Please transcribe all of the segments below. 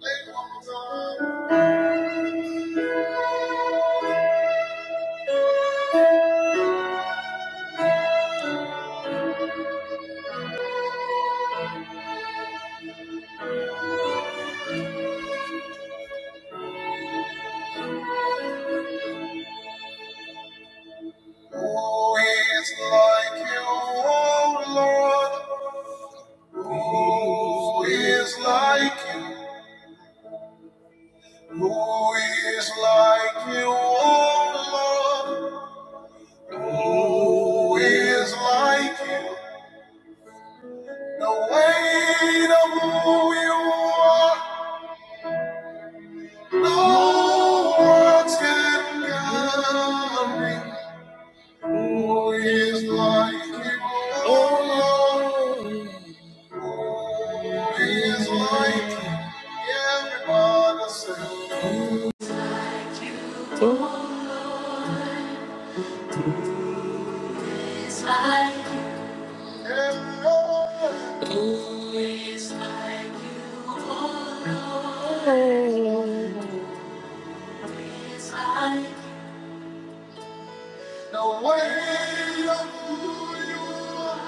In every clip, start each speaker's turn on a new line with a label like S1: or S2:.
S1: Who is like you, O Lord? Who is like you? Who is like you, O Lord? Who is like you? The weight of who you are, no words can carry. Who is like you, O Lord? He's like you, everyone I say. He's like you, everyone. Oh, He's like you. oh Lord. He's like you. the way of who you are.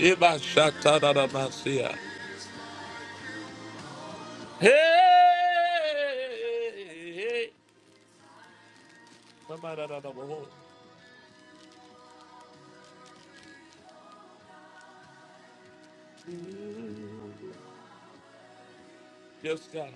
S1: Iba shata da da masia. Hey. hey, hey. Yes, God.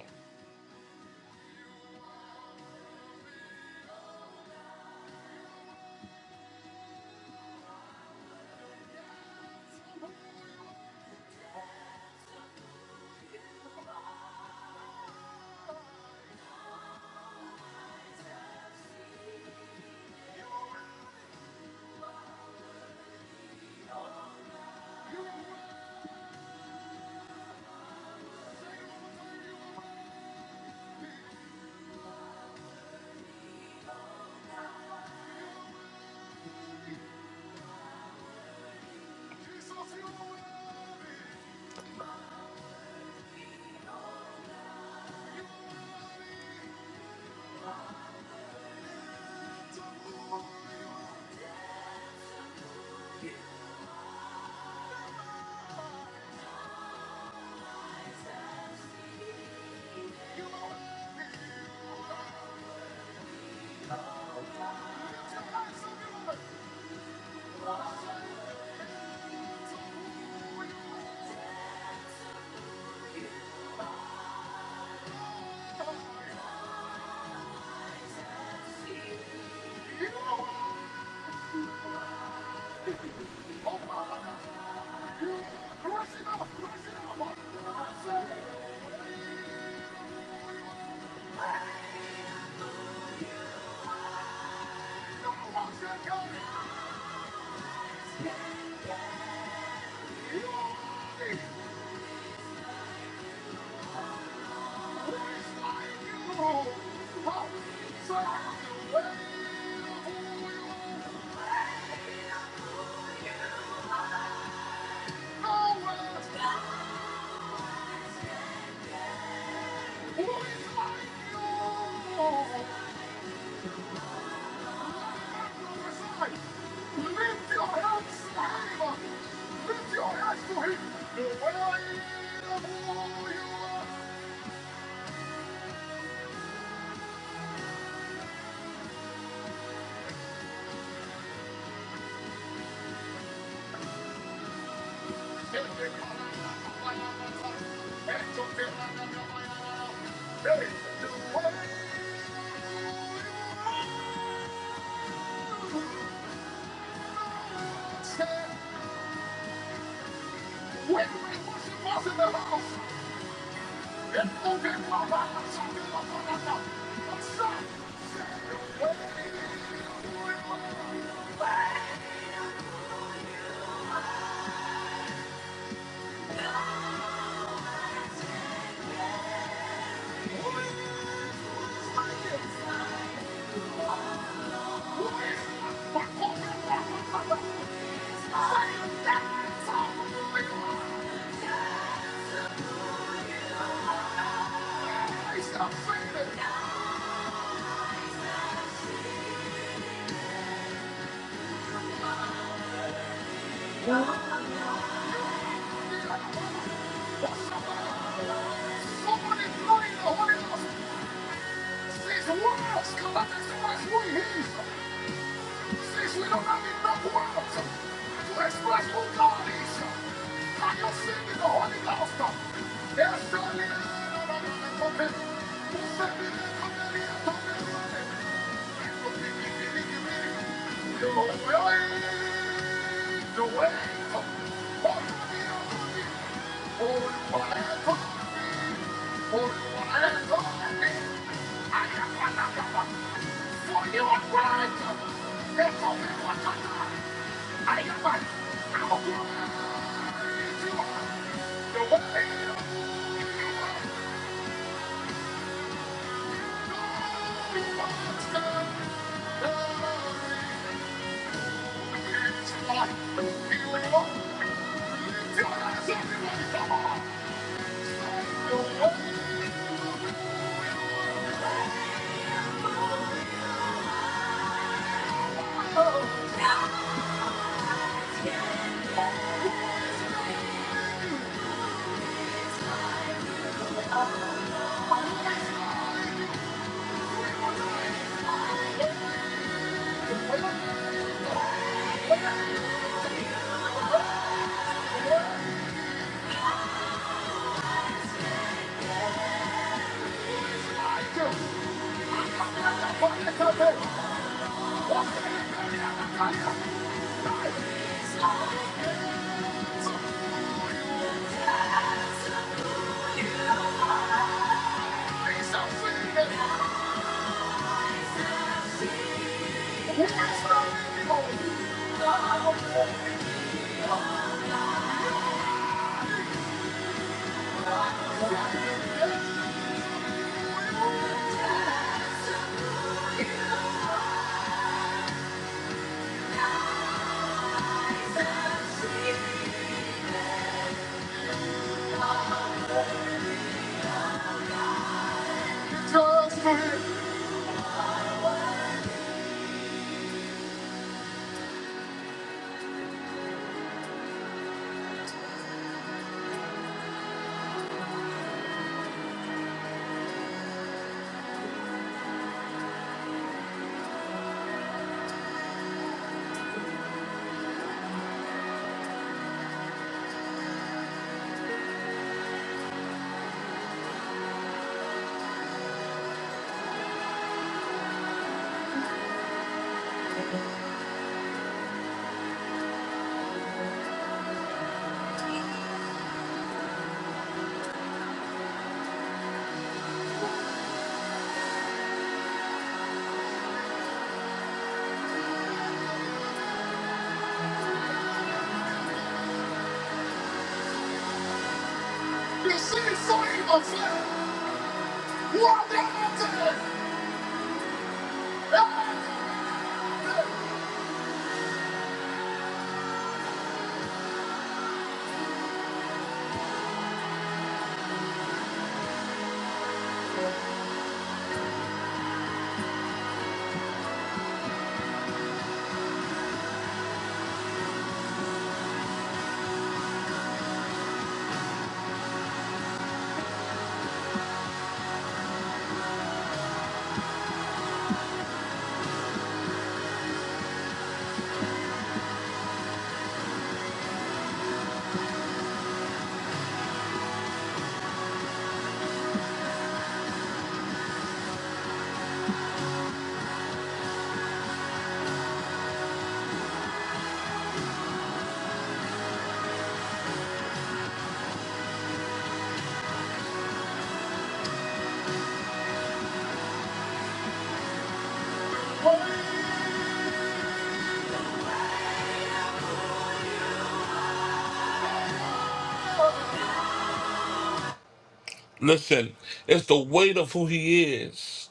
S1: Listen, it's the weight of who he is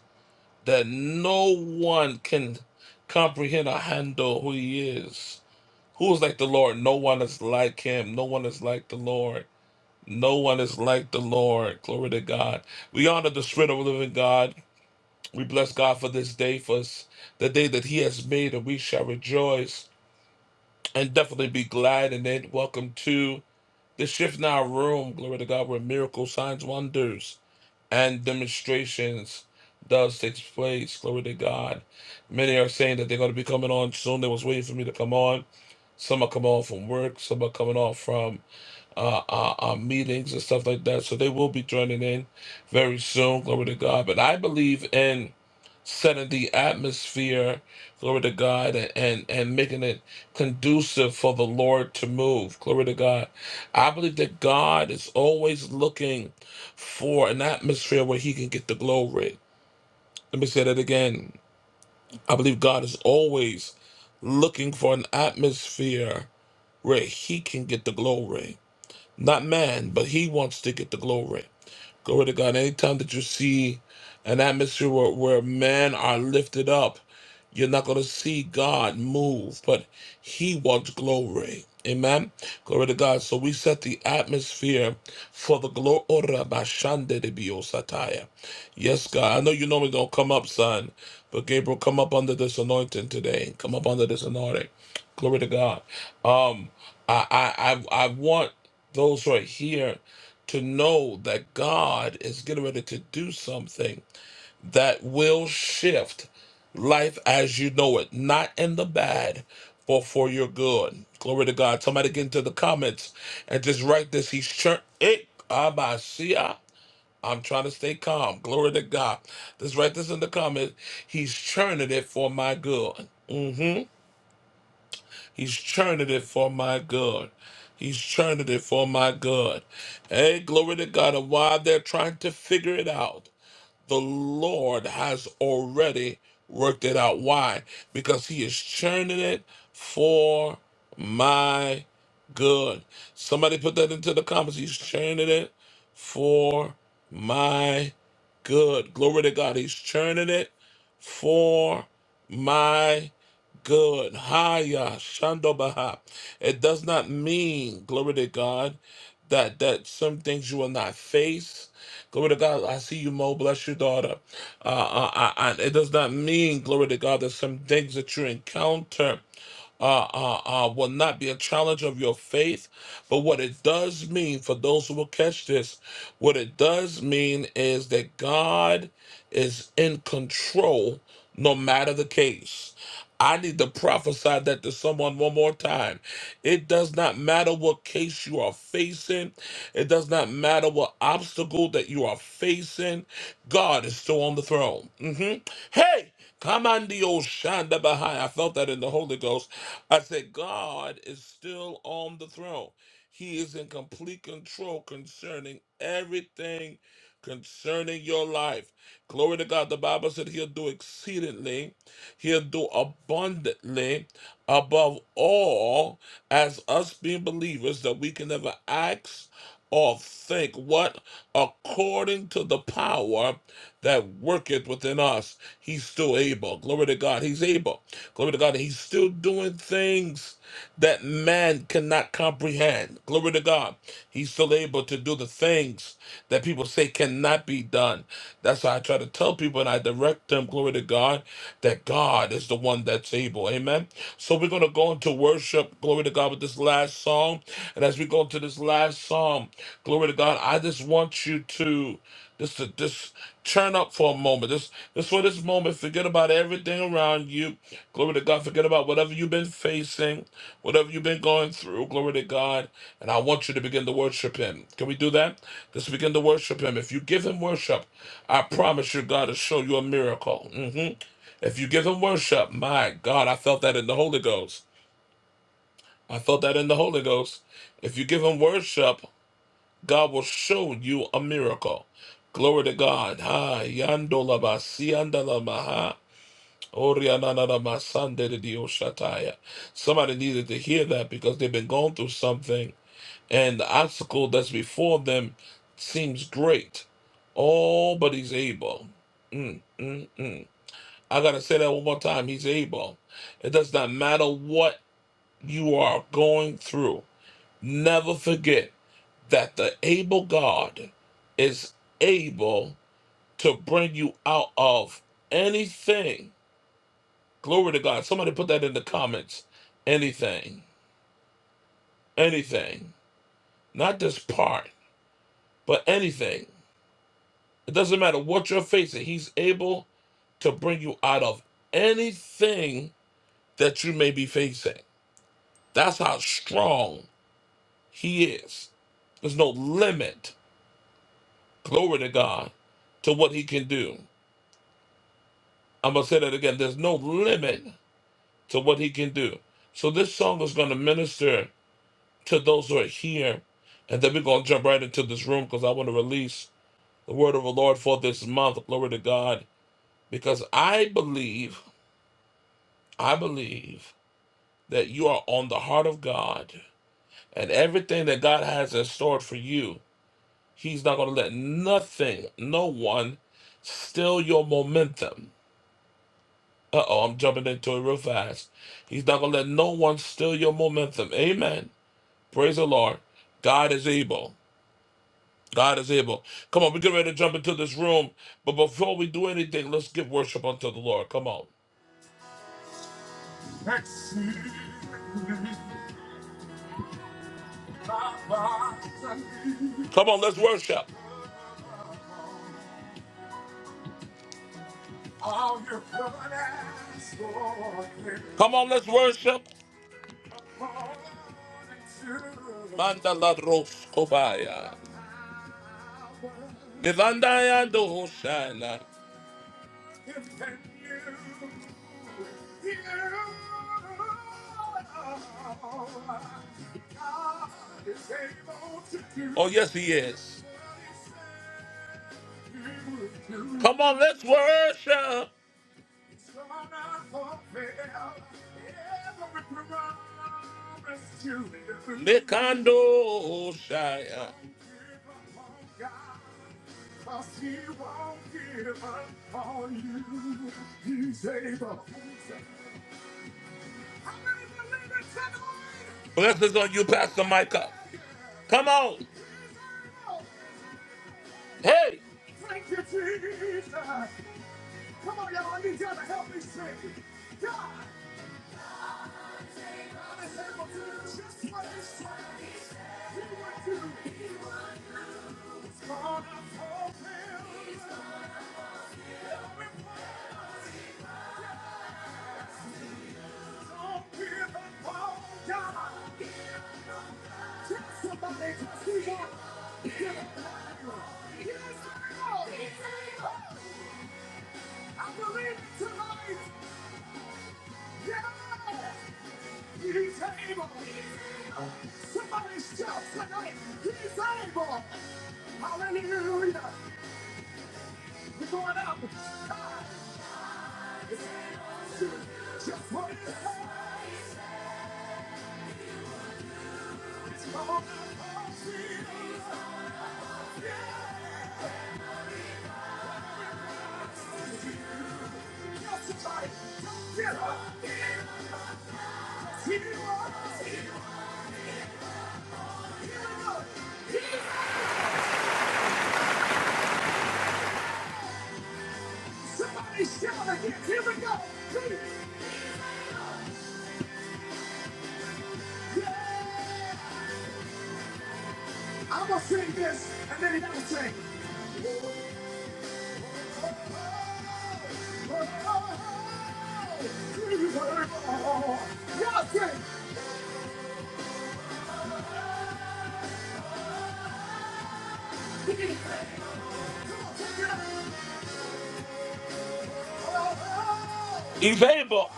S1: that no one can comprehend or handle who he is. Who is like the Lord? No one is like him. No one is like the Lord. No one is like the Lord. Glory to God. We honor the Spirit of the living God. We bless God for this day, for us, the day that He has made, and we shall rejoice and definitely be glad in it. Welcome to. This shift in our room, glory to God, where miracles, signs, wonders, and demonstrations does take place. Glory to God. Many are saying that they're going to be coming on soon. They was waiting for me to come on. Some are coming off from work. Some are coming off from uh, uh, uh, meetings and stuff like that. So they will be joining in very soon. Glory to God. But I believe in setting the atmosphere, glory to God, and and making it conducive for the Lord to move. Glory to God. I believe that God is always looking for an atmosphere where He can get the glory. Let me say that again. I believe God is always looking for an atmosphere where He can get the glory. Not man, but He wants to get the glory. Glory to God. Anytime that you see an atmosphere where, where men are lifted up. You're not going to see God move, but He wants glory. Amen. Glory to God. So we set the atmosphere for the glory. Yes, God. I know you normally don't come up, son, but Gabriel, come up under this anointing today. Come up under this anointing. Glory to God. Um, I, I, I, I want those right here to know that God is getting ready to do something that will shift life as you know it, not in the bad, but for your good. Glory to God. Somebody get into the comments and just write this. He's churn it. Abasia. I'm trying to stay calm. Glory to God. Just write this in the comment. He's churning it for my good. hmm He's churning it for my good. He's churning it for my good. Hey, glory to God. And while they're trying to figure it out, the Lord has already worked it out. Why? Because He is churning it for my good. Somebody put that into the comments. He's churning it for my good. Glory to God. He's churning it for my Good. Haya Shandobaha. It does not mean, glory to God, that that some things you will not face. Glory to God. I see you, Mo. Bless your daughter. Uh, uh, uh, uh, it does not mean, glory to God, that some things that you encounter uh, uh, uh, will not be a challenge of your faith. But what it does mean for those who will catch this, what it does mean is that God is in control no matter the case. I need to prophesy that to someone one more time. It does not matter what case you are facing, it does not matter what obstacle that you are facing. God is still on the throne. hmm Hey, come on, the old Shanda Bahai. I felt that in the Holy Ghost. I said, God is still on the throne. He is in complete control concerning everything concerning your life. Glory to God. The Bible said he'll do exceedingly He'll do abundantly above all as us being believers that we can never ask or think what according to the power that worketh within us he's still able glory to god he's able glory to god he's still doing things that man cannot comprehend. Glory to God. He's still able to do the things that people say cannot be done. That's why I try to tell people and I direct them, glory to God, that God is the one that's able. Amen. So we're going to go into worship, glory to God, with this last song. And as we go into this last song, glory to God, I just want you to. Just to just turn up for a moment. Just just for this moment, forget about everything around you. Glory to God. Forget about whatever you've been facing, whatever you've been going through. Glory to God. And I want you to begin to worship Him. Can we do that? Just begin to worship Him. If you give Him worship, I promise you, God will show you a miracle. hmm If you give Him worship, my God, I felt that in the Holy Ghost. I felt that in the Holy Ghost. If you give Him worship. God will show you a miracle. Glory to God. Ha yandolaba siandalamaha. Orianananamasandedidioshataya. Somebody needed to hear that because they've been going through something and the obstacle that's before them seems great. Oh, but he's able. Mm, mm, mm. I got to say that one more time. He's able. It does not matter what you are going through. Never forget that the able God is able to bring you out of anything. Glory to God. Somebody put that in the comments. Anything. Anything. Not this part, but anything. It doesn't matter what you're facing, He's able to bring you out of anything that you may be facing. That's how strong He is. There's no limit, glory to God, to what He can do. I'm going to say that again. There's no limit to what he can do. So this song is going to minister to those who are here. And then we're going to jump right into this room because I want to release the word of the Lord for this month. Glory to God. Because I believe, I believe that you are on the heart of God and everything that God has in store for you, He's not going to let nothing, no one steal your momentum. Uh oh, I'm jumping into it real fast. He's not going to let no one steal your momentum. Amen. Praise the Lord. God is able. God is able. Come on, we get ready to jump into this room. But before we do anything, let's give worship unto the Lord. Come on. Come on, let's worship. Come on, let's worship. Mandala Roskobaya. Mivandaya Dohoshana. Oh, yes, he is. Come on, let's worship. Mikando Hoshaya. Blessings on you, Pastor Micah. Come on. Hey, available.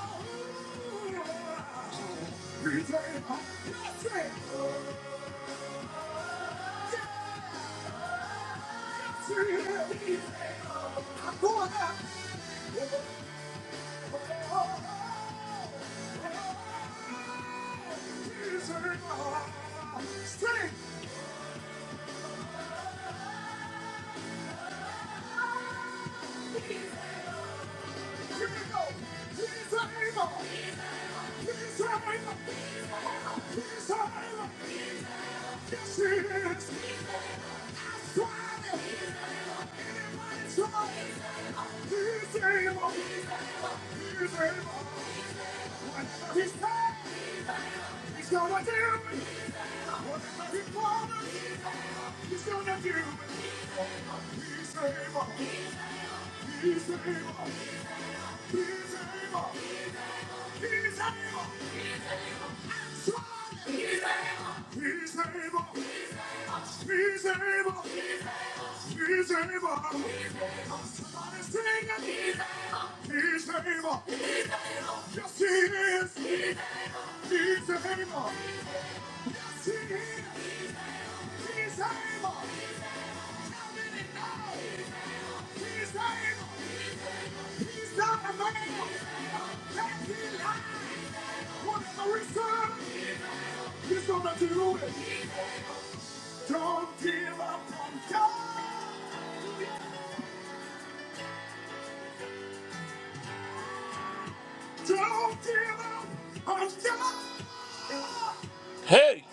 S1: Hey.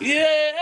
S1: Yeah.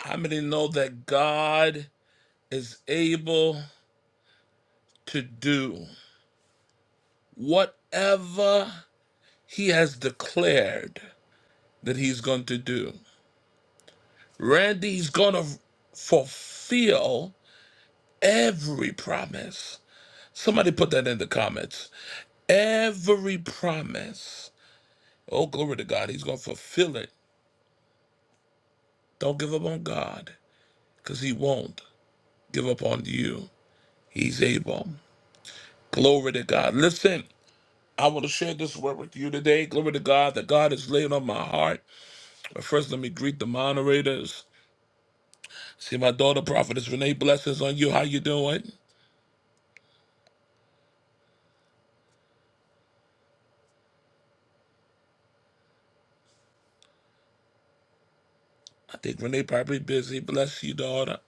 S1: How many know that God is able to do whatever he has declared that he's going to do? Randy, He's going to fulfill every promise. Somebody put that in the comments. Every promise. Oh, glory to God. He's going to fulfill it. Don't give up on God. because he won't give up on you. He's able. Glory to God. Listen, I want to share this word with you today. Glory to God that God is laying on my heart. But first, let me greet the moderators. See, my daughter, prophetess Renee, blessings on you. How you doing? I think Renee probably busy. Bless you, daughter.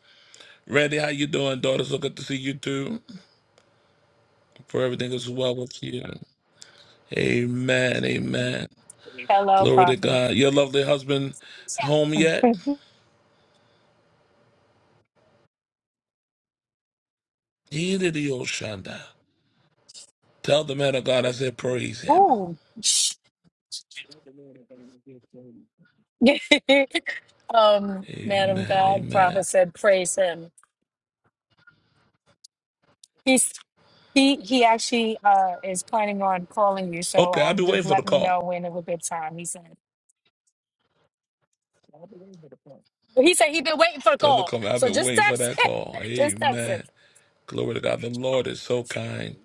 S1: Randy, how you doing, daughter? So good to see you too. For everything is well with you. Amen. Amen. Glory to God. Your lovely husband home yet? He did the old shanda. Tell the man of God I said praise him. Amen. Amen. Okay, I'll be waiting for the call. Tell him to come. I've been waiting for that call. Amen. Glory to God. The Lord is so kind.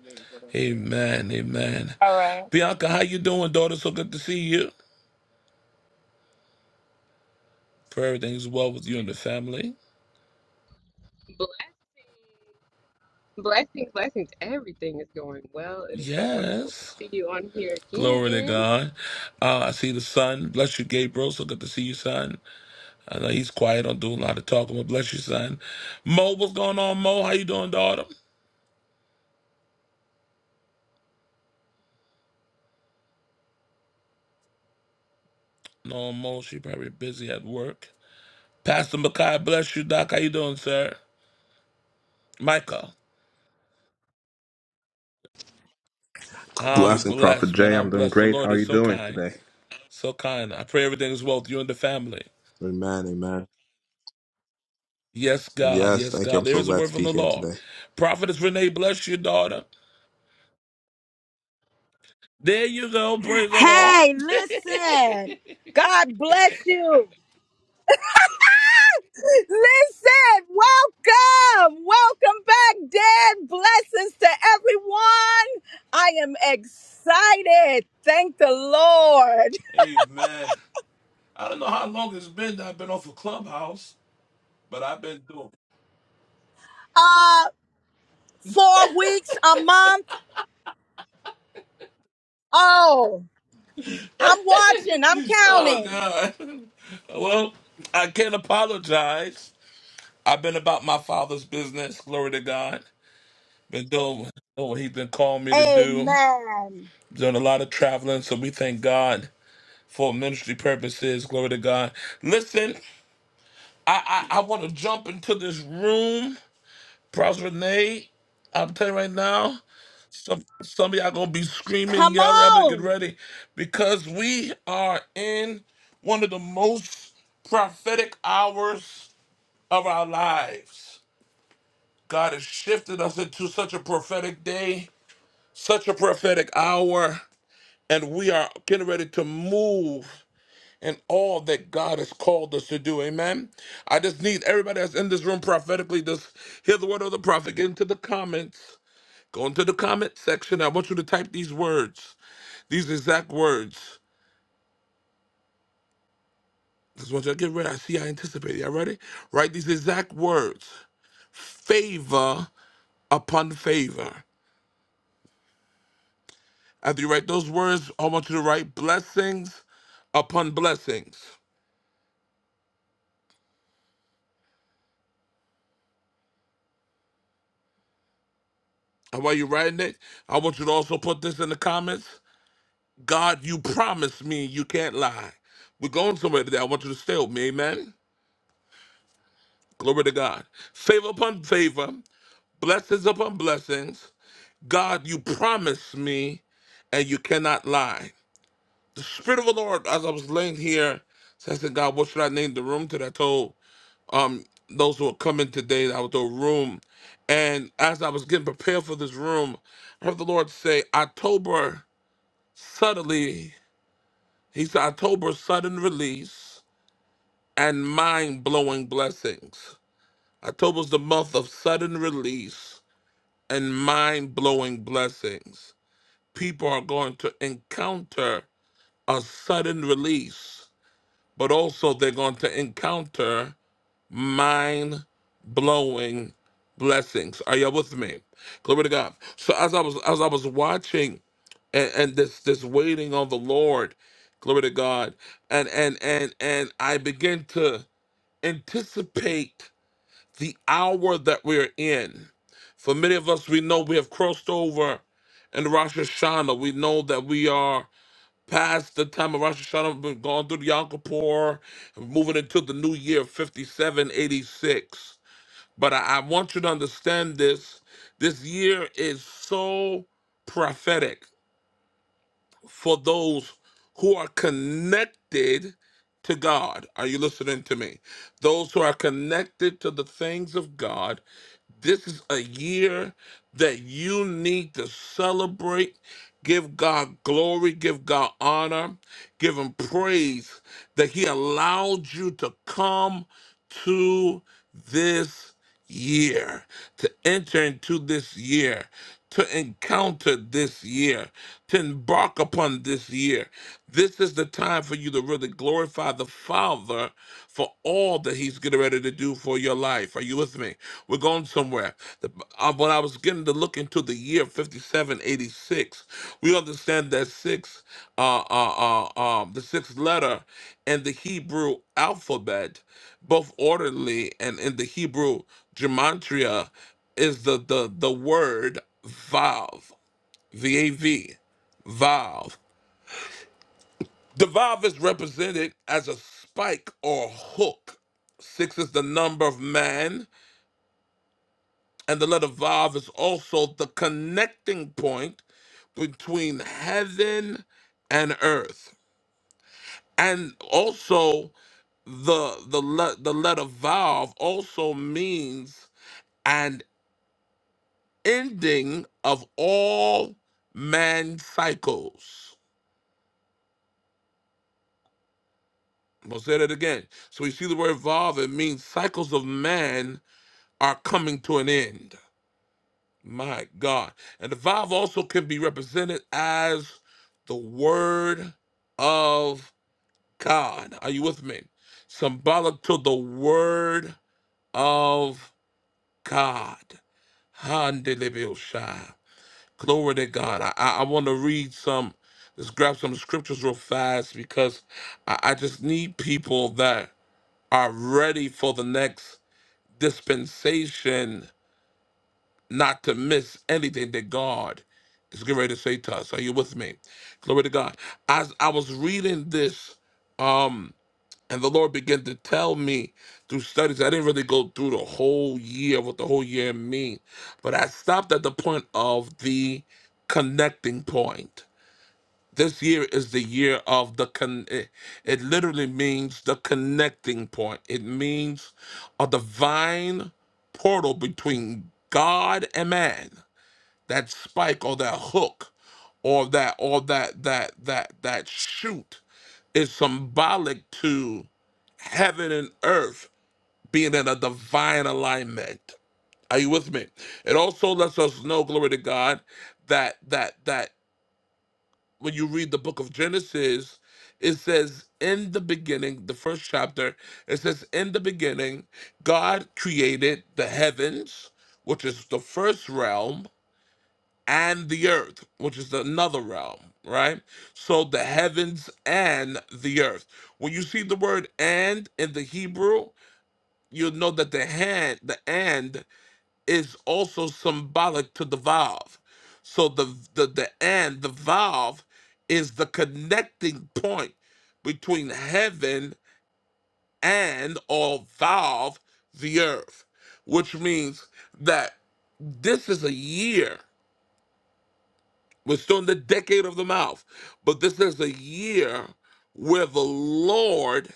S1: Amen. Amen. Bianca, how you doing, daughter? So good to see you. Pray everything's well with you and the family.
S2: Blessings, blessings, blessings. Everything is going well. It is so wonderful to
S1: Yes.
S2: see you on here
S1: Glory to
S2: again.
S1: God. Uh, I see the son. Bless you, Gabriel. So good to see you, son. I know he's quiet. Don't do a lot of talking, but bless you, son. Mo, what's going on, Mo? How you doing, daughter? No Mo, she probably busy at work. Pastor Makai, bless you, Doc. How you doing, sir? Michael. I'm
S3: Blessing, Prophet
S1: blessed, man.
S3: Jay.
S1: I'm
S3: I'm doing
S1: blessed. The
S3: great. How
S1: Lord
S3: are
S1: is
S3: you
S1: so
S3: doing
S1: kind.
S3: today?
S1: So kind. I pray everything is well with you and the family.
S3: Amen, amen.
S1: Yes, God.
S3: Yes,
S1: Yes,
S3: thank you.
S1: God.
S3: I'm
S1: There
S3: so
S1: is a
S3: glad
S1: word
S3: to
S1: from
S3: be
S1: the
S3: here
S1: Lord.
S3: today.
S1: Prophetess Renee, bless you, daughter. There you go. Praise the Lord.
S4: Hey, listen. God bless you. Listen, welcome. Welcome back, Dad. Blessings to everyone. I am excited. Thank the Lord.
S1: Amen. I don't know how long it's been that I've been off a clubhouse, but I've been doing.
S4: Uh, four weeks, a month. Oh, I'm watching, I'm
S1: Oh
S4: counting.
S1: God. well, I can't apologize I've been about my father's business. Glory to God. Been doing doing what he's been calling me to do.
S4: Amen.
S1: Doing a lot of traveling, so we thank God for ministry purposes. Glory to God. Listen, I I, I want to jump into this room, Prosper Renee. I'm telling you right now, some some of y'all gonna be screaming,
S4: Come
S1: yelling. Y'all better get
S4: on.
S1: ready because we are in one of the most prophetic hours of our lives. God has shifted us into such a prophetic day, such a prophetic hour, and we are getting ready to move in all that God has called us to do. Amen. I just need everybody that's in this room prophetically, just hear the word of the prophet. Get into the comments. Go into the comment section. I want you to type these words, these exact words. Just want you to get ready. I see I anticipate. Y'all ready? Write these exact words. Favor upon favor. After you write those words, I want you to write blessings upon blessings. And while you're writing it, I want you to also put this in the comments. God, you promised me you can't lie. We're going somewhere today. I want you to stay with me. Amen. Glory to God. Favor upon favor, blessings upon blessings. God, you promised me and you cannot lie. The Spirit of the Lord, as I was laying here, so I said, God, what should I name the room today? I told um those who are coming today out the room. And as I was getting prepared for this room, I heard the Lord say, October suddenly, he said, October sudden release and mind blowing blessings. October's the month of sudden release and mind blowing blessings. People are going to encounter a sudden release, but also they're going to encounter mind blowing blessings. Are y'all with me? Glory to God. So as I was as I was watching and, and this this waiting on the Lord, glory to God, and and and and I begin to anticipate the hour that we're in. For many of us, we know we have crossed over in Rosh Hashanah. We know that we are past the time of Rosh Hashanah, been going through the Yom Kippur, moving into the new year 5786. But I, I want you to understand this. This year is so prophetic for those who are connected to God. Are you listening to me? Those who are connected to the things of God, this is a year that you need to celebrate. Give God glory, give God honor, give Him praise that He allowed you to come to this year, to enter into this year to encounter this year, to embark upon this year. This is the time for you to really glorify the Father for all that He's getting ready to do for your life. Are you with me? We're going somewhere. The- uh, When I was getting to look into the year 5786, we understand that six, uh, uh, uh, um, the sixth letter in the Hebrew alphabet, both orderly and in the Hebrew gematria is the the the word valve, V A V, valve. The valve is represented as a spike or hook. Six is the number of man, and the letter valve is also the connecting point between heaven and earth. And also the the le- the letter valve also means an ending of all man cycles I'm gonna say that again. So we see the word evolve, it means cycles of man are coming to an end. My God. And evolve also can be represented as the word of God. Are you with me? Symbolic to the word of God. Handelibilshai. Glory to God. I, I, I want to read some, let's grab some scriptures real fast because I, I just need people that are ready for the next dispensation, not to miss anything that God is getting ready to say to us. Are you with me? Glory to God. As I was reading this, um, and the Lord began to tell me through studies, I didn't really go through the whole year, what the whole year mean, but I stopped at the point of the connecting point this year is the year of the con. It, it literally means the connecting point. It means a divine portal between God and man. That spike or that hook, or that or that that that that shoot, is symbolic to heaven and earth being in a divine alignment. Are you with me? It also lets us know, glory to God, that that that when you read the book of Genesis, it says in the beginning, the first chapter, it says in the beginning, God created the heavens, which is the first realm, and the earth, which is another realm, right? So the heavens and the earth. When you see the word and in the Hebrew, you'll know that the hand, the and is also symbolic to the valve. So the the the and the valve is the connecting point between heaven and or valve the earth, which means that this is a year. We're still in the decade of the mouth, but this is a year where the Lord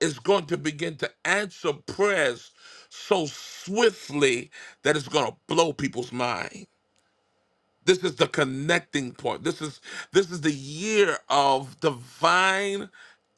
S1: is going to begin to answer prayers so swiftly that it's going to blow people's mind This is the connecting point. This is this is the year of divine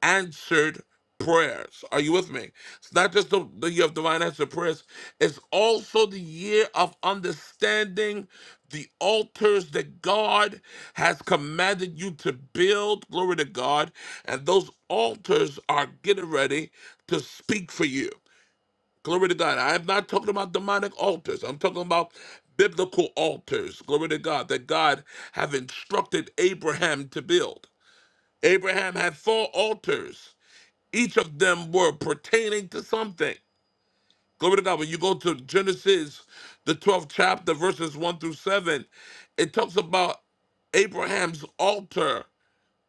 S1: answered prayers. Are you with me? It's not just the, the year of divine answered prayers. It's also the year of understanding the altars that God has commanded you to build. Glory to God. And those altars are getting ready to speak for you. Glory to God. I am not talking about demonic altars. I'm talking about biblical altars. Glory to God that God have instructed Abraham to build. Abraham had four altars. Each of them were pertaining to something. Glory to God. When you go to Genesis, the 12th chapter, verses 1 through 7, it talks about Abraham's altar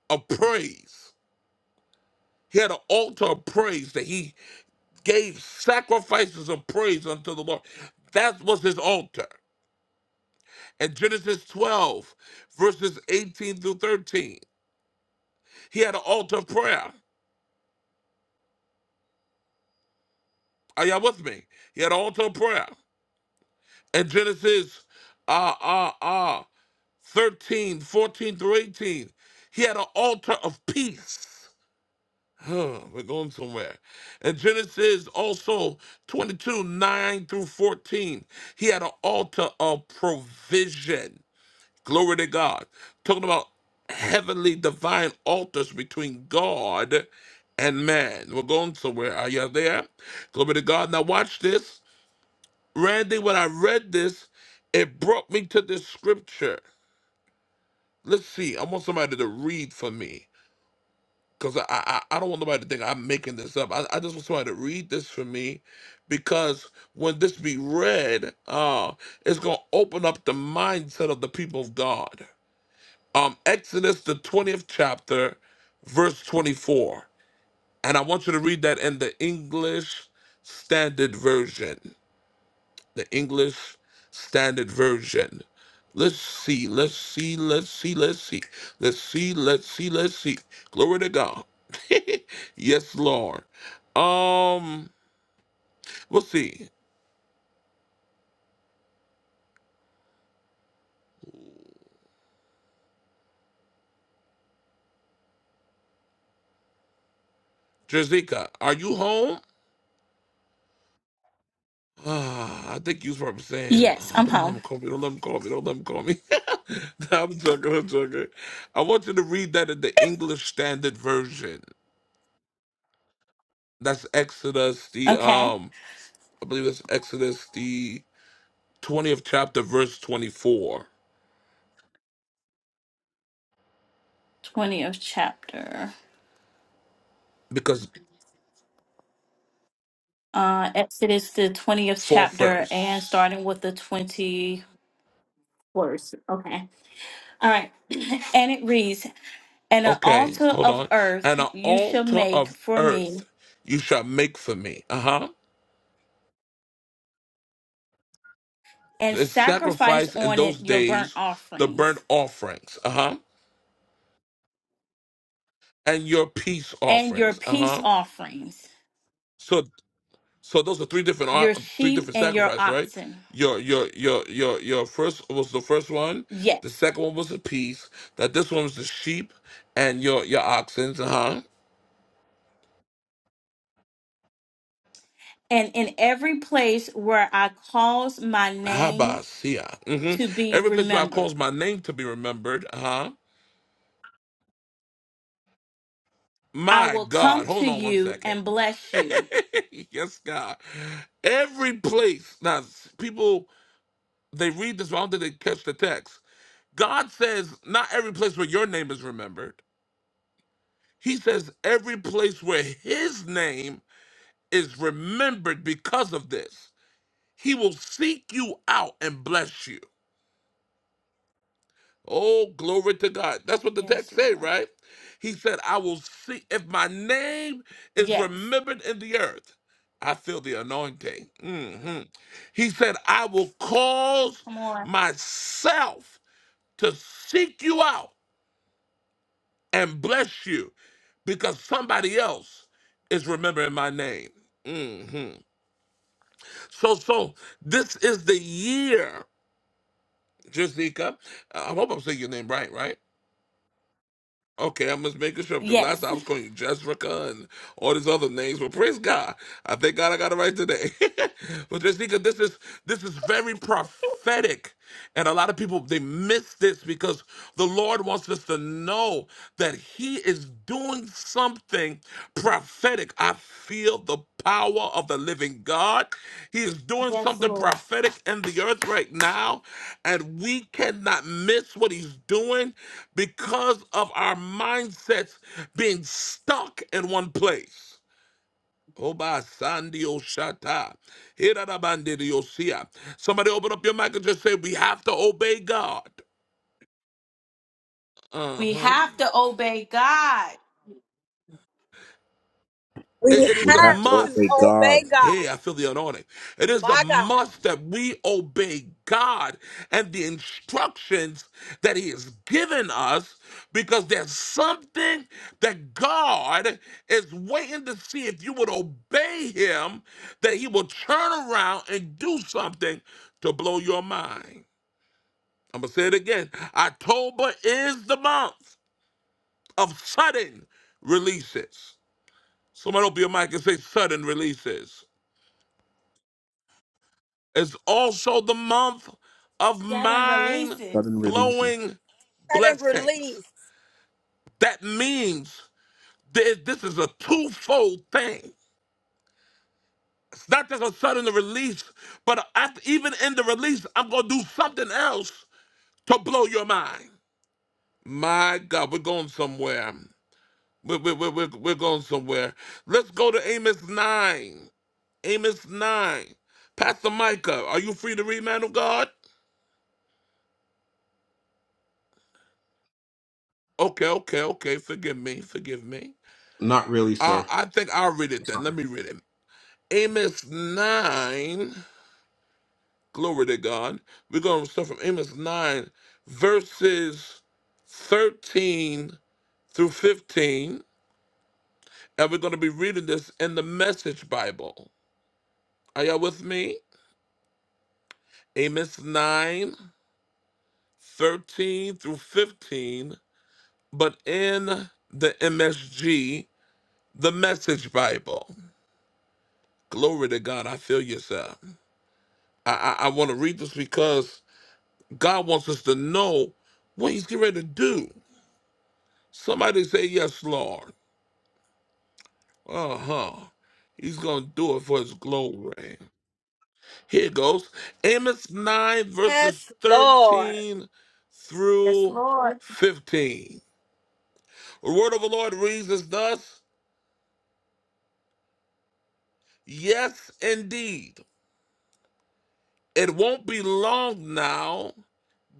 S1: of praise. He had an altar of praise that he gave sacrifices of praise unto the Lord. That was his altar. In Genesis 12, verses 18 through 13, he had an altar of prayer. Are y'all with me? He had an altar of prayer. In Genesis uh, uh, uh, 13, 14 through 18, he had an altar of peace. Huh, we're going somewhere. In Genesis also 22, 9 through 14, he had an altar of provision. Glory to God. Talking about heavenly divine altars between God and man. We're going somewhere. Are you there? Glory to God. Now watch this. Randy, when I read this, it brought me to this scripture. Let's see. I want somebody to read for me. Because I, I I don't want nobody to think I'm making this up. I, I just want somebody to read this for me. Because when this be read, uh, it's gonna open up the mindset of the people of God. um, Exodus, the 20th chapter, verse 24. And I want you to read that in the English Standard Version. The English Standard Version. Let's see, let's see, let's see, let's see, let's see, let's see, let's see. Glory to God. yes, Lord. Um, we'll see. Jazika, are you home? Ah, I think you was probably saying,
S5: Yes,
S1: oh,
S5: I'm
S1: don't let him
S5: home.
S1: call me, don't let him call me, don't let him call me. I'm joking, I'm joking. I want you to read that in the English Standard Version. That's Exodus, the,
S5: Okay.
S1: um, I believe it's Exodus, the 20th chapter, verse 24.
S5: 20th chapter.
S1: Because,
S5: Uh Exodus the 20th
S1: fourth
S5: chapter and
S1: verse.
S5: starting with the 20 verse. Okay. All right. and it reads, "And an
S1: Okay,
S5: altar
S1: hold
S5: of
S1: on.
S5: earth
S1: And an
S5: you shall
S1: altar
S5: make
S1: of
S5: for
S1: earth
S5: me
S1: you shall make for me. Uh huh.
S5: and
S1: The
S5: sacrifice
S1: sacrifice in
S5: on it
S1: those
S5: your burnt
S1: days, the burnt
S5: offerings
S1: offerings. Uh huh and your peace
S5: and your
S1: offerings. Uh
S5: peace
S1: huh.
S5: offerings,
S1: So so those are three different ar-
S5: your
S1: three
S5: sheep
S1: different
S5: and your
S1: sacrifices, right?
S5: oxen."
S1: Your your your your your first was the first one. The
S5: Yes.
S1: second one was the peace. That this one was the sheep and your your oxen. Uh huh.
S5: And in every place where I cause my name
S1: Habasia. hmm
S5: to be
S1: Every place where I
S5: remembered
S1: cause my name to be remembered. Uh huh.
S5: I
S1: My
S5: will
S1: God.
S5: come to
S1: Hold on one
S5: you
S1: second.
S5: and bless you.
S1: yes, God. Every place. Now, people. They read this, but I don't think they catch the text. God says not every place where your name is remembered. He says every place where his name is remembered because of this. He will seek you out and bless you. Oh, glory to God. That's what the
S5: Yes,
S1: text say,
S5: Lord.
S1: right? He said, I will see if my name is
S5: Yes.
S1: remembered in the earth. I feel the anointing. hmm He said, I will cause
S5: Come on.
S1: myself to seek you out and bless you because somebody else is remembering my name. hmm So, so this is the year, Jessica. I hope I'm saying your name right, right? Okay, I'm just making sure because last time
S5: Yes.
S1: I was calling you Jessica and all these other names, but praise God, I thank God I got it right today. but Jessica, this is this is very prophetic, and a lot of people they miss this because the Lord wants us to know that He is doing something prophetic. I feel the power of the living God. He is doing
S5: Yes,
S1: something
S5: Lord.
S1: prophetic in the earth right now, and we cannot miss what he's doing because of our mindsets being stuck in one place. Oba Sandio Shata. Somebody open up your mic and just say, We have to obey God.
S5: We
S1: Uh-huh.
S5: have to obey God.
S1: It,
S4: We
S1: it is
S3: We
S1: a
S3: have
S4: have
S3: to
S4: to
S1: must.
S3: obey God.
S4: obey God.
S1: Hey, I feel the anointing. It is a
S4: My God.
S1: must that we obey God and the instructions that He has given us because there's something that God is waiting to see if you would obey Him, that He will turn around and do something to blow your mind. I'm going to say it again. October is the month of sudden releases. Someone open your mic and say sudden releases. It's also the month of
S5: Sudden
S1: mind
S5: releases.
S3: Sudden releases.
S1: blowing
S4: Let him
S1: blessings.
S4: release.
S1: That means that this is a twofold thing. It's not just a sudden release, but after, even in the release, I'm going to do something else to blow your mind. My God, we're going somewhere. We're, we're, we're, we're we're going somewhere. Let's go to Amos 9. Amos 9. Pastor Micah, are you free to read, man of God? Okay, okay, okay. Forgive me. Forgive me.
S3: Not really, sir.
S1: Uh, I think I'll read
S3: I'm
S1: it then. Let
S3: sorry.
S1: me read it. Amos 9, glory to God. We're going to start from Amos 9, verses 13 through 15. And we're going to be reading this in the Message Bible. Are y'all with me? Amos 9, 13 through 15, but in the MSG, the Message Bible. Glory to God. I feel you, sir. I, I, I want to read this because God wants us to know what He's getting ready to do. Somebody say, Yes, Lord. Uh huh. He's going to do it for His glory. Here it goes Amos 9, verses
S4: Yes, Lord.
S1: 13
S5: Yes,
S1: through
S5: Lord.
S1: 15. The word of the Lord reads as thus Yes, indeed. It won't be long now,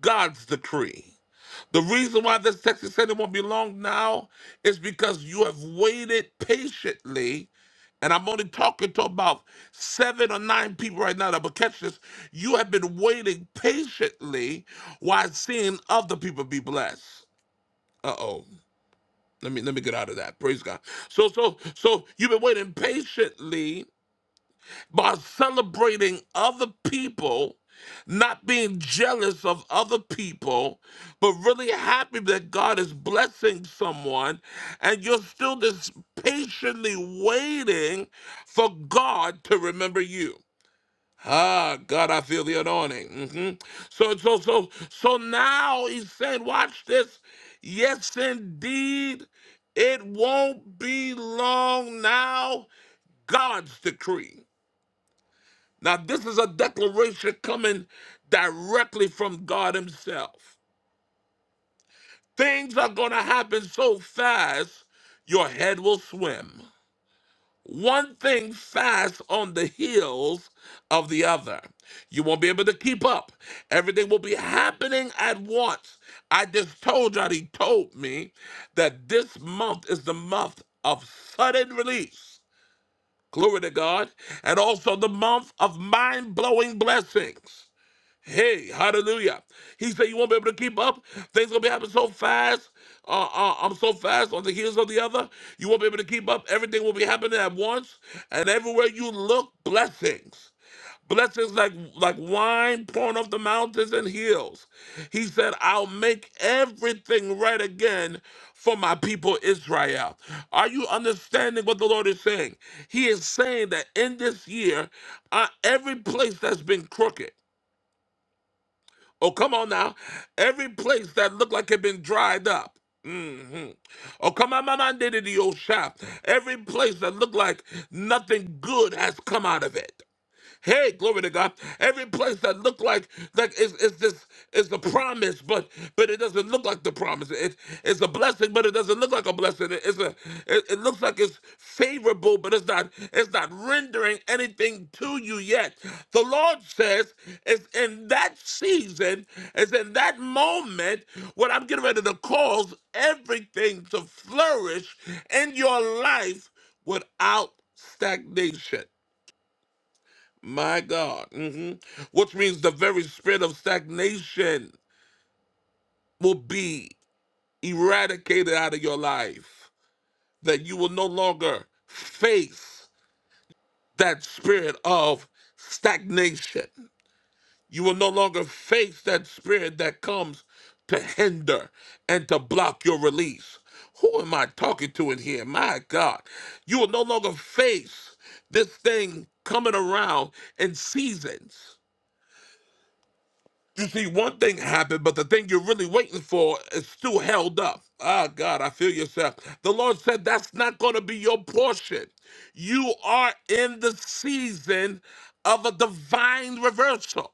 S1: God's decree. The reason why this text is saying it won't be long now is because you have waited patiently And I'm only talking to about seven or nine people right now that will catch this. You have been waiting patiently while seeing other people be blessed. Uh oh. Let me let me get out of that. Praise God. So so so you've been waiting patiently by celebrating other people, not being jealous of other people, but really happy that God is blessing someone, and you're still just patiently waiting for God to remember you. Ah, God, I feel the anointing. hmm So, so, so, so now he's saying, watch this. Yes, indeed, it won't be long now. God's decree. Now, this is a declaration coming directly from God Himself. Things are going to happen so fast, your head will swim. One thing fast on the heels of the other. You won't be able to keep up. Everything will be happening at once. I just told you, he told me that this month is the month of sudden release. Glory to God. And also the month of mind blowing blessings. Hey, hallelujah. He said, You won't be able to keep up. Things gonna be happening so fast. Uh, uh, I'm so fast on the heels of the other. You won't be able to keep up. Everything will be happening at once. And everywhere you look, blessings. Blessings like like wine pouring off the mountains and hills. He said, I'll make everything right again for my people Israel. Are you understanding what the Lord is saying? He is saying that in this year, uh, every place that's been crooked, Oh, come on now. Every place that looked like it been dried up. hmm Oh, come on, mama, did it, the old shop. Every place that looked like nothing good has come out of it. Hey, glory to God. Every place that looked like like is is this is the promise, but but it doesn't look like the promise. It, it's a blessing, but it doesn't look like a blessing. It- it's a it, it looks like it's favorable, but it's not it's not rendering anything to you yet. The Lord says it's in that season, it's in that moment when I'm getting ready to cause everything to flourish in your life without stagnation. My God. hmm Which means the very spirit of stagnation will be eradicated out of your life, that you will no longer face that spirit of stagnation. You will no longer face that spirit that comes to hinder and to block your release. Who am I talking to in here? My God. You will no longer face this thing coming around in seasons You see one thing happen, but the thing you're really waiting for is still held up. Ah, God, I feel yourself. The Lord said that's not going to be your portion. You are in the season of a divine reversal.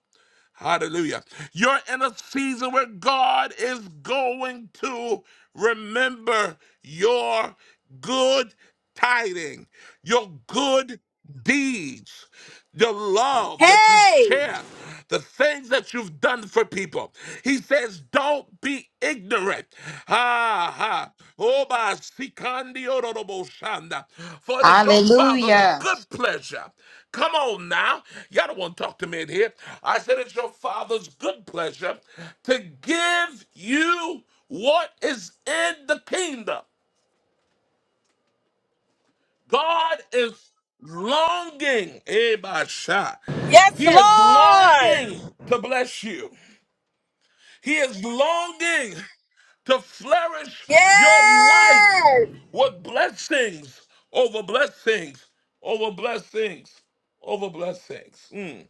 S1: Hallelujah. You're in a season where God is going to remember your good tiding, your good deeds, the love that you
S4: Hey!
S1: share, the things that you've done for people. He says, Don't be ignorant. Ha ha. Oba sikandi ororobo shanda. For it is your father's
S6: Hallelujah.
S1: good pleasure. Come on now. Y'all don't want to talk to me in here. I said it's your father's good pleasure to give you what is in the kingdom. God is longing. Eba sha.
S4: Yes,
S1: He is
S4: Lord!
S1: longing to bless you. He is longing. to flourish your life
S4: Yes!
S1: with blessings over blessings over blessings over blessings. Mm.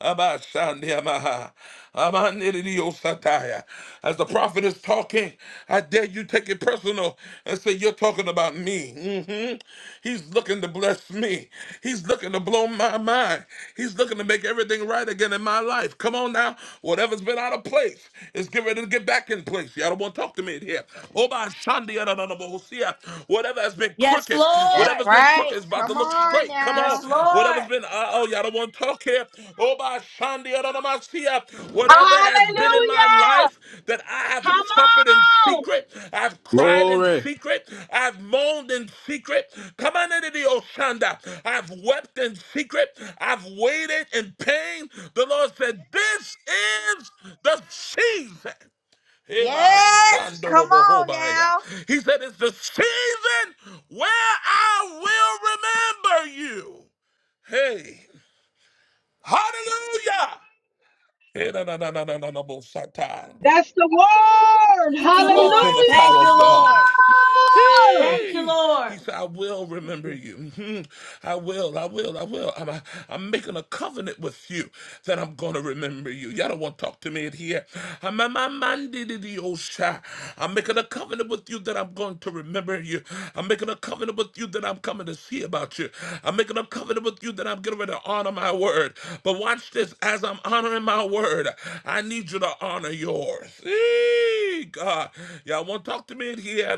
S1: Abashandiamaha. Amanididiosataya. As the prophet is talking, I dare you take it personal and say, You're talking about me. Mhm. He's looking to bless me. He's looking to blow my mind. He's looking to make everything right again in my life. Come on now. Whatever's been out of place is getting ready to get back in place. Y'all don't want to talk to me in here. Obashandiadadadabohosia. Whatever has been crooked
S5: Yes,
S1: crooked.
S6: That's
S5: Lord.
S1: Whatever's been
S6: right.
S1: crooked is about to
S6: Come
S1: look
S6: on
S1: straight. Come on.
S6: now.
S5: Yes, Lord.
S1: Whatever's been, uh, oh, y'all don't want to talk here. Oh, by Shandi, Adonamasia. whatever has been in my
S4: Hallelujah!
S1: life that I have
S4: Come
S1: suffered in
S4: on!
S1: secret, I've cried in
S3: Glory.
S1: secret, I've moaned in secret. Come on into the Oshanda. I've wept in secret, I've waited in pain. The Lord said, This is the season. Eba
S6: Yes. Come on
S1: shandorobohobaya.
S6: now.
S1: He said, It's the season where I will remember you. Hey, hallelujah. Eh, na, na, na, na, na, na, na, bo, satan.
S4: That's the word!
S5: Thank you,
S1: Oh, I feel
S5: Lord.
S1: the
S4: Hallelujah!
S1: power
S5: Thank
S1: of
S5: you,
S1: God.
S5: Lord. Thank you,
S1: He,
S5: Lord.
S1: he said, I will remember you. Mhm. I will, I will, I will. I'm, I'm making a covenant with you that I'm going to remember you. Y'all don't want to talk to me in here. I'm, I'm, I'm I'm making a covenant with you that I'm going to remember you. I'm making a covenant with you that I'm coming to see about you. I'm making a covenant with you that I'm getting ready to honor my word. But watch this as I'm honoring my word, I need you to honor yours. Eee. Hey, God, y'all won't talk to me in here.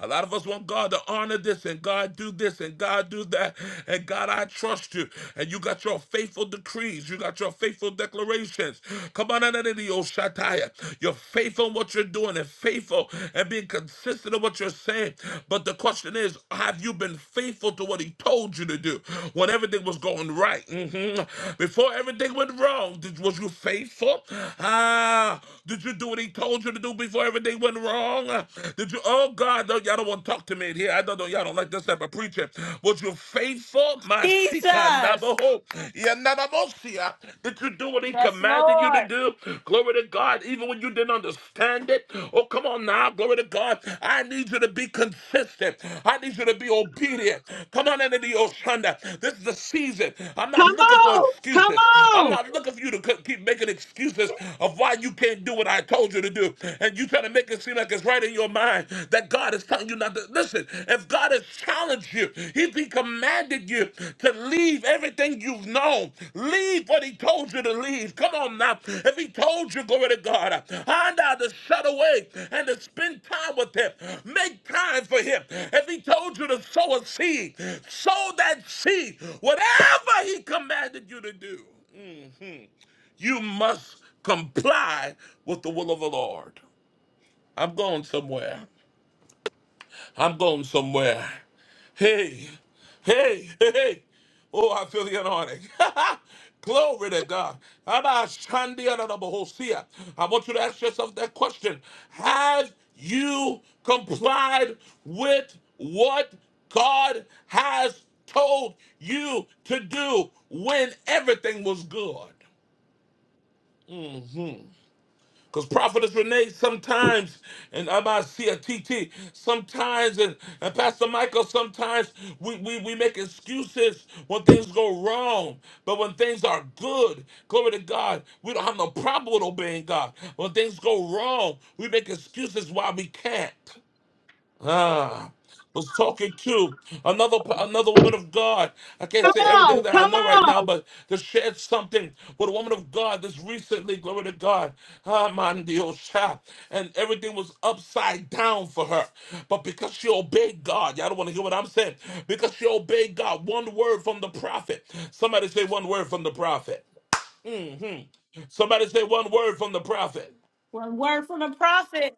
S1: A lot of us want God to honor this and God do this and God do that. And God, I trust you. And you got your faithful decrees. You got your faithful declarations. Come on, Ananidio Shataya. You're faithful in what you're doing and faithful and being consistent in what you're saying. But the question is, have you been faithful to what he told you to do when everything was going right? Mhm. Before everything went wrong, did- was you faithful? Ah, did you do what he told you to do before everything went wrong? Did you? Oh God, no, y'all don't want to talk to me in here. I don't know. Y'all don't like this type of preacher. Was you faithful, my
S5: Jesus.
S1: shikanaboho, yananabosia? Did you do what he
S5: Yes,
S1: commanded you to
S5: Lord.
S1: do? Glory to God. Even when you didn't understand it. Oh, come on now. Glory to God. I need you to be consistent. I need you to be obedient. Come on into the Oshanda. This is the season. I'm
S4: Come
S1: not looking for
S4: on! Come
S1: excuses. I'm
S4: on!
S1: not looking for you to keep making excuses excuses of why you can't do what I told you to do. And you try to make it seem like it's right in your mind that God is telling you not to listen. If God has challenged you, if he commanded you to leave everything you've known, leave what he told you to leave. Come on now. If he told you, glory to God, find out to shut away and to spend time with him. Make time for him. If he told you to sow a seed, sow that seed, whatever he commanded you to do. hmm you must comply with the will of the Lord. I'm going somewhere. I'm going somewhere. Hey, hey, hey, hey. Oh, I feel the anointing. Glory to God. Abba, Shandi, Adonai, Bohosia. I want you to ask yourself that question. Have you complied with what God has told you to do when everything was good? Mm-hmm. Because Prophetess Renee sometimes, and I might see a T T sometimes, and, and Pastor Michael, sometimes we, we, we make excuses when things go wrong. But when things are good, glory to God, we don't have no problem with obeying God. When things go wrong, we make excuses why we can't. Ah, was talking to another another woman of God. I can't say
S4: Come
S1: everything
S4: on!
S1: that I
S4: Come
S1: know right now,
S4: on!
S1: but to share something with a woman of God this recently, glory to God, ah, man, the old child, and everything was upside down for her. But because she obeyed God, y'all don't want to hear what I'm saying. Because she obeyed God, one word from the prophet. Somebody say one word from the prophet. hmm Somebody say one word from the prophet.
S5: One word from the prophet.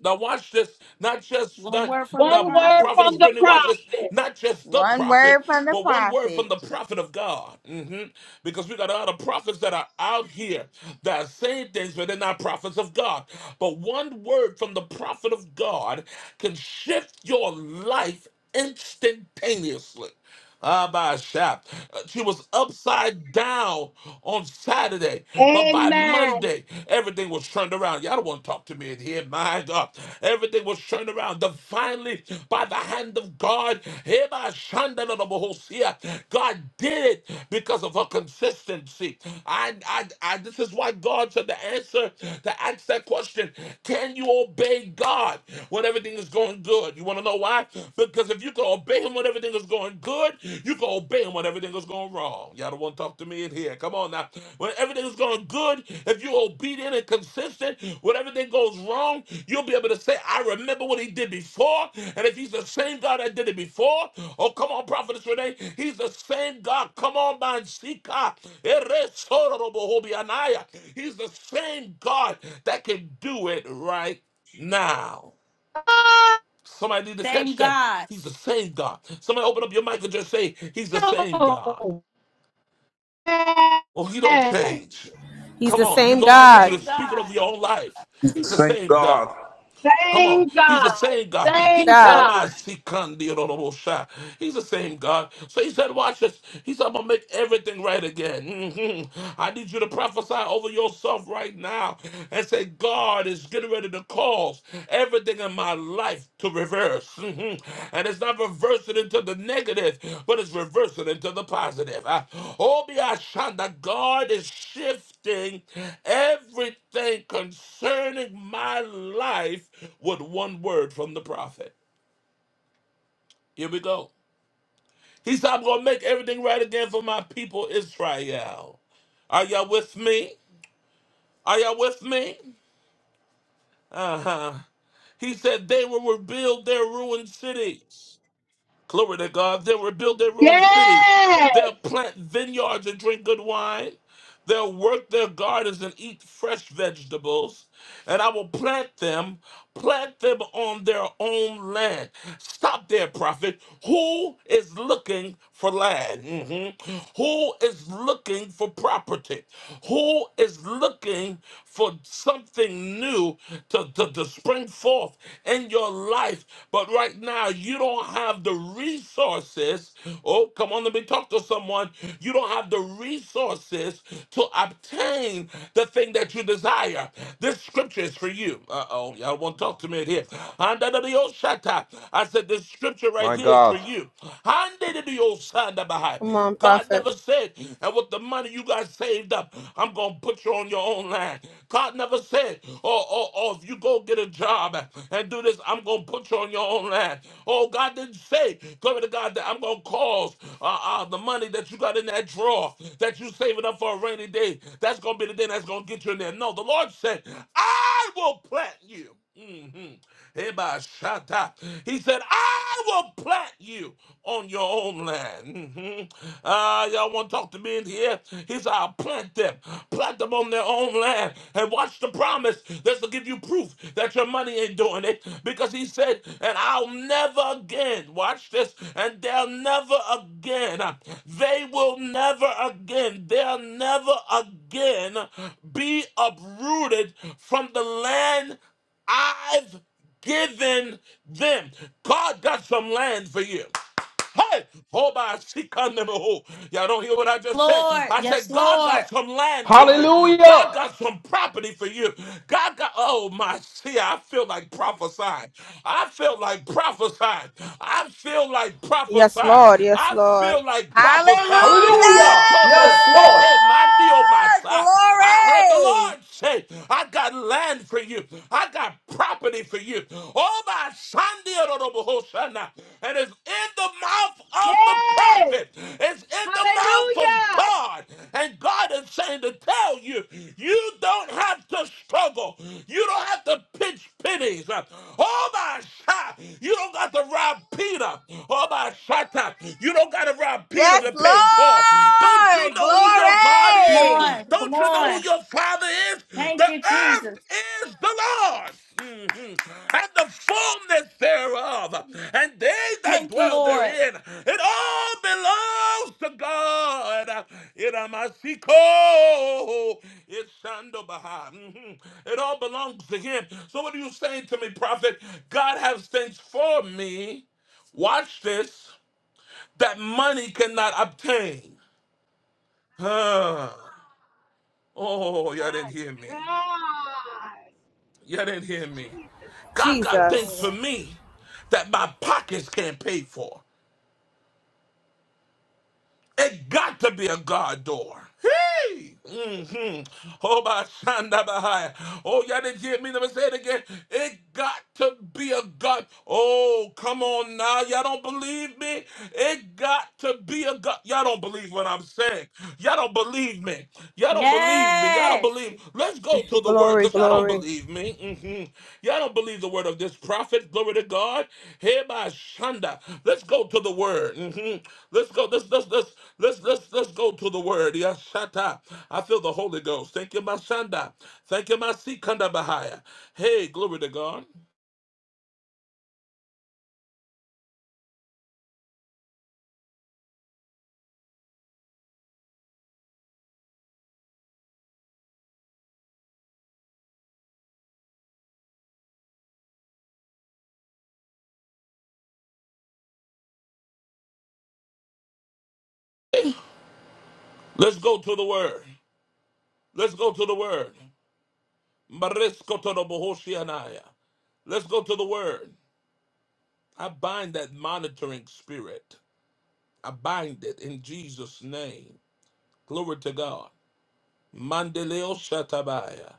S1: Now watch this. Not just
S5: One
S1: not
S5: word from the
S1: now
S4: One word
S5: prophet.
S1: prophetess
S4: from the
S1: Brittany, watch
S4: prophet.
S1: this. Not just the
S6: One
S1: prophet,
S6: word from the
S1: but one word from
S6: prophet.
S1: the prophet of God. Mhm. Because we got a lot of prophets that are out here that are saying things, but they're not prophets of God. But one word from the prophet of God can shift your life instantaneously. Ah, by shaft. She was upside down on Saturday, but by
S4: Amen.
S1: Monday, everything was turned around. Y'all don't want to talk to me in here, my God. Everything was turned around divinely by the hand of God. Here by Shanda da da Bohosia. God did it because of her consistency. I, I, I, this is why God said the answer to ask that question Can you obey God when everything is going good? You want to know why? Because if you can obey him when everything is going good, you can obey him when everything is going wrong. Y'all don't want to talk to me in here. Come on now. When everything is going good, if you're obedient and consistent, when everything goes wrong, you'll be able to say, I remember what he did before. And if he's the same God that did it before, oh, come on, Prophetess Renee, he's the same God. Come on, man, Sika. He's the same God that can do it right now. Somebody need to
S5: Same
S1: catch that.
S5: God.
S1: He's the same God. Somebody open up your mic and just say, He's the same God.
S4: Oh, yes.
S1: Oh, He don't change.
S7: He's
S1: Come
S7: the
S1: on, you
S7: same
S5: Keep
S1: go.
S5: the
S1: I need
S7: God.
S1: you to
S5: same
S1: speak it over
S5: God.
S1: your own life.
S3: He's the
S1: He's the
S3: same
S1: same
S3: God.
S1: God. Come on,
S4: Thank
S1: He's the
S4: God.
S1: same God. He,
S4: Thank
S7: God.
S4: God.
S1: Amasikandiyodobosha. He's the same God. So He said, "Watch this." He said, "I'm gonna make everything right again." Mhm. I need you to prophesy over yourself right now and say, "God is getting ready to cause everything in my life." life to reverse. Mhm. And it's not reversing into the negative, but it's reversing into the positive. Ah, Oh, be our that God is shifting everything concerning my life with one word from the prophet. Here we go. He said, I'm going to make everything right again for my people, Israel. Are y'all with me? Are y'all with me? Uh huh. He said, They will rebuild their ruined cities. Glory to God. They'll rebuild their ruined cities.
S4: Yes.
S1: They'll plant vineyards and drink good wine. They'll work their gardens and eat fresh vegetables, and I will plant them, plant them on their own land. Stop there, prophet. Who is looking for land? Mhm. Who is looking for property? Who is looking for something new to, to, to spring forth in your life? But right now, you don't have the resources resources. Oh, come on, let me talk to someone. You don't have the resources to obtain the thing that you desire. This scripture is for you. Uh oh, y'all won't talk to me in here. Handadadiyoshata. I said, this scripture right
S3: My
S1: here is for
S3: God.
S1: you. Handadadiyosandabahai.
S7: Come on,
S1: God
S7: prophet.
S1: never said, and with the money you got saved up, I'm going to put you on your own land. God never said, oh, oh, oh, if you go get get a job and do this, I'm going to put you on your own land. Oh, God didn't say, glory to God, that I'm going to cause uh, uh, the money that you got in that drawer that you saving up for a rainy day. That's going to be the day that's going to get you in there. No, the Lord said, I will plant you. Mhm. Eba shata. He said, I will plant you on your own land. Mhm. Ah, y'all want to talk to me in here? He said, I'll plant them. Plant them on their own land. And watch the promise. This will give you proof that your money ain't doing it. Because he said, and I'll never again, watch this, and they'll never again, they will never again, they'll never again be uprooted from the land I've given them. God got some land for you. Hey, oh my, she come to me, oh. Y'all don't hear what I just said.
S5: Lord.
S1: I
S5: Yes,
S1: said, God
S5: Lord.
S1: got some land for you. God
S3: Hallelujah!
S1: got some property for you. God got, oh my, see, I feel like prophesying. I feel like prophesying. I feel like
S7: Yes,
S1: prophesying.
S7: Lord. Yes,
S1: I
S7: Lord.
S1: feel like prophesying.
S6: Hallelujah.
S1: Yet,
S3: Hallelujah!
S1: Toro,
S3: Yes, Lord!
S1: Sheke, Mandi, o my, side. I heard the
S6: Glory.
S1: Lord say, I got land for you. I I got property for you. Oh, my Sunday, and it's in the mouth of the
S4: Yes.
S1: prophet. It's in the mouth of
S4: Hallelujah.
S1: God. And God is saying to tell you, you don't have to struggle. You don't have to pitch pennies. Oh, my shot. You don't got to rob Peter. Oh, my shot. You don't got to rob Peter
S6: Yes,
S1: to pay Paul. Don't you
S6: Lord.
S1: know who your God
S5: Come
S1: is?
S6: Glory.
S5: on. Come
S1: Don't you know who
S5: on.
S1: your Father is?
S5: Thank
S1: The
S5: you,
S1: earth
S5: Jesus.
S1: is the Lord's mhm, and the fullness thereof, and they that
S5: Thank you,
S1: dwell
S5: Lord.
S1: therein. It all belongs to God. Iramasiko, It's Shandobaha. mhm. It all belongs to Him. So, what are you saying to me, prophet? God has things for me. Watch this that money cannot obtain. Huh. Oh, y'all
S4: My
S1: didn't hear me.
S4: God.
S1: Y'all didn't hear me.
S4: Jesus. Thank
S1: God
S4: you,
S1: got things
S7: Jesus.
S1: for
S4: Lord.
S1: me that my pockets can't pay for. It got to be a God door. Hey! hmm Oh, my son, that behind. Oh, y'all didn't hear me. Let me say it again. It got to be a God. Oh, come on now. Y'all don't believe me? It got to be a God. Y'all don't believe what I'm saying. Y'all don't believe me. Y'all don't believe me. Y'all don't believe
S5: Yes.
S1: believe. Let's go to the word
S7: Glory,
S1: because y'all don't
S7: glory.
S1: believe me. Mhm. Y'all don't believe the word of this prophet. Glory to God. Hereby Shanda. Let's go to the word. Mhm. Let's go. Let's let's let's let's let's let's go to the word. Yes, Shata. I feel the Holy Ghost. Thank you, my Shanda. Thank you, my Sikanda Bahaya. Hey, glory to God. Let's go to the word. Let's go to the word. Mariskotorobohoshianaya. Let's go to the word. I bind that monitoring spirit. I bind it in Jesus' name. Glory to God. Mandeleo Shatabaya.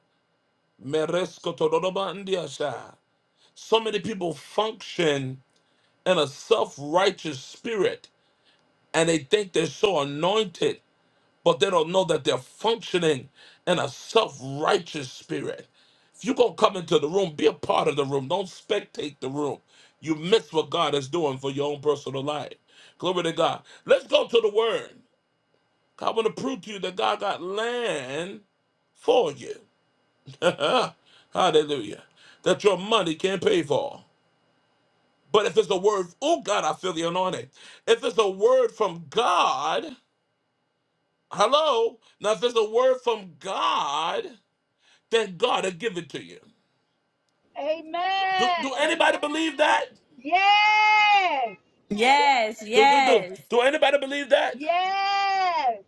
S1: Meresko Todorobandiasha. So many people function in a self righteous spirit and they think they're so anointed, but they don't know that they're functioning in a self righteous spirit. If you're going to come into the room, be a part of the room. Don't spectate the room. You miss what God is doing for your own personal life. Glory to God. Let's go to the word. I want to prove to you that God got land for you. Hallelujah. That your money can't pay for. But if it's a word, oh God, I feel the anointing. If it's a word from God, hello. Now, if it's a word from God, then God will give it to you. Do,
S4: Amen.
S1: do anybody believe that?
S4: Yes.
S5: Yes.
S1: Do, do, do.
S5: Yes.
S1: Do anybody believe that?
S4: Yes.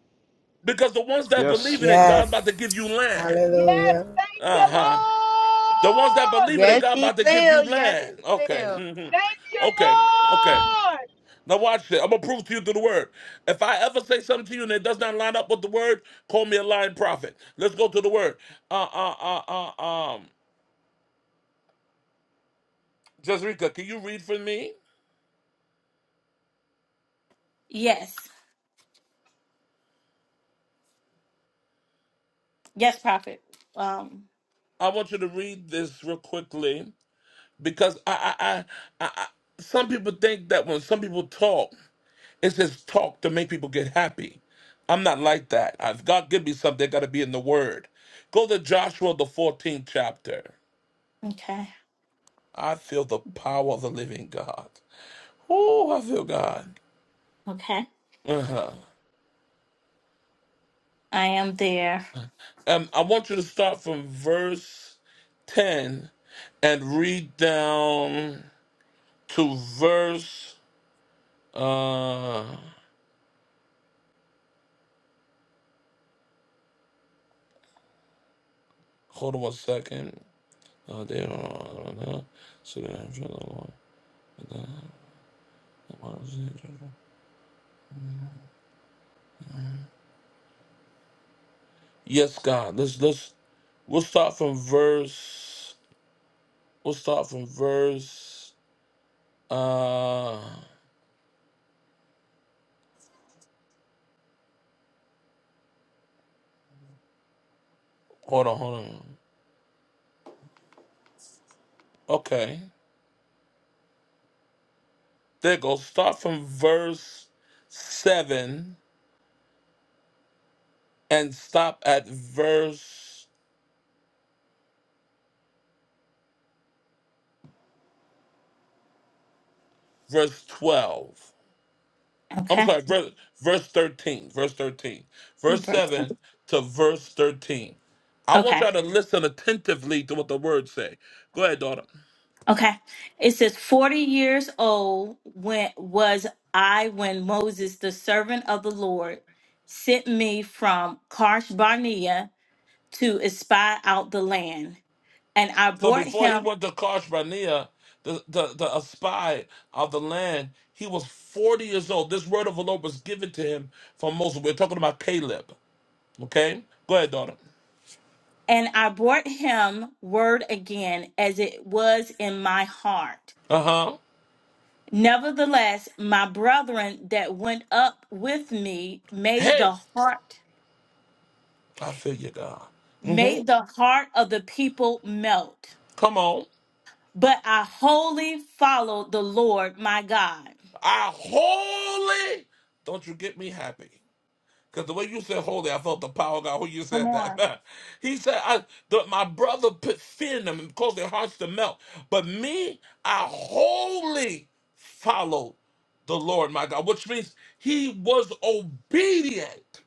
S1: Because the ones that
S3: Yes,
S1: believe in it, God's
S8: Yes.
S1: about to give you land.
S4: Yes.
S8: Hallelujah.
S4: Thank
S1: Uh
S4: you,
S1: huh. The ones that
S4: Lord.
S1: believe it, that
S6: Yes,
S1: God
S6: he
S1: about to give you
S6: will. Yes,
S1: land.
S6: he
S1: Okay.
S6: will.
S4: Thank you,
S1: hmm Okay. Okay.
S4: Lord.
S1: Now watch this. I'm gonna prove to you through the word. If I ever say something to you and it does not line up with the word, call me a lying prophet. Let's go to the word. Uh uh uh uh um Jezreka, can you read for me?
S5: Yes. Yes, prophet. Um,
S1: I want you to read this real quickly because I I I, I, I some people think that when some people talk. It's just talk to make people get happy. I'm not like that. If God give me something, it got to be in the Word. Go to Joshua, the 14th chapter.
S5: okay.
S1: I feel the power of the living God. Oh, I feel God.
S5: Okay.
S1: Uh-huh.
S5: I am there.
S1: Um, I want you to start from verse 10 and read down to verse. Uh, hold on one second. Uh, they don't- I don't know. So, uh, Yes, God. Let's let's we'll start from verse we'll start from verse uh hold on, hold on. Okay. There it goes. Start from verse seven and stop at verse verse twelve. I'm
S5: Okay.
S1: sorry, verse verse thirteen. Verse thirteen. Verse
S5: Birthday.
S1: seven to verse thirteen. I want
S5: Okay.
S1: y'all to listen attentively to what the words say. Go ahead, daughter.
S5: Okay. It says 40 years old when was I when Moses, the servant of the Lord, sent me from Karsh Barnea to espy out the land. And I
S1: So
S5: brought
S1: before he
S5: him
S1: went to Karshbarnea, the, the, the a spy of the land, he was 40 years old. This word of the Lord was given to him from Moses. We're talking about Caleb. Okay? Go ahead, daughter.
S5: And I brought him word again as it was in my heart.
S1: Uh-huh.
S5: Nevertheless, my brethren that went up with me made
S1: Hey,
S5: the heart
S1: I feel you, God. Mm hmm
S5: made the heart of the people melt.
S1: Come on.
S5: But I wholly followed the Lord my God.
S1: I wholly don't you get me happy. Because the way you said holy, I felt the power of God when you
S5: Come
S1: said that.
S5: on.
S1: he said, I, the, My brother put fear in them and caused their hearts to melt. But me, I wholly followed the Lord my God, which means he was obedient.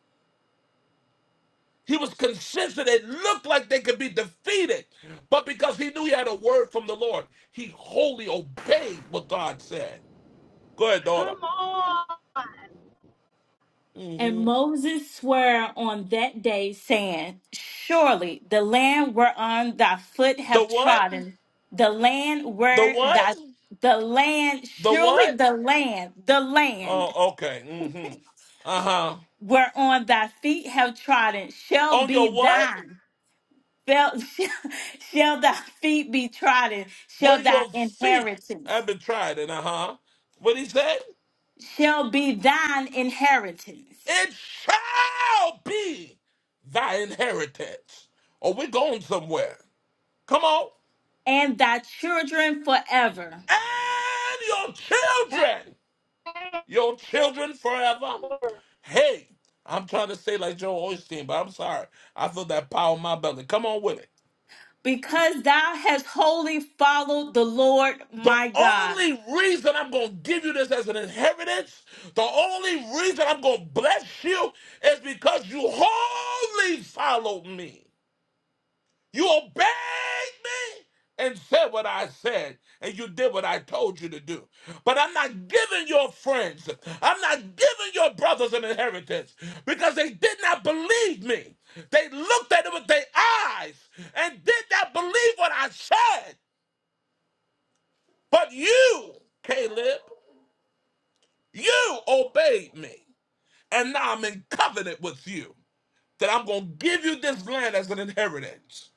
S1: He was consistent. It looked like they could be defeated. But because he knew he had a word from the Lord, he wholly obeyed what God said. Go ahead, daughter.
S4: Come on.
S1: hmm
S5: And Moses swore on that day, saying, Surely the land whereon thy foot
S1: The
S5: have
S1: what?
S5: trodden, the land
S1: The
S5: where
S1: what?
S5: thy the land,
S1: The
S5: surely
S1: what?
S5: the land, the land
S1: Oh, okay. hmm Uh huh.
S5: whereon thy feet have trodden shall
S1: On
S5: be
S1: your what?
S5: thine. Shall, shall thy feet be trodden,
S1: Where
S5: shall thy
S1: your feet
S5: inheritance,
S1: have been trodden. Uh huh. What he said?
S5: shall be thine inheritance,
S1: It shall be thy inheritance. Or we're going somewhere. Come on.
S5: and thy children forever.
S1: And your children, your children forever. Hey, I'm trying to say like Joe Osteen, but I'm sorry. I feel that power in my belly. Come on with it.
S5: because thou hast wholly followed the Lord
S1: The
S5: my God.
S1: only reason I'm going to give you this as an inheritance, the only reason I'm going to bless you is because you wholly followed me. You obeyed me and said what I said, and you did what I told you to do. But I'm not giving your friends, I'm not giving your brothers an inheritance because they did not believe me. They looked at it with their eyes and did not believe what I said. But you, Caleb. You obeyed me, and now I'm in covenant with you that I'm going to give you this land as an inheritance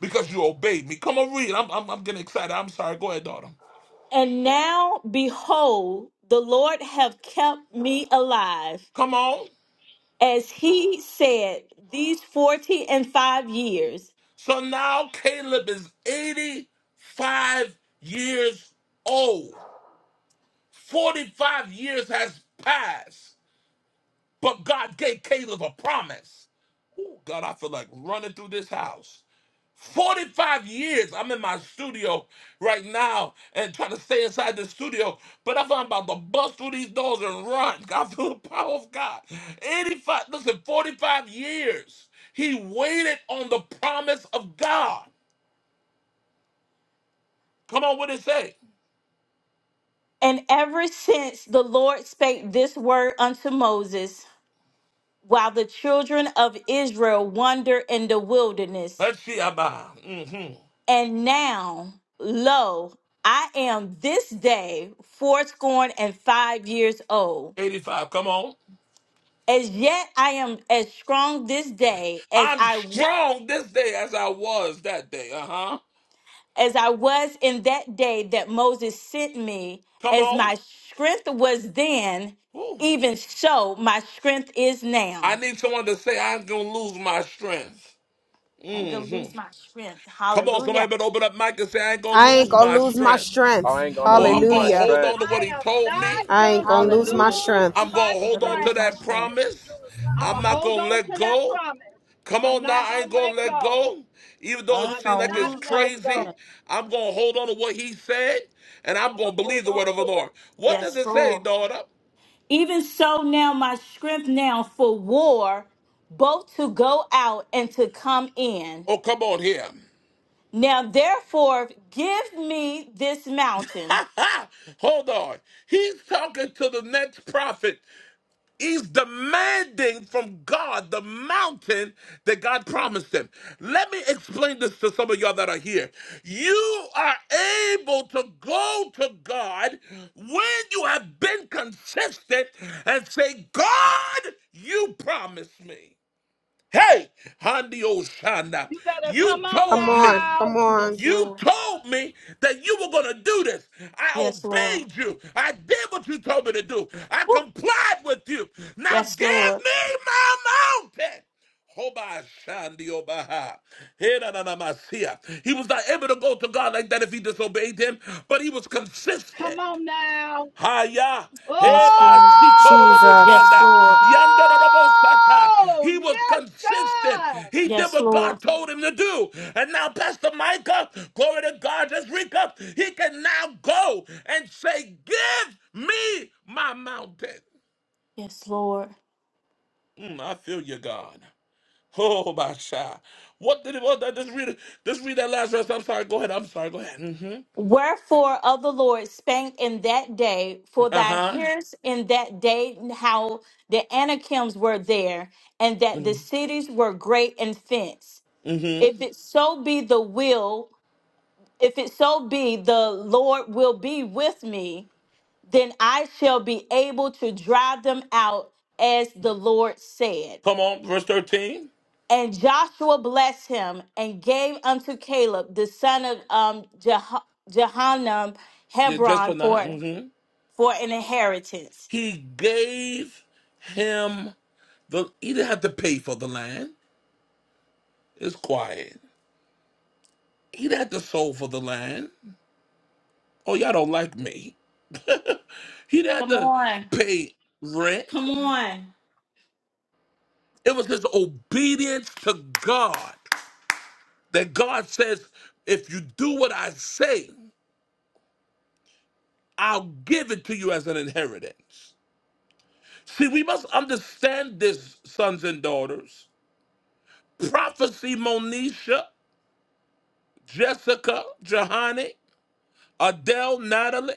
S1: because you obeyed me. Come on, read. I'm, I'm, I'm getting excited. I'm sorry. Go ahead, daughter.
S5: And now, behold, the Lord have kept me alive,
S1: Come on.
S5: as he said, these forty and five years.
S1: So now Caleb is 85 years old. 45 years has passed, but God gave Caleb a promise. Oh, God, I feel like running through this house. 45 years I'm in my studio right now and trying to stay inside the studio, but if I'm about to bust through these doors and run, God, through the power of God. 85, listen, 45 years he waited on the promise of God. Come on, what it say?
S5: And ever since the Lord spake this word unto Moses, while the children of Israel wander in the wilderness.
S1: Let's see, about hmm
S5: And now, lo, I am this day fourscore and five years old
S1: 85, come on.
S5: As yet I am as strong this day as
S1: I'm
S5: I
S1: strong this day as I was that day, uh huh.
S5: as I was in that day that Moses sent me,
S1: Come
S5: as
S1: on.
S5: my strength was then,
S1: Woo.
S5: even so my strength is
S1: I
S5: now.
S1: need someone to say, I'm going to lose my strength.
S5: I ain't gonna
S1: Mm-hmm.
S5: lose my strength.
S1: Come on, somebody
S5: Hallelujah.
S1: better open up mic and say, I ain't gonna
S7: I ain't
S1: lose
S7: gonna
S1: my
S7: lose my
S1: strength.
S7: strength.
S3: I ain't gonna
S1: Or I'm
S3: lose
S1: gonna
S3: my
S7: Hallelujah.
S1: hold on
S3: strength.
S1: to what
S4: I
S1: he
S4: am
S1: told me.
S4: not
S7: I ain't
S4: going
S7: gonna lose
S4: to
S7: my
S5: Hallelujah.
S7: strength.
S4: lose
S1: I'm
S4: my
S1: gonna
S5: I'm
S1: hold
S5: gonna
S1: on to
S5: lose
S4: strength.
S5: my
S1: that
S5: strength.
S1: promise.
S4: I'm
S1: I'm
S4: going to
S1: not
S4: hold
S1: gonna
S4: on
S1: let
S4: to that
S1: go.
S4: promise.
S1: Come
S4: I'm
S1: on now,
S4: not
S1: I
S4: going
S1: ain't
S4: to
S1: gonna
S4: let
S1: let
S4: go.
S1: go. Even though
S6: I
S1: it
S6: ain't
S4: I'm
S1: seems
S6: gonna
S1: like
S4: not
S1: it's
S6: lose my
S4: letting go.
S1: crazy,
S6: strength.
S1: I'm gonna hold on to what he said and I'm
S4: I'm
S1: gonna
S4: gonna hold
S1: believe the word
S4: on
S1: of the
S4: to what
S1: Lord.
S4: he
S1: What does
S5: Yes,
S4: says.
S1: it say,
S5: Lord.
S1: daughter?
S5: Even so now my strength now for war, both to go out and to come in.
S1: Oh, come on here.
S5: Now therefore give me this mountain
S1: Ha ha! Hold on. He's talking to the next prophet. He's demanding from God the mountain that God promised him. Let me explain this to some of y'all that are here. You are able to go to God when you have been consistent and say, God, you promised me. Hey, Handi Oshana,
S4: You better
S1: you
S4: come on
S7: Come
S1: told
S7: on.
S1: me.
S7: Come
S4: now.
S5: Yes,
S7: on.
S1: You
S5: Lord.
S1: told me that you were going to do this. I
S5: Yes, Lord.
S1: obeyed you. I did what you told me to do. I
S5: Woo.
S1: complied with you. Now
S5: Yes,
S1: give
S5: Lord.
S1: me my mountain. He was not able to go to God like that if he disobeyed him, but he was
S4: Come
S1: consistent.
S4: on now.
S1: Haya
S5: Yes,
S1: heba
S5: Lord.
S7: Jesus.
S5: Yes,
S1: sikororoboshanda,
S5: Lord.
S1: yandarorobosata.
S4: Oh,
S1: He was
S4: yes,
S1: consistent.
S4: God.
S1: He did
S5: Yes,
S1: what
S5: Lord.
S1: God told him to do. And now Pastor Micah, glory to God, just recap. He can now go and say, "Give me my mountain."
S5: Yes, Lord.
S1: Mm, I feel you, God. Oh my child. What did it What that? Just read it. Just read that last verse. I'm sorry. Go ahead. I'm sorry. Go ahead. hmm
S5: Wherefore of the Lord spake in that day, for
S1: Uh
S5: thou
S1: huh.
S5: hearest in that day how the Anakims were there, and that the cities were great and fenced.
S1: Mm-hmm.
S5: If it so be the will, if it so be the Lord will be with me, then I shall be able to drive them out as the Lord said.
S1: Come on, verse 13.
S5: And Joshua blessed him and gave unto Caleb the son of um, Jeho- Jehannam
S1: You just
S5: Hebron
S1: for now.
S5: for
S1: hmm
S5: for an inheritance.
S1: He gave him the. He didn't have to pay for the land. It's quiet. He didn't have to sow for the land. Oh, y'all don't like me. He didn't have
S5: Come
S1: to
S5: on,
S1: pay rent.
S5: come on.
S1: It was his obedience to God that God says, if you do what I say, I'll give it to you as an inheritance. See, we must understand this, sons and daughters. Prophecy, Monisha, Jessica, Johanna. Adele, Natalie,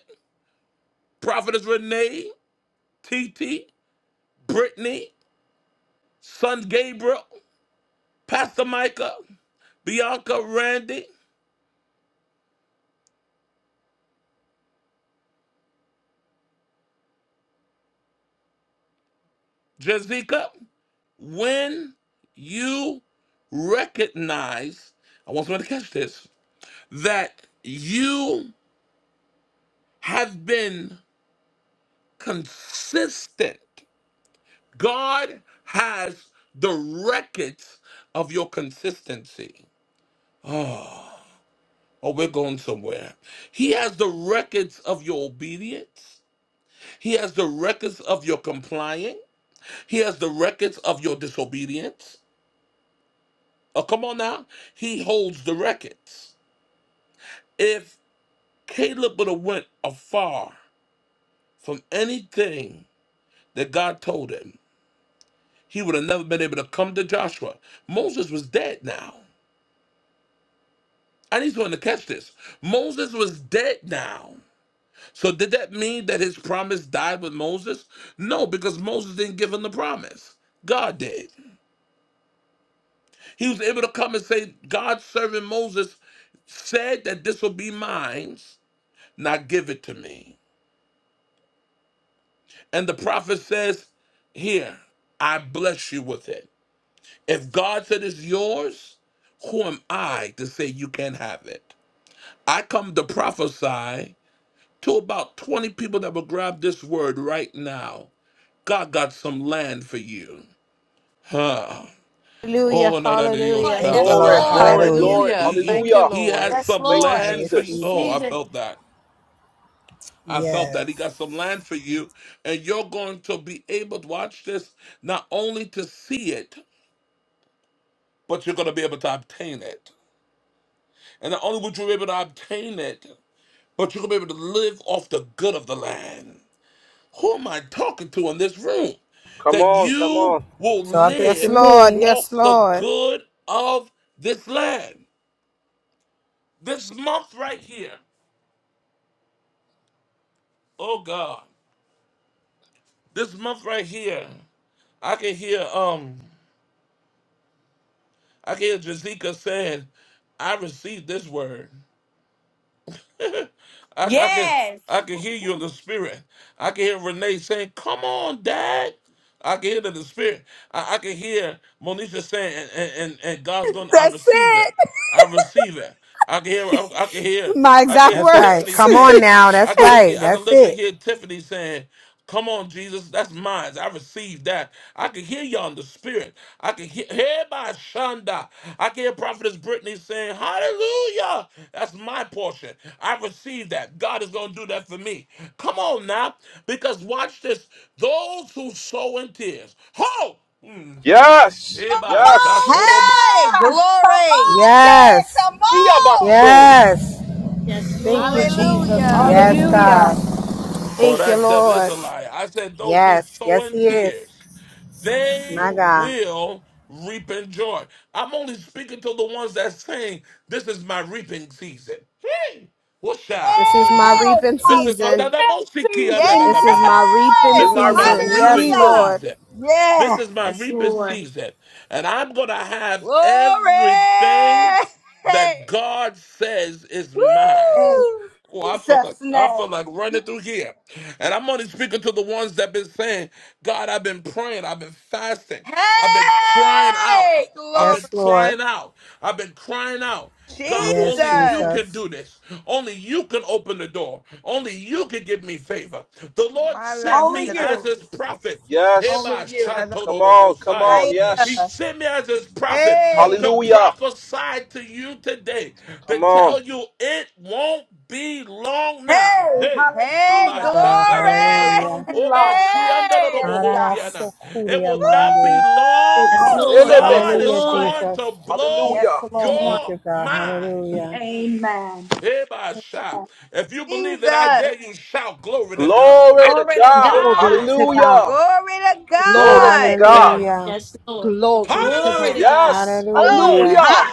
S1: Prophetess Renee, TT, Brittany, Son Gabriel, Pastor Micah, Bianca, Randy, Jessica. When you recognize, I want someone to catch this, that you have been consistent, God has the records of your consistency. Oh. Oh, we're going somewhere. He has the records of your obedience. He has the records of your complying. He has the records of your disobedience. Oh, come on now. He holds the records. If Caleb would have went afar from anything that God told him, he would have never been able to come to Joshua. Moses was dead now. I need someone to catch this. Moses was dead now. So did that mean that his promise died with Moses? No, because Moses didn't give him the promise. God did. He was able to come and say, God's servant Moses said that this will be mine. Now give it to me. And the prophet says, Here, I bless you with it. If God said it's yours, who am I to say you can't have it? I come to prophesy to about 20 people that will grab this word right now. God got some land for you. Huh.
S7: Hallelujah.
S1: Oh no, no, no, you
S7: Hallelujah.
S1: shout
S8: Thank you,
S1: that
S3: Glory,
S8: Lord.
S1: behind.
S5: Lord.
S3: glory,
S8: Hallelujah.
S3: glory.
S1: He,
S9: Hallelujah.
S1: he
S9: Thank you,
S3: Hallelujah!
S1: he has
S9: Lord.
S5: Yes,
S1: some
S3: Thank you,
S8: I
S5: Lord.
S1: land for you.
S3: Jesus.
S8: receive
S1: Oh, I
S8: it.
S5: Receive it.
S1: felt that. I felt
S8: Yes.
S1: that he got some land for you, and you're going to be able to watch this not only to see it, but you're going to be able to obtain it. And not only would you be able to obtain it, but you're going to be able to live off the good of the land. Who am I talking to in this room?
S3: Come
S1: That
S3: on, come
S1: you
S3: on.
S1: will
S8: Talking
S7: Yes,
S8: to
S1: live
S7: Lord.
S8: me.
S1: off
S7: Yes,
S1: the
S7: Lord.
S1: good of this land. This month right here, oh God, this month right here, I can hear um, I can hear Jazika saying, "I received this word." I, I can
S5: Yes.
S1: I can hear you in the spirit. I can hear Renee saying, "Come on, Dad." I can hear it in the spirit. I, I can hear Monisha saying, and, and, and and God's going, to I
S4: That's
S1: receive it.
S4: it.
S1: I receive it. I can hear, I, I can hear,
S7: My
S1: I
S7: exact
S1: can hear
S8: That's right.
S1: Tiffany
S7: words.
S8: Come on
S1: saying,
S8: now.
S1: I
S8: That's
S1: can literally,
S8: right.
S1: I can
S8: That's
S1: literally
S8: it.
S1: hear Tiffany saying, Come on, Jesus, that's mine. I received that. I can hear you in the spirit. I can hear, hear by Shonda. I can hear Prophetess Brittany saying, Hallelujah. That's my portion. I received that. God is going to do that for me. Come on now, because watch this. Those who sow in tears, ho! Mhm.
S3: Yes,
S4: Come
S1: Hereby,
S3: yes.
S4: on
S1: Shatodo
S6: Hey,
S4: now. Come
S6: glory.
S4: on, Dad.
S8: Yes.
S4: Come on.
S3: Iyabashoya.
S8: Yes.
S5: Yes,
S7: Thank you,
S5: Lord.
S7: Jesus.
S6: Hallelujah.
S8: Yes,
S7: Hallelujah.
S8: God.
S1: Oh,
S7: Thank you,
S1: that devil is
S7: Lord.
S1: a liar. I said, those who
S8: Yes.
S1: sow
S8: Yes,
S1: in
S8: He is.
S1: tears, they
S8: My God.
S1: will reap in joy. I'm only speaking to the ones that saying, this is my reaping season. Hey, what's up?
S7: This is my
S1: Mhm.
S4: Yes.
S7: reaping
S4: My
S1: This is my
S7: season.
S4: defense
S6: Yes.
S4: season.
S7: This is
S4: Yes.
S7: my reaping
S3: This is
S1: this is
S3: my
S1: my
S4: Lord.
S3: reaping
S7: season. Yes,
S1: reaping
S3: season.
S6: Hallelujah.
S7: Lord.
S1: season. This
S4: Yes.
S1: is my
S5: Yes,
S1: reaping
S5: Lord.
S1: season. And I'm gonna have
S6: Glory!
S1: everything that God says is mine.
S4: In
S6: Woo!
S1: Oh, I feel like
S4: Jesus'
S1: I feel
S4: name.
S1: like running through here. And I'm only speaking to the ones that been saying, God, I've been praying, I've been fasting, I've been crying out.
S6: Hey!
S1: I've
S6: Glory!
S1: been
S8: Yes, Lord.
S1: crying out. I've been crying out. God,
S8: Yes,
S1: only you
S6: Jesus!
S1: can
S8: Jesus.
S1: do this. Only you can open the door. Only you can give me favor. The Lord
S6: My la-
S1: sent
S4: Only
S1: me as
S4: you.
S1: his prophet.
S3: Yes.
S4: Only
S1: Eba
S4: you.
S1: shato Do Do
S3: Come on, come
S1: Shatorobosaya.
S3: on,
S1: He
S3: yes.
S1: sent me as his prophet
S6: Hey!
S1: to
S3: Hallelujah.
S1: prophesy to you today to
S3: Come on.
S1: tell you it won't be long
S4: Hey,
S1: now. Hey,
S6: Hey!
S4: hallelujah.
S8: God.
S1: Abashatarabaha.
S4: It
S6: Glory!
S8: Hallelujah.
S4: won't be long now.
S6: Hey!
S4: Yes, God.
S1: Obasiandarabohosiana. it
S8: Arabasukuria
S1: will not be
S8: mande.
S4: It
S1: long.
S5: Yes,
S6: Woo!
S4: won't be
S5: Lord. Yes,
S1: God
S4: long.
S1: is
S8: Hallelujah,
S5: Lord.
S3: Edebekoshaya.
S1: going
S8: Jesus.
S1: to blow
S4: Yes,
S3: Hallelujah.
S5: Come
S4: Lord.
S5: on.
S8: Thank
S1: your
S8: you, God.
S1: mind.
S8: Hallelujah.
S1: Mhm.
S4: Amen.
S1: Ebasha. If you believe that I dare
S6: Jesus!
S1: you, shout glory to God.
S3: Glory to
S5: Glory to
S3: God.
S4: Glory
S5: God.
S4: to God.
S3: Hallelujah.
S1: Ebasata.
S6: Glory to
S4: Glory
S3: Glory to
S6: God!
S4: to
S3: God.
S4: God.
S1: Hey,
S8: Hallelujah.
S5: Yes, Lord.
S4: Glory to
S5: Glory
S4: God.
S5: to
S1: hallelujah,
S5: God.
S3: Yes.
S4: Oh,
S8: Hallelujah.
S3: Hallelujah.
S4: ha.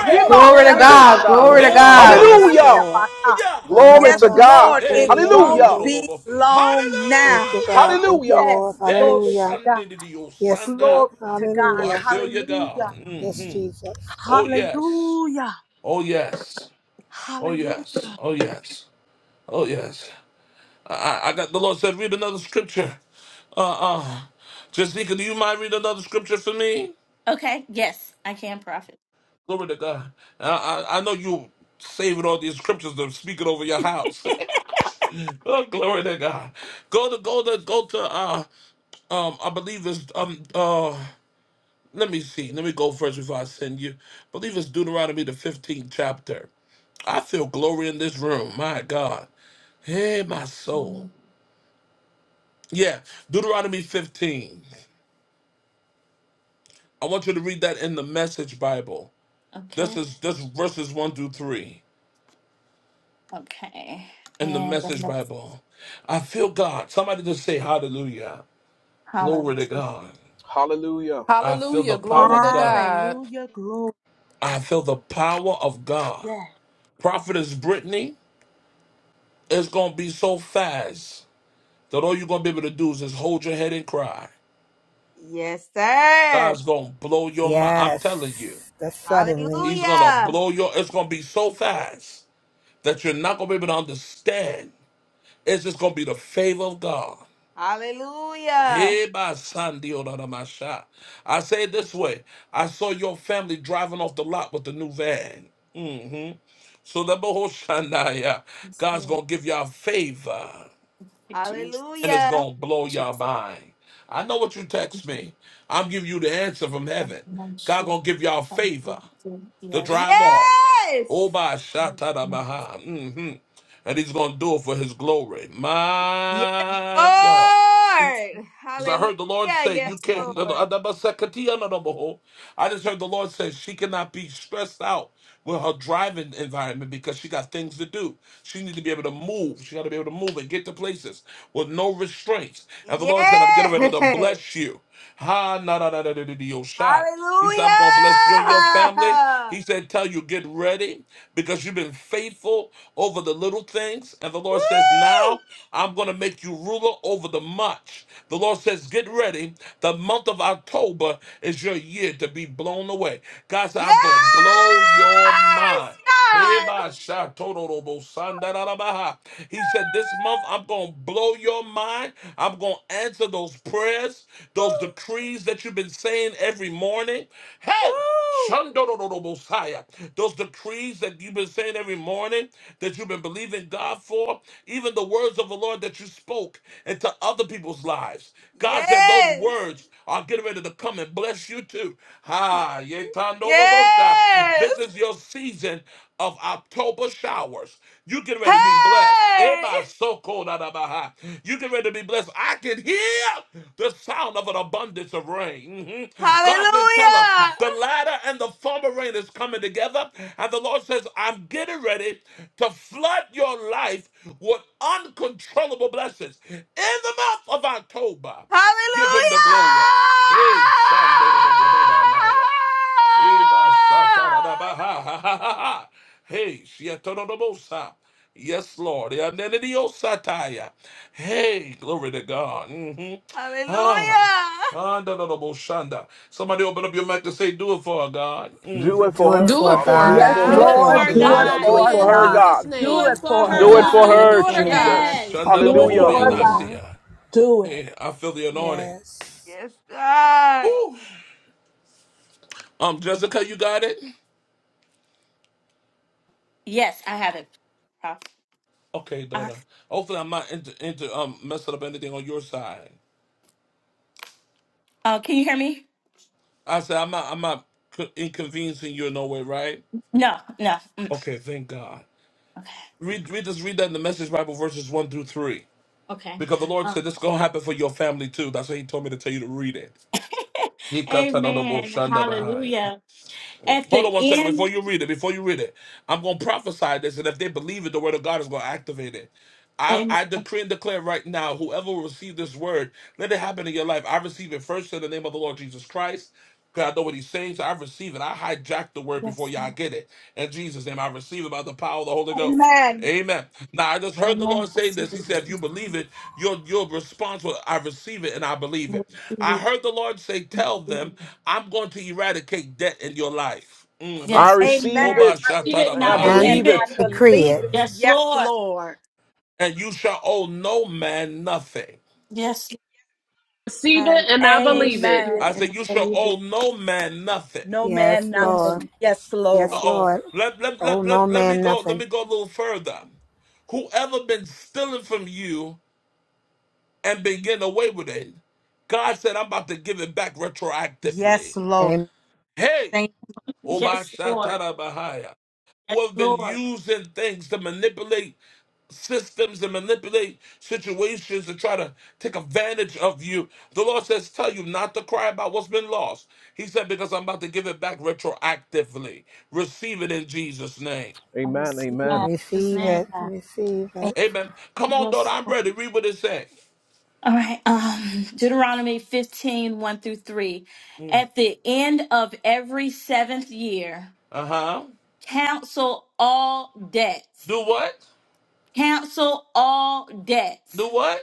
S4: Hey,
S7: Glory to
S3: Imas
S5: Glory to
S7: God.
S5: God.
S3: kosha.
S7: Glory to
S8: Yes,
S1: Hey,
S8: Lord.
S7: God.
S5: Glory.
S8: Yes,
S3: Hallelujah.
S8: Lord.
S4: sedalamandedebakoradedabaka.
S1: hallelujah.
S3: Glory
S4: Yes,
S3: to God.
S4: Lord,
S1: Hey,
S4: it
S8: Ararabasokoria
S3: Hallelujah.
S4: won't
S8: mande.
S4: be
S1: Shatorodobo.
S4: long
S8: Thank
S4: now.
S8: you, God.
S1: Hallelujah.
S8: Thank you,
S3: Hallelujah.
S8: Lord.
S4: Yes,
S1: Hey,
S4: glory to
S8: Hallelujah.
S4: God.
S1: Shandidio
S8: Yes,
S1: Sanda.
S8: Lord.
S4: Glory to
S1: Ooh,
S4: God.
S1: I
S8: Hallelujah.
S1: feel you, God.
S4: Hallelujah.
S8: Yes,
S1: hmm
S8: Jesus.
S1: Oh, yes.
S4: Hallelujah.
S1: Oh, yes. Oh, yes.
S4: Hallelujah.
S1: Oh, yes. Oh, yes. I, I I got the Lord said, read another scripture. Uh uh. Jessica, do you mind reading another scripture for me?
S5: Okay. Yes, I can profit.
S1: Glory to God. I, I, I know you saving all these scriptures to speak it over your house. oh, glory to God. Go to go to go to uh Um, I believe this. Um, uh, let me see. Let me go first before I send you. I believe it's Deuteronomy the fifteenth chapter. I feel glory in this room. My God, hey, my soul. Yeah, Deuteronomy fifteen. I want you to read that in the Message Bible. This
S5: Okay.
S1: is this is verses one through three
S5: Okay.
S1: in the
S5: And the
S1: Message
S5: next
S1: Bible. I feel God. Somebody just say Hallelujah, glory
S5: column
S1: to
S5: is
S1: God.
S3: Hallelujah.
S1: I feel the
S9: Hallelujah.
S1: power
S9: Glory
S1: of
S9: to
S1: God.
S9: God.
S4: Hallelujah. Glory.
S1: I feel the power of God.
S4: Yes.
S1: Prophetess Brittany. It's gonna be so fast that all you're gonna be able to do is just hold your head and cry.
S6: Yes, sir!
S1: God's gonna blow your mind. I'm telling you,
S8: Yes. The suddenly.
S1: He's gonna
S6: Hallelujah!
S1: blow your. It's gonna be so fast that you're not gonna be able to understand. It's just gonna be the favor of God.
S6: Hallelujah!
S1: Hey, my son, deal out of my shot. I say it this way: I saw your family driving off the lot with the new van. Mm-hmm. So the Bohoshandaya,
S5: Jesus.
S1: God's gonna give y'all favor. and it's
S6: Hallelujah!
S1: gonna blow your
S5: Jesus.
S1: mind. I know what you text me. I'm giving you the answer from heaven. God gonna give y'all favor to
S6: Yes.
S1: drive off. Oh by Shatara Maha. hmm And he's gonna do it for his glory.
S6: Yes,
S1: My God.
S6: Lord.
S1: Because I
S6: Hallelujah.
S1: heard the Lord say,
S6: Yes,
S1: you can't.
S6: Lord.
S1: I just heard the Lord say she cannot be stressed out with her driving environment because she got things to do. She needs to be able to move. She got to be able to move and get to places with no restraints. And the Lord said, I'm getting
S6: Yes.
S1: ready to bless you. Ha na na na na na na, na, he said, I'm going to bless you and your family.
S6: Hallelujah.
S1: He said, Tell you, get ready because you've been faithful over the little things. And the Lord says, Now
S6: Woo.
S1: I'm going to make you ruler over the much. The Lord says, Get ready. The month of October is your year to be blown away. God said,
S6: Yes,
S1: I'm going to blow your mind.
S6: God.
S1: Heba shatororobo sandararabaha. He said, This month I'm going to blow your mind. I'm going to answer those prayers, those decrees that you've been saying every morning. Hey!
S6: Woo.
S1: Shandororobo saya. Those decrees that you've been saying every morning, that you've been believing God for, even the words of the Lord that you spoke into other people's lives. God said those
S6: Yes.
S1: words are getting ready to come and bless you too. Ha, yetandolobo sha.
S6: Yes.
S1: This is your season of October showers. You get ready to be blessed.
S6: Hey.
S1: Eba soko da da baha. You get ready to be blessed. I can hear the sound of an abundance of rain. Mhm. God said, Tell us
S6: Hallelujah.
S1: the latter and the former rain is coming together. And the Lord says, I'm getting ready to flood your life with uncontrollable blessings. In the month of October, give him the
S6: Hallelujah!
S1: glory. Hey, Shandorobobobanaya. Eba sataradabaha, ha, ha, ha, ha. Hey, shiatorodobosa. Yes, Lord. Yanenediosataya. Hey, glory to God. hmm Ah.
S6: Hallelujah!
S1: ah, da, da, da, bo, shanda. Somebody open up your mic and say, Do it for her, God.
S3: Do
S1: Mhm.
S3: it
S8: Do
S3: for
S8: it
S3: her,
S9: Do
S8: for
S9: it
S3: Father.
S9: for her,
S3: Do it
S4: Yes,
S8: God. Do
S3: for
S5: Do
S8: it
S9: God.
S5: it
S3: her.
S8: for
S5: for
S4: Lord,
S5: her,
S4: do it
S8: Jesus.
S3: Hallelujah.
S5: God.
S3: Do
S8: Do it
S3: it
S4: for
S9: Hallelujah.
S3: for
S8: for
S9: In
S3: her,
S4: God.
S8: her.
S9: Jesus'
S3: God.
S5: Do
S4: Do
S5: it
S4: it
S9: name.
S5: for
S4: for
S5: her,
S3: Do
S9: Do
S3: it
S9: it
S8: Yes.
S3: for
S9: for
S4: God.
S5: God.
S9: your
S8: Do it
S3: her,
S8: for
S9: daughter,
S8: her.
S9: God.
S3: Jesus.
S5: Yes.
S1: Shanda da,
S10: to
S4: Do
S1: bo,
S4: it
S10: the
S8: Do
S1: hobi,
S8: it
S3: Hallelujah.
S4: for
S8: for
S10: full.
S4: God.
S8: her.
S1: anasia.
S4: Do
S1: Hey,
S4: it.
S1: I feel the anointing.
S8: Yes.
S6: Yes, God.
S1: Woo. Um, Jessica, you got it?
S5: Yes, I have it. Oh,
S1: Okay,
S5: uh,
S1: daughter. Hopefully, I'm not into, into um messing up anything on your side.
S5: oh, can you hear me?
S1: I said I'm not I'm not co- inconveniencing you in no way, right?
S5: No, no. Mm,
S1: Okay, thank God.
S5: Okay.
S1: Read, read this. Read that in the Message Bible, verses one through three,
S5: Okay.
S1: because the Lord
S5: Um,
S1: said this is gonna happen for your family too. That's why He told me to tell you to read it. He cut another bull,
S5: amen.
S1: shanda behind.
S5: Hallelujah. At
S1: Hold on
S5: the
S1: one second before
S5: end,
S1: you read it. Before you read it, I'm gonna prophesy this, and if they believe it, the word of God is gonna activate it. I,
S5: amen.
S1: I decree and declare right now, whoever will receive this word, let it happen in your life. I receive it first in the name of the Lord Jesus Christ. God, I know what he's saying, so I receive it. I hijack the word before
S5: Yes,
S1: y'all
S5: Lord.
S1: get it. In Jesus' name, I receive it by the power of the Holy Ghost.
S4: Amen.
S1: Amen. Now I just heard the
S5: Amen.
S1: Lord
S5: I
S1: say
S5: see
S1: this. He said, if you believe it, your your response will I receive it and I believe it. I
S5: the
S1: heard the Lord say, Tell them, I'm going to eradicate debt in your life. hmm
S3: I
S5: Yes, Lord.
S4: Amen.
S3: receive
S1: Oba
S4: I
S3: it.
S5: receive it
S1: shatara
S5: and
S4: receive
S3: I
S5: I
S4: it
S1: baha.
S4: and
S8: And
S5: believe
S3: believe it.
S4: I
S5: it.
S8: decree
S4: believe
S8: it.
S4: it.
S5: Yes,
S4: Yes,
S5: Lord.
S4: Lord.
S1: And you shall owe no man nothing.
S5: Yes,
S9: Receive it
S4: And
S9: and I
S5: Lord. I
S9: believe
S5: receive
S9: it.
S5: it
S1: I
S4: amen.
S5: and
S1: said, You
S5: I
S1: shall
S5: believe it.
S1: owe no man nothing.
S4: No man,
S8: Yes,
S5: Yes,
S8: Lord.
S4: nothing. Yes, Lord.
S8: Yes,
S1: Uh-oh.
S8: Lord.
S1: Let, let,
S8: Oh,
S1: let,
S8: no
S1: let, let me
S8: man,
S1: go, let
S8: nothing.
S1: me go a little further. Whoever been stealing from you and been getting away with it. God said, I'm about to give it back retroactively.
S4: Yes, Lord.
S8: Amen.
S1: Hey,
S4: Thank
S5: yes, Lord.
S1: Obashatarabahaya,
S5: Yes,
S1: who have been
S5: Lord.
S1: using things to manipulate systems and manipulate situations to try to take advantage of you. The Lord says, Tell you not to cry about what's been lost. He said, Because I'm about to give it back retroactively. Receive it in Jesus' name.
S5: I
S3: Amen.
S5: receive it in
S3: Amen.
S4: Amen.
S5: Jesus'
S8: Receive it,
S5: name.
S4: Amen.
S8: receive it.
S1: Amen. Come on, daughter,
S5: Yes,
S1: I'm
S5: Lord.
S1: ready. Read what it says.
S5: All right. Um, Deuteronomy fifteen one through 3. At the end of every seventh year,
S1: Uh huh.
S5: cancel all debts.
S1: Do what?
S5: Cancel all
S1: Do
S5: debts.
S1: what?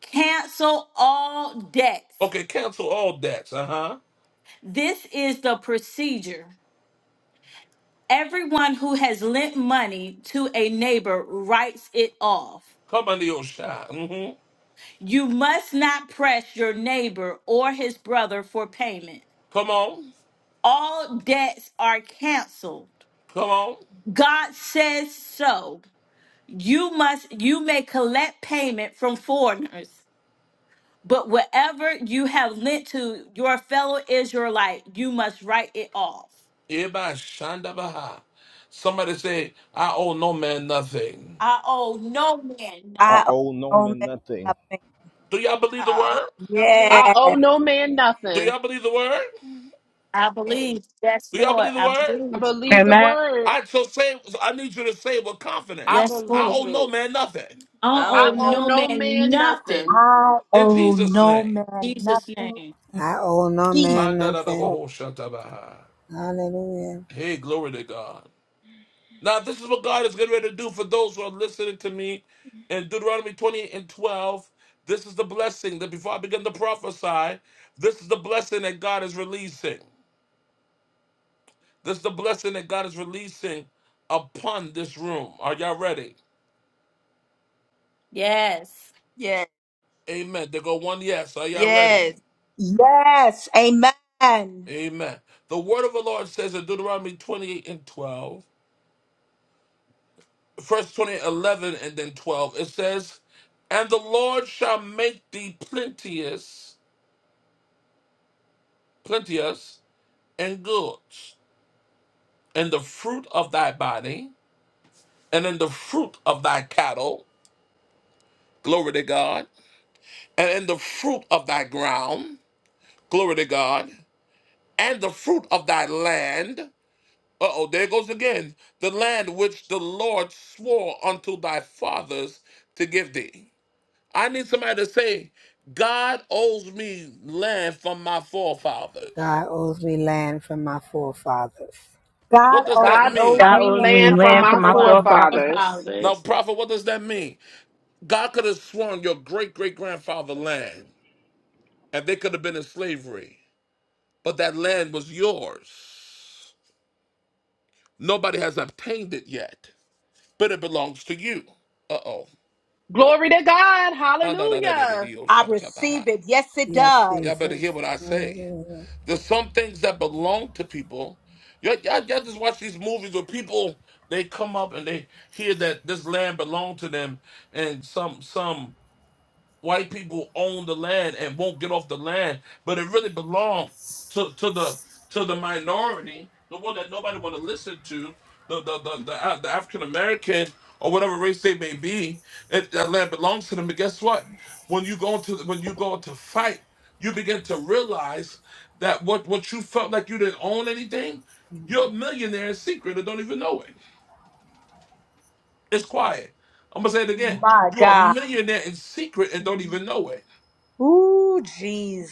S5: Cancel all debts.
S1: Okay, cancel all debts. Uh huh.
S5: This is the procedure. Everyone who has lent money to a neighbor writes it off.
S1: Come under your shine. Mm-hmm.
S5: You must not press your neighbor or his brother for payment.
S1: Come on.
S5: All debts are canceled.
S1: Come on.
S5: God says so. You must you may collect payment from foreigners, but whatever you have lent to your fellow Israelite, you must write it off.
S1: Everybody shanda baha. Somebody say, I owe no man nothing.
S5: I owe no man nothing.
S3: I
S4: I
S3: owe no
S4: owe no
S3: man
S4: man
S3: nothing.
S4: nothing.
S1: Do y'all believe the
S6: I don't
S1: word?
S6: know, man.
S9: I owe
S4: Yes.
S9: no man
S1: Do
S9: nothing.
S1: y'all believe the word?
S5: I
S6: Amen.
S5: believe. Yes,
S1: Do y'all
S5: Lord.
S1: believe the
S5: I
S1: word?
S9: I
S5: believe.
S9: believe the word.
S1: I so say so I need you to say with
S9: I
S1: confidence.
S5: Yes,
S1: I
S5: Lord.
S9: believe
S1: owe no
S9: it.
S1: man nothing.
S5: I don't
S6: I
S9: I
S5: owe
S6: don't know.
S9: owe
S5: no
S9: no
S5: man
S9: man
S5: nothing.
S9: nothing.
S4: I
S1: In
S4: owe
S1: Jesus'
S4: no
S1: name.
S4: man
S5: Jesus'
S4: nothing.
S5: name.
S8: I owe no
S4: Jesus.
S8: man
S1: Manda da da ba
S8: nothing.
S1: ho shata baha.
S8: Hallelujah.
S1: Hey, glory to God. Now, this is what God is getting ready to do for those who are listening to me in Deuteronomy 28 and 12. This is the blessing that before I begin to prophesy, this is the blessing that God is releasing. This is the blessing that God is releasing upon this room. Are y'all ready?
S5: Yes.
S6: Yes,
S1: Amen. There go one yes. Are y'all ready?
S6: yes.
S4: Yes. Amen.
S1: Amen. The word of the Lord says in Deuteronomy 28 and 12, first 28, 11, and then 12, it says, And the Lord shall make thee plenteous, plenteous and goods, and the fruit of thy body, and in the fruit of thy cattle, glory to God, and in the fruit of thy ground, glory to God, and the fruit of thy land. Uh oh, there it goes again. The land which the Lord swore unto thy fathers to give thee. I need somebody to say, God owes me land from my forefathers.
S8: God owes me land from my forefathers.
S4: God
S1: What does
S4: owes
S1: that
S9: God owes
S1: mean?
S11: God
S9: me
S11: owes
S4: land
S11: me
S5: He's
S4: for
S9: land from
S4: my
S11: land
S5: praying
S9: my
S11: from my
S5: for
S4: forefather.
S5: my
S11: forefathers.
S9: forefathers.
S1: Now,
S5: forefathers.
S1: prophet, what does that mean? God could have sworn your great great grandfather land, and they could have been in slavery, but that land was yours. Nobody has obtained it yet, but it belongs to you. Uh oh.
S9: Glory to God.
S1: Ah, nah, nah, nah, nah, nah,
S9: Hallelujah.
S1: nah, oh,
S4: I receive
S1: shatabaha.
S4: it. Yes, it
S8: Yes,
S4: does.
S1: Y'all better
S8: Jesus.
S1: hear what I say.
S8: Hallelujah.
S1: There's some things that belong to people. Y'all, y'all, y'all just watch these movies where people they come up and they hear that this land belonged to them, and some some White people own the land and won't get off the land, but it really belonged to, to the to the minority, the one that nobody want to listen to, the the the, the, uh, the African American or whatever race they may be. It, that land belongs to them. But guess what? When you go to when you go to fight, you begin to realize that what what you felt like you didn't own anything, you're a millionaire in secret and don't even know it. It's quiet. I'm gonna say it again.
S8: Mm,
S4: My
S1: You're a
S4: God.
S1: millionaire in secret and don't even know it.
S4: Ooh,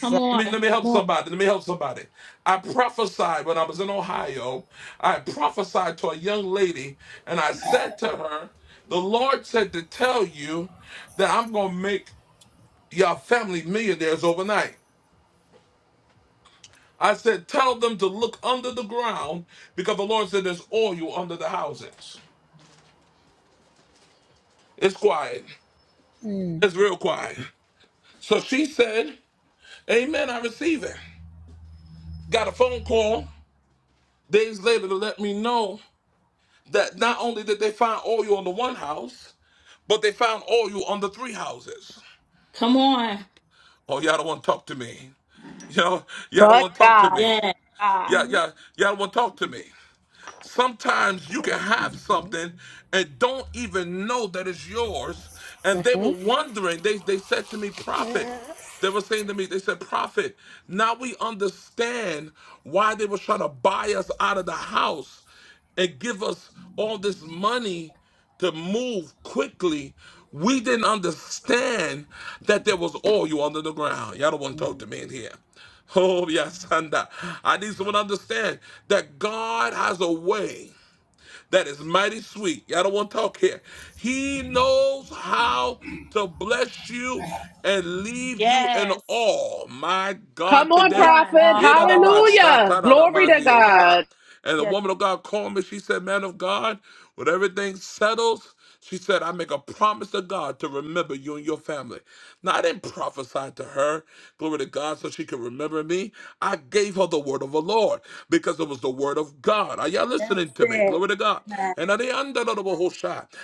S5: Come
S1: Let
S5: on.
S1: me, let me
S8: yeah,
S1: help
S5: Come on.
S1: somebody. Let me help somebody. I prophesied when I was in Ohio. I prophesied to a young lady, and I said to her, The Lord said to tell you that I'm going to make your family millionaires overnight. I said, Tell them to look under the ground because the Lord said there's oil under the houses. It's quiet.
S8: mm,
S1: It's real quiet. So she said, Amen, I receive it. Got a phone call days later to let me know. that not only did they find oil on the one house, but they found oil on the three houses.
S5: Come on.
S1: Oh, y'all don't want to talk to me. you know? y'all don't
S4: But
S1: want to talk to
S4: God.
S1: me.
S4: But
S5: Yes.
S4: God.
S1: Y'all,
S8: yeah.
S1: y'all, y'all don't want to talk to me. Sometimes you can have
S8: Mhm,
S1: something and don't even know that it's yours. And they
S8: mhm,
S1: were wondering, they, they said to me, Prophet,
S8: yeah.
S1: they were saying to me, they said, Prophet, now we understand why they were trying to buy us out of the house and give us all this money to move quickly. We didn't understand that there was oil under the ground. Y'all don't want to talk to me in here. Oh, yes, and uh, I need someone to understand that God has a way that is mighty sweet. Y'all don't want to talk here. He knows how to bless you and leave you in
S5: Yes.
S1: awe. My God,
S9: Come on,
S5: Come
S1: today.
S5: on.
S9: prophet.
S4: Come on.
S9: Hallelujah.
S4: Yes,
S9: Glory to
S4: it does.
S9: God.
S1: And the
S4: Yes,
S1: woman of God called me. She said, Man of God, when everything settles, she said, I make a promise to God to remember you and your family. Now, I didn't prophesy to her, glory to God, so she could remember me. I gave her the word of the Lord because it was the word of God. Are y'all listening
S4: that's
S1: to me?
S4: it.
S1: Glory to God.
S4: Amen.
S1: And at they under the whole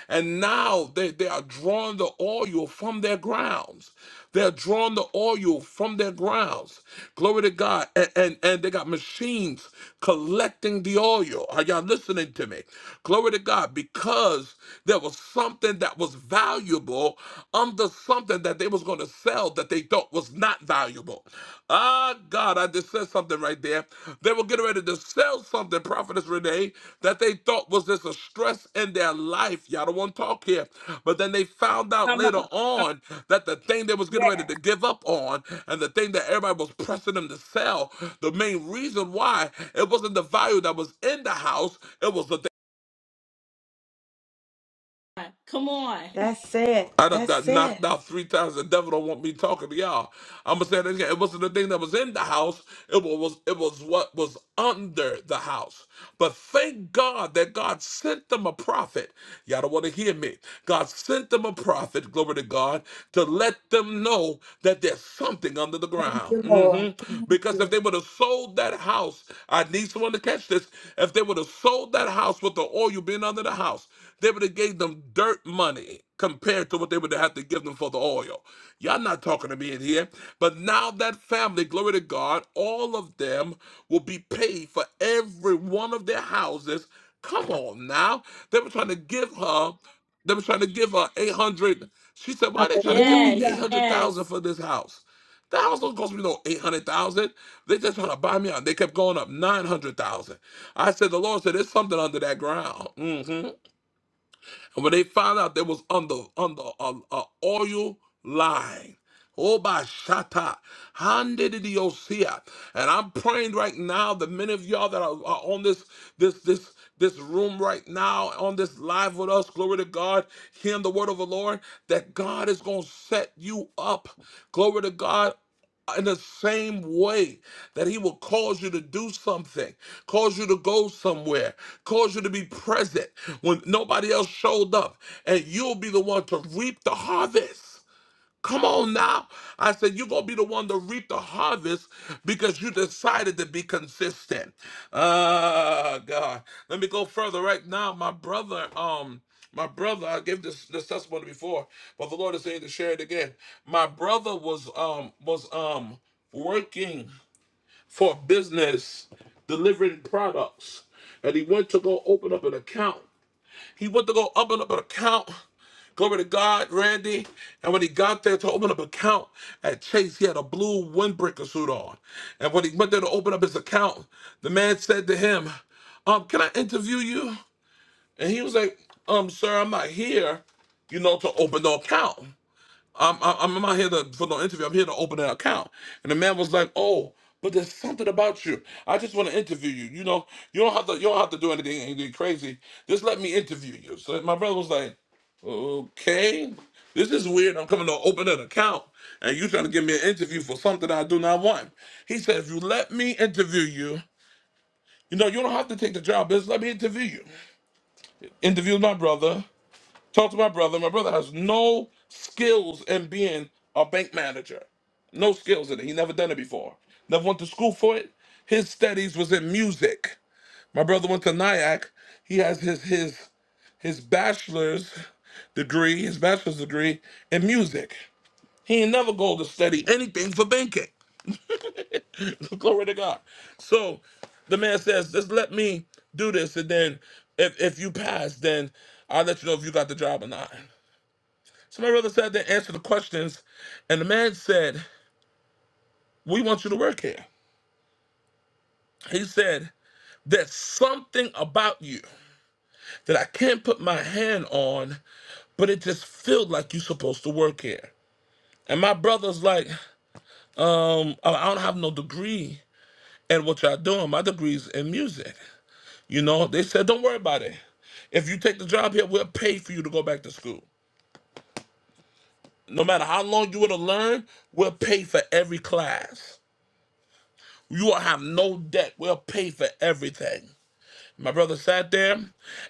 S1: and now they, they are drawing the oil from their grounds. They're drawing the oil from their grounds. Glory to God. And, and, and they got machines collecting the oil. Are y'all listening to me? Glory to God. Because there was something that was valuable under something that they was going to sell that they thought was not valuable. Ah, God, I just said something right there. They were getting ready to sell something, Prophetess Renee, that they thought was just a stress in their life. Y'all don't want to talk here. But then they found out
S4: Come
S1: later
S4: on. Come
S1: on that the thing they was getting ready
S4: Yes.
S1: to give up on and the thing that everybody was pressing them to sell, the main reason why, it wasn't the value that was in the house, it was the
S5: Come on.
S4: That's it.
S1: I done got
S4: That's it.
S1: knocked out three times. The devil don't want me talking to y'all. I'm gonna say that again. It wasn't the thing that was in the house. It wa- was it was what was under the house. But thank God that God sent them a prophet. Y'all don't want to hear me. God sent them a prophet. Glory to God to let them know that there's something under the
S4: Thank
S1: ground.
S4: you, Lord.
S1: Mhm.
S4: Thank
S1: Because if
S4: you.
S1: they would have sold that house, I need someone to catch this. If they would have sold that house with the oil being under the house. They would have gave them dirt money compared to what they would have to give them for the oil. Y'all not talking to me in here. But now that family, glory to God, all of them will be paid for every one of their houses. Come on now. They were trying to give her, they were trying to give her 800. She said, why are they trying to give me
S5: Yes.
S4: Hallelujah.
S1: 800,000
S5: Yes.
S1: for this house? The house don't cost me no 800,000. They just trying to buy me out. They kept going up 900,000. I said, the Lord said, there's something under that ground. Mhm. And when they found out they was under under a, a oil line. Oh by Shata. Handediosia. And I'm praying right now that many of y'all that are, are on this this this this room right now, on this live with us, glory to God, hearing the word of the Lord, that God is gonna set you up. Glory to God in the same way that he will cause you to do something, cause you to go somewhere, cause you to be present when nobody else showed up, and you'll be the one to reap the harvest. Come on now. I said, you're going to be the one to reap the harvest because you decided to be consistent. Uh, God. Let me go further right now. My brother, um, my brother, I gave this, this testimony before, but the Lord is saying to share it again. My brother was, um, was, um, working for a business delivering products and he went to go open up an account he went to go open up an account. Glory to God, Randy. And when he got there to open up an account at Chase, he had a blue windbreaker suit on. And when he went there to open up his account, the man said to him, um, can I interview you? And he was like, um, sir, I'm not here, you know, to open no account. I'm, I'm I'm not here to, for no interview. I'm here to open an account. And the man was like, "Oh, but there's something about you. I just want to interview you. You know, you don't have to. You don't have to do anything, anything crazy. Just let me interview you." So my brother was like, "Okay, this is weird. I'm coming to open an account, and you trying to give me an interview for something I do not want." He said, "If you let me interview you, you know, you don't have to take the job. but Just let me interview you." Interviewed my brother. Talk to my brother. My brother has no skills in being a bank manager. No skills in it. He never done it before. Never went to school for it. His studies was in music. My brother went to NIAC. He has his his his bachelor's degree, his bachelor's degree in music. He ain't never go to study anything for banking. Glory to God. So the man says, just let me do this, and then if if you pass, then I'll let you know if you got the job or not. So my brother sat there, answered the questions, and the man said, "We want you to work here." He said, "There's something about you that I can't put my hand on, but it just feels like you're supposed to work here." And my brother's like, "Um, I I don't have no degree in what y'all doing. My degree's in music." You know, they said, "Don't worry about it. If you take the job here, we'll pay for you to go back to school. No matter how long you would have learned, we'll pay for every class." You will have no debt. We'll pay for everything. My brother sat there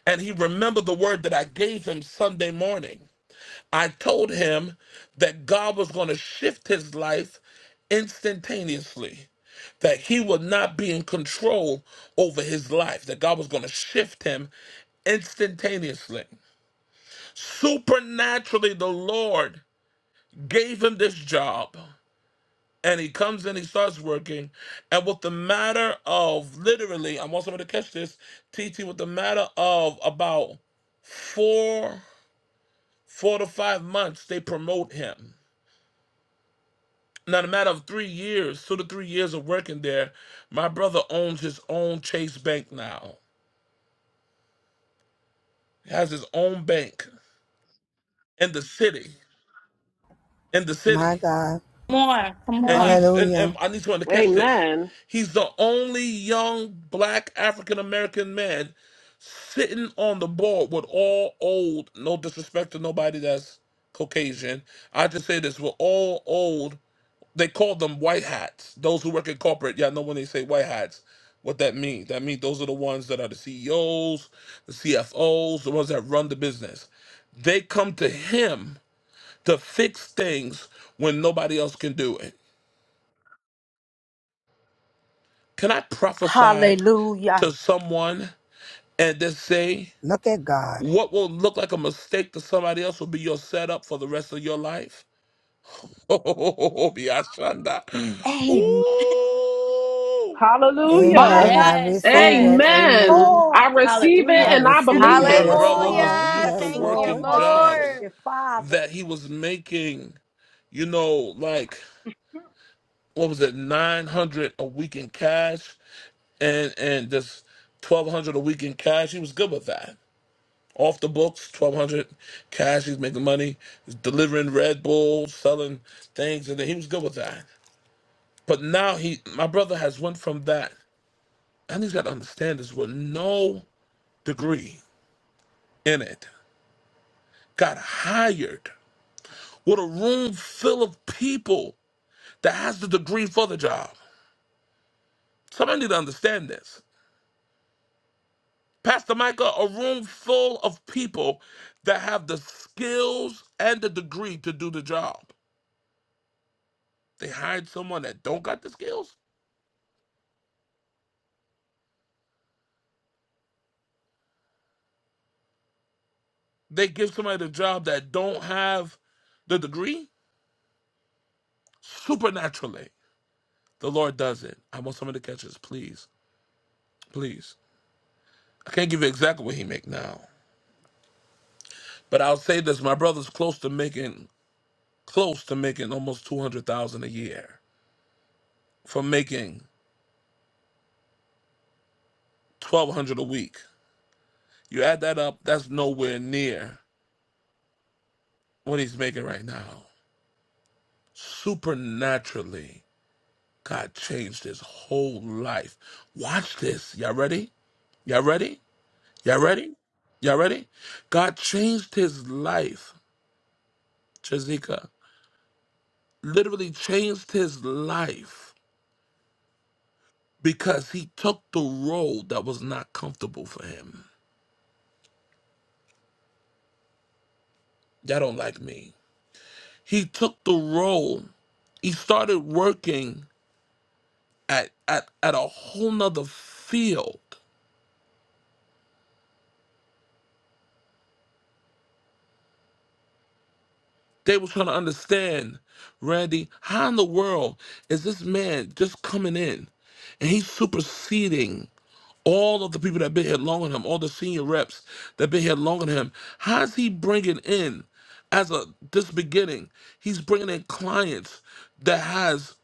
S1: and he remembered the word that I gave him Sunday morning. I told him that God was going to shift his life instantaneously, that he would not be in control over his life, that God was going to shift him instantaneously. Supernaturally, the Lord gave him this job. and he comes in, he starts working. And with the matter of literally, I want somebody to catch this, T. T. with the matter of about four, four to five months, they promote him. Now, in a matter of three years, two to three years of working there, my brother owns his own Chase Bank now. He has his own bank in the city. In the
S8: My
S1: city.
S8: God.
S5: Come on. Come
S1: And
S5: on.
S1: he's and,
S8: Hallelujah.
S1: and I need someone to catch this.
S9: Amen.
S1: He's the only young black African American man sitting on the board with all old, no disrespect to nobody that's Caucasian. I just say this, we're all old. They call them white hats. Those who work in corporate, y'all know when they say white hats, what that means. That means those are the ones that are the CEOs, the CFOs, the ones that run the business. They come to him to fix things when nobody else can do it. Can I prophesy to
S4: Hallelujah.
S1: someone and just say
S8: Look at God.
S1: What will look like a mistake to somebody else will be your setup for the rest of your life. Oh, Biashanda.
S4: Amen.
S1: Ooh.
S4: My
S9: Hallelujah.
S8: Amen. I
S5: Yes.
S4: God.
S8: receive it.
S5: Yes.
S9: Amen.
S8: Amen.
S9: I
S4: Lord.
S9: receive it
S8: I
S5: Hallelujah.
S9: and I
S4: Yes,
S8: receive
S9: believe
S8: it.
S1: My
S9: it.
S8: Yes,
S1: brother
S4: Lord.
S1: was
S8: Lord.
S6: Hallelujah!
S1: used to
S4: Yes,
S8: Yes,
S6: Thank you,
S8: Lord.
S1: working
S4: Lord.
S5: Listen to.
S1: jobs
S6: Lord.
S4: Your Father.
S1: that he was making, you know, like what was it, nine hundred a week in cash and and just twelve hundred a week in cash. He was good with that. Off the books, twelve hundred cash, he's making money, delivering Red Bull, selling things, and then he was good with that. But now he, my brother, has went from that, and he's got to understand this with no degree in it. Got hired with a room full of people that has the degree for the job. Somebody need to understand this. Pastor Micah, a room full of people that have the skills and the degree to do the job. They hired someone that don't got the skills. They give somebody the job that don't have the degree supernaturally. The Lord does it. I want somebody to catch this, please, please. I can't give you exactly what He make now, but I'll say this: my brother's close to making close to making almost two hundred thousand a year for making twelve hundred a week. You add that up, that's nowhere near what he's making right now. Supernaturally, God changed his whole life. Watch this. Y'all ready? Y'all ready? Y'all ready? Y'all ready? God changed his life, Chazika. literally changed his life because he took the role that was not comfortable for him. Y'all don't like me. He took the role. He started working at at, at a whole nother field They were trying to understand, Randy, how in the world is this man just coming in and he's superseding all of the people that been here longer than him, all the senior reps that been here longer than him? How is he bringing in, as a this beginning, he's bringing in clients that has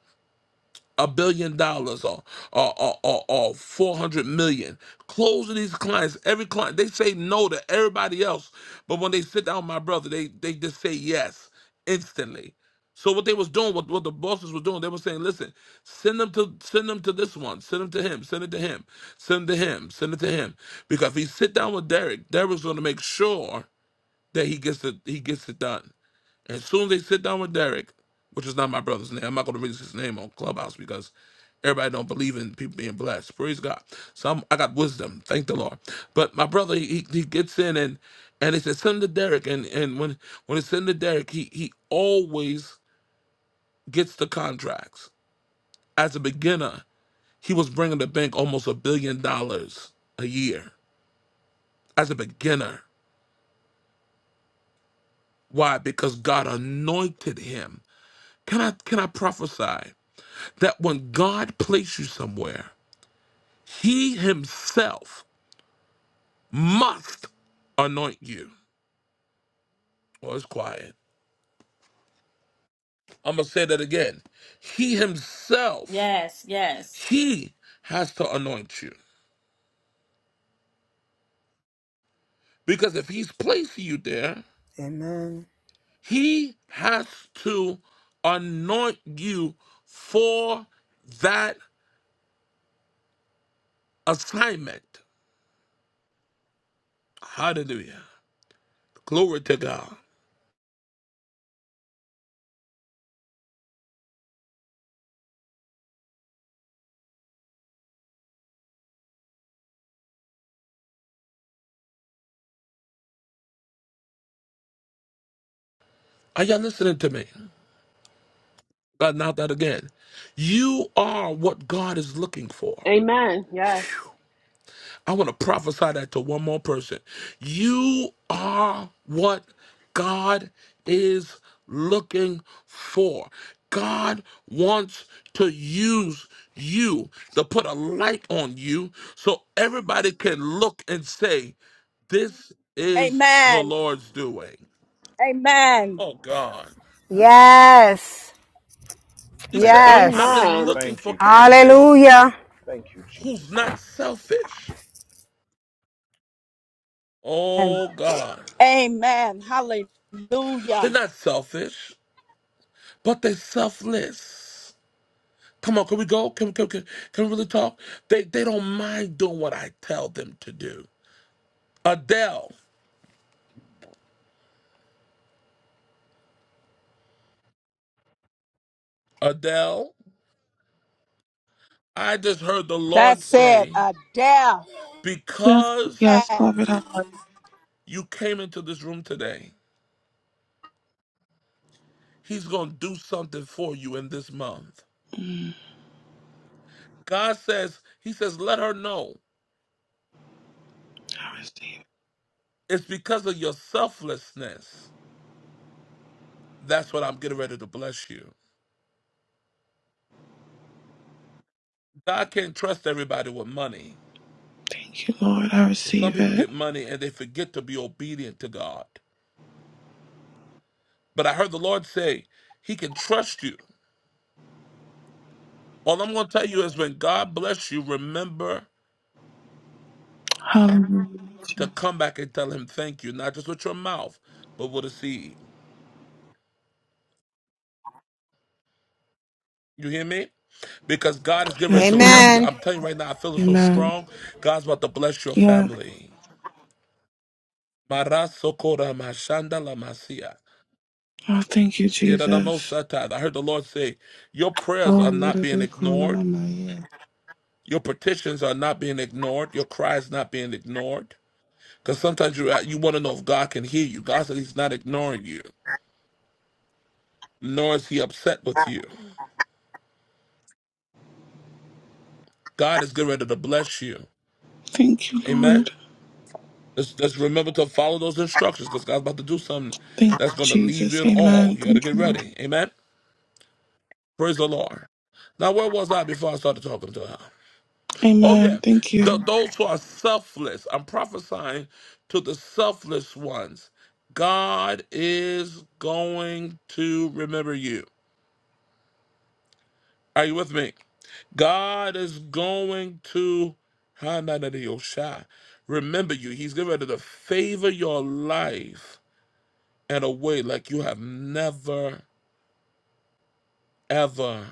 S1: a billion dollars or or, or, or, or 400 million closing these clients every client they say no to everybody else but when they sit down with my brother they they just say yes instantly so what they was doing what, what the bosses were doing they were saying listen send them to send them to this one send them to him send it to him send it to him send it to him because if he sit down with derek derek's going to make sure that he gets it he gets it done and as soon as they sit down with Derek, which is not my brother's name, I'm not going to release his name on Clubhouse because everybody don't believe in people being blessed. Praise God. So I'm, I got wisdom. Thank the Lord. But my brother, he, he gets in and and they said send him to Derek. And and when when it's sent to Derek, he he always gets the contracts. As a beginner, he was bringing the bank almost a billion dollars a year. As a beginner, why? Because God anointed him. Can I can I prophesy? that when God placed you somewhere, He Himself must anoint you. Well, it's quiet. I'm going to say that again. He Himself,
S5: Yes. Yes.
S1: He has to anoint you. Because if He's placing you there,
S8: Amen.
S1: He has to anoint you for that assignment. Hallelujah. Glory to God. Are y'all listening to me? Uh, not that again. You are what God is looking for.
S9: Amen. Yes.
S1: I want to prophesy that to one more person. You are what God is looking for. God wants to use you to put a light on you so everybody can look and say, This is the
S4: Amen.
S1: Lord's doing.
S4: Amen.
S1: Oh, God.
S8: Yes.
S1: He said,
S3: Thank you,
S1: I'm, I've
S8: Yes.
S3: Jesus.
S1: been
S9: Amen.
S1: looking
S3: Thank
S1: for
S3: you, Jesus.
S1: candidates
S8: Hallelujah.
S3: Thank you,
S1: who's
S3: Jesus.
S1: not selfish.
S4: And
S1: Oh God,
S4: amen. Hallelujah.
S1: they're not selfish, but they're selfless. Come on, can we go? Can can can, can we really talk? They they don't mind doing what I tell them to do. Adele, Adele, I just heard the Lord
S4: That's it.
S1: say,
S4: A death.
S12: Yes,
S1: because
S12: yes,
S4: Yes.
S12: Prophet Howard.
S1: you came into this room today, He's gonna do something for you in this month.
S12: Mm,
S1: God says, He says, let her know
S12: I receive it.
S1: it's because of your selflessness. That's what I'm getting ready to bless you. God can't trust everybody with money
S12: Thank you, Lord. I
S1: because some
S12: receive
S1: people
S12: it.
S1: get money and they forget to be obedient to God. But I heard the Lord say, He can trust you. All I'm going to tell you is when God bless you, remember
S12: Hallelujah.
S1: to
S12: Jesus.
S1: come back and tell Him thank you, not just with your mouth, but with a seed. You hear me? Because God is getting ready to
S12: Yes,
S1: remember
S12: Lord.
S1: you.
S8: Amen.
S1: I'm telling you right now, I feel it so
S12: Amen.
S1: strong. God's about to bless your
S12: Yes.
S1: family. Marasokora mashanda la masia.
S12: Oh, thank you, Jesus.
S1: Yedadamosata. I heard the Lord say, Your prayers
S12: Oh,
S1: are
S12: yerebeko
S1: not
S12: are
S1: being
S12: big
S1: ignored.
S12: yeah.
S1: Your petitions are not being ignored. Your cry is not being ignored. Because sometimes you uh, you want to know if God can hear you. God said He's not ignoring you, nor is He upset with you. God is getting ready to bless you.
S12: Thank you,
S1: Amen.
S12: Lord.
S1: Just, just remember to follow those instructions because God's about to do something
S12: Thank you,
S1: that's going to leave you
S12: Jesus.
S1: in awe.
S12: Amen.
S1: You got to
S12: Thank
S1: get
S12: you.
S1: ready. Amen. Praise the Lord. Now, where was I before I started talking to her? Oh,
S12: Amen.
S1: yeah.
S12: Thank
S1: Th-
S12: you.
S1: those who are selfless. I'm prophesying to the selfless ones. God is going to remember you. Are you with me? God is going to Hananadiyosha, remember you. He's getting ready to favor your life in a way like you have never, ever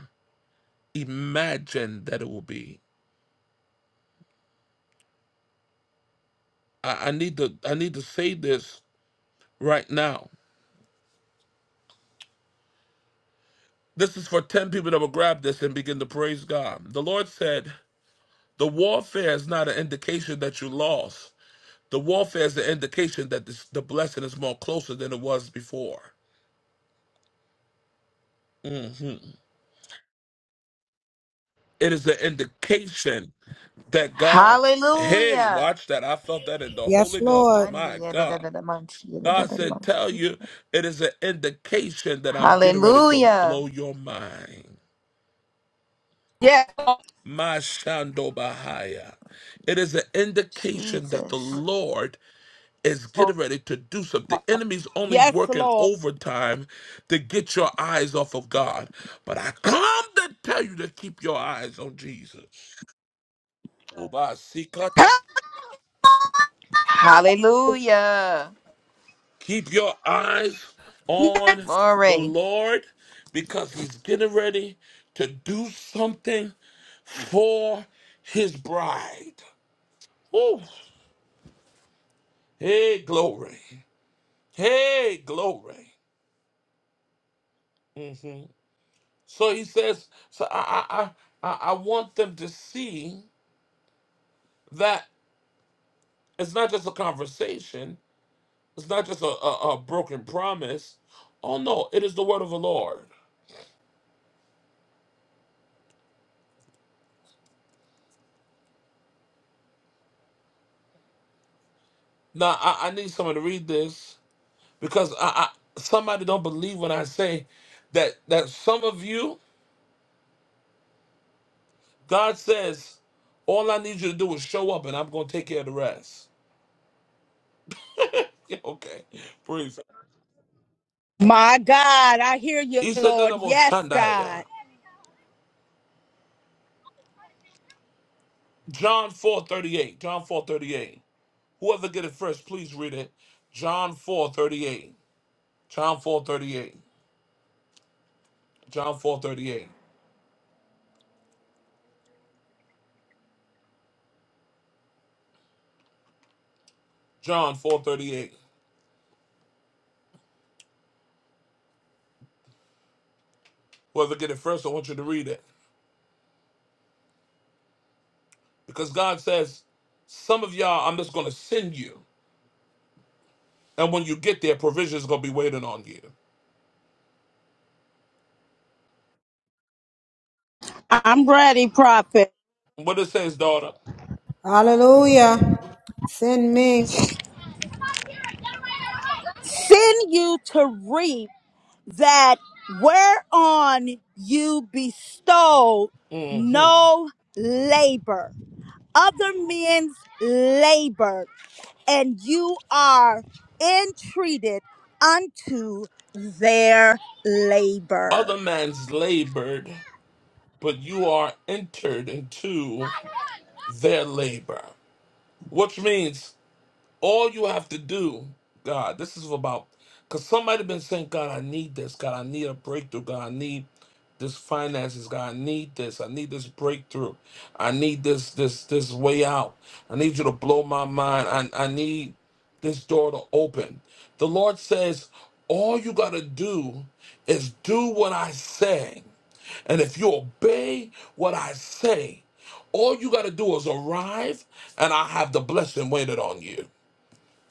S1: imagined that it will be. I, I need to I need to say this right now. This is for 10 people that will grab this and begin to praise God. The Lord said, The warfare is not an indication that you lost. The warfare is an indication that this, the blessing is more closer than it was before. Mhm. It is an indication that God, hey,
S6: Hallelujah!
S1: watch that. I felt that in the
S8: Yes,
S1: Holy Ghost.
S8: Lord.
S1: My God. God said, Tell you, it is an indication that I'm getting ready to
S6: Hallelujah!
S1: blow your mind.
S4: Yes,
S1: Mashandobahaya. It is an indication that the
S6: Jesus.
S1: Lord is
S4: Lord.
S1: getting ready to do something. The enemy's only
S4: Yes,
S1: working
S4: Lord.
S1: overtime to get your eyes off of God. But I come to tell you to keep your eyes on Jesus. Obasikata.
S6: Hallelujah!
S1: Keep your eyes on the
S6: Glory.
S1: Lord because he's getting ready to do something for his bride. Woo. Hey, glory. Hey, glory. hmm So he says, so I, I, I, I I want them to see that it's not just a conversation, it's not just a, a, a broken promise. Oh no, it is the word of the Lord. Now I, I need someone to read this because I, I somebody don't believe when I say that that some of you, God says, all I need you to do is show up and I'm gonna take care of the rest. okay, praise.
S4: My God, I hear you,
S1: He said that
S4: Lord.
S1: about
S4: Yes,
S1: Shandaya.
S4: God.
S1: John 4 38. John 4 38. Whoever get it first, please read it. John 4 38. John 4 38. John 4 38. John four thirty eight. Whoever get it first, I want you to read it. Because God says, Some of y'all, I'm just going to send you. And when you get there, provision's going to be waiting on you.
S4: I'm ready, prophet.
S1: What it says, daughter,
S8: Hallelujah. Send me.
S4: Send you to reap. that whereon you bestow
S1: hmm
S4: no labor, other men's labor, and you are entreated unto their
S1: other
S4: labor.
S1: man's labored, but you are entered into their labor. Which means all you have to do, God, this is about because somebody been saying, God, I need this. God, I need a breakthrough. God, I need this finances. God, I need this. I need this breakthrough. I need this this this way out. I need you to blow my mind. I I need this door to open. The Lord says, all you gotta do is do what I say. And if you obey what I say, all you got to do is arrive, and I have the blessing waited on you.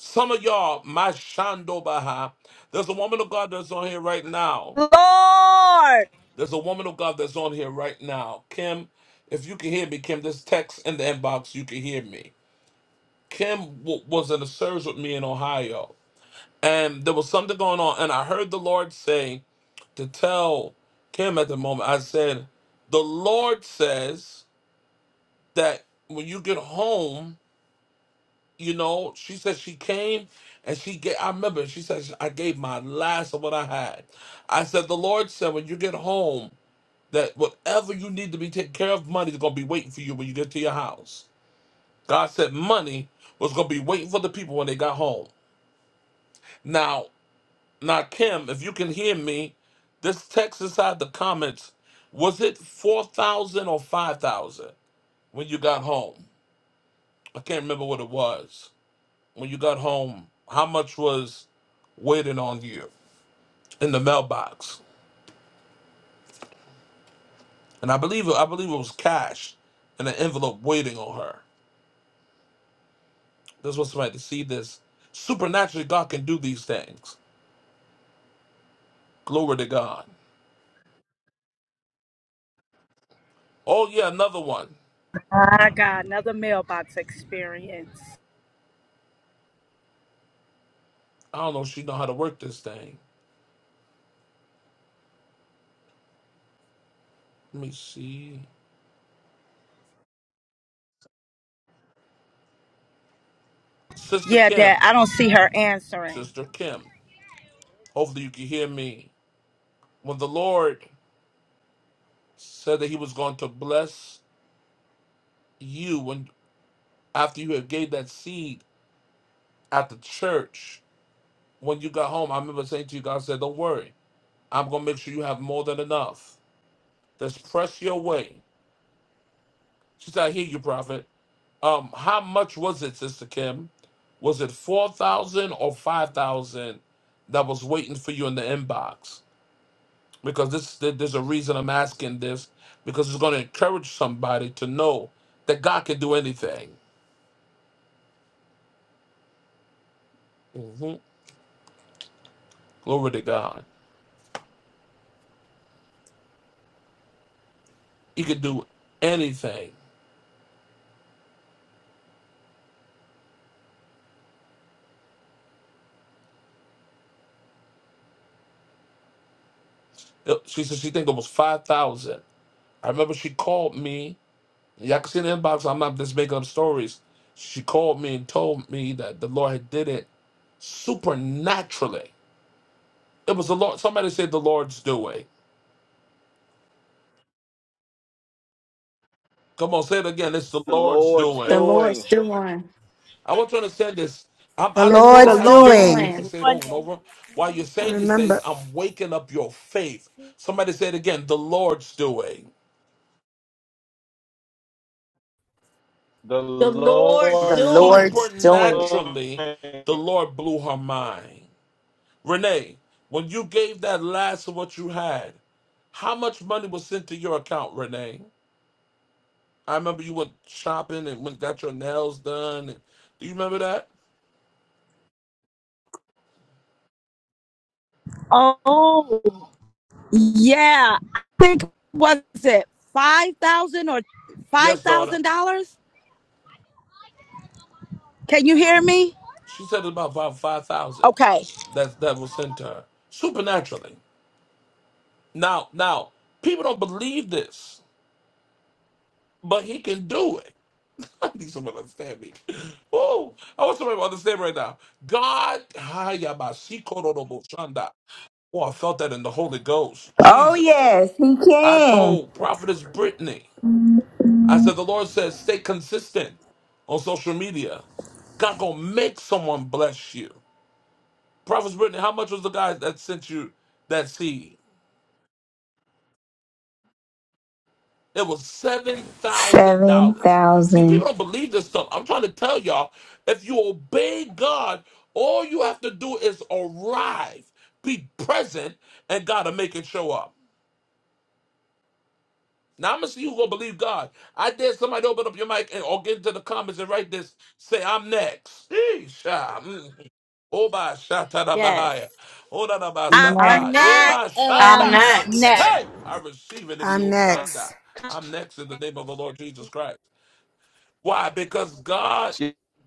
S1: Some of y'all, my Shando Baha, there's a woman of God that's on here right now.
S4: Lord,
S1: There's a woman of God that's on here right now. Kim, if you can hear me, Kim, this text in the inbox, you can hear me. Kim w- was in a service with me in Ohio, and there was something going on, and I heard the Lord say to tell Kim at the moment, I said, The Lord says that when you get home, you know, she said she came and she gave, I remember she said, I gave my last of what I had. I said, the Lord said, when you get home, that whatever you need to be taken care of, money is going to be waiting for you when you get to your house. God said money was going to be waiting for the people when they got home. Now, now, Kim, if you can hear me, this text inside the comments, was it 4,000 or 5,000 when you got home? I can't remember what it was. when you got home, how much was waiting on you in the mailbox? And I believe I believe it was cash in an envelope waiting on her. This was somebody to see this. Supernaturally, God can do these things. Glory to God. Oh yeah, another one.
S4: I got another mailbox experience.
S1: I don't know if she know how to work this thing. Let me see. Sister
S4: Yeah,
S1: Kim.
S4: Dad, I don't see her answering.
S1: Sister Kim. Hopefully you can hear me. When the Lord said that he was going to bless you when after you had gave that seed at the church when you got home. I remember saying to you, God said, Don't worry. I'm going to make sure you have more than enough. Just press your way. She said, I hear you, prophet. Um, how much was it, Sister Kim? Was it 4000 or 5000 that was waiting for you in the inbox? Because this, there's a reason I'm asking this, because it's going to encourage somebody to know that God can do anything. hmm Glory to God. He can do anything. Uh, She said she think it was five thousand. I remember she called me. Y'all can see in the inbox. I'm not just making up stories. She called me and told me that the Lord had did it supernaturally. It was the Lord. Somebody said the Lord's doing. Come on, say it again. It's the
S3: The
S1: Lord's
S3: Lord's
S1: doing.
S5: The Lord's
S3: doing.
S5: doing.
S1: I want you to understand this. I'm,
S8: The
S1: I
S5: The
S1: don't just
S4: The
S8: Lord's
S5: Lord
S1: have
S5: is
S1: you
S4: Lord
S1: saying
S8: doing.
S1: this and
S4: is
S5: doing.
S1: say it
S4: doing
S1: over and
S4: it.
S1: over. While you're
S8: I
S1: saying these things,
S8: remember
S1: I'm waking up your faith. Somebody say it again. The Lord's doing.
S3: The
S5: The Lord's
S13: The
S3: Lord's
S5: doing.
S13: Lord's doing.
S3: doing.
S1: Supernaturally, the Lord blew her mind. Renee, when you gave that last of what you had, how much money was sent to your account, Renee? I remember you went shopping and went got your nails done. do you remember that?
S4: Oh. Yeah, I think was it five thousand or five
S1: Yes, daughter.
S4: thousand dollars? Can you hear me?
S1: She said about about five thousand
S4: Okay,
S1: that that was sent to her supernaturally. Now, now people don't believe this, but he can do it. I need someone to understand me. Oh, I want somebody to understand right now. God, Hayabasikorodoboshanda. oh, I felt that in the Holy Ghost.
S6: Oh
S1: Jesus.
S6: yes, he
S1: I
S6: can.
S1: told Prophetess Brittany, I said, the Lord says, stay consistent on social media. God gonna make someone bless you. Prophetess Brittany, how much was the guy that sent you that seed? It was seven thousand
S6: Seven
S1: dollars. See,
S6: thousand.
S1: people don't believe this stuff. I'm trying to tell y'all, if you obey God, all you have to do is arrive, be present, and God'll make it show up. Now I'm gonna see who gonna believe God. I dare somebody to open up your mic and or get into the comments and write this. Say I'm next. Sheesh. ah, mm. Oba shatara
S5: Yes.
S1: bahaya. Oda da ba
S4: I,
S5: I'm
S14: Amen.
S1: sata. Eba
S5: next.
S4: am
S1: shanda.
S4: next.
S15: Hallelujah,
S1: Hey, I receive it in the
S8: I'm
S1: Oshanda.
S8: next.
S1: I'm next in the name of the Lord Jesus Christ. Why? Because God,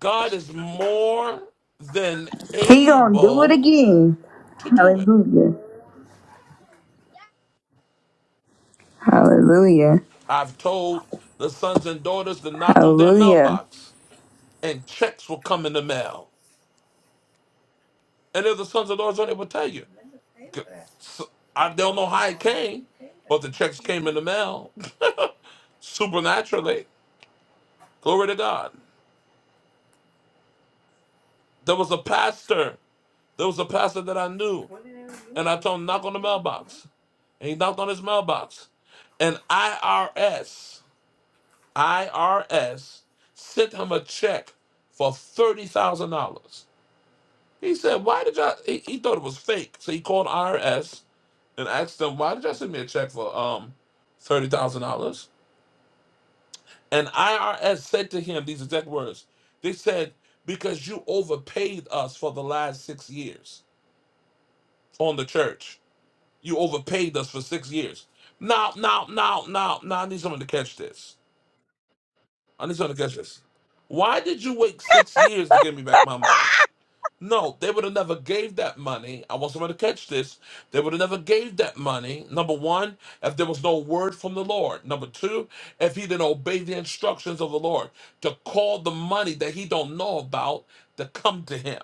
S1: God is more than
S6: He gonna do it
S1: able
S6: again.
S1: to do it.
S6: Hallelujah. Hallelujah.
S1: I've told the sons and daughters to knock on their
S6: Hallelujah.
S1: mailbox, and checks will come in the mail. And if the sons and daughters, on it will
S8: for
S1: tell you,
S8: for that
S1: G-
S8: that.
S1: so- I
S8: little
S1: don't know
S8: boat and
S1: how it
S8: all that.
S1: came,
S8: She paid for that
S1: but the
S8: on
S1: checks
S8: the
S1: came in the
S8: T-shirt
S1: mail
S8: too.
S1: supernaturally. Glory to God. There was a pastor. There was a pastor that I knew. And I told him, knock on the mailbox. And he knocked on his mailbox. And IRS, IRS sent him a check for $30,000. He said, why did y'all, he, he thought it was fake. So he called IRS and asked them, why did y'all send me a check for um $30,000? And IRS said to him these exact words. They said, because you overpaid us for the last six years on the church. You overpaid us for six years. Now, now, now, now, now, I need someone to catch this. I need someone to catch this. Why did you wait six years to give me back my money? No, they would have never gave that money. I want someone to catch this. They would have never gave that money. Number one, if there was no word from the Lord. Number two, if he didn't obey the instructions of the Lord to call the money that he don't know about to come to him.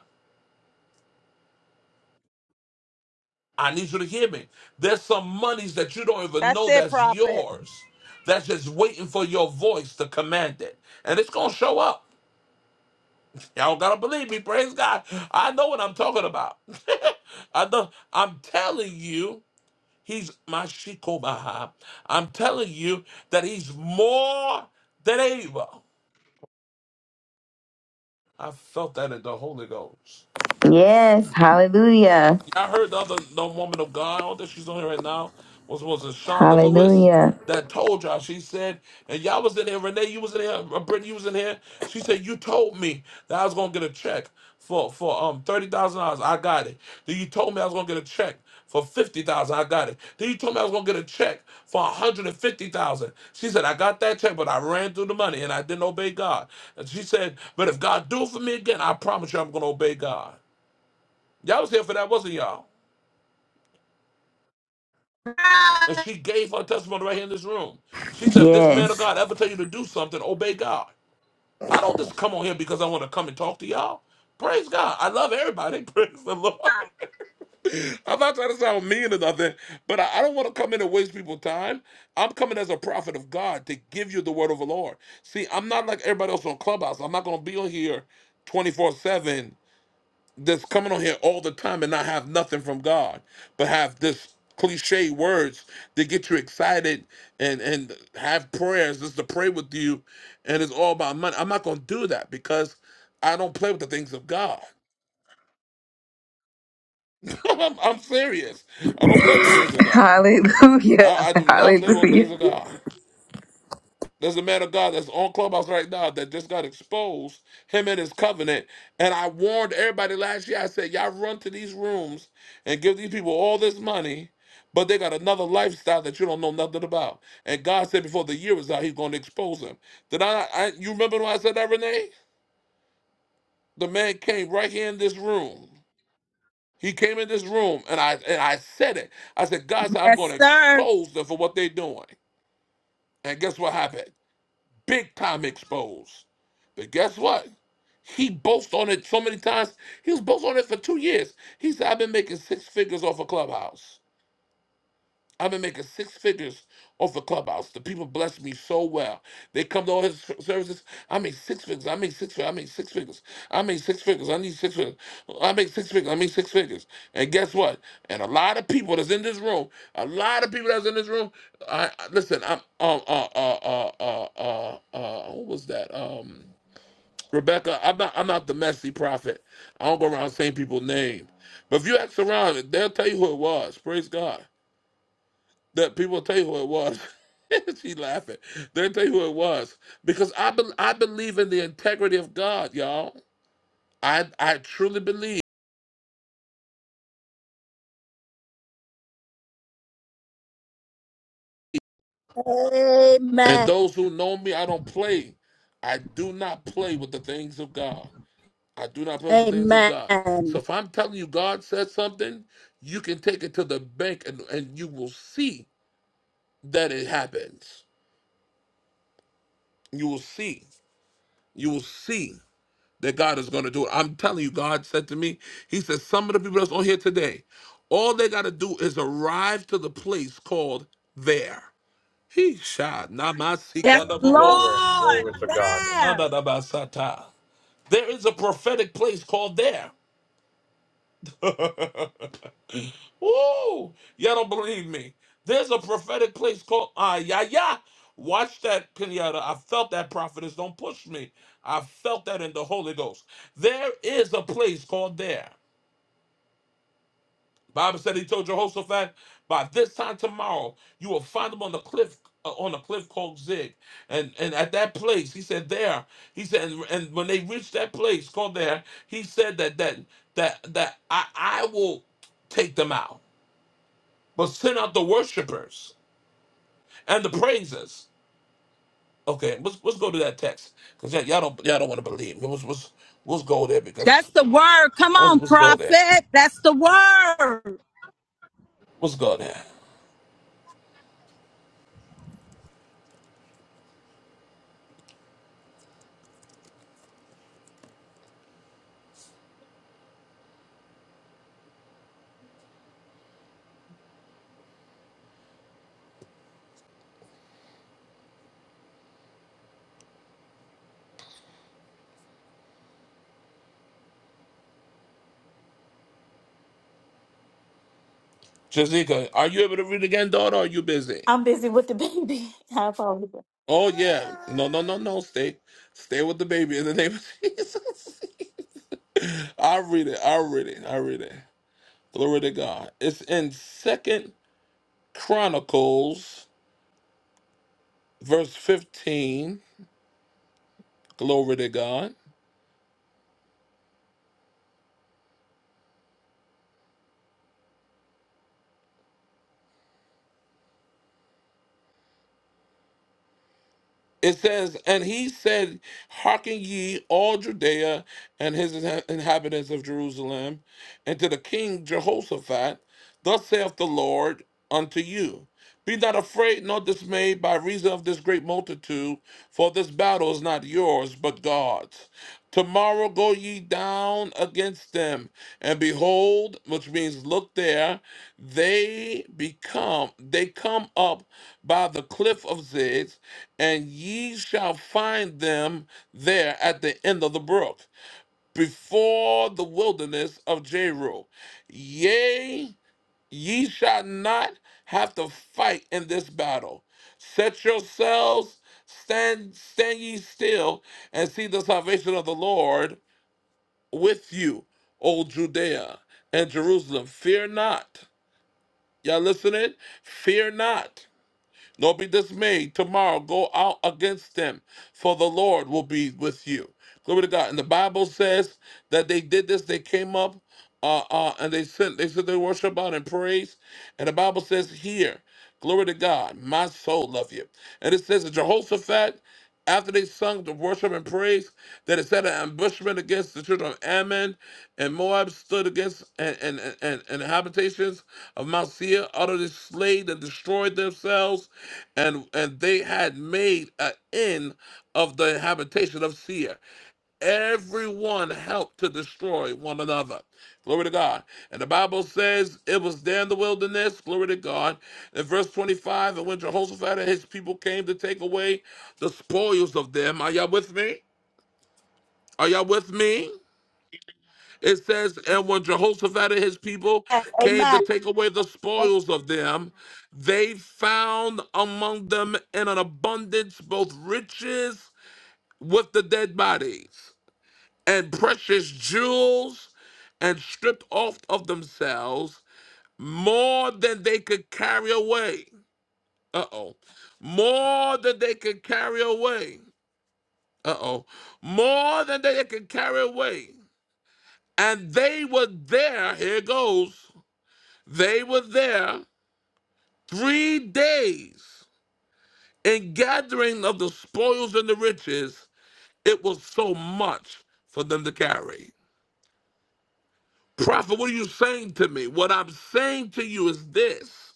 S1: I need you to hear me. There's some monies that you don't even
S4: That's
S1: know
S4: it,
S1: that's
S4: Prophet.
S1: yours. That's just waiting for your voice to command it. And it's gonna show up. Y'all gotta believe me, praise God. I know what I'm talking about. I know I'm telling you, he's my Shikobaha. I'm telling you that he's more than able. I felt that in the Holy Ghost.
S6: Yes. Hallelujah.
S1: Yeah, I heard the other the woman of God, I don't think she's on here right now, was was it Shonda Lewis
S6: Hallelujah.
S1: that told y'all. She said, and y'all was in here, Renee, you was in here, uh, Brittany, you was in here. She said, You told me that I was gonna get a check for for um thirty thousand dollars. I got it. Then you told me I was gonna get a check for fifty thousand, I got it. Then you told me I was gonna get a check for a hundred and fifty thousand. She said, I got that check, but I ran through the money and I didn't obey God. And she said, But if God do it for me again, I promise you I'm gonna obey God. Y'all was here for that, wasn't y'all? And she gave her testimony right here in this room. She said, if this man of
S6: Yes.
S1: God ever tell you to do something, obey God. I don't just come on here because I want to come and talk to y'all. Praise God. I love everybody. Praise the Lord. I'm not trying to sound mean or nothing, but I, I don't want to come in and waste people's time. I'm coming as a prophet of God to give you the word of the Lord. See, I'm not like everybody else on Clubhouse. I'm not going to be on here 24 7 that's coming on here all the time and not have nothing from God, but have this cliche words that get you excited and and have prayers just to pray with you, and it's all about money. I'm not gonna do that because I don't play with the things of God. I'm, I'm serious. I don't play with the things of God. I,
S6: Hallelujah.
S1: I do not play with the things
S6: Hallelujah.
S1: of God. There's a man of God that's on Clubhouse right now that just got exposed, him and his covenant. And I warned everybody last year, I said, y'all run to these rooms and give these people all this money, but they got another lifestyle that you don't know nothing about. And God said before the year was out, he's going to expose them. Did I, I you remember when I said that, Renee? The man came right here in this room. He came in this room and I and I said it. I said, God said, I'm going
S4: Yes,
S1: to
S4: sir.
S1: expose them for what they're doing. And guess what happened? big time exposed. But guess what? He boasts on it so many times. He was boasting on it for two years. He said, I've been making six figures off a clubhouse. I've been making six figures off the clubhouse. The people bless me so well. They come to all his services. I make six figures. I make six figures. I make six figures. I make six figures. I need six figures. I make six figures. I make six figures. And guess what? And a lot of people that's in this room, a lot of people that's in this room. I, I- listen. I'm um uh uh uh uh uh, uh who was that um. Rebecca, I'm not. I'm not the messy prophet. I don't go around saying people's name. But if you ask around, they'll tell you who it was. Praise God that people will tell you who it was. she laughing. They'll tell you who it was because I be- I believe in the integrity of God, y'all. I I truly believe. And
S4: Amen.
S1: those who know me, I don't play. I do not play with the things of God. I do not play with the things of God. So
S4: Amen.
S1: if I'm telling you God said something, you can take it to the bank and, and you will see that it happens. You will see. You will see. that God is going to do it. I'm telling you, God said to me, He said, some of the people that's on here today, all they got to do is arrive to the place called there. He shot
S4: Yes,
S1: Namasikanaboho,
S3: Glory.
S4: Lord.
S3: Glory to God.
S4: There.
S1: Anadabasata. There is a prophetic place called there. Woo! Y'all don't believe me. There's a prophetic place called Ah Ya Ya. Watch that, Kenyatta. I felt that prophetess. Don't push me. I felt that in the Holy Ghost. There is a place called there. Bible said he told Jehoshaphat, by this time tomorrow, you will find him on the cliff uh, on a cliff called Zig. And and at that place, he said there, he said, and, and when they reached that place called there, he said that that that that I, I will take them out, but send out the worshipers and the praisers. Okay, let's, let's go to that text because y'all don't y'all don't want to believe. Let's, let's, let's go there because
S4: That's the word. Come
S1: let's,
S4: on,
S1: let's go there.
S4: Prophet. That's the word.
S1: Let's go there. Jazika, are you able to read again, daughter? Or are you busy?
S5: I'm busy with the baby. I apologize.
S1: Oh yeah. No, no, no, no. Stay stay with the baby in the name of Jesus. I'll read it. I'll read it. I'll read it. Glory to God. It's in Second Chronicles, verse 15. Glory to God. It says, and he said, Hearken ye, all Judea and his inha- inhabitants of Jerusalem, and to the king Jehoshaphat, thus saith the Lord unto you Be not afraid nor dismayed by reason of this great multitude, for this battle is not yours gods but gods. Tomorrow go ye down against them, and behold, which means look there, they become, they come up by the cliff of Ziz, and ye shall find them there at the end of the brook, before the wilderness of Jeru. Yea, Ye shall not have to fight in this battle. Set yourselves, stand, stand ye still, and see the salvation of the Lord with you, O Judea and Jerusalem. Fear not. Y'all listening? Fear not. Nor be dismayed. Tomorrow go out against them, for the Lord will be with you. Glory to God. And the Bible says that they did this. They came up uh, uh, and they sent, they said they worship out and praise. And the Bible says here, glory to God, my soul love you. And it says that Jehoshaphat after they sung the worship and praise, that it set an ambushment against the children of Ammon, and Moab stood against and and, and, and the habitations of Mount Seir, utterly slayed and destroyed themselves, and and they had made an end of the habitation of Seir. Everyone helped to destroy one another. Glory to God. And the Bible says it was there in the wilderness. Glory to God. In verse 25, and when Jehoshaphat and his people came to take away the spoils of them, are y'all with me? Are y'all with me? It says, and when Jehoshaphat and his people
S4: Yes,
S1: came to
S4: amen.
S1: take away the spoils of them, they found among them in an abundance both riches with the dead bodies. and precious jewels and stripped off of themselves more than they could carry away. Uh oh. More than they could carry away. Uh oh. More than they could carry away. And they were there, here it goes. They were there three days in gathering of the spoils and the riches. It was so much for them to carry. Prophet, what are you saying to me? What I'm saying to you is this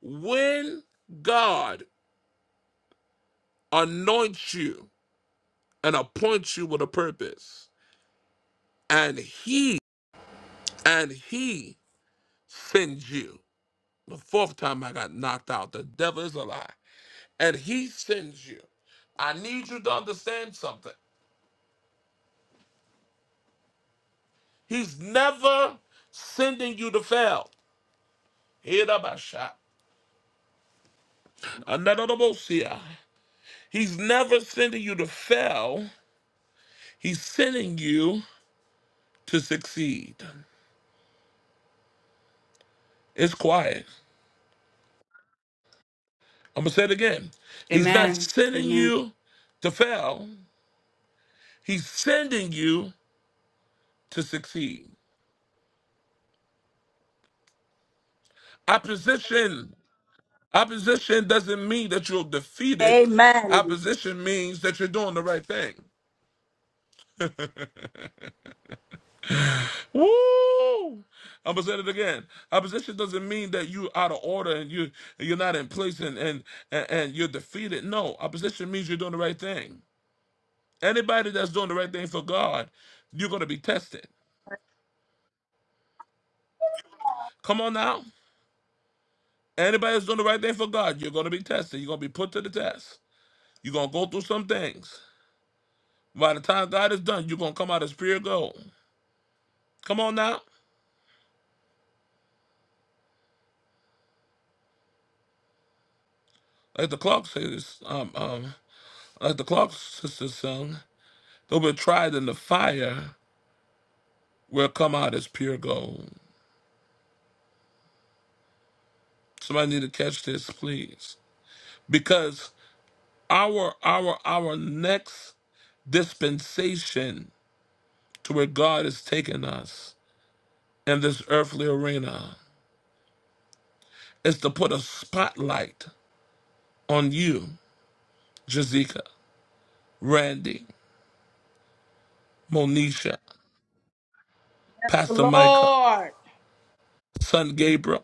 S1: when God anoints you and appoints you with a purpose, and He and He sends you. The fourth time I got knocked out, the devil is a lie. And he sends you. I need you to understand something. He's never sending you to fail. Hear that, my shot. Another the most here. He's never sending you to fail. He's sending you to succeed. It's quiet. I'm going to say it again. He's not
S14: Amen.
S1: sending
S14: Amen.
S1: you to fail, he's sending you to succeed. Opposition. Opposition doesn't mean that you're defeated.
S4: Amen.
S1: Opposition means that you're doing the right thing. Woo! I'm gonna say it again. Opposition doesn't mean that you out of order and you you're not in place and and and, and you're defeated. No, opposition means you're doing the right thing. Anybody that's doing the right thing for God, you're going to be tested. Come on now. Anybody that's doing the right thing for God, you're going to be tested. You're going to be put to the test. You're going to go through some things. By the time God is done, you're going to come out as pure gold. Come on now. Like the clock says, um, um, like the clock sister sung, they'll be tried in the fire, will come out as pure gold. Somebody need to catch this, please. Because our our our next dispensation to where God is taking us in this earthly arena is to put a spotlight on you, Jazika, Randy, Monisha,
S4: Yes,
S1: Pastor Micah,
S4: Lord.
S1: Son Gabriel.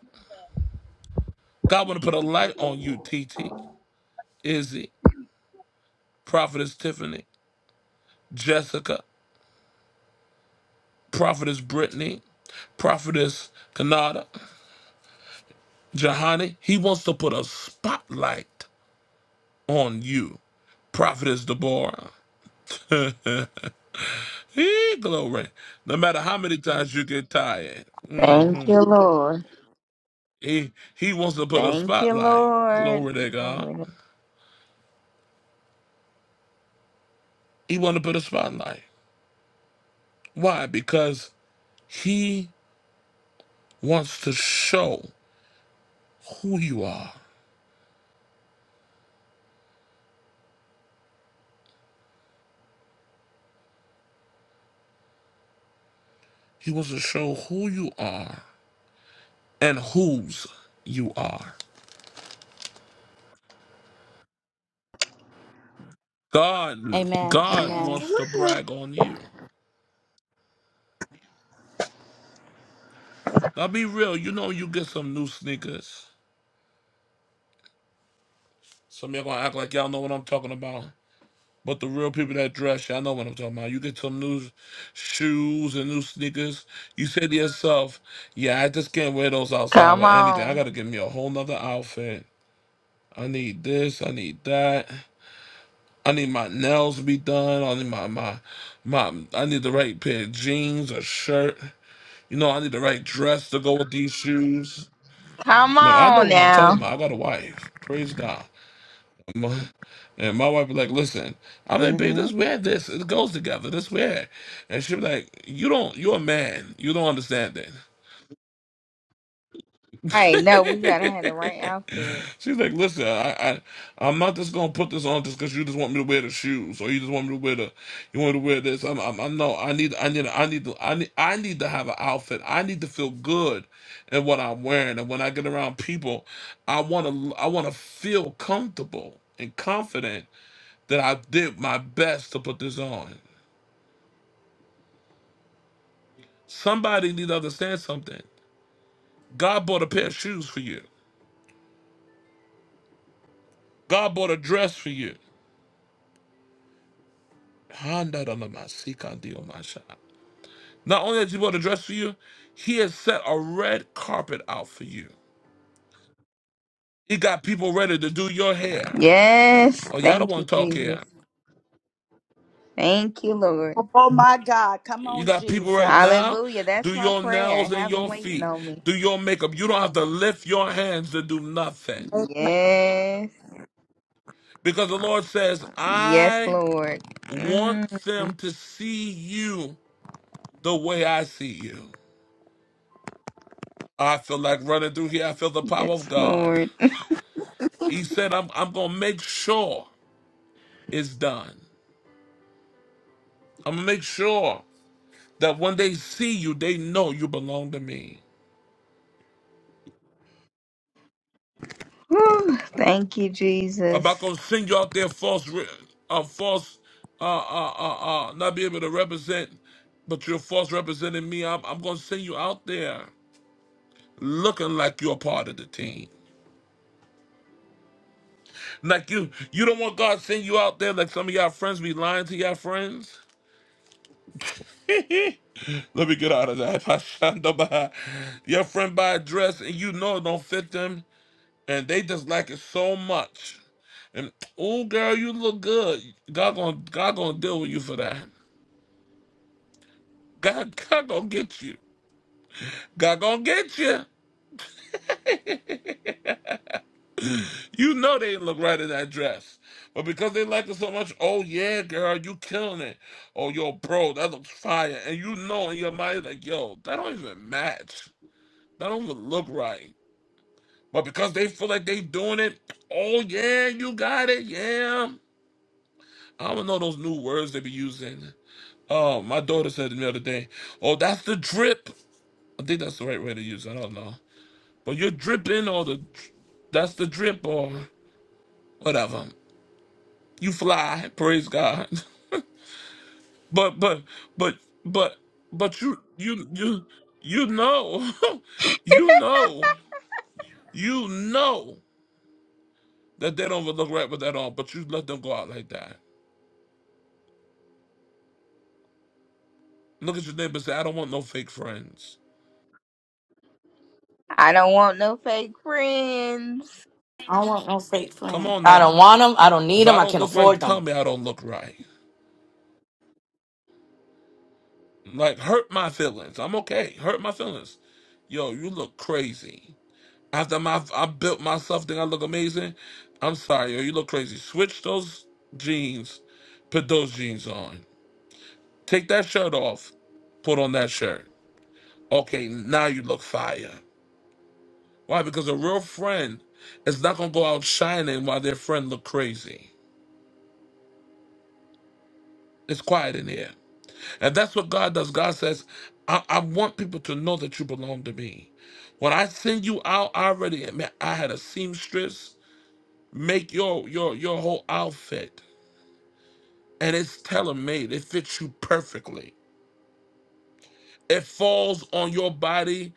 S1: God want to put a light on you, TT, Izzy, Prophetess Tiffany, Jessica, Prophetess Brittany, Prophetess Kanada, Jahani. He wants to put a spotlight on you, Prophetess Deborah. Eh, glory. No matter how many times you get tired,
S6: Thank
S1: hmm
S6: you, Lord.
S1: he he wants to put a
S6: Thank you,
S1: spotlight.
S6: Lord.
S1: Glory to God.
S6: Glory to-
S1: He wants to put a spotlight. Why? Because he wants to show who you are. He wants to show who you are and whose you are. God,
S5: Amen.
S1: God
S5: Amen.
S1: wants to brag on you. Now be real. You know you get some new sneakers. Some of y'all gonna act like y'all know what I'm talking about. But the real people that dress, y'all know what I'm talking about. You get some new shoes and new sneakers. You say to yourself, yeah, I just can't wear those outside
S6: Come
S1: with anything. I
S6: on.
S1: got to get me a whole nother outfit. I need this. I need that. I need my nails to be done. I need my, my, my, I need the right pair of jeans, a shirt. You know, I need the right dress to go with these shoes.
S6: Come
S1: Now, I know
S6: on
S1: what I'm
S6: now.
S1: talking about.
S6: All
S1: I got a wife. Praise God. My, and my wife be like, listen, I'm like, babe,
S8: Mm-hmm.
S1: let's wear this. It goes together. Let's wear it. And she be like, you don't, you're a man. You don't understand
S6: right. No, we gotta have the right
S1: that.
S6: outfit.
S1: She's like, listen, I, I, I'm not just gonna put this on just because you just want me to wear the shoes or you just want me to wear the, you want me to wear this. I'm, I'm, I'm no, I need, I need, I need, to, I need, I need to have an outfit. I need to feel good in what I'm wearing. And when I get around people, I wanna, I wanna feel comfortable and confident that I did my best to put this on. Somebody need to understand something. God bought a pair of shoes for you. God bought a dress for you. Handa da la ma si kan di o ma Not only has he bought a dress for you, he has set a red carpet out for you. He got people ready to do your hair.
S6: Yes.
S1: Oh, y'all don't
S6: Thank you,
S1: want to talk
S6: Jesus.
S1: here.
S6: Thank you, Lord.
S4: Oh my God. Come
S1: You
S4: on,
S1: got people right
S4: Jesus.
S1: now,
S6: Hallelujah.
S1: do
S6: That's my
S1: your
S6: prayer.
S1: nails and
S6: Have him
S1: your
S6: waiting
S1: feet,
S6: on me.
S1: do your makeup. You don't have to lift your hands to do nothing.
S4: Amen.
S6: Yes.
S1: Because the Lord says,
S6: Yes,
S1: I
S6: Lord.
S1: want
S6: Mm,
S1: them to see you the way I see you. I feel like running through here. I feel the power of
S6: yes,
S1: God.
S6: Lord.
S1: He said, I'm, I'm going to make sure it's done. I'm going to make sure that when they see you, they know you belong to me.
S6: Whew. Thank you,
S1: I'm not
S6: Jesus.
S1: going to send you out there false, re- uh, false, uh, uh, uh, uh, not be able to represent, but you're false representing me. I'm, I'm going to send you out there looking like you're a part of the team. Like you, you don't want God to send you out there like some of y'all friends be lying to y'all friends. Let me get out of that. I sha Your friend buy a dress and you know it don't fit them, and they just like it so much. And oh, girl, you look good. God gonna God gonna deal with you for that. God God gonna get you. God gonna get you. You know they didn't look right in that dress. But because they like it so much, oh yeah, girl, you killing it. Oh yo, bro, that looks fire. And you know in your mind like, yo, that don't even match. That don't even look right. But because they feel like they doing it, oh yeah, you got it, yeah. I don't know those new words they be using. Oh, my daughter said to me the other day, oh, that's the drip. I think that's the right way to use it. I don't know. But you're dripping or the that's the drip or whatever. You fly, praise God. But but but but but you you you you know you know you know that they don't look right with that all, but you let them go out like that. Look at your neighbor and say, I don't want no fake friends.
S6: I don't want no fake friends.
S5: I don't want no fake
S1: Come
S5: friend.
S1: on
S13: I
S1: now.
S13: don't want them. I don't
S1: If
S13: need them.
S1: I
S13: I
S1: don't
S13: can't
S1: look right,
S13: afford
S1: tell
S13: them.
S1: me I don't look right. Like hurt my feelings. I'm okay. Hurt my feelings. Yo, you look crazy. After I'm, I've, I built myself, think I look amazing. I'm sorry, yo, you look crazy. Switch those jeans, put those jeans on. Take that shirt off, put on that shirt. Okay, now you look fire. Why? Because a real friend is not gonna go out shining while their friend look crazy. It's quiet in here, and that's what God does. God says, I, I want people to know that you belong to me. When I send you out, I already man, I had a seamstress make your your your whole outfit. and it's tailor made. It fits you perfectly. It falls on your body.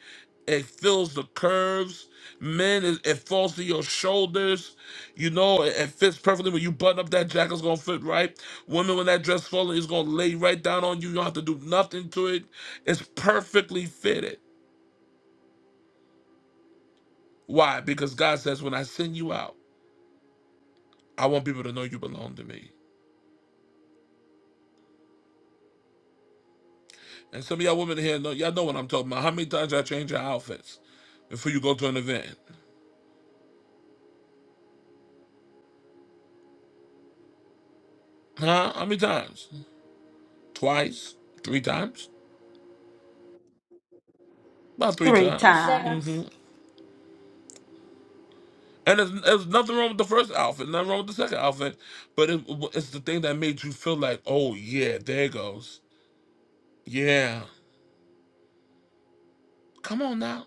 S1: It fills the curves. Men, it, it falls to your shoulders. You know, it, it fits perfectly. When you button up that jacket, it's gonna fit right. Women, when that dress falls, it's gonna lay right down on you. You don't have to do nothing to it. It's perfectly fitted. Why? Because God says, when I send you out, I want people to know you belong to me. And some of y'all women here know y'all know what I'm talking about. How many times y'all change your outfits before you go to an event? Huh? How many times? Twice? Three times? About three
S4: Three
S1: times.
S4: times.
S1: hmm And there's, there's nothing wrong with the first outfit, nothing wrong with the second outfit, but it, it's the thing that made you feel like, oh yeah, there it goes. Yeah, come on now.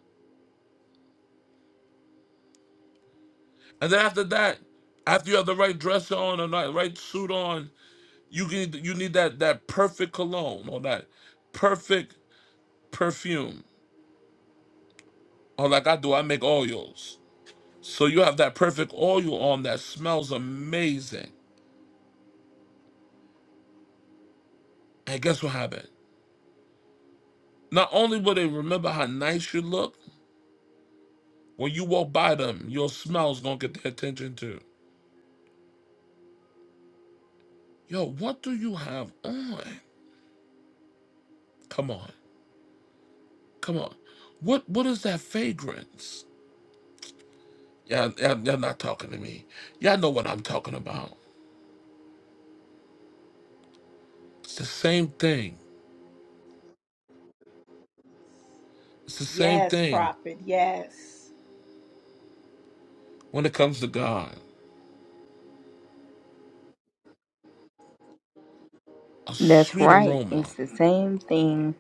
S1: And then after that, after you have the right dress on and the right suit on, you need you need that that perfect cologne or that perfect perfume. Or like I do, I make oils. So you have that perfect oil on that smells amazing And guess what happened? Not only will they remember how nice you look, when you walk by them, your smell's gonna get their attention too. Yo, what do you have on? Come on, come on. What what is that fragrance? Yeah, yeah, y'all not talking to me. Y'all know what I'm talking about. It's the same thing. It's the same
S4: Yes,
S1: thing
S4: prophet. Yes.
S1: when it comes to God. A
S6: That's
S1: sweet
S6: right.
S1: aroma.
S6: It's the same thing.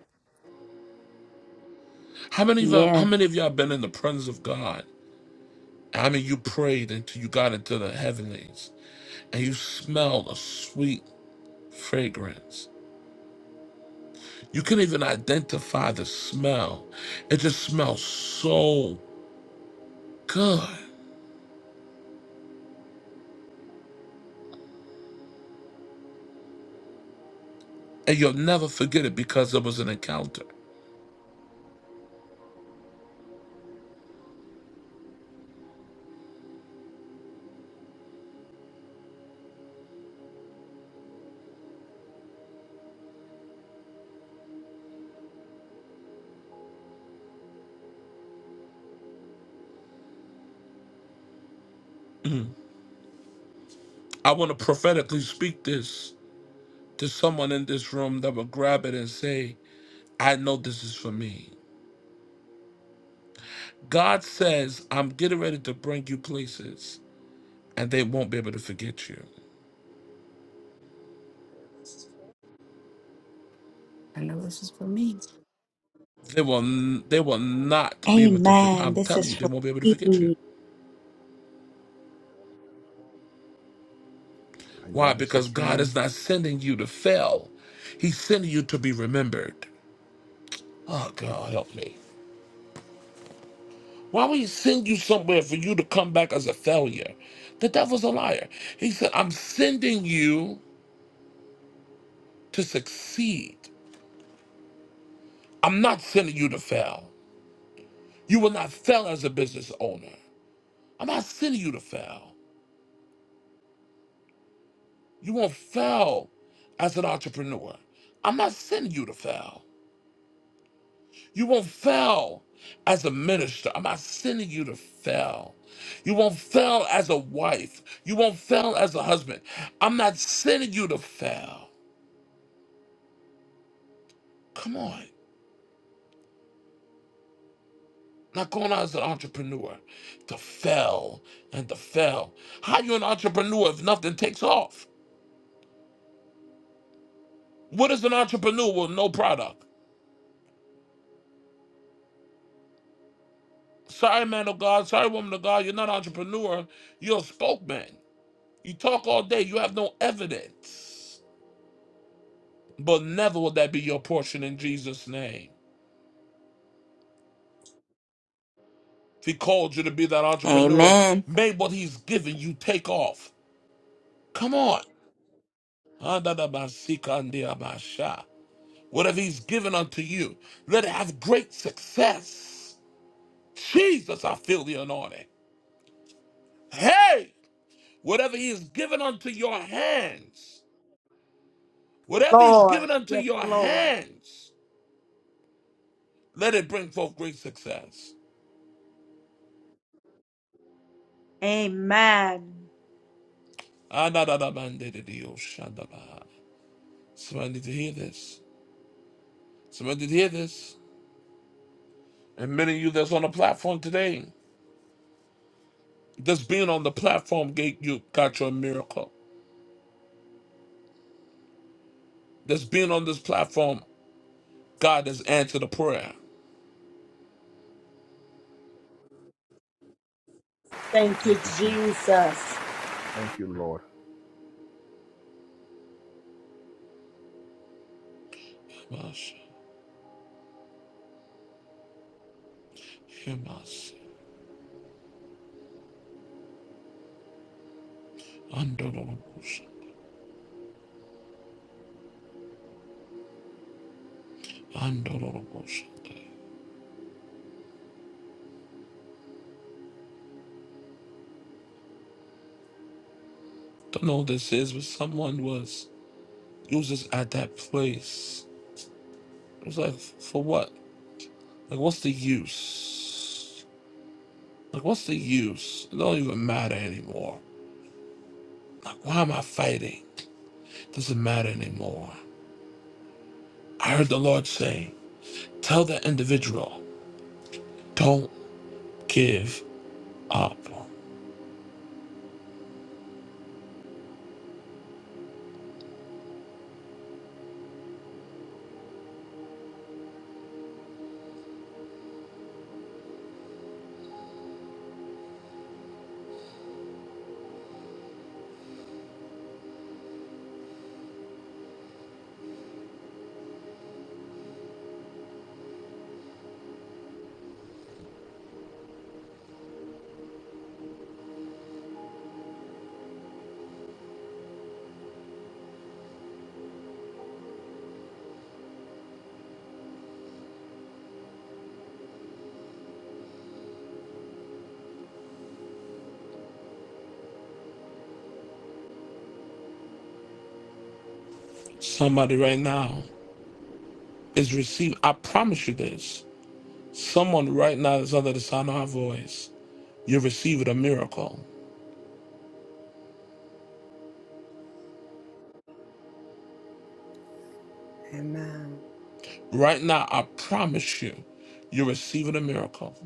S1: How many of y'all,
S6: Yeah.
S1: how many of y'all been in the presence of God? I mean, you prayed until you got into the heavenlies and you smell a sweet fragrance. You can not even identify the smell. It just smells so good. And you'll never forget it because it was an encounter. Mm. I want to prophetically speak this to someone in this room that will grab it and say, I know this is for me. God says, I'm getting ready to bring you places and they won't be able to forget you.
S14: I know this is for me.
S1: They will, they will not be able to.
S4: Amen.
S1: I'm
S4: This
S1: telling
S4: is
S1: you, they
S4: for
S1: won't be able to forget you
S4: me.
S3: I know
S1: Why?
S3: this is
S1: Because
S3: for
S1: God
S3: me.
S1: is not sending you to fail. He's sending you to be remembered. Oh, God, help me. Why would he send you somewhere for you to come back as a failure? The devil's a liar. He said, I'm sending you to succeed. I'm not sending you to fail. You will not fail as a business owner. I'm not sending you to fail. You won't fail as an entrepreneur. I'm not sending you to fail. You won't fail as a minister. I'm not sending you to fail. You won't fail as a wife. You won't fail as a husband. I'm not sending you to fail. Come on. Not going out as an entrepreneur to fail and to fail. How you an entrepreneur if nothing takes off? What is an entrepreneur with no product? Sorry, man of God. Sorry, woman of God. You're not an entrepreneur. You're a spokesman. You talk all day. You have no evidence. but never will that be your portion in Jesus' name. If he called you to be that entrepreneur,
S6: Amen.
S1: may what he's given you take off. Come on. Whatever he's given unto you, let it have great success. Jesus, I feel the anointing. Hey, whatever he has given unto your hands, whatever he's
S4: Lord.
S1: given unto
S4: Yes,
S1: your
S4: Lord.
S1: hands, let it bring forth great success.
S4: Amen.
S1: Andadadabandididiyoshandaba. Somebody need to hear this. Somebody did hear this. And many of you that's on the platform today, just being on the platform gate, you got your miracle. Just being on this platform, God has answered a prayer.
S4: Thank you,
S3: Thank you, Jesus.
S4: Jesus.
S3: Thank you, Lord.
S1: Mas- Shimas- Andorobos- Andorobos. Don't know what this is, but someone was it was just at that place. It was like, for what? Like, what's the use? Like, what's the use? It don't even matter anymore. Like, why am I fighting? doesn't matter anymore. I heard the Lord say, Tell that individual, don't give up. Somebody right now is receiving, I promise you this. Someone right now that's under the sound of my voice, you're receiving a miracle.
S8: Amen.
S1: Right now, I promise you, you're receiving a miracle.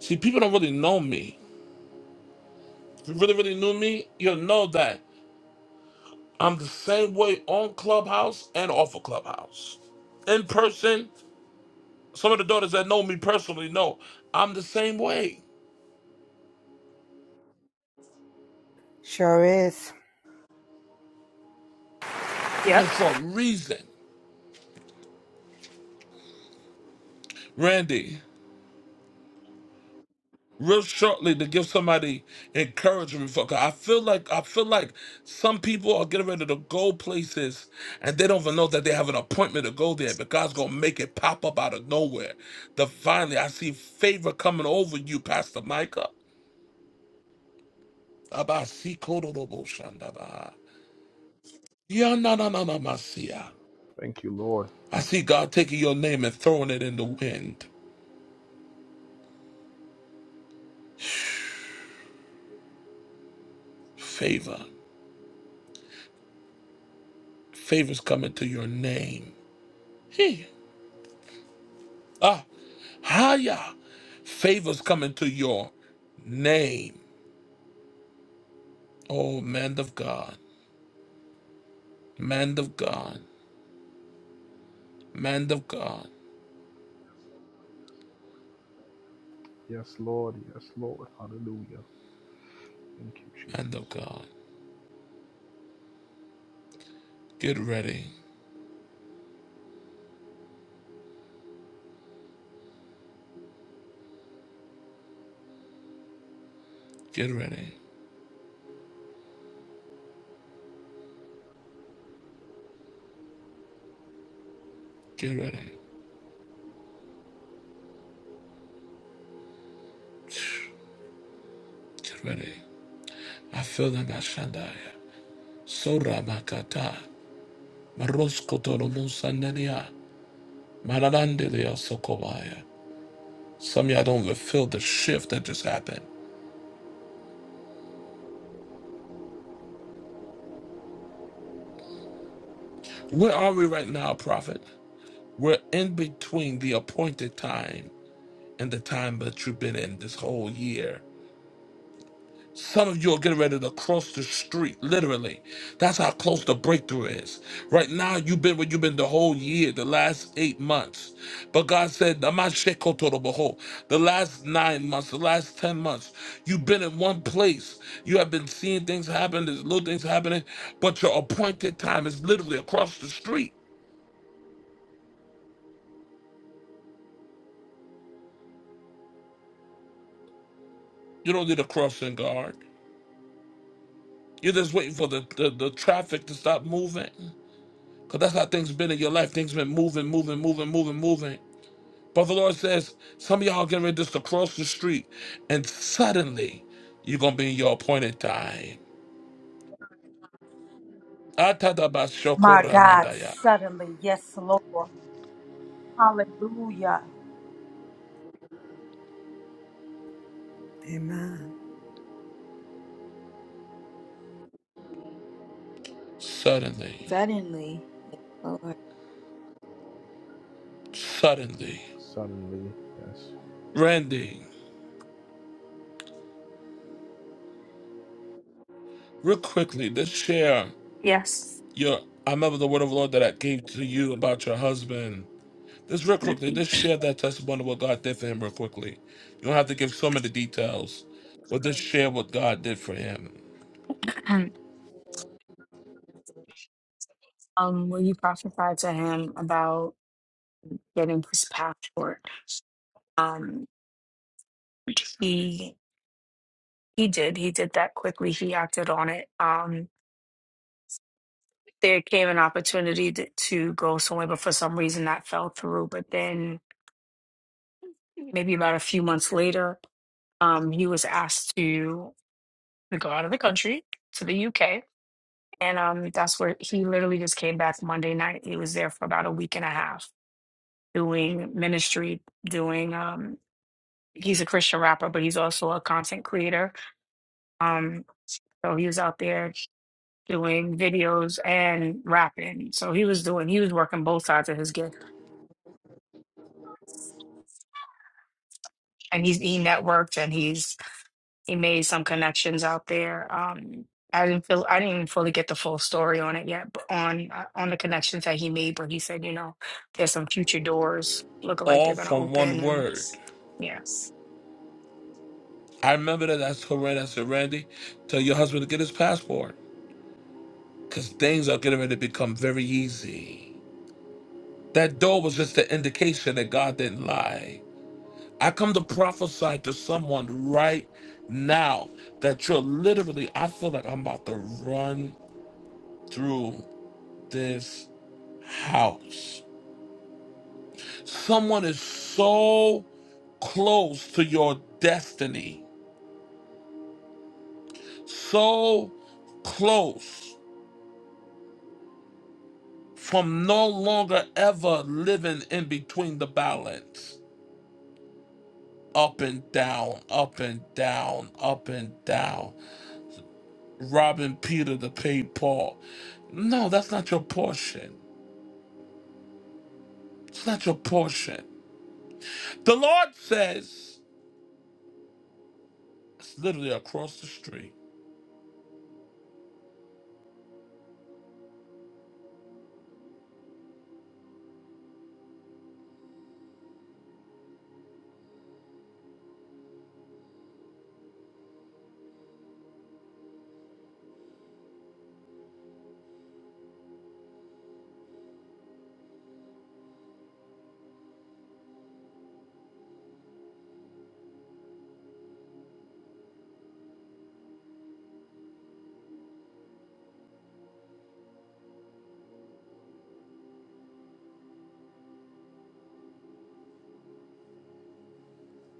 S1: See, people don't really know me. If you really, really knew me, you'll know that I'm the same way on Clubhouse and off of Clubhouse. In person, some of the daughters that know me personally know I'm the same way.
S8: Sure is.
S1: It's for a reason. Randy, real shortly to give somebody encouragement for 'cause I feel like I feel like some people are getting ready to go places and they don't even know that they have an appointment to go there, but God's gonna make it pop up out of nowhere. Divinely, I see favor coming over you, Pastor Micah. Abasikodoroboshandaba. Yanananamasia.
S3: Thank you, Lord.
S1: I see God taking your name and throwing it in the wind. Favor. Favor's coming to your name. Hey. Ah, higher favors come into your name. Oh, man of God, man of God, man of God,
S3: Yes, Lord. Yes, Lord. Hallelujah. Thank you,
S1: man
S3: Jesus.
S1: of God. Get ready, get ready, get ready, get ready. I feel the Mashandaya. Sora Makata, Maroskotoro Musandania, Maralandelia Sokobaya. Some of y'all don't even feel the shift that just happened. Where are we right now, prophet? We're in between the appointed time and the time that you've been in this whole year. Some of you are getting ready to cross the street, literally. That's how close the breakthrough is. Right now, you've been where you've been the whole year, the last eight months. But God said, "Am I sheko toro boho?" the last nine months, the last 10 months, you've been in one place. You have been seeing things happen, there's little things happening, but your appointed time is literally across the street. You don't need a crossing guard. You're just waiting for the, the, the traffic to stop moving. Because that's how things been in your life. Things been moving, moving, moving, moving, moving. But the Lord says, some of y'all getting ready just to cross the street, and suddenly you're going to be in your appointed time.
S4: My God,
S1: Atadabashokoramandaya.
S4: suddenly. Yes, Lord. Hallelujah.
S8: Amen.
S1: Suddenly,
S6: Suddenly. Yes, Lord.
S1: suddenly.
S3: Suddenly, yes.
S1: Randy, real quickly, just share your. I remember the word of the Lord that I gave to you about your husband Just real quickly, just share that testimony of what God did for him real quickly. You don't have to give so many details, but just share what God did for him. All from one word. I remember that I told Randy, I said, Randy, tell your husband to get his passport. Because things are getting ready to become very easy. That door was just an indication that God didn't lie. I come to prophesy to someone right now that you're literally, I feel like I'm about to run through this house. Someone is so close to your destiny, so close from no longer ever living in between the balance. Up and down, up and down, up and down. Robbing Peter to pay Paul. No, that's not your portion. It's not your portion. The Lord says, it's literally across the street.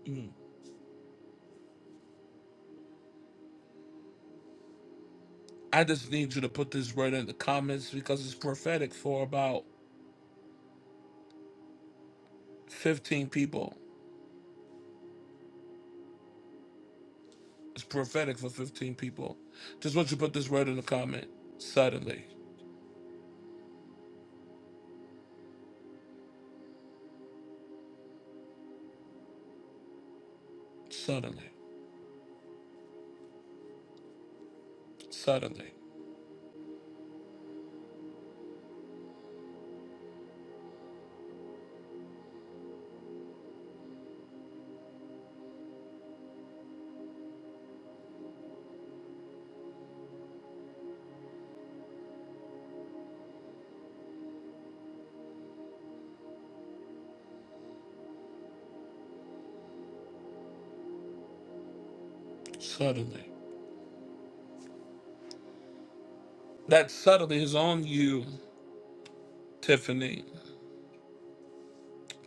S1: Mm. I just need you to put this word in the comments because it's prophetic for about 15 people. It's prophetic for 15 people. Just want you to put this word in the comment. Suddenly, suddenly, suddenly, suddenly. That suddenly is on you, Tiffany,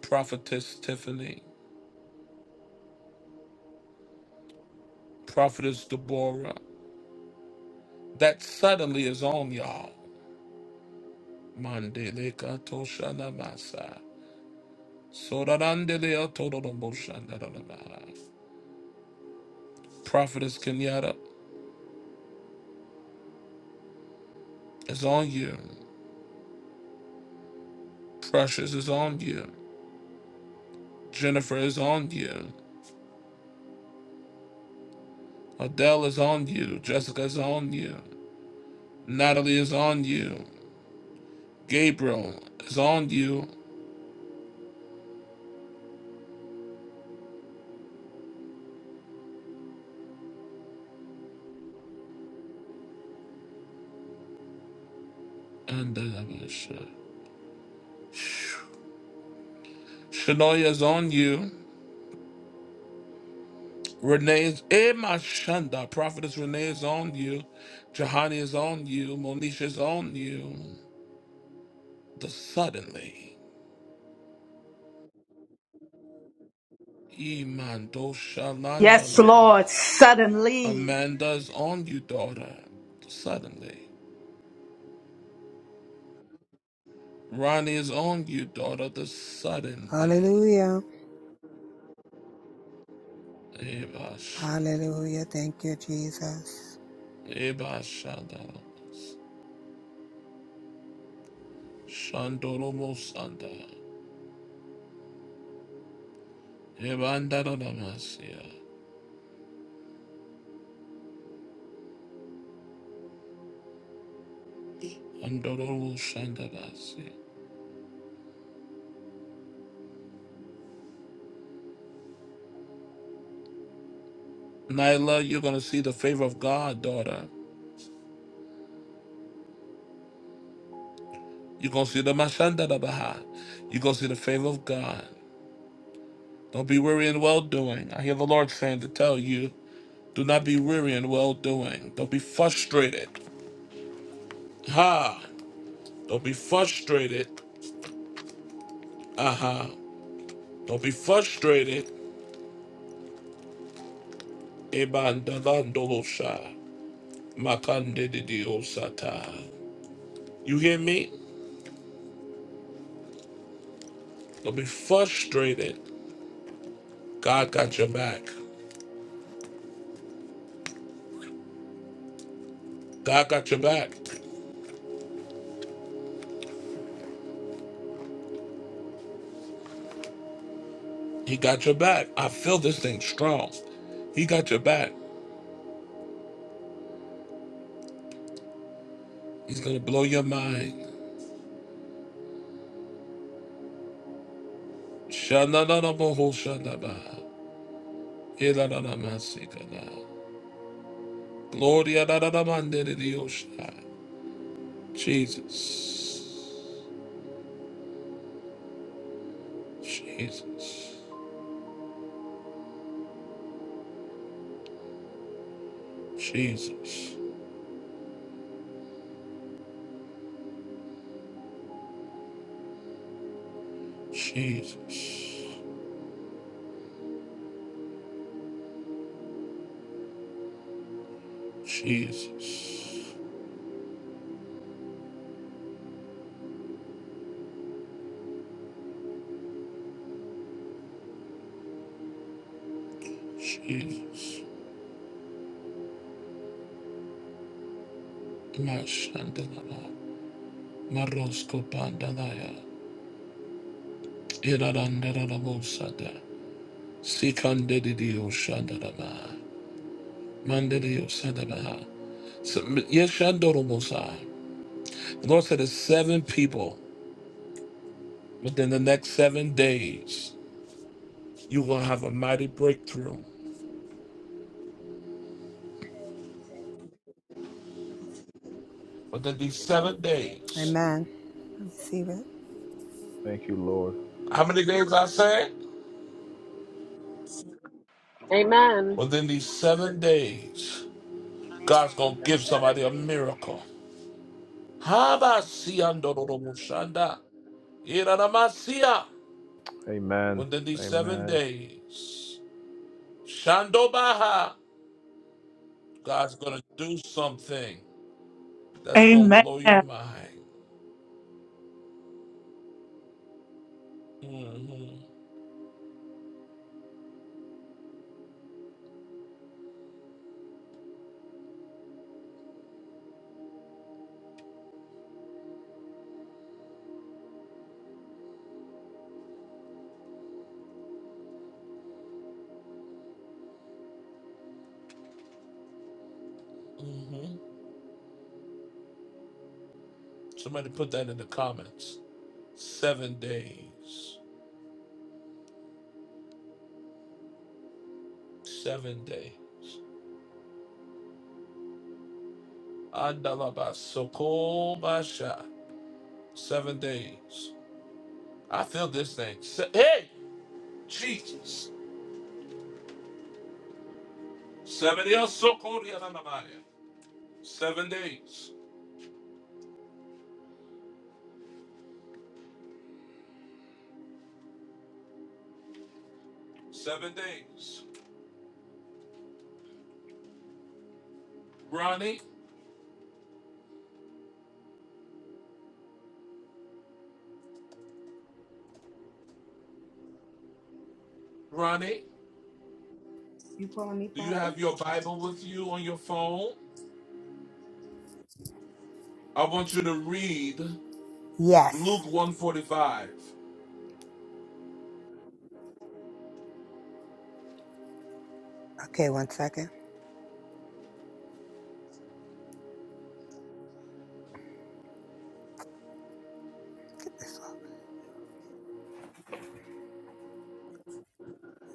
S1: prophetess Tiffany, prophetess Deborah. That suddenly is on y'all. Mandele katoshanamasa. Sorarandele otodoroboshandarabah. Prophetess Kenyatta is on you. Precious is on you. Jennifer is on you. Adele is on you. Jessica is on you. Natalie is on you. Gabriel is on you. And then I'm gonna shut. Shania is on you. Renee is in my shanda. Prophetess Renee is on you. Jahani is on you. Monisha is on you. The suddenly. Imando
S4: Yes,
S1: Shalandalaba.
S4: Lord. Suddenly.
S1: Amanda is on you, daughter. Suddenly. Ronnie is on you, daughter, the suddenly.
S8: Hallelujah.
S1: Eva
S8: Hallelujah. Thank you, Jesus.
S1: Shandaramas. Shandoromo Sanda. Evandaramasia. Andoromo Shandarasi. Nyla, you're going to see the favor of God, daughter. You're going to see the Mashandarabaha. You're going to see the favor of God. Don't be weary in well doing. I hear the Lord saying to tell you, do not be weary in well doing. Don't be frustrated. Ha! Don't be frustrated. Aha. Don't be frustrated. Ebandalandolosha. Makandididiosata. You hear me? Don't be frustrated. God got your back. God got your back. He got your back. I feel this thing strong. He got your back. He's gonna blow your mind. Shanananamohoshanaba. Ilananamasikana. Gloria nananamandididiosha. Jesus. Jesus. Jesus, Jesus, Jesus, Jesus. Mashandalaba, Marosko Pandalaya, Iradandarabosada, Sikandidio Shandalaba, Mandidio Sadaba, Yeshandorobosa. The Lord said, There's seven people within the next seven days, you will have a mighty breakthrough. Within these seven days,
S8: Amen. Receive it.
S3: Thank you, Lord.
S1: how many days I say?
S9: Amen.
S1: Within these seven days. God's gonna give somebody a miracle. Habasiandorobosanda. Iranamasia.
S3: Amen.
S1: Within these seven
S3: Amen.
S1: days, Shandobaha, God's gonna do something that's gonna
S4: Amen.
S1: blow your mind. Mm-hmm. Mm-hmm. Somebody put that in the comments. Seven days. Seven days. Andalabasokobasha. Seven days. I feel this thing. Se- hey, Jesus. Seven years so cold here on the Seven days. Seven days. Ronnie, Ronnie,
S8: You calling me
S1: do you
S8: prophet?
S1: have your Bible with you on your phone? I want you to read
S8: Yes.
S1: Luke 145.
S8: Okay, one second.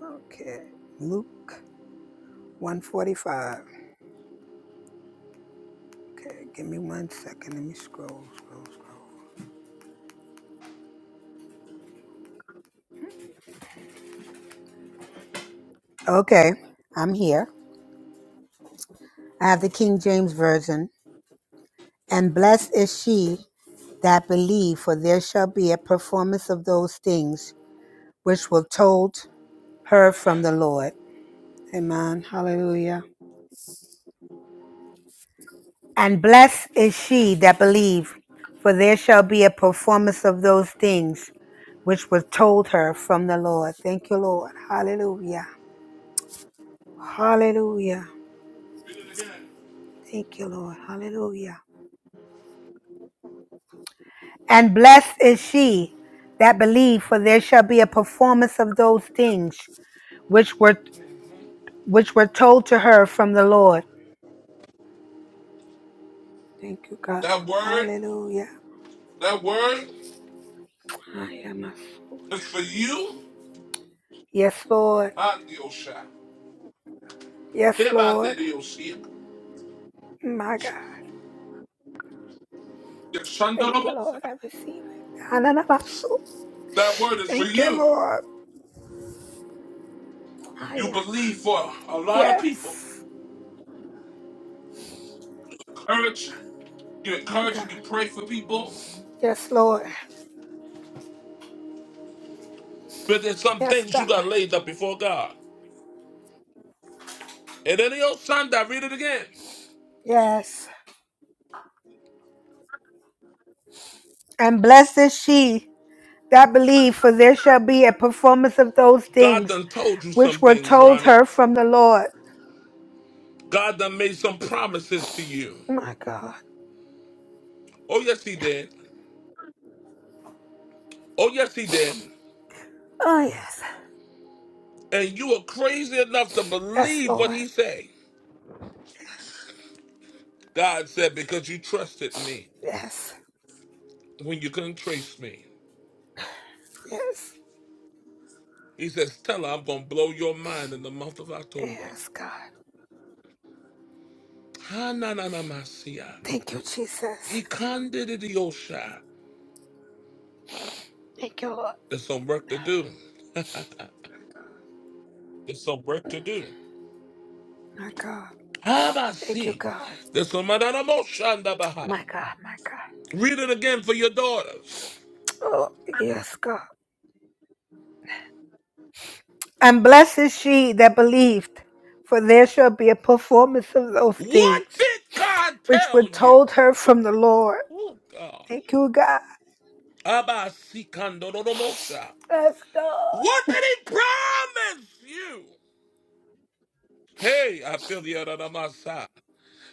S8: Okay. Luke 145. Okay, give me one second. Let me scroll, scroll, scroll. Okay, I'm here. I have the King James Version. And blessed is she that believe, for there shall be a performance of those things which were told
S1: Read
S8: her
S1: it
S8: from
S1: again.
S8: the Lord. Amen. Hallelujah. And blessed is she that believe, for there shall be a performance of those things which were told her from the Lord. Thank you, Lord. Hallelujah. Hallelujah.
S1: Read it again.
S8: Thank you, Lord. Hallelujah. And blessed is she that believed, for there shall be a performance of those things which were which were told to her from the Lord. Thank you, God.
S1: That word,
S8: Hallelujah.
S1: that word
S8: I am a soul.
S1: is for you
S8: Yes, Lord.
S1: and the Osha.
S8: Yes,
S1: Hear about the
S8: Lord.
S1: Osha.
S8: My God.
S1: The
S8: Thank you,
S1: Shandarabosa.
S8: Lord. I receive it. Ananamasu.
S1: That word is for
S8: Thank you,
S1: you.
S8: Lord. I
S1: You
S8: am.
S1: believe for a lot of people.
S8: Yes.
S1: Courage you
S8: My
S1: encourage
S8: God.
S1: and you pray for people.
S8: Yes, Lord.
S1: But there's some
S8: Yes,
S1: things
S8: God.
S1: you got laid up before God. And then the old son that read it again.
S8: Yes. And blessed is she. that believe, for there shall be a performance of those
S1: God
S8: things
S1: done told you some
S8: which were
S1: things,
S8: told
S1: Ronnie.
S8: her from the Lord.
S1: God done made some promises to you.
S8: Oh My God.
S1: Oh yes, he did. Oh yes, he did.
S8: Oh, yes.
S1: And you were crazy enough to
S8: Yes,
S1: believe what
S8: Lord.
S1: he said. God said, because you trusted me
S8: Yes.
S1: when you couldn't trace me.
S8: Yes.
S1: He says, tell her I'm gonna blow your mind in the month of October.
S8: Yes, God.
S1: Ha na na na masia.
S8: Thank you, Jesus.
S1: Ikandididiyosha.
S8: Thank you, Lord.
S1: There's some work to do. There's some work to do.
S8: My God. Thank you,
S1: Habasi.
S8: God.
S1: There's some Madanamoshandabaha.
S8: My God. My God.
S1: Read it again for your daughters.
S8: Oh, yes, God. And blessed is she that believed, for there shall be a performance of those
S1: What
S8: things
S1: did God
S8: which were
S1: tell you?
S8: told her from the Lord.
S1: Oh God.
S8: Thank you, God.
S1: Abasi Kandoromosha.
S8: Yes, God.
S1: What did he promise you? Hey, I feel the Adamasa.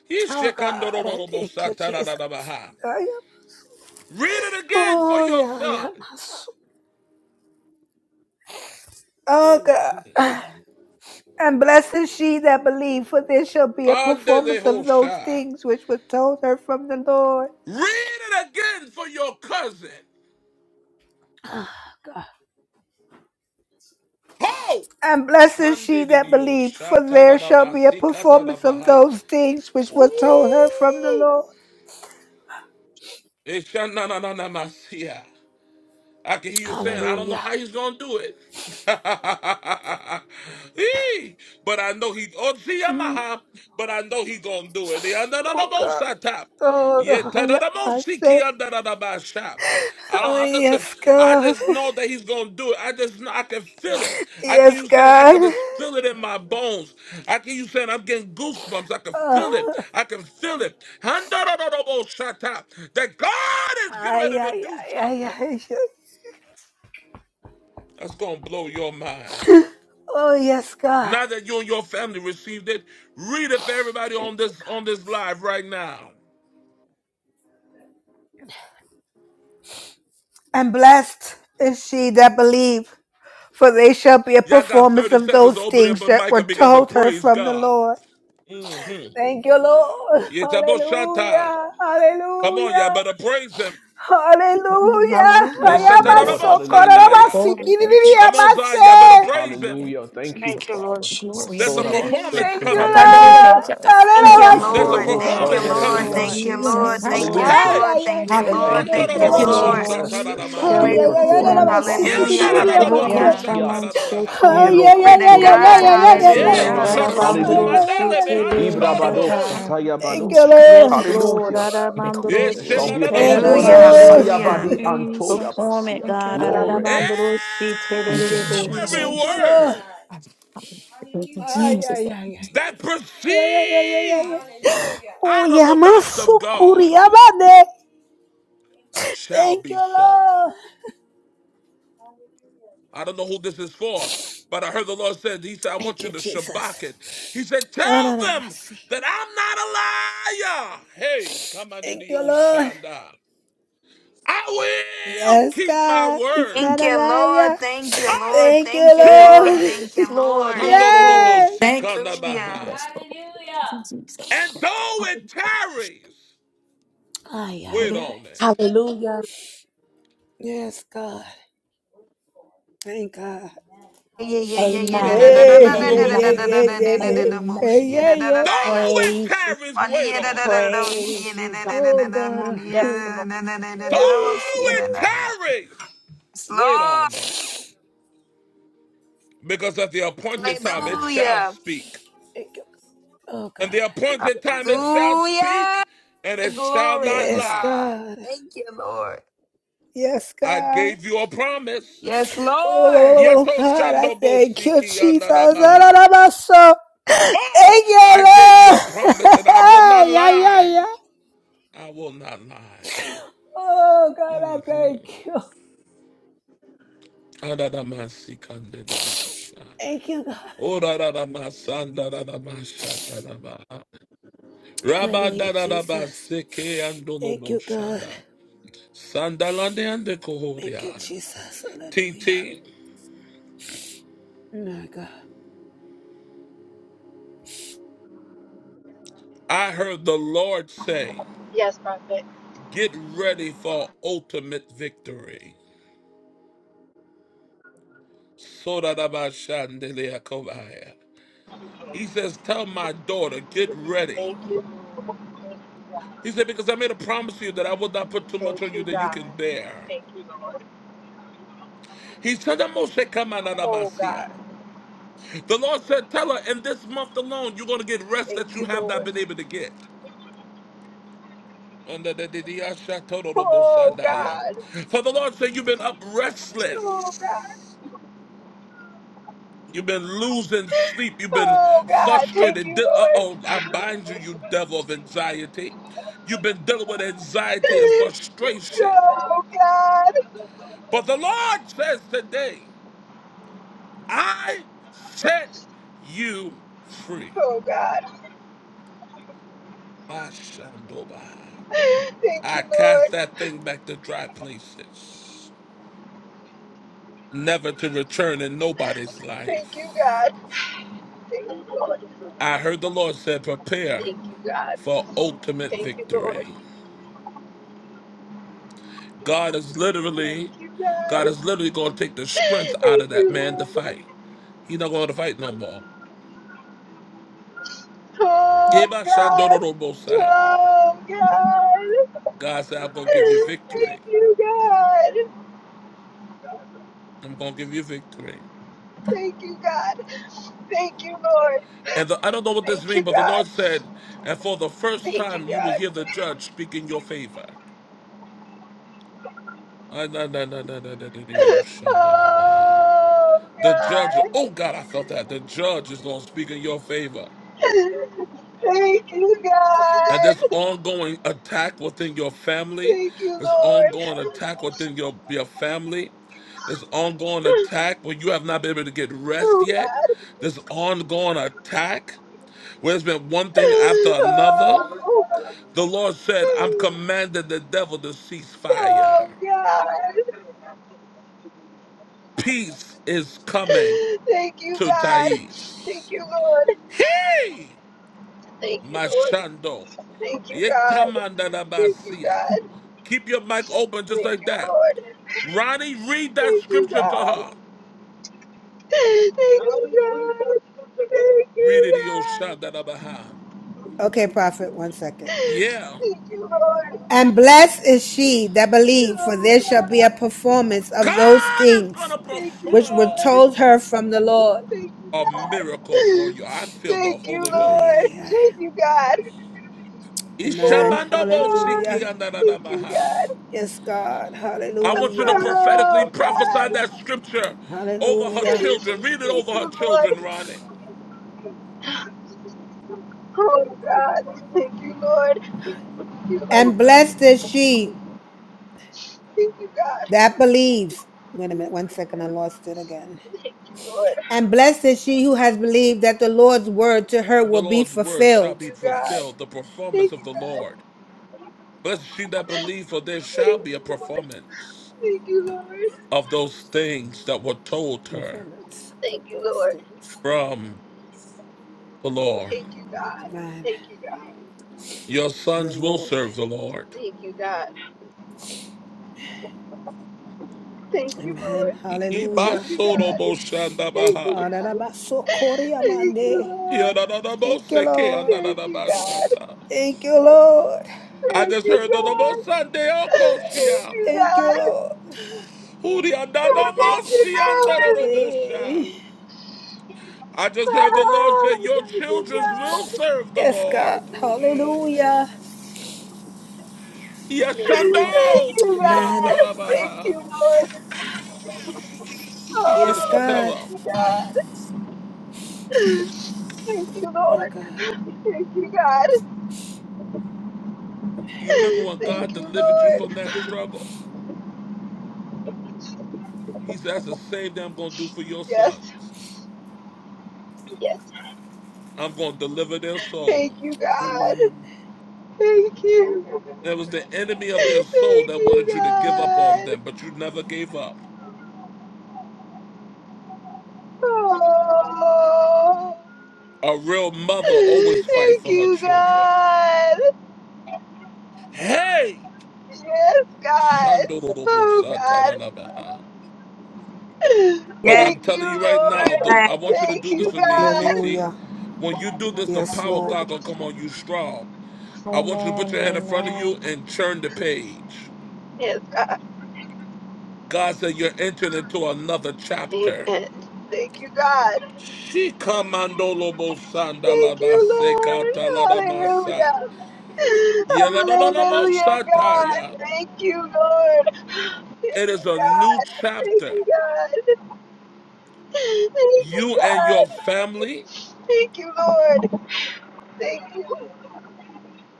S1: He
S8: Oh God, I thank
S1: shekandoromosha
S8: you, Jesus.
S1: taradadabaha.
S8: I am-
S1: Read it again for
S8: Oh
S1: your
S8: yeah, I
S1: son.
S8: am my soul. Oh
S1: Mm-hmm.
S8: God. And blessed is she that believed, for there shall be a performance of those
S1: Andelehosha.
S8: things which were told her from the Lord.
S1: Read it again for your cousin. Hey!
S8: And blessed is she that
S1: Candidio
S8: believed, for there shall be a
S1: Shatanabasika
S8: performance of
S1: Tanabaha.
S8: those things which were told her from the
S1: Ooh!
S8: Lord.
S1: Eshanananamasia. I can hear you saying, I don't know
S8: Hallelujah.
S1: how he's gonna do it. Eee, but I know he oh see
S8: Mm,
S1: Yamaha, but I know he gonna do it. The under the
S8: Oh
S1: most
S8: God.
S1: I tap.
S8: Oh
S1: Yet
S8: God.
S1: under
S8: Yeah,
S1: the
S8: I
S1: most he key
S8: said.
S1: under the best shop. I don't
S8: Oh
S1: I listen,
S8: yes,
S1: I
S8: God.
S1: just know that he's gonna do it. I just know I can feel it. I can
S8: Yes,
S1: you saying I can
S8: God.
S1: just feel it in my bones. I can you saying I'm getting goosebumps. I can feel
S8: Ah.
S1: it. I can feel it. Under the most I tap. That God is getting
S8: Ay,
S1: ready to
S8: ay, ay,
S1: do
S8: ay,
S1: something.
S8: ay. yes.
S1: That's gonna blow your mind.
S8: Oh, yes, God.
S1: Now that you and your family received it, read it for everybody
S8: Thank
S1: on
S8: you,
S1: this
S8: God.
S1: on this live right now.
S8: And blessed is she that believe, for they shall be a
S1: Y'all got
S8: performance
S1: 30
S8: of
S1: seconds to
S8: those
S1: open up
S8: things
S1: a
S8: that
S1: mic
S8: were
S1: and begin to
S8: told her
S1: praise
S8: from the
S1: God.
S8: Lord.
S1: Mm-hmm.
S8: Thank you, Lord.
S1: Yes,
S8: Hallelujah.
S1: Come on, y'all
S8: Hallelujah.
S1: better praise him.
S14: Amen.
S8: Hallelujah.
S1: Yes,
S14: Hallelujah.
S8: I
S3: Yes,
S8: am a
S14: Hallelujah.
S3: Lord.
S14: Thank you.
S8: socorro. I am
S3: Hallelujah.
S8: a sicky,
S14: Glory.
S8: di, di,
S14: Thank
S8: di,
S14: you.
S8: I
S1: Come
S14: Lord.
S8: am
S1: on,
S8: a
S1: Zion, y'all better
S8: say.
S1: praise him.
S14: Thank
S3: Hallelujah.
S14: you,
S3: Thank you,
S14: Jesus.
S3: Father.
S14: Glory.
S1: There's a
S14: Under
S3: Masora
S14: the rain, shout
S1: performance
S3: maseke
S8: Thank you,
S14: out,
S1: coming.
S14: under the
S3: rababa.
S14: rain,
S8: Lord.
S14: shout out.
S6: Thank
S14: Glory,
S6: you,
S8: Hallelujah.
S1: There's a
S14: glory,
S6: Lord.
S3: Hikorobo
S14: glory.
S6: Thank
S5: Lord,
S6: you,
S1: performance
S3: shandere
S6: Lord.
S1: coming.
S6: Thank
S5: Lord,
S3: deriansa.
S6: you,
S14: Hallelujah.
S5: yes,
S14: He
S6: Lord.
S14: can have
S6: Thank you,
S5: Lord,
S14: the most.
S8: Ay,
S3: Hallelujah.
S1: Hey!
S6: Lord.
S8: ay, ay,
S6: Thank you,
S8: ay, ay.
S6: Lord.
S3: Thank you,
S14: Hallelujah.
S8: Thank
S6: Thank
S8: you,
S6: you,
S5: yes,
S14: Thank you,
S3: Father.
S14: Lord.
S8: Lord.
S6: Lord.
S5: Lord.
S3: Yes, there shall
S14: Hallelujah.
S5: Shall
S1: Shandarabosata.
S3: be a
S8: Ay,
S5: be a
S8: ay, ay, ay,
S6: Hallelujah,
S8: nada
S3: performance,
S8: más, sí,
S3: Father.
S8: que ni-
S6: hallelujah,
S8: ni- ni-
S14: Hallelujah.
S3: Eh,
S8: ni
S3: ahaha,
S5: yeah,
S14: Overcome
S8: amase.
S14: the
S6: hallelujah.
S3: shia.
S14: mercy
S5: I'm straight
S1: Yandarabokosata.
S8: Ay,
S5: Lord.
S3: Iro
S8: ay,
S6: Glory
S8: ay,
S6: to
S8: ay, ay, ay,
S6: God,
S3: koturamaba
S8: ay, ay, ay, ay.
S5: Yes,
S3: seke
S6: hallelujah,
S1: Yea,
S5: Lord.
S3: rababa.
S6: hallelujah.
S1: Sharuku
S8: Ay,
S5: Arabandro
S3: Hallelujah.
S8: ay, ay,
S5: she
S8: ay,
S1: Mandele
S8: ay,
S1: be
S14: of God.
S8: ay, ay.
S5: tebe
S14: Hallelujah.
S3: Ibrabados,
S5: shata.
S1: Ansarabahoya.
S14: Hallelujah.
S8: Thank
S14: Rain,
S8: you,
S14: Shout out.
S3: Satayabadoshia.
S8: Lord.
S5: Yes,
S14: Yes.
S5: Lord.
S3: Hallelujah.
S14: They come to
S5: Arabandro
S1: Yes,
S14: the
S3: There shall
S5: she
S3: be a
S14: worship.
S8: Thank you,
S6: Hallelujah,
S14: Hallelujah.
S1: Sheladabosa.
S3: performance.
S5: terabandro
S8: Lord.
S14: Thank you,
S5: she.
S3: Hayabadi
S6: hallelujah.
S14: Lord.
S5: Perform it,
S3: Antoyabasia.
S5: God.
S3: Glory.
S14: Hallelujah.
S5: Arabandro she
S14: Thank you, Lord.
S5: terebe
S14: that it
S5: she.
S1: Every
S14: was
S8: Thank you, Lord.
S1: word
S14: Thank
S8: Ay,
S14: you,
S8: ay,
S14: Jesus.
S8: ay, ay,
S14: Thank you,
S8: ay.
S14: Jesus.
S1: that
S8: Ay, ay, ay, ay, ay,
S1: proceeds
S8: ay. Oh,
S1: out of the mouth
S8: yamasu
S1: of God
S8: kuriyamane.
S1: shall
S8: Thank
S1: be
S8: you,
S1: so.
S8: Lord.
S1: I don't know who this is for, but I heard the Lord said, He said, I
S8: Thank
S1: want you
S8: you,
S1: to shabak it.
S8: Jesus.
S1: He said,
S8: Oh,
S1: Tell
S8: nada más,
S1: them
S8: sí.
S1: that I'm not a liar. Hey, come under
S8: Thank
S1: the
S8: you,
S1: old
S8: Lord.
S1: shanda. I will
S8: Yes,
S1: keep my
S8: God. He's
S1: word.
S8: not
S6: Thank
S8: a
S6: you, Lord,
S8: liar.
S6: thank you,
S1: Ah,
S6: Lord,
S8: Thank you,
S6: thank you, Lord,
S8: Lord.
S1: Jesus.
S6: thank you,
S5: Yes, Lord.
S6: Lord.
S5: Yes, Lord.
S8: Yes.
S14: Thank
S1: Shandorobosikandabaha.
S6: Hallelujah.
S1: And though it tarries,
S8: Ay,
S1: wait
S8: ay, ay.
S1: on it.
S4: Hallelujah.
S8: Yes, God. Thank God.
S6: Yeah, yeah, yeah, yeah. Da, da, da,
S4: Amen.
S6: da,
S8: Hey,
S6: da,
S8: yeah,
S6: da, da,
S4: Amen.
S8: yeah,
S1: Mikatadadadadabosha.
S6: da, da,
S8: yeah,
S6: da, da, da,
S8: yeah,
S6: da, da, da,
S8: yeah.
S6: da,
S4: Amen.
S6: mo-
S8: Hey,
S6: shi-
S8: yeah,
S6: da, da, da,
S8: yeah.
S6: da,
S1: Though
S6: yeah.
S1: it
S4: Praise you.
S1: tarries,
S6: Money,
S1: wait
S6: yeah, da, da,
S1: on it.
S6: da, da, da, shi-
S4: Praise
S6: da,
S4: you,
S6: da,
S4: God.
S6: da, da,
S8: Oh,
S6: da, da,
S8: God.
S6: money,
S4: Yes,
S6: da
S4: Lord.
S6: da, da, da, da, da, da, da, da, mo- shi-
S1: Though
S6: da,
S1: it
S6: da, yeah.
S1: tarries,
S6: Yes,
S1: wait on
S6: Lord.
S1: it. Because at the appointed
S8: yes,
S1: time it
S8: God.
S1: shall
S6: Hallelujah.
S1: speak.
S8: Thank you. Oh,
S1: And
S8: God.
S1: the
S8: Thank you,
S1: appointed time it
S8: Jesus.
S1: shall
S6: Hallelujah.
S1: speak, and it shall
S6: Glory
S1: not
S6: to
S8: Yes,
S6: God.
S1: lie.
S8: God.
S6: Thank you, Lord.
S8: Yes,
S1: I
S8: God.
S1: gave you a promise.
S6: Yes, Lord.
S8: Oh,
S1: Yato
S8: God, I
S1: shandobo
S8: thank you,
S1: siki
S8: Jesus.
S1: andaramaha.
S8: Ararabaso.
S1: Oh,
S8: Thank you,
S1: I gave you
S8: Lord.
S1: a promise and I will not
S8: yeah, yeah,
S1: lie.
S8: yeah.
S1: I will not lie.
S8: Oh, God, I
S1: Mm-hmm.
S8: thank you. Thank you, God. Hallelujah, Jesus. Thank you, God.
S1: Sandalande and the
S8: Thank you,
S1: Kohoria.
S8: Jesus. Hallelujah.
S1: TT,
S8: My God.
S1: I heard the Lord say,
S16: Yes, Prophet.
S1: Get ready for ultimate victory. Sodadabashandeleakobaya. He says, Tell my daughter, get ready.
S16: Thank you. Lord.
S1: He said, Because I made a promise to you that I would not put too much
S16: Thank
S1: on you
S16: you,
S1: that you
S16: God.
S1: can bear.
S16: Thank you, God. Thank you, Lord.
S1: He said, "Amose
S16: Oh,
S1: kamananamasia."
S16: God.
S1: The Lord said, Tell her, in this month alone, you're going to get rest that
S16: Thank
S1: you
S16: you,
S1: have not
S16: Lord.
S1: been able to get. Under the
S16: Oh,
S1: Didiashatodorobosandaya.
S16: God.
S1: For the Lord said, You've been up
S16: Oh,
S1: restless.
S16: God.
S1: You've been losing sleep. You've been
S16: Oh, God. Thank
S1: frustrated.
S16: you,
S1: Uh oh, I
S16: Lord.
S1: bind you, you devil of anxiety. You've been dealing with anxiety and frustration.
S16: Oh, God.
S1: But the Lord says today, I set you free.
S16: Oh, God.
S1: My
S16: Thank
S1: I
S16: you,
S1: cast
S16: Lord.
S1: that thing back to dry places, never to return in nobody's
S16: Thank you,
S1: life.
S16: God. Thank you, Lord.
S1: I heard the Lord said, prepare
S16: Thank you, God.
S1: for ultimate
S16: Thank you, Lord.
S1: victory. God is literally,
S16: Thank you, God.
S1: God is literally going to take the strength out of
S16: Thank
S1: that man to
S16: you, Lord.
S1: fight. He's not going to fight no more.
S16: Oh
S1: Yeba
S16: God!
S1: Shandorobosa.
S16: Oh God!
S1: God said, I'm going to give you victory.
S16: Thank you, God!
S1: I'm going to give you victory.
S16: Thank you, God! Thank you, Lord!
S1: And the, I don't know what this
S16: Thank you,
S1: means, but the Lord
S16: God!
S1: said, and for the first
S16: Thank you,
S1: time you will
S16: God!
S1: hear the judge speak in your favor. Ah, oh,
S16: Oh
S1: The judge,
S16: God!
S1: oh God, I felt that. The judge is going to speak in your favor.
S16: Thank you,
S1: And
S16: God!
S1: this ongoing attack within your family,
S16: Thank you,
S1: this
S16: Lord!
S1: ongoing attack within your, your family, this ongoing attack where you have not been able to get rest
S16: Oh
S1: yet, this ongoing attack where there's been one thing after another.
S16: God!
S1: The Lord said, I'm
S16: Oh.
S1: commanding the devil to cease fire.
S16: Oh, God.
S1: Peace is coming
S16: Thank you,
S1: to
S16: God. Thank
S1: Thais.
S16: you, Lord.
S1: Hey!
S16: Thank you, Lord.
S1: Mashando.
S16: Thank you, God. Thank you,
S1: Yetamandalabasia.
S16: God.
S1: Keep your mic open just
S16: Thank
S1: like
S16: you,
S1: that.
S16: Lord.
S1: Ronnie, read that
S16: Thank you,
S1: scripture to
S16: God.
S1: her.
S16: Thank
S1: Read it,
S16: you, God.
S1: Yoshandalabaha.
S8: Okay, prophet, one second.
S1: Yeah.
S16: Thank you, Lord.
S8: And blessed is she that believed, for
S16: Oh,
S8: there shall be
S16: God.
S8: a performance of those
S1: God is going
S8: things
S1: to
S16: Thank you,
S8: which were
S1: perform
S16: Lord.
S8: told her from the Lord.
S16: Thank you,
S1: a miracle for
S16: God.
S1: you. I feel the
S16: Thank you,
S1: Holy
S8: Ay,
S1: Ghost.
S16: Lord.
S8: ay, ay.
S16: Thank you, God.
S8: Amen.
S16: Oh,
S1: Ishamandobo siki
S16: God.
S8: Hallelujah.
S16: Thank you,
S1: andalalabaha.
S16: God.
S8: Yes, God.
S1: I want you to
S8: Hallelujah.
S1: prophetically
S16: Oh,
S1: prophesy
S16: God.
S1: that scripture over her
S8: Hallelujah.
S16: Thank
S1: children. Read it over her
S16: you,
S1: children,
S16: Lord.
S1: Ronnie.
S16: Oh, God. Thank you, Lord. Thank you,
S8: And
S16: Lord.
S8: blessed is she
S16: Thank you, God.
S8: that believes. Wait a minute, one second, I lost it again.
S16: Thank you, Lord.
S8: And blessed is she who has believed that the Lord's word to her
S1: The
S8: will be
S1: Lord's word shall
S8: fulfilled.
S16: Thank
S1: be
S16: you, God.
S1: fulfilled, the performance
S16: Thank
S1: of
S16: you,
S1: the
S16: God.
S1: Lord. Blessed is she that believe, for there
S16: Thank
S1: shall
S16: you,
S1: be a
S16: Lord.
S1: performance
S16: Thank you, Lord.
S1: of those things that were told her
S8: Performance of
S16: Thank you,
S8: those
S16: Lord.
S8: things.
S1: from the Lord.
S16: Thank you, God.
S8: Amen.
S16: Thank you, God.
S1: Your
S8: The
S1: sons will
S8: Lord.
S1: serve the Lord.
S16: Thank you, God. Thank you, Lord.
S8: Amen.
S16: Thank
S8: Hallelujah.
S16: you, God. Thank you,
S1: Ibasodoboshandabaha.
S16: God. Thank you,
S8: Ararabasokoriamande.
S16: Lord.
S8: Thank you,
S1: Yadadadaboseke
S8: Lord.
S16: Thank you, God.
S1: andadadabashata.
S8: Thank you, Lord.
S1: I
S16: Thank
S1: just
S16: you,
S1: heard the Lord
S16: God.
S1: Sunday
S16: Thank
S1: Okoshia.
S16: you,
S8: Thank you,
S16: God. Oh,
S8: Lord.
S16: thank you, God.
S8: Eh.
S1: I just heard the Lord say,
S16: Oh,
S1: Your
S16: thank you,
S1: children will
S16: God.
S1: serve the
S8: Yes, God.
S1: Lord. Mm.
S8: Hallelujah.
S16: Thank
S1: Yashando
S16: you,
S8: Amen.
S16: God. Thank you, Lord.
S1: He
S8: Yes,
S1: says,
S16: Oh,
S1: Tell
S16: thank
S8: God.
S1: her,
S16: you, God. Thank you,
S8: My
S16: Lord.
S8: God.
S16: Thank you, God.
S1: you remember when God
S16: Thank you,
S1: delivered you from that
S16: Lord.
S1: struggle? He said, That's the same thing I'm going to do for your
S16: Yes.
S1: sons.
S16: Yes.
S1: I'm going to deliver their soul.
S16: Thank you, God.
S8: Amen.
S16: Thank you.
S1: There was the enemy of their soul
S16: Thank
S1: that
S16: you,
S1: wanted you to give up on
S16: God.
S1: them, but you never gave up.
S16: Oh.
S1: A real mother always fights
S16: Thank
S1: for her
S16: you,
S1: children.
S16: God.
S1: Hey!
S16: Yes, God. Oh, God.
S1: Shandorobosataranaba. But
S4: Yes.
S1: I'm
S16: Thank you,
S1: telling you right now, the,
S4: Amen.
S1: I
S16: Lord.
S1: want you to
S16: Thank
S1: do this
S16: you,
S1: with me,
S16: God.
S1: TT.
S8: Hallelujah.
S1: When you do this, the
S8: Yes,
S1: power of
S8: Lord.
S1: God gonna come on you strong. I want you to put
S5: Amen.
S1: your hand in front of
S5: Amen.
S1: you and turn the page.
S16: Yes, God.
S1: God said you're entering into another chapter.
S16: Amen. Thank you, God. Thank you, Lord.
S1: Shikamandolobosandalabasekataladamasa.
S16: Hallelujah. Hallelujah, God.
S1: Yeladadadamosataya.
S16: Thank you, Lord. Thank
S1: It is
S16: you,
S1: a new
S16: God. Thank
S1: chapter.
S16: you, God. Thank you,
S1: You and your
S16: God.
S1: family.
S16: Thank you, Lord. Thank you.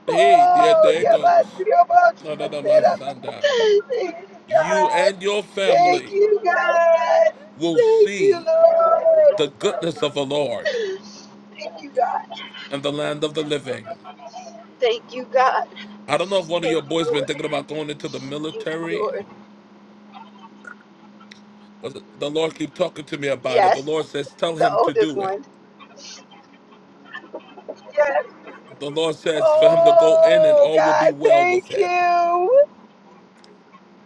S1: Hey, there,
S16: Oh,
S1: there it goes.
S16: Yabatrioboshantera. Thank you,
S1: You
S16: God.
S1: and your
S16: Thank
S1: family
S16: you, God.
S1: will
S16: Thank you,
S1: see the
S16: Lord.
S1: goodness of the Lord
S16: Thank you, God.
S1: in the land of the living.
S16: Thank you, God.
S1: I don't know if one of
S16: Thank
S1: your
S16: you,
S1: boys been
S16: Lord.
S1: thinking about going into the
S16: Thank you,
S1: military.
S16: Lord.
S1: The Lord keep talking to me about it. The
S16: Yes,
S1: Lord says, tell
S16: the
S1: him to
S16: oldest
S1: do it.
S16: one. Yes.
S1: The Lord says for him to go in and
S16: Oh,
S1: all will be
S16: God,
S1: well with
S16: thank
S1: him.
S16: you.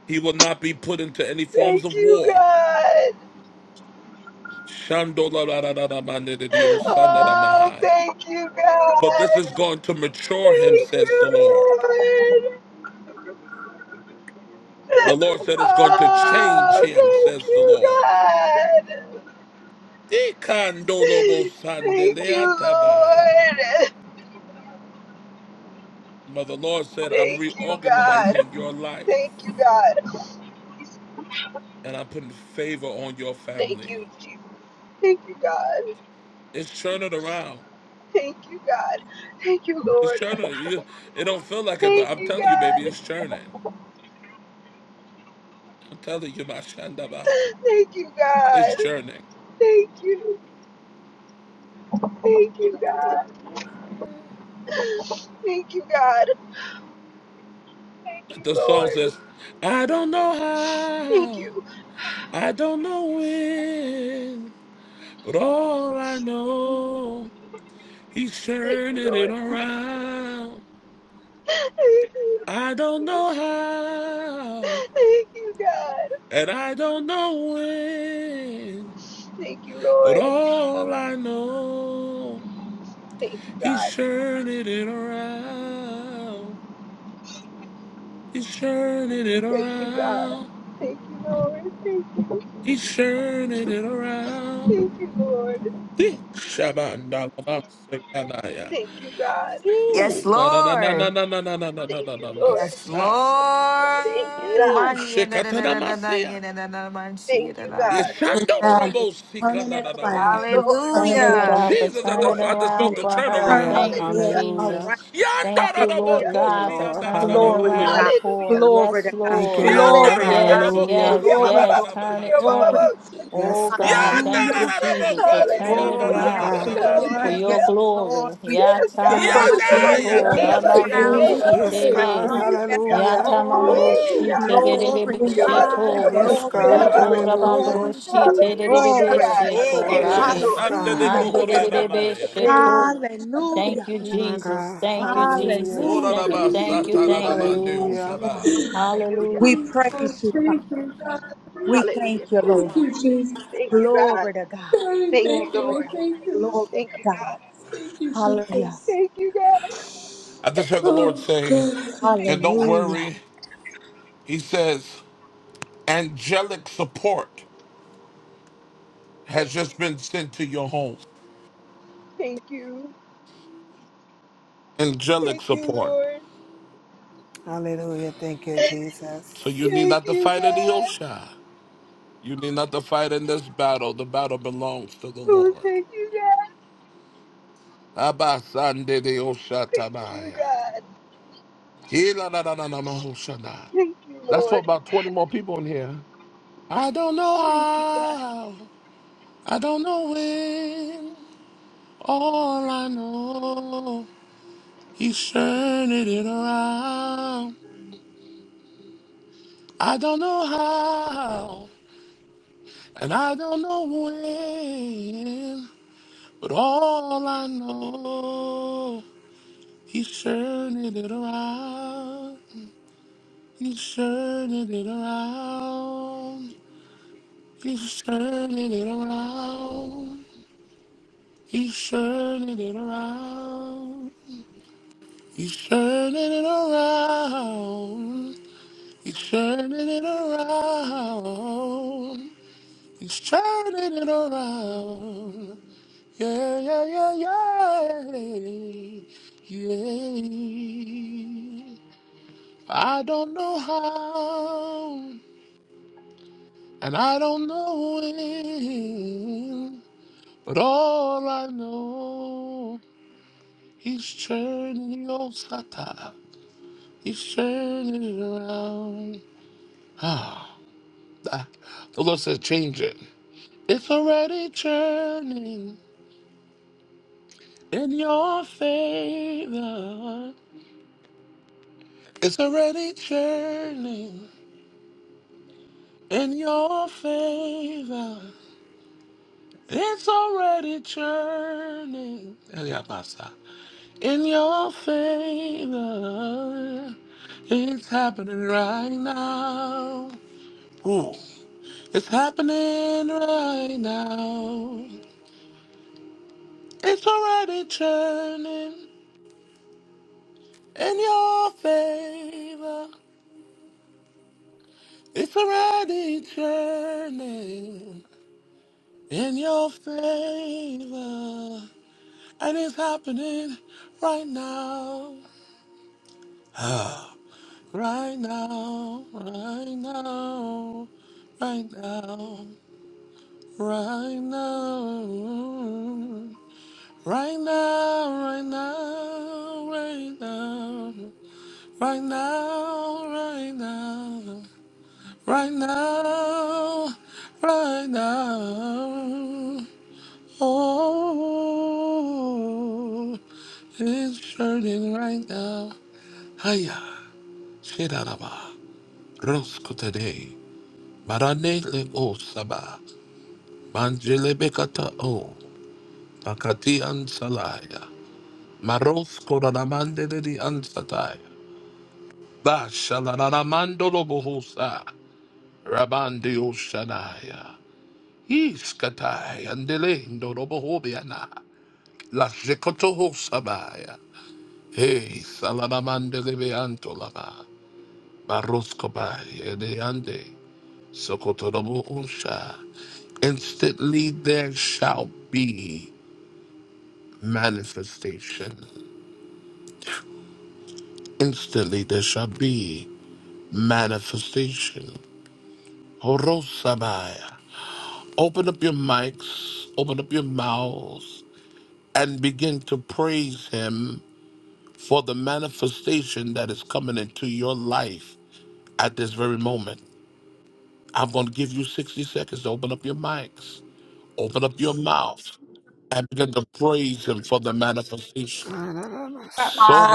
S1: He will not be put into any forms
S16: Thank
S1: of
S16: you,
S1: war.
S16: God. Oh, thank you,
S1: But this is
S16: God.
S1: going to mature him,
S16: Thank
S1: says the Lord.
S16: you, Lord.
S1: The Lord said it's going to change
S16: Oh,
S1: him,
S16: thank
S1: says the
S16: you,
S1: Lord.
S16: God. Thank you,
S1: Ikandolobosandeleatabaya.
S16: Lord.
S1: But the Lord said, I'm
S16: Thank you, God.
S1: reorganizing your life
S16: Thank you, God.
S1: and I'm putting favor on your
S16: Thank
S1: family.
S16: you, Jesus. Thank you, God.
S1: It's churning around.
S16: Thank you, God. Thank you,
S1: It's
S16: Lord.
S1: churning. You, it don't feel like it, but
S16: Thank
S1: I'm
S16: you,
S1: telling you, baby,
S16: God.
S1: it's churning. I'm telling you, my Shandabaha.
S16: Thank you,
S1: It's
S16: God.
S1: churning.
S16: Thank you. Thank you, God. Thank you, God. Thank you,
S1: The song
S16: Lord.
S1: says, I don't
S16: Thank
S1: know how,
S16: you.
S1: I don't know when. But all I know, he's
S16: Thank you,
S1: turning it
S16: Lord.
S1: around.
S16: Thank
S1: I don't
S16: you.
S1: know how,
S16: Thank you, God.
S1: and I don't know when.
S16: Thank you,
S1: But
S16: Lord.
S1: all I know,
S16: Thank you,
S1: he's
S16: God.
S1: turning it around. He's turning it
S16: Thank you, God.
S1: around.
S16: Thank you, Lord. Thank you.
S1: He's turning it around.
S16: Thank you, Lord.
S1: Dick Shabandalabasekanaya.
S16: Thank you, God.
S6: Yes,
S1: Ooh, na na na na na
S6: Lord.
S1: na na na na na
S16: Thank
S1: na
S16: you, Lord.
S6: Yes,
S1: na.
S16: Thank you,
S6: Lord.
S1: Oh,
S16: God.
S6: Mani- da- da- da- da- da- da- da
S1: Shekatanamasia.
S6: da- da- da- man-
S16: Thank
S6: shi- da-
S16: you,
S6: da- da.
S16: God.
S4: He's
S1: Yeshandorobo
S4: turning it
S16: Thank
S4: around.
S16: you,
S1: Sikanadamaha.
S4: He's
S16: Lord.
S4: turning
S5: Thank
S4: it
S5: you,
S4: around.
S6: Hallelujah.
S5: God,
S16: Thank
S5: for
S1: Jesus,
S16: you,
S1: I
S5: turning
S1: just,
S16: Lord.
S1: I just felt
S4: He's
S5: around
S1: the
S16: Thank
S5: for
S16: you,
S5: her.
S16: God.
S4: turning
S1: turnaround.
S8: Hallelujah.
S5: Thank
S1: Mm.
S5: you,
S4: it
S16: Hallelujah.
S5: Jesus.
S8: Hallelujah.
S4: around.
S5: Thank you,
S1: Yandarobo
S5: Lord
S16: Hallelujah.
S8: Thank you,
S5: God, for
S8: Lord.
S5: turning it
S4: Glory to
S1: Koshiandanadamaha.
S5: around
S8: Hallelujah.
S4: God.
S5: for. her.
S16: Hallelujah.
S4: Glory
S5: Yes,
S4: to God.
S8: Thank you,
S5: Lord.
S8: Lord.
S4: Glory to
S5: Yes,
S4: God.
S1: Yandarobo
S8: Hallelujah.
S5: yes,
S4: Glory,
S5: yes.
S16: Hallelujah.
S4: glory,
S5: Turn it,
S1: Koshiandanadamahaya.
S5: turn it.
S4: glory.
S8: Yes,
S5: Oh,
S16: Hallelujah.
S5: God,
S8: God.
S5: thank you,
S16: Hallelujah.
S4: Hallelujah.
S1: Yandarobo
S5: Jesus, for
S16: Hallelujah.
S5: turning it
S4: Oh,
S8: My
S4: yes,
S5: around.
S8: God.
S5: for
S4: Lord.
S1: Koshiandanadamasa.
S5: your
S4: Yes,
S5: glory.
S4: Lord. We
S16: Yes,
S4: thank you,
S16: God. And
S4: Father.
S16: your Lord, you
S1: Yadaya
S15: hallelujah,
S16: did
S5: Yatamasheto
S16: it, but your
S4: Round,
S8: Yes,
S1: Koshiandomaya.
S16: Lord.
S4: turn
S5: Ramandroshitebe.
S8: God.
S4: around.
S16: Thank
S15: hallelujah.
S4: Yes,
S16: you,
S8: Hallelujah.
S16: God.
S4: Lord.
S16: Thank you,
S15: Oh,
S1: Woo!
S16: God.
S4: Glory to
S15: hallelujah,
S16: Your
S15: Lord
S16: Lord,
S4: God.
S16: your
S5: Yatamandroshitebesheto.
S15: God. I
S16: Lord,
S8: Yes,
S16: you
S4: Glory,
S16: did it,
S8: God.
S15: thank you,
S4: glory,
S5: Voto
S15: Lord. I
S4: glory,
S8: Hallelujah.
S16: but-
S15: thank
S4: glory,
S15: you.
S16: Hallelujah,
S4: glory.
S16: God.
S1: Oh,
S5: Rabandroshitebesheto.
S16: Thank
S15: Shabbatabaye,
S16: you,
S5: Rae.
S8: Yes,
S16: Lord.
S8: God.
S4: Hallelujah.
S1: Basandeleko Horiadamaya.
S15: shabbatabaye.
S5: Anderebesheto. Thank
S4: Hallelujah.
S5: you,
S8: My
S5: Jesus.
S8: God.
S5: Thank you,
S8: Hallelujah.
S5: Jesus.
S1: Ora da
S5: Thank
S4: Hallelujah.
S5: you,
S1: ba
S15: Thank
S1: sa
S5: thank
S15: you,
S5: you,
S1: ta da da
S5: thank
S1: ba
S15: Jesus.
S5: you.
S1: de o
S4: Yes,
S8: Hallelujah.
S4: God.
S1: shaba.
S5: Hallelujah.
S4: We
S16: Hallelujah.
S15: I
S4: praise you, Father.
S15: Thank you,
S4: We
S15: God.
S16: Hallelujah,
S4: thank you,
S15: Thank
S16: God.
S4: Lord.
S15: you, Jesus.
S16: Thank you, God.
S4: Glory to God.
S15: God, I
S16: Thank you,
S15: thank
S4: Glory
S15: you.
S4: to
S15: We
S16: Lord.
S4: God.
S15: thank you.
S4: Glory
S15: Lord.
S16: Thank
S4: to
S16: you,
S4: God.
S16: God.
S15: Thank you,
S4: Hallelujah.
S15: Jesus.
S16: Thank you, God.
S1: I just heard the Lord
S15: Oh,
S1: say,
S15: God, I thank you.
S1: and
S16: Thank you,
S1: don't
S16: God.
S4: Hallelujah.
S1: worry, He says, angelic support has just been sent to your home.
S16: Thank you.
S1: Angelic
S16: Thank you,
S1: support.
S16: Lord.
S8: Hallelujah. Thank you,
S16: Thank
S8: Jesus.
S1: So you need not to
S16: you,
S1: fight any
S16: God.
S1: Osha. You need not to fight in this battle. The battle belongs to the
S16: Oh,
S1: Lord.
S16: thank you, God.
S1: Abba Sande de Osha
S16: Thank you,
S1: Tabaya.
S16: God.
S1: Hila na na na na ma Osha na.
S16: Thank you,
S1: That's for
S16: Lord.
S1: about 20 more people in here. I don't know
S16: Thank you, God.
S1: how. I don't know when. All I know. He's turning it around. I don't know how, and I don't know when, but all I know, he's turning it around. He's turning it around. He's turning it around. He's turning it around. He's turning it around. He's turning it around. He's turning it around. Yeah, yeah, yeah, yeah. Yeah. I don't know how, and I don't know when, but all I know, he's turning your sata. He's turning it around. Ah, the the Lord says, change it. It's already turning. In your favor, it's already churning. In your favor, it's already churning. Yeah, basta. In your favor, it's happening right now. Ooh, it's happening right now. It's already turning in your favor. It's a ready journey in your favor, and it's happening right now. Ah, Right now, right now, right now, right now, right now, right now, right now, right now, right now. Right now, right now, oh, it's turning right now. Hiya, Shiraraba, Rosco today, Marane Lego Saba, Manjele Bekata O, Makati Ansalaya, Maros Koranamande de Ansataya, Bashalanaramando Lobohosa, Rabandi Oshanaya. Iskatai andelendo robohobiana. La zekotoho sabaya. Hey, salamamande lebeanto laba. Baroskobai edeande. Sokotorobo unsha. Instantly there shall be manifestation. Instantly there shall be manifestation. Horosabaya. Open up your mics, open up your mouths, and begin to praise him for the manifestation that is coming into your life at this very moment. I'm going to give you 60 seconds to open up your mics, open up your mouth, and begin to praise Him for the manifestation.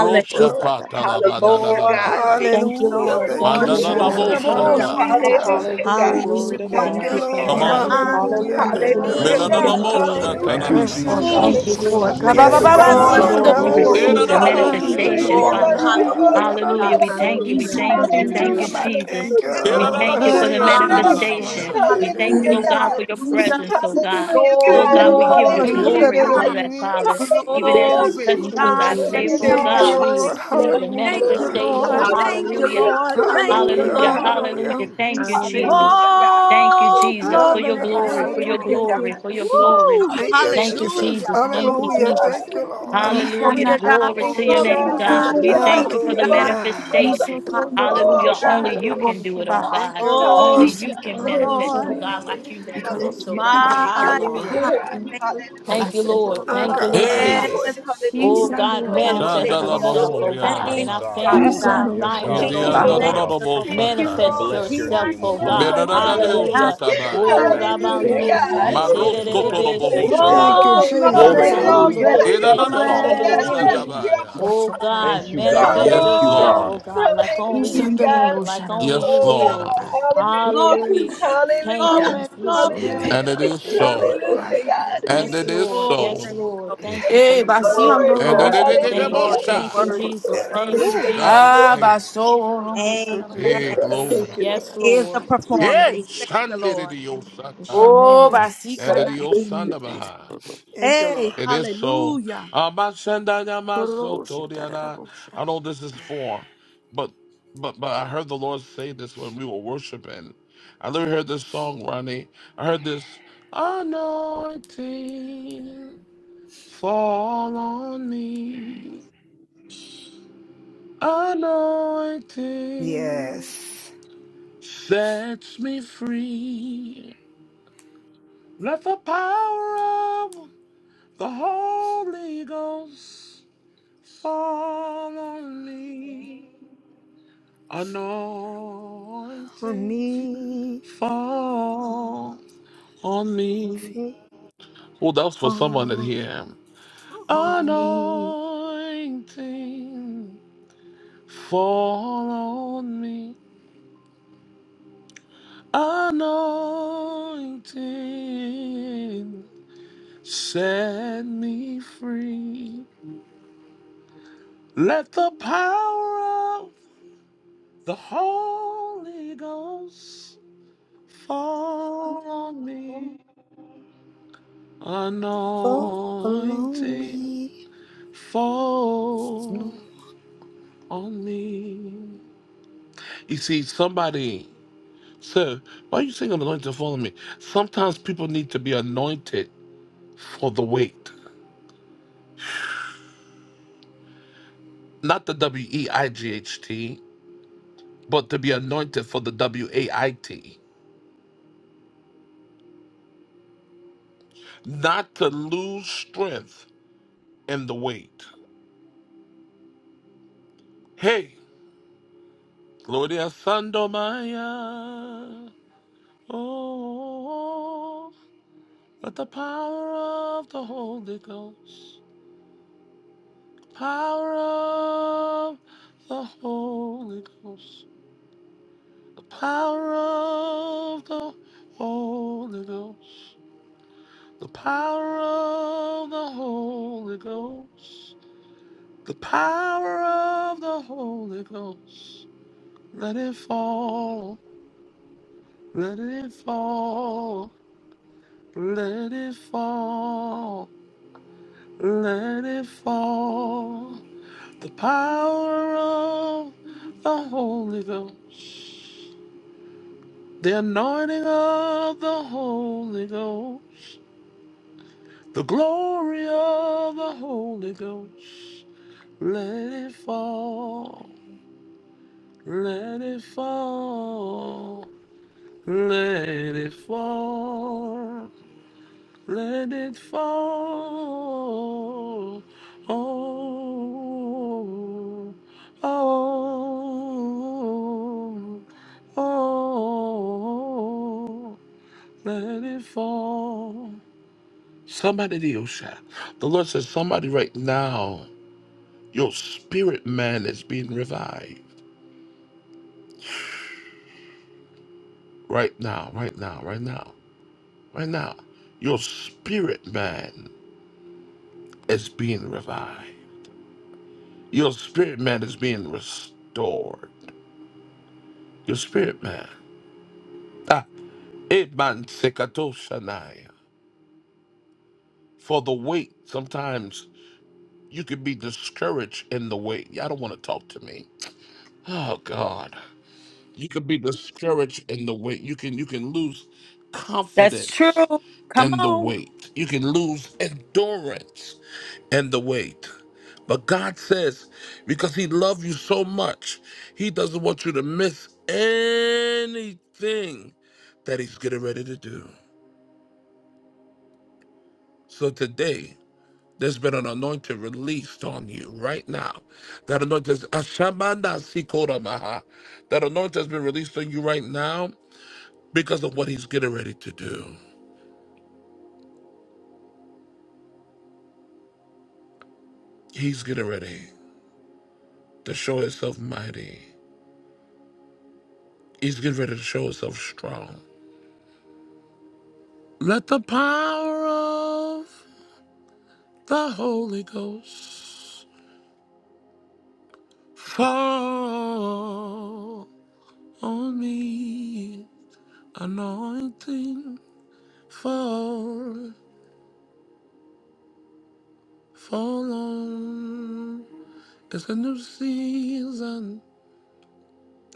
S14: you,
S8: you, Lord.
S4: Thank you,
S14: Jesus.
S16: Hallelujah,
S4: Lord.
S16: God. Thank you,
S5: Thank you,
S4: Thank
S8: Hallelujah.
S4: you,
S5: Lord.
S16: Lord.
S8: Thank
S4: Lord.
S8: you,
S5: Thank you,
S4: You are
S5: Lord.
S8: Jesus.
S16: Hallelujah.
S4: worthy
S17: Hallelujah.
S4: of
S1: Mandadadaboshata.
S17: Thank you,
S4: all
S16: Hallelujah,
S4: the
S8: Hallelujah.
S17: Jesus.
S9: Hallelujah.
S16: God.
S4: glory,
S9: Glory
S4: the
S9: to
S8: Thank
S17: Thank
S5: Hallelujah.
S8: you,
S17: you,
S4: praise,
S9: God.
S17: Father
S1: Come
S16: Hallelujah,
S4: and
S8: Lord.
S4: the
S5: Thank
S1: on.
S17: God.
S5: you,
S15: Thank
S16: God.
S15: you.
S5: Lord.
S4: honor.
S8: Hallelujah.
S15: Thank
S5: Thank
S15: you,
S8: Thank
S9: Hallelujah.
S8: you,
S15: Lord. I
S5: you,
S16: Hallelujah,
S15: thank
S4: Thank
S15: you,
S4: you,
S8: Lord.
S5: Jesus.
S15: Jesus.
S16: God.
S17: Thank you,
S4: Lord. Jesus.
S17: Lord
S16: Hallelujah.
S3: Thank you,
S17: God.
S8: Hallelujah.
S5: Lord,
S1: Medadadaboshatananamasa.
S4: Thank
S5: thank
S3: Jesus.
S5: you,
S16: Hallelujah.
S4: you,
S16: Thank
S5: Lord.
S4: Lord. Thank you,
S8: Yes,
S3: Hallelujah.
S15: Hallelujah.
S16: You
S5: Thank
S17: Thank
S5: you,
S4: Lord.
S17: you,
S16: Lord.
S8: God.
S4: Thank
S5: Lord. We
S4: you,
S3: Glory
S4: Lord.
S17: Jesus.
S3: to
S5: receive the
S3: God.
S4: Thank
S16: Hallelujah.
S8: Hallelujah.
S3: Thank
S4: you,
S3: you,
S5: manifestation,
S8: Thank
S15: Praise,
S16: Forgive
S4: Lord.
S8: you,
S3: Father.
S16: us
S5: Father.
S16: the
S1: Edadadaboshanadadadabaha.
S8: God.
S15: hallelujah.
S16: emotion
S5: Hallelujah.
S16: that
S4: Hallelujah.
S15: God,
S5: We
S8: Hallelujah.
S16: I'm
S5: thank
S15: thank
S5: you. We
S17: Hallelujah.
S5: thank you.
S17: Thank
S5: We
S17: you,
S5: thank
S15: you,
S5: you,
S17: Lord.
S16: Hallelujah.
S15: Lord.
S8: Thank
S5: Jesus.
S8: you,
S16: Forgive
S5: We
S16: us the
S5: thank
S8: Lord.
S5: you for
S8: I
S15: Thank
S5: the
S16: emotion
S8: am
S16: that
S8: a
S16: I'm
S4: Hallelujah.
S5: manifestation.
S1: Edadadaboshanadadadabahaya.
S8: sinner.
S5: We thank you,
S4: Hallelujah.
S16: Hallelujah,
S5: oh God,
S16: God.
S5: for your
S8: Thank
S4: Hallelujah.
S5: presence, oh God.
S16: Hallelujah,
S5: Oh
S8: you,
S16: God.
S5: God, we
S17: Thank you,
S8: Lord.
S5: give you
S17: Father
S4: Glory to
S17: God.
S16: Hallelujah,
S5: glory
S16: God.
S5: for
S4: God.
S5: that,
S8: Hallelujah.
S5: Father. Even as
S16: Hallelujah.
S5: we
S4: Glory to
S5: touch you
S17: Thank you,
S5: with our
S4: God.
S5: faith,
S16: Hallelujah,
S4: Thank
S17: Jesus.
S5: oh
S15: you,
S4: you,
S8: Thank
S16: God.
S8: you,
S5: God, we
S4: Lord.
S8: Lord.
S16: Hallelujah.
S5: receive the
S15: Glory,
S4: Thank you,
S15: glory,
S8: Hallelujah.
S5: manifestation.
S4: Lord.
S15: glory,
S16: Hallelujah,
S4: Thank you,
S15: glory.
S5: Hallelujah.
S4: Lord. Thank you,
S8: Hallelujah.
S16: God.
S15: Hallelujah.
S5: Hallelujah.
S4: Lord.
S8: Hallelujah.
S5: Hallelujah. Thank
S14: We
S16: Hallelujah, God.
S5: you,
S14: send the Lord.
S17: Hallelujah.
S5: Jesus.
S16: Hallelujah, God.
S5: Thank you,
S4: Oh,
S5: Jesus, for your
S15: Thank
S8: Hallelujah.
S5: glory,
S15: you.
S14: Baso
S5: for
S4: glory.
S5: your
S14: toro
S16: Hallelujah,
S15: Thank you. Thank
S14: robo
S15: you.
S5: glory,
S16: God.
S5: for
S14: shaka.
S5: your
S14: Oh,
S5: glory.
S4: Woo.
S8: Thank you,
S5: Thank you,
S14: God.
S8: Jesus.
S4: Hallelujah.
S5: Jesus.
S16: Hallelujah.
S5: Thank
S4: Mm.
S5: you,
S16: Oh,
S8: Hallelujah.
S5: Jesus.
S8: Thank
S16: God.
S8: you, Lord.
S4: Glory
S5: Hallelujah.
S14: Nishana
S4: to God.
S5: Glory
S16: Thank
S5: to
S14: robo
S5: your
S16: you,
S14: shaka
S4: Glory
S5: name,
S4: to
S15: Oh,
S16: God.
S14: robo
S5: God.
S15: God,
S4: God.
S5: We
S4: Glory
S15: thank
S14: shaka.
S5: thank you
S15: you,
S5: for the
S4: to
S15: Lord.
S4: God.
S8: Hallelujah.
S5: manifestation.
S14: Niso toro
S15: Thank
S14: robo
S16: Oh,
S5: Hallelujah.
S15: you,
S5: Only
S4: Hallelujah.
S14: shaka
S16: God.
S5: you
S15: Lord.
S5: can
S14: robo
S5: do it, oh
S14: shaka.
S8: Thank
S5: God.
S8: you,
S4: Oh,
S14: You
S5: Only
S8: Lord.
S4: thank
S5: you
S14: send
S16: Hallelujah.
S14: the
S5: can
S4: you,
S15: Oh
S14: robo
S5: manifest,
S4: Lord.
S14: shaka.
S15: God,
S5: oh God, like
S15: thank
S5: you
S15: you, Lord.
S14: Because
S5: manifest, oh
S16: Hallelujah,
S15: He's
S16: God.
S5: God.
S4: My
S8: Thank you, Lord.
S5: Hallelujah.
S16: Hallelujah,
S15: good.
S4: God,
S16: God.
S4: thank
S14: and I
S16: Hallelujah.
S5: Thank you,
S4: you.
S14: send the
S5: Lord.
S8: Oh,
S14: robo
S5: Thank you, Lord
S8: God.
S1: Hey,
S16: Hallelujah,
S14: shaka.
S4: Yes,
S16: Lord.
S5: Jesus.
S14: You
S15: He's
S16: Hallelujah,
S5: Oh
S15: the
S14: send
S16: God.
S14: the
S5: God,
S4: the
S15: one
S14: robo
S4: Lord.
S14: shaka
S5: manifest
S15: name.
S16: Thank you,
S14: robo
S15: God.
S5: yourself,
S16: Lord.
S5: oh
S1: Shandalabahoria
S4: Thank
S14: shaka.
S5: God, in
S3: Yes,
S16: Thank
S4: you,
S5: our
S16: you,
S3: God.
S4: Father
S14: You
S3: Yes,
S16: God.
S5: families, in
S14: send
S3: God.
S4: God.
S5: our
S14: the
S4: Thank
S3: Yes,
S14: robo
S1: In
S4: you,
S3: God.
S1: the
S16: Thank
S14: shaka
S16: you,
S5: finances,
S4: Lord.
S5: oh
S4: Thank
S16: Lord.
S14: robo
S5: God.
S3: Hallelujah.
S4: you,
S14: shaka
S1: Andadadabo
S4: Lord.
S16: Thank
S14: robo
S16: you,
S1: Saka.
S3: We
S5: Manifest
S14: shaka.
S15: Thank
S16: Lord.
S3: bless your
S4: He
S16: Thank
S5: yourself,
S16: you,
S15: you,
S3: name. We
S4: ande
S5: oh
S4: na
S16: Lord.
S5: God.
S3: glorify
S4: Mama,
S3: your
S4: he
S3: name,
S1: Medanadeo
S15: Jesus.
S4: ande,
S3: Jesus.
S5: Hallelujah.
S3: Thank you for
S1: Shatabai.
S3: the
S15: Thank
S5: Oh
S15: you,
S16: Hallelujah,
S4: ande.
S3: manifestation,
S16: God.
S14: Lord.
S3: Father.
S5: Rabandroshi
S3: Thank
S14: Shaka
S3: you
S15: Hallelujah.
S3: for the
S1: Marosko Toroboho
S3: manifestation.
S16: Hallelujah.
S15: Hallelujah.
S8: Thank
S5: Tererebeshato.
S8: you,
S1: Shataya.
S4: Oh,
S15: Hallelujah. Hallelujah.
S8: Jesus.
S3: Glory.
S4: glory,
S16: Hallelujah.
S4: glory,
S3: Hallelujah.
S5: Yatamandroshe
S3: Thank you, Father.
S1: Idananabo
S3: Thank you,
S4: glory.
S5: Temandroshe.
S3: Jesus.
S1: Shandabaya.
S5: Oh
S3: Thank
S5: God,
S3: you, God.
S5: manifest
S3: Thank
S1: Yes,
S3: you,
S5: yourself,
S3: God.
S4: Glory,
S5: oh
S1: Lord.
S5: God, like only
S16: Hallelujah,
S5: you can,
S16: God.
S5: like only you
S1: Yes,
S16: Oh God,
S5: will.
S16: oh,
S1: Lord.
S4: glory,
S16: hallelujah,
S5: Hallelujah.
S15: Hallelujah. Oh,
S5: Thank
S16: hallelujah,
S4: glory,
S5: you.
S8: Amen.
S4: glory.
S1: And
S16: hallelujah,
S1: it
S15: thank
S1: is
S8: Thank
S15: you,
S8: you,
S1: so.
S15: Lord. I
S8: Lord.
S16: hallelujah,
S15: thank you,
S16: God.
S1: And
S5: Yes,
S1: it
S15: Jesus.
S1: is
S5: Lord.
S4: Oh,
S5: Yes,
S1: so.
S4: thank you,
S5: Lord.
S4: Lord.
S5: Thank you,
S16: Thank
S4: Thank you,
S14: Eh,
S16: you,
S4: Lord.
S14: basi
S5: Jesus.
S4: Thank
S15: Oh,
S4: you,
S14: ando lo
S16: Lord.
S1: And
S15: God,
S1: it
S4: Lord.
S14: vos
S15: I
S14: la
S1: is
S4: Thank
S14: cara
S4: you,
S14: la
S1: the
S15: thank
S5: Thank
S14: vos.
S5: you.
S16: Hallelujah.
S15: you.
S4: Lord. You're
S1: Mosha.
S5: Thank
S15: I
S5: you,
S15: thank
S4: worthy.
S15: you,
S4: You're
S15: Lord.
S5: Jesus.
S15: I thank you,
S5: Thank
S4: worthy.
S5: you,
S8: Yes.
S1: Oh,
S16: Thank
S4: You're
S15: Jesus.
S16: you,
S1: God.
S14: Ah,
S5: Jesus.
S16: Lord.
S1: Hey,
S14: baso oro mo
S8: Thank
S14: sa
S8: you,
S14: la
S15: Thank you.
S14: vos
S4: Amen.
S1: hey,
S15: I
S8: Jesus.
S14: la
S15: thank
S1: glory.
S15: you,
S14: baja.
S4: It
S15: Lord. I
S5: Yes,
S15: thank you.
S4: is a
S5: Lord.
S1: Hey,
S4: performance.
S16: Thank you,
S4: Thank you,
S16: Jesus.
S4: Lord.
S5: We
S1: Shandidioshata.
S5: shall
S14: Oh,
S5: manage.
S8: Mm.
S14: basi
S1: And it
S14: kana.
S1: is
S4: Amen.
S1: Sandabaha.
S8: Thank you,
S4: Hey,
S8: Lord.
S1: It is so.
S4: hallelujah.
S14: Koro vos ya tara la
S1: Amashandayamasotoriana.
S14: vos.
S1: I know this is for, but but but I heard the Lord say this when we were worshiping. I literally heard this song, Ronnie. I heard this anointing fall on me. Anointing
S8: Yes.
S1: sets me free. Let the power of the Holy Ghost fall on me.
S8: On
S1: Anointing
S8: me,
S1: fall on me.
S8: think
S1: Oh, that was for someone that
S8: on,
S1: here.
S8: on me,
S1: Anointing fall on me. Anointing set me free. Let the power of the Holy Ghost fall on me.
S8: fall on
S1: Anointing
S8: me.
S1: fall
S8: No,
S1: on me. You see, somebody, sir, why are you saying anointing fall on me? Sometimes people need to be anointed for the weight. Not the W E I G H T, but to be anointed for the W A I T. Not to lose strength in the weight. Hey, Gloria Sandomaya. Oh. But the power of the Holy Ghost, power of the Holy Ghost, the power of the Holy Ghost, the power of the Holy Ghost, the power of the Holy Ghost. Let it fall, let it fall, let it fall, let it fall. The power of the Holy Ghost. The anointing of the Holy Ghost, the glory of the Holy Ghost, let it fall, let it fall, let it fall, let it fall. Oh, oh, oh, let it fall. Somebody, the Osha. The Lord says, somebody right now, your spirit man is being revived. Right now, right now, right now, right now. Your spirit man is being revived. Your spirit man is being restored. Your spirit man. Ah, Eman Sekatoshanaya. For the weight, sometimes you can be discouraged in the weight. Y'all don't want to talk to me. Oh, God. you can be discouraged in the weight you can you can lose
S4: That's true.
S1: confidence
S4: Come
S1: in the
S4: on.
S1: weight you can lose endurance in the weight but god says because he loves you so much he doesn't want you to miss anything that he's getting ready to do so today there's been an anointing released on you right now. That anointing, Ashamanda Sikoramaha. That anointing has been released on you right now because of what he's getting ready to do. He's getting ready to show himself mighty. He's getting ready to show himself strong. Let the power of the Holy Ghost fall on me. Anointing fall, fall on. It's a new season.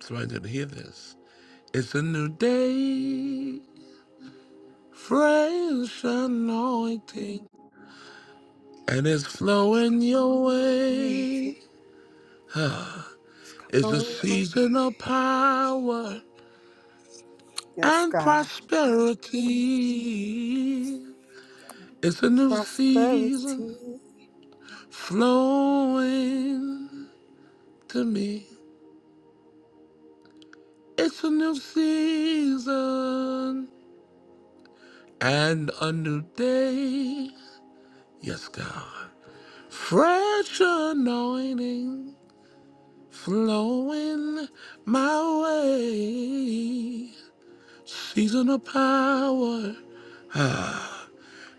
S1: Somebody didn't hear this. It's a new day. Fresh anointing, and it's flowing your way.
S8: it's
S1: It's
S8: coming
S1: a
S8: with my
S1: season of power
S8: Yes,
S1: and
S8: God.
S1: prosperity. It's a new season
S8: Prosperity.
S1: flowing to me. It's a new season and a new day. Yes, God. Fresh anointing. flowing my way. Season of power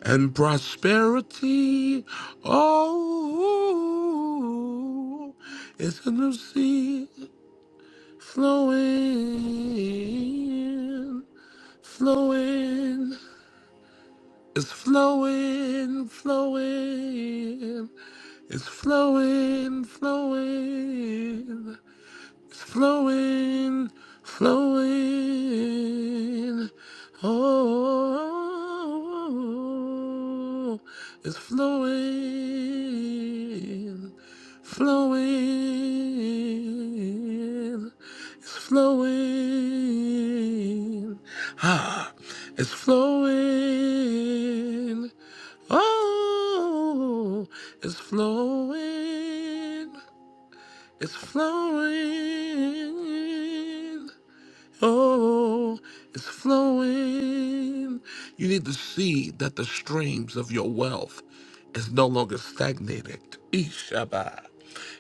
S1: and prosperity. Oh, it's a new sea flowing, flowing. It's flowing, flowing. It's flowing, flowing. flowing, flowing. Oh, it's flowing, flowing, it's flowing. Ah, it's flowing. Oh, it's flowing. It's flowing. Oh, it's flowing. You need to see that the streams of your wealth is no longer stagnated. Ishaba.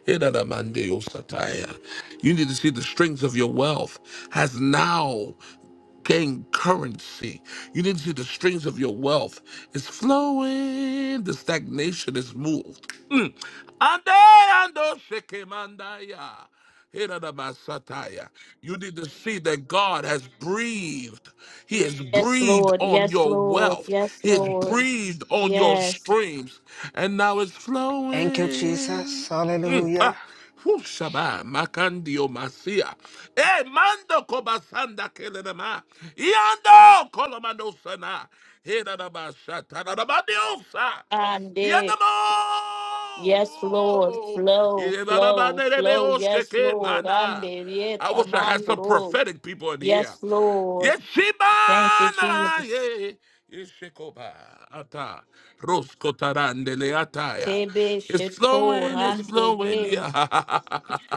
S1: Hinanamandeosataya. You need to see the strings of your wealth has now gained currency. You need to see the strings of your wealth is flowing. The stagnation is moved. Ande ando sekemandaya. Hiradabasataya. You need to see that God has breathed. He has
S5: Yes,
S1: breathed
S5: Lord.
S1: on
S5: Yes,
S1: your
S5: Lord.
S1: wealth.
S5: Yes,
S1: He has
S5: Lord.
S1: breathed on your
S5: Yes.
S1: streams. And now it's
S8: Thank you,
S1: flowing.
S8: Jesus.
S1: Mm, pa.
S8: Hallelujah.
S1: makandio masia. E mando kobasanda kelema. Iando kolomando sana. Hera da basha tara da badiosa.
S5: And
S1: Yada
S5: it.
S1: mo.
S5: Yes, Lord. Flow,
S1: Yada
S5: flow, flow. Yes, Lord. And
S1: mana.
S5: it.
S1: I
S5: Yeta
S1: wish I had some
S5: mandro.
S1: prophetic people in here.
S5: Yes, Lord. Thank you,
S1: Yeshibana
S5: Jesus.
S1: ye Yeshikoba Ata roskotarande le Ataya.
S5: Tebe
S1: It's
S5: shetor.
S1: flowing, it's
S5: And
S1: flowing.
S5: it.
S1: Yeah.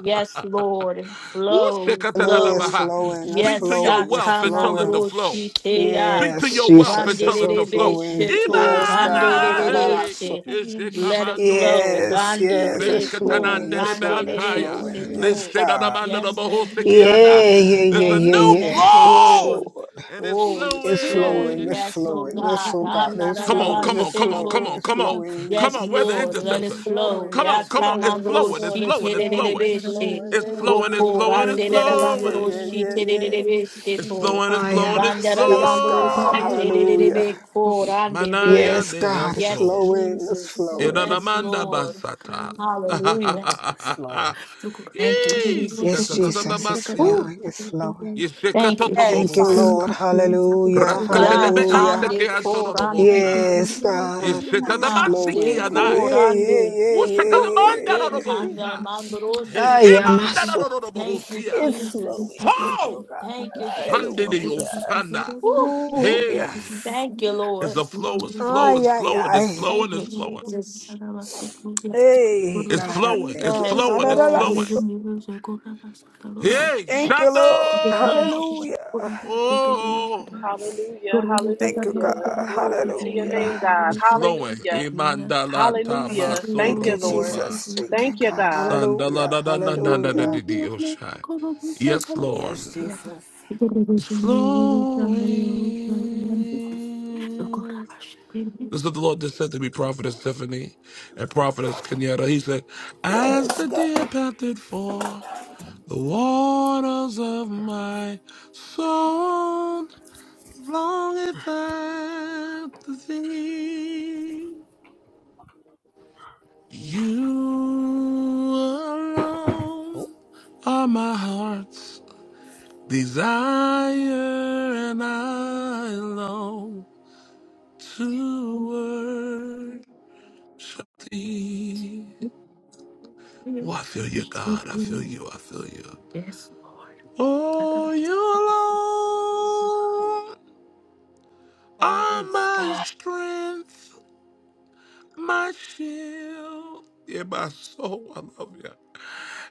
S5: Yes, Lord.
S1: Ooh,
S5: Flow,
S8: Hallelujah. It's
S5: flow.
S1: shekatadadabaha.
S8: flowing. It's
S1: Speak to
S5: Yes,
S1: your
S8: flowing. It's
S1: wealth and tell it to
S8: flowing.
S1: flow.
S5: Atamandroshiteya.
S1: Speak to
S8: Yes,
S1: your wealth and
S8: Jesus. It's
S1: tell it
S8: so
S1: to
S5: Randerebe
S1: flow.
S8: flowing.
S5: sheto,
S8: Yes, God. And I'm
S1: Ibanae,
S8: also-
S5: randerereshe. Let it flow.
S1: ishekabandorokopa,
S8: Yes,
S14: Thank
S5: Rande
S8: yes, it's
S5: deko,
S8: flowing. Yes, Lord, it's
S5: randerere
S1: reskatanandelebantaya,
S8: flowing.
S14: you.
S8: Yes,
S5: sheto.
S8: God.
S5: Yes, thank you,
S1: leshedadamandadobohosekiana.
S8: Yeah, yeah,
S5: Jesus.
S1: There's
S8: yeah,
S1: a
S5: Thank you.
S1: new
S8: yeah, yeah.
S5: Thank you,
S8: Yes,
S5: Lord.
S1: flow,
S8: Lord.
S1: and it's
S5: Oh, it's
S8: It's
S5: flowing.
S8: flowing.
S1: flowing.
S8: It's
S5: Yes, oh
S8: flowing. Yes,
S5: God.
S8: oh God, it's
S1: Come on,
S8: flowing.
S1: come on,
S8: It's
S1: come on, come
S8: flowing.
S1: on,
S5: Anarabasheto.
S8: It's
S1: come on. Come
S8: flowing.
S5: Yes,
S1: on, we're the
S5: Lord, let it
S8: It's
S1: intercessors.
S5: flow.
S1: Come
S8: flowing,
S1: on,
S8: it's
S1: come on. It's
S8: flowing.
S5: Yatamandro
S8: Yes,
S1: flowing, it's
S8: Lord,
S5: shi
S8: it's
S1: flowing, it's
S8: flowing,
S1: flowing.
S8: it's
S5: tererebeshe.
S8: flowing.
S1: It's
S8: Yeah,
S1: flowing,
S8: yeah, yeah,
S1: it's
S5: Woko
S1: flowing,
S8: yeah,
S1: it's
S5: rande
S8: yeah, yeah, yeah, yeah,
S5: rabandro
S1: flowing.
S5: shi
S8: yeah, yeah. yeah.
S5: tererebeshe
S1: It's
S5: to.
S1: flowing, it's
S8: I
S1: flowing,
S8: am.
S1: it's
S8: Yes,
S5: Bandarabandro
S8: God.
S5: shi
S1: flowing.
S8: Hallelujah.
S5: tererebe ko rande be.
S1: Manaya
S8: Yes, God, it's
S5: Yes,
S1: Neaso.
S8: flowing, it's
S5: Jesus.
S8: flowing,
S5: Yes,
S1: Inanamanda
S5: Lord.
S1: Basata.
S5: Hallelujah.
S8: it's flowing.
S14: Do
S5: Thank you,
S1: Yee,
S14: go.
S8: Yes,
S5: Jesus.
S1: shatatata
S8: Jesus, it's
S1: basia.
S5: Woo.
S8: flowing, it's flowing.
S5: Thank you,
S1: Yeshekatoto
S4: Yes,
S8: Thank you,
S4: Father.
S5: Jesus.
S8: Lord.
S1: bohubeada.
S8: Hallelujah,
S1: Raskate de
S5: Ya
S1: be
S8: hallelujah.
S1: anseke
S5: tande ko
S1: antono no
S5: rande.
S1: bosha.
S8: Yes, God, it's
S5: Ha de
S1: Yeshetatabansiki
S8: flowing.
S5: ko
S8: Yeah,
S1: anaya.
S5: rande.
S8: yeah, yeah,
S5: Whew.
S1: Ushakatamanda no
S5: Yeah,
S1: no
S8: yeah, yeah.
S14: Thank
S5: Kanda
S1: bosa.
S5: Mandoro
S1: Hey,
S5: Shike.
S1: imanda
S8: I am.
S1: no no
S5: Thank you,
S1: bohosia.
S8: It's
S5: Jesus.
S8: flowing. Thank
S1: Ho!
S8: you, God.
S5: Thank you,
S1: Shandini
S5: Jesus.
S8: Hallelujah.
S1: osana.
S5: Woo.
S8: Oh
S1: Hey!
S8: yes.
S5: Thank you,
S1: It's
S5: Lord.
S1: a flow, it's flowing,
S8: Ay,
S1: it's
S8: ay,
S1: flowing, it's
S8: ay.
S1: flowing,
S5: Thank
S1: it's
S5: you,
S1: flowing.
S5: Jesus.
S8: Hey,
S1: It's
S8: God, I
S1: flowing.
S8: thank
S1: It's
S8: you.
S5: Yes,
S1: flowing. It's
S8: Hallelujah.
S1: flowing.
S5: yes.
S1: Hey,
S8: Thank you,
S5: Yes.
S8: Lord.
S1: Shadow.
S8: Hallelujah.
S1: Oh,
S9: Hallelujah.
S8: Thank you, God.
S9: Hallelujah. Glory to your
S8: Hallelujah.
S9: name, God.
S1: it's flowing.
S9: Hallelujah.
S1: Imandala
S9: Hallelujah. Thank
S8: Thank
S9: you,
S8: you,
S1: tamasoro
S9: Lord.
S1: kopa.
S8: Jesus. Thank you,
S14: you.
S9: Thank you,
S8: God.
S9: God.
S1: Sandala
S8: Hallelujah.
S1: da da da
S14: Yes,
S1: da da da di
S8: Hallelujah.
S1: di oshai. Yes, Lord.
S8: Yes, Jesus.
S1: It's flowing. This is what the Lord just said to me, Prophetess Tiffany and Prophetess Kenyatta. He said, As
S8: Yes,
S1: the
S8: God.
S1: deer panted for the waters of my soul, Long if after thee, you alone are my heart's desire, and I long to worship thee. Oh, I feel you, God. I feel you. I feel you.
S14: Lord. I thought
S1: Oh,
S14: it was
S1: you alone
S14: about to be
S1: are
S4: Praise
S1: my
S4: God.
S1: strength. my shield. Yeah, my soul, I love you.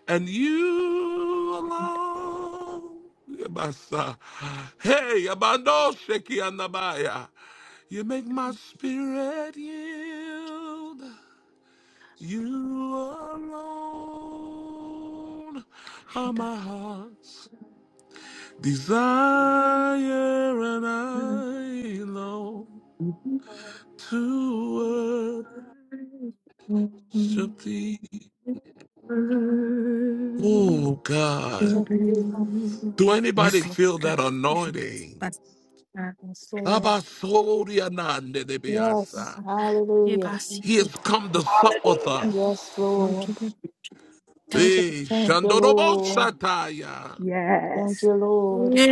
S1: And you
S14: an
S1: alone. Yeah, my son. Hey, Abando Sheki Anabaya. You make my
S14: interview.
S1: spirit yield. You alone are
S14: Shut up.
S1: my heart's desire, and
S14: Yes,
S1: I long to
S14: Lord.
S1: worship thee. Oh
S14: I thought it was about
S1: God.
S5: Thank
S14: to
S5: you.
S1: Do anybody feel that
S14: be an interview.
S1: anointing?
S5: Yes, Lord. Yes.
S1: Abasorianandedebeasa.
S14: Yeah,
S5: Hallelujah.
S14: bossy.
S1: He has come to sup with
S9: Hallelujah.
S4: And
S5: Yes,
S1: us.
S5: Lord.
S14: Jesus,
S4: tangible.
S1: Hey,
S5: Thank you, Lord.
S1: Shandorobosataya.
S5: Thank
S4: Yes.
S5: you, Lord.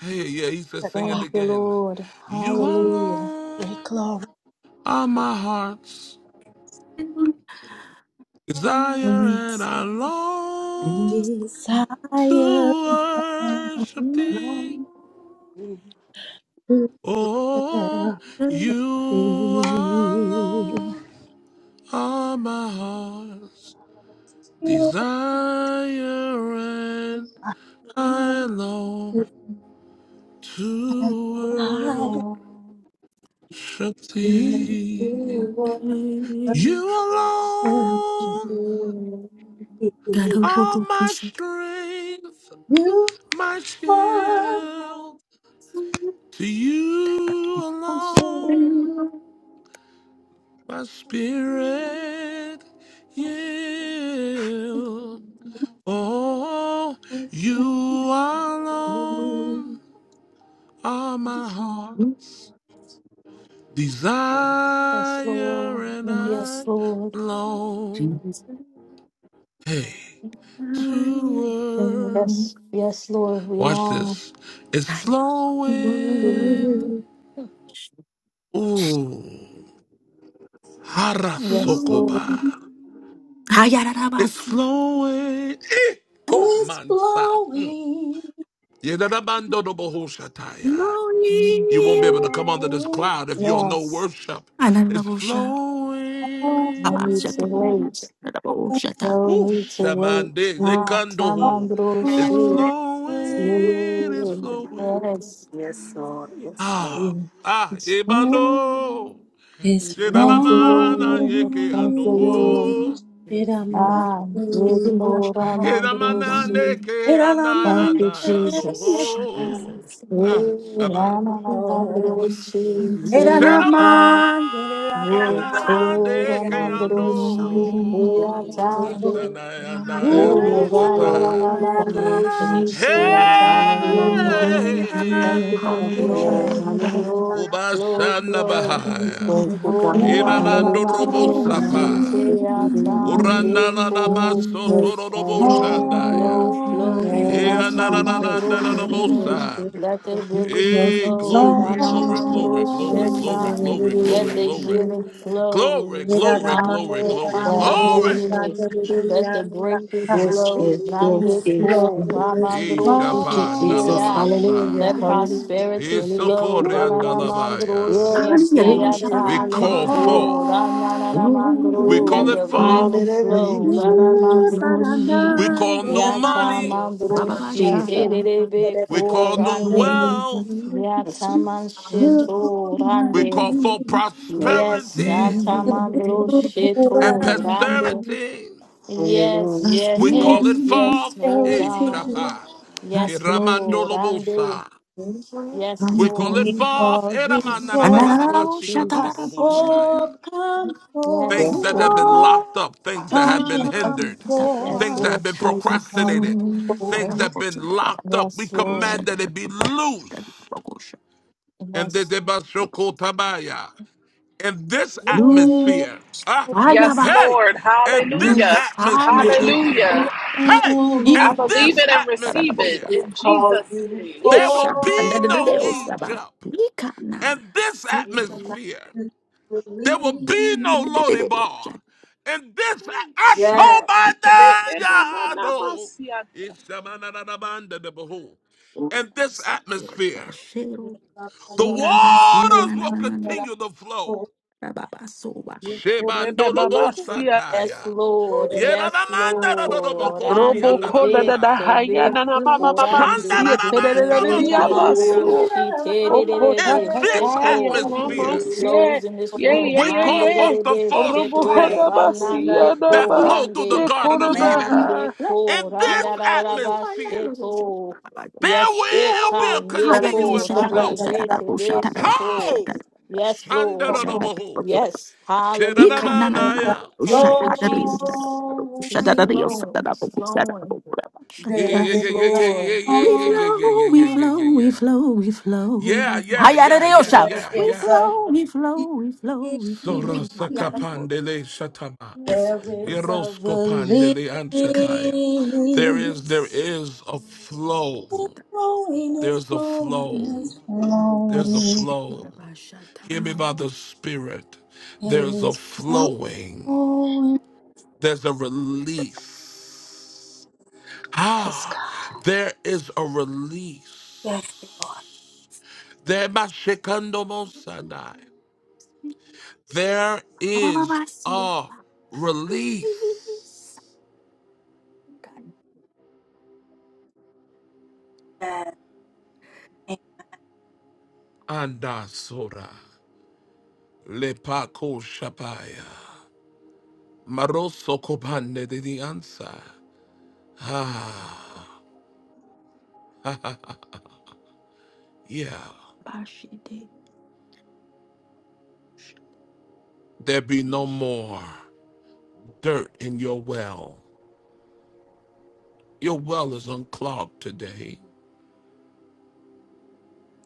S1: Hey, yeah, he says
S4: To
S1: sing it
S4: God.
S5: Thank you,
S1: again.
S5: Lord.
S1: You
S5: Hallelujah.
S4: Glory,
S1: alone
S4: glory,
S1: are my heart's desire, and I long
S4: desire.
S1: to worship
S5: Thank
S1: thee. Oh, you
S4: thee. I will
S1: alone. All my heart's desire and I long to worship thee.
S5: you,
S1: You alone
S5: Lord.
S4: feel
S1: are my strength,
S4: you
S1: my
S4: are
S1: shield. To you
S5: Yes, Lord.
S1: alone my spirit yield. Oh,
S4: is
S1: you alone. All my heart's desire
S5: Yes, Lord.
S1: and I long. Hey, to work.
S5: Yes, yes, Lord. We
S1: Watch
S5: long
S1: this. It's
S5: to. you.
S1: flowing. Ooh,
S5: Yes, Lord.
S1: harasokoba. It's flowing. Eh, komansa. Mm.
S4: flowing,
S1: Yedadabandodobohoshataya. You won't
S14: Glory.
S1: be able to come under this
S4: flowing,
S1: cloud if you don't know
S5: Yes.
S1: worship. It's
S14: Ananabosha.
S5: No
S4: flowing,
S5: need
S14: Abasha.
S5: to
S1: flowing.
S5: wait.
S14: Ananabosha. Ta.
S5: No
S1: Ooh,
S5: need to wait.
S1: Shamande
S5: Ah,
S1: Lekandoho.
S5: tamandro
S1: It's
S5: shi.
S1: flowing, it's flowing.
S5: Yes.
S8: Yes, Lord. Yes, Lord.
S1: Ah,
S5: Yes.
S1: ah, Ebando.
S8: Oh
S4: is flowing, is
S8: my God.
S5: Thank you,
S1: Shedanamana
S5: Lord.
S1: yeke
S5: Thank you,
S8: Oh,
S5: Lord.
S1: andoho.
S4: flowing.
S8: yes, yes,
S5: Ah,
S4: Shiramakira,
S5: yeto ramandro
S1: Hedamana
S8: yes,
S14: Usha.
S1: neke
S8: yes,
S5: Thank
S1: andaya
S5: you,
S1: andaya
S5: Jesus.
S4: shiralamandere,
S14: Ta.
S1: andoho. Ah,
S8: yes,
S5: We
S1: Shabbat.
S5: la la la na
S8: yes.
S5: ndroshi
S4: Mera la
S1: Shedamana
S5: tuyata.
S4: mano, la
S8: Oh,
S5: Wo
S4: la, te
S5: tora
S1: namandeke
S5: mandroshi
S4: llamo.
S1: ando.
S5: tuyatande.
S1: Mashanaya andaya ando
S5: Wo
S8: yes,
S5: la la la
S8: Lord.
S1: sata.
S5: la
S4: Ooh,
S8: We
S4: ya
S8: come in to
S4: la,
S8: the
S5: mandroshi
S14: Glory.
S1: Hey,
S4: te
S8: Son.
S5: tuyata
S4: ya,
S14: Glory,
S8: Hallelujah.
S5: yeto.
S4: te
S14: glory, glory.
S5: Thank you for
S8: Thank you,
S14: Ananabosha.
S8: Lord.
S5: flowing,
S8: Hallelujah.
S5: flow, flow,
S1: Ubashanda
S5: flow.
S1: Bahaya,
S14: Ananabosha.
S8: Thank you,
S5: Oh,
S8: God.
S5: la la la
S1: Inanando
S8: Hallelujah.
S1: Robo
S5: mandroshi
S8: Hallelujah.
S1: Sapa,
S8: Thank you,
S5: tuyata
S8: dear Lord.
S1: Uranala
S14: Glory, glory,
S1: Namaso
S8: Yes,
S4: It's
S1: Toro Robo
S8: God.
S5: Flow,
S14: Hallelujah.
S1: Shandaya,
S5: flow,
S4: holy,
S5: flow,
S8: Yes, Jesus.
S1: Ianananda
S8: Yes,
S1: Robo
S5: Yatamandrose.
S8: yes, yes.
S1: Sam.
S5: Let the
S8: yes.
S5: rivers
S4: it's
S1: Hey,
S5: flow,
S4: holy,
S1: glory, glory, glory, glory,
S4: it's
S1: glory,
S8: Hallelujah.
S5: Ranamandroseta.
S1: glory, glory,
S5: Let
S4: holy.
S1: glory,
S5: the
S8: Hallelujah.
S1: glory,
S5: healing
S8: Hallelujah.
S5: flow,
S4: Yera
S1: glory, glory,
S4: Rama,
S1: glory,
S5: Ande
S4: Yera Rama,
S8: God,
S1: glory.
S4: Yoga,
S8: hallelujah.
S5: Kandrose. Let the
S4: Yeriya,
S5: breakthrough
S4: Saka.
S8: Yes,
S5: flow,
S8: yes, yes,
S5: Grande
S4: His
S5: Po,
S8: yes.
S4: glory is
S8: Thank you,
S1: Ishapa
S8: Jesus.
S5: Ramandroshitea.
S4: flowing.
S1: Nalabasa,
S8: Hallelujah.
S5: Let
S8: Hallelujah.
S5: prosperity
S8: Hallelujah.
S5: flow,
S4: His
S1: Isokoreandalabaya.
S8: Yes,
S4: presence
S8: God.
S4: is
S1: We
S5: Ranamandroshitea.
S1: call
S5: Oh,
S8: Hallelujah.
S5: da
S1: forth.
S5: na na na mandro,
S1: We call
S5: let
S1: it
S8: Oh,
S4: flowing.
S1: forth.
S5: revival
S8: hallelujah.
S5: flow. Da na
S4: Ooh,
S8: Jesus.
S5: mandro shi,
S1: We
S4: da-da-dum,
S1: call new
S4: da-da-dum,
S5: yata
S1: money.
S5: mandro shi te
S4: da-da-da-da-cool,
S5: be
S1: We
S5: ko
S1: call
S14: You
S1: new
S5: rande,
S4: da-da-da-da-da-da.
S14: couldn't
S1: wealth.
S14: even
S8: Yes.
S5: yata man shi
S4: Do
S14: God.
S4: my
S1: We call
S5: rande.
S1: for
S4: will,
S5: Yes,
S1: prosperity
S14: Man,
S5: yata mandro
S4: do
S5: shi
S1: and
S4: well,
S5: rande.
S1: posterity.
S5: Yes, yes,
S1: We
S14: prosperity,
S4: more
S1: call it
S5: yes, yes,
S1: forth.
S5: oh God.
S4: prosperity.
S1: Ishapa.
S5: Yes,
S14: prosperity,
S5: Lord, rande.
S1: Iramandolobosa.
S8: Hallelujah.
S5: Yes,
S14: come
S1: We call it
S5: Lord.
S4: We
S14: forth.
S1: forth.
S4: call you
S14: And da I
S4: forth,
S14: will
S5: Yes,
S14: da
S5: Lord
S14: bo sha da
S4: come
S14: da
S5: Jesus.
S14: will shut it.
S1: Iramananananamasikatanobohosadaya.
S4: forth, come
S1: things
S5: Yes,
S8: Yes,
S14: Come
S1: that have
S8: Lord.
S1: been
S4: forth,
S1: locked
S14: forth.
S1: up, things that
S14: I
S1: have been
S4: come
S1: hindered,
S14: da up.
S5: yes,
S1: things
S4: forth.
S1: that have
S5: Lord
S1: been
S4: We
S14: da
S5: Jesus.
S4: call
S1: procrastinated,
S4: you
S14: go. da
S1: things
S14: da
S1: that
S4: forth,
S14: bo
S1: have
S14: bo
S1: been locked up. We
S5: Yes,
S14: sha
S5: Lord.
S14: da that I da bo sha da da I
S1: command that it be
S14: da da da
S1: loose.
S14: I will
S1: And the
S5: Yes,
S14: da da
S1: debashoko tabaya. In this
S4: Lord.
S1: atmosphere,
S14: Loose
S1: ah,
S14: fire,
S9: Yes,
S4: We
S14: ba.
S1: hey,
S9: Lord.
S1: in this
S4: come
S9: Hallelujah.
S14: loose
S4: to you
S14: fire,
S4: to
S14: ya
S1: atmosphere,
S4: be
S9: Hallelujah.
S1: mm,
S14: sha da
S1: hey,
S9: I
S14: Iko
S4: true.
S1: in
S9: believe
S14: bo
S1: this
S9: it
S14: sha
S9: and
S14: da da
S9: receive
S14: Equals
S9: it
S1: atmosphere,
S14: that,
S4: We
S9: in
S4: call
S9: Jesus'
S4: you
S9: name.
S1: there will be no
S4: forth.
S14: Ishatandadadadeyosaba.
S1: Egypt.
S14: Mikana
S1: In this
S4: We
S14: seteyogo.
S4: command
S1: atmosphere,
S4: you to
S1: There will be no
S4: release.
S1: Lodi
S14: Dedededeyosa.
S1: bar. In this
S14: Usha.
S4: Yes.
S1: October, there no. It's a man that a man that a behold. In this atmosphere,
S14: Urabashero.
S1: the
S14: Urabazia.
S1: waters
S14: Na na
S1: will
S14: na na. na.
S1: continue to flow.
S14: Rababasoba.
S1: Shebandorobo
S5: yes,
S1: sataya.
S5: Lord. Yes,
S1: Yeradamanda da da da
S5: Lord.
S1: bokosi
S9: Robo
S5: Ande
S1: anda da
S9: kona na na
S5: bete
S9: haya
S5: be,
S9: na na mama mama
S1: Shanda
S5: orande
S1: da da
S9: siete
S1: ba
S9: na na na na
S4: Flowing, there is a flow,
S1: na
S9: ni
S5: Betamandro
S9: amaso.
S5: shite de de
S9: Oko
S5: de
S9: ta
S5: be
S1: In
S9: ta
S1: this
S9: ta ya
S5: sheto.
S9: na
S4: there
S1: atmosphere,
S5: It
S9: masye.
S5: flows in this
S9: Ye
S5: room.
S9: ye
S1: we
S9: ye
S1: call
S5: Rande de
S9: ye.
S1: forth
S5: de
S1: the
S5: be
S1: four
S9: Robo
S4: is a
S5: sheto.
S9: hona
S1: streams.
S9: masya
S5: Ranande
S9: na
S1: that
S5: ko
S4: relief,
S9: ma.
S1: flowed through the
S5: rande.
S9: Ye
S1: Garden
S9: kona
S1: of Eden.
S5: Rande
S9: maha.
S5: ko
S1: In this
S5: randa da da ba
S1: atmosphere,
S5: sheto.
S1: there
S5: Yes,
S14: We
S1: will be
S5: eka
S1: a
S14: flow,
S5: neko
S1: continuous flow.
S5: rande be te be sheto.
S1: Ho!
S5: Yes, Lord.
S1: Shandarabaho.
S5: Yes, hallelujah.
S1: Shiradamanaya.
S5: Thank you, Jesus. It's flowing, it's flowing.
S1: Yeah, yeah,
S5: Yes,
S1: yeah, yeah, yeah, yeah,
S5: Lord.
S1: yeah, yeah, yeah, yeah, yeah, yeah,
S14: we
S1: yeah,
S14: flow,
S1: yeah,
S14: we flow.
S1: yeah. Yeah, yeah, yeah, yeah, yeah,
S14: Hayaradiosha.
S4: there
S1: yeah.
S14: We
S1: yeah.
S4: is a
S14: flow, we flow, we flow, we flow. Hayaradiosha.
S1: Sorosakapandele shatama.
S4: release.
S1: Eroskopandele anshataya. There is, there is a
S4: It's
S1: flow.
S4: flowing, it's
S1: There's a
S4: flowing,
S1: flow.
S4: it's
S1: There's a
S4: flowing.
S1: flow. Hear me by the Spirit.
S4: It
S1: There's a
S4: is
S1: flowing,
S4: always
S1: there's a release.
S4: yes,
S1: Ah,
S4: God.
S1: there is a release.
S4: Yes, Lord.
S1: There my shikando mosanai. There is a release.
S14: Release.
S4: Yes.
S1: Andasora. Lepako Shapaya. Maroso Kobande de the answer. Ah, yeah.
S14: Bashide
S1: There be no
S14: ish.
S1: more dirt in your well. Your well is unclogged today.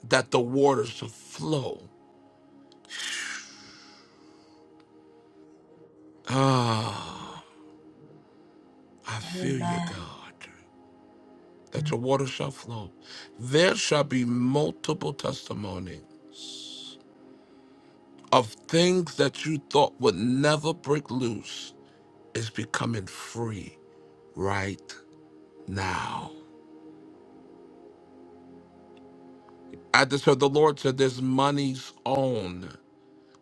S1: that the waters shall flow. Ah, I feel you, God,
S4: Amen.
S1: that your waters shall flow. There shall be multiple testimony of things that you thought would never break loose is becoming free right now. I just heard the Lord said there's money's own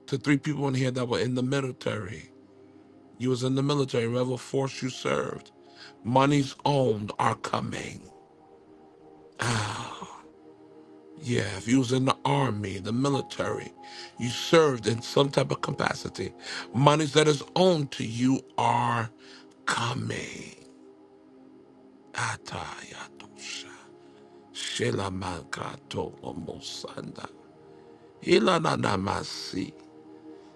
S1: to three people in here that were in the military. You was in the military, whatever force you served. Money's owned are coming. Yeah, if you was in the army, the military, you served in some type of capacity. Monies that is owed to you are coming. Atayatosha. Shelamakato omosanda. Ilananamasi.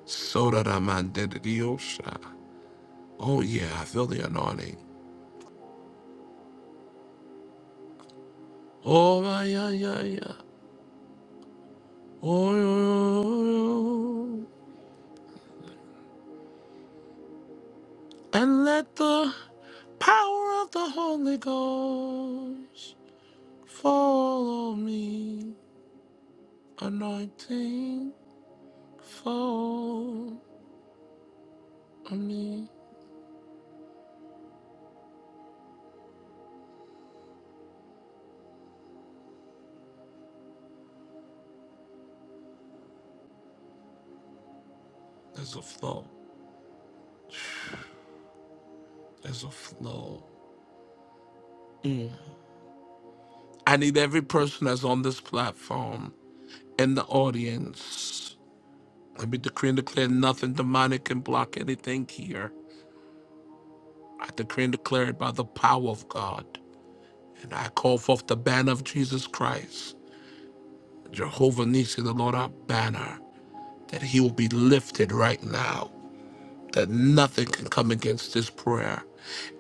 S1: Sodaramandediosha. Oh yeah, I feel the anointing. Oh yeah, yeah, yeah. Oh, yeah. yeah, yeah, yeah. and let the power of the Holy Ghost follow me. Anointing, follow me. There's a flow. There's a flow. I need every person that's on this platform in the audience. Let me decree and declare nothing demonic can block anything here. I decree and declare it by the power of God. And I call forth the banner of Jesus Christ, Jehovah Nissi, the Lord our banner. that he will be lifted right now, that nothing can come against this prayer.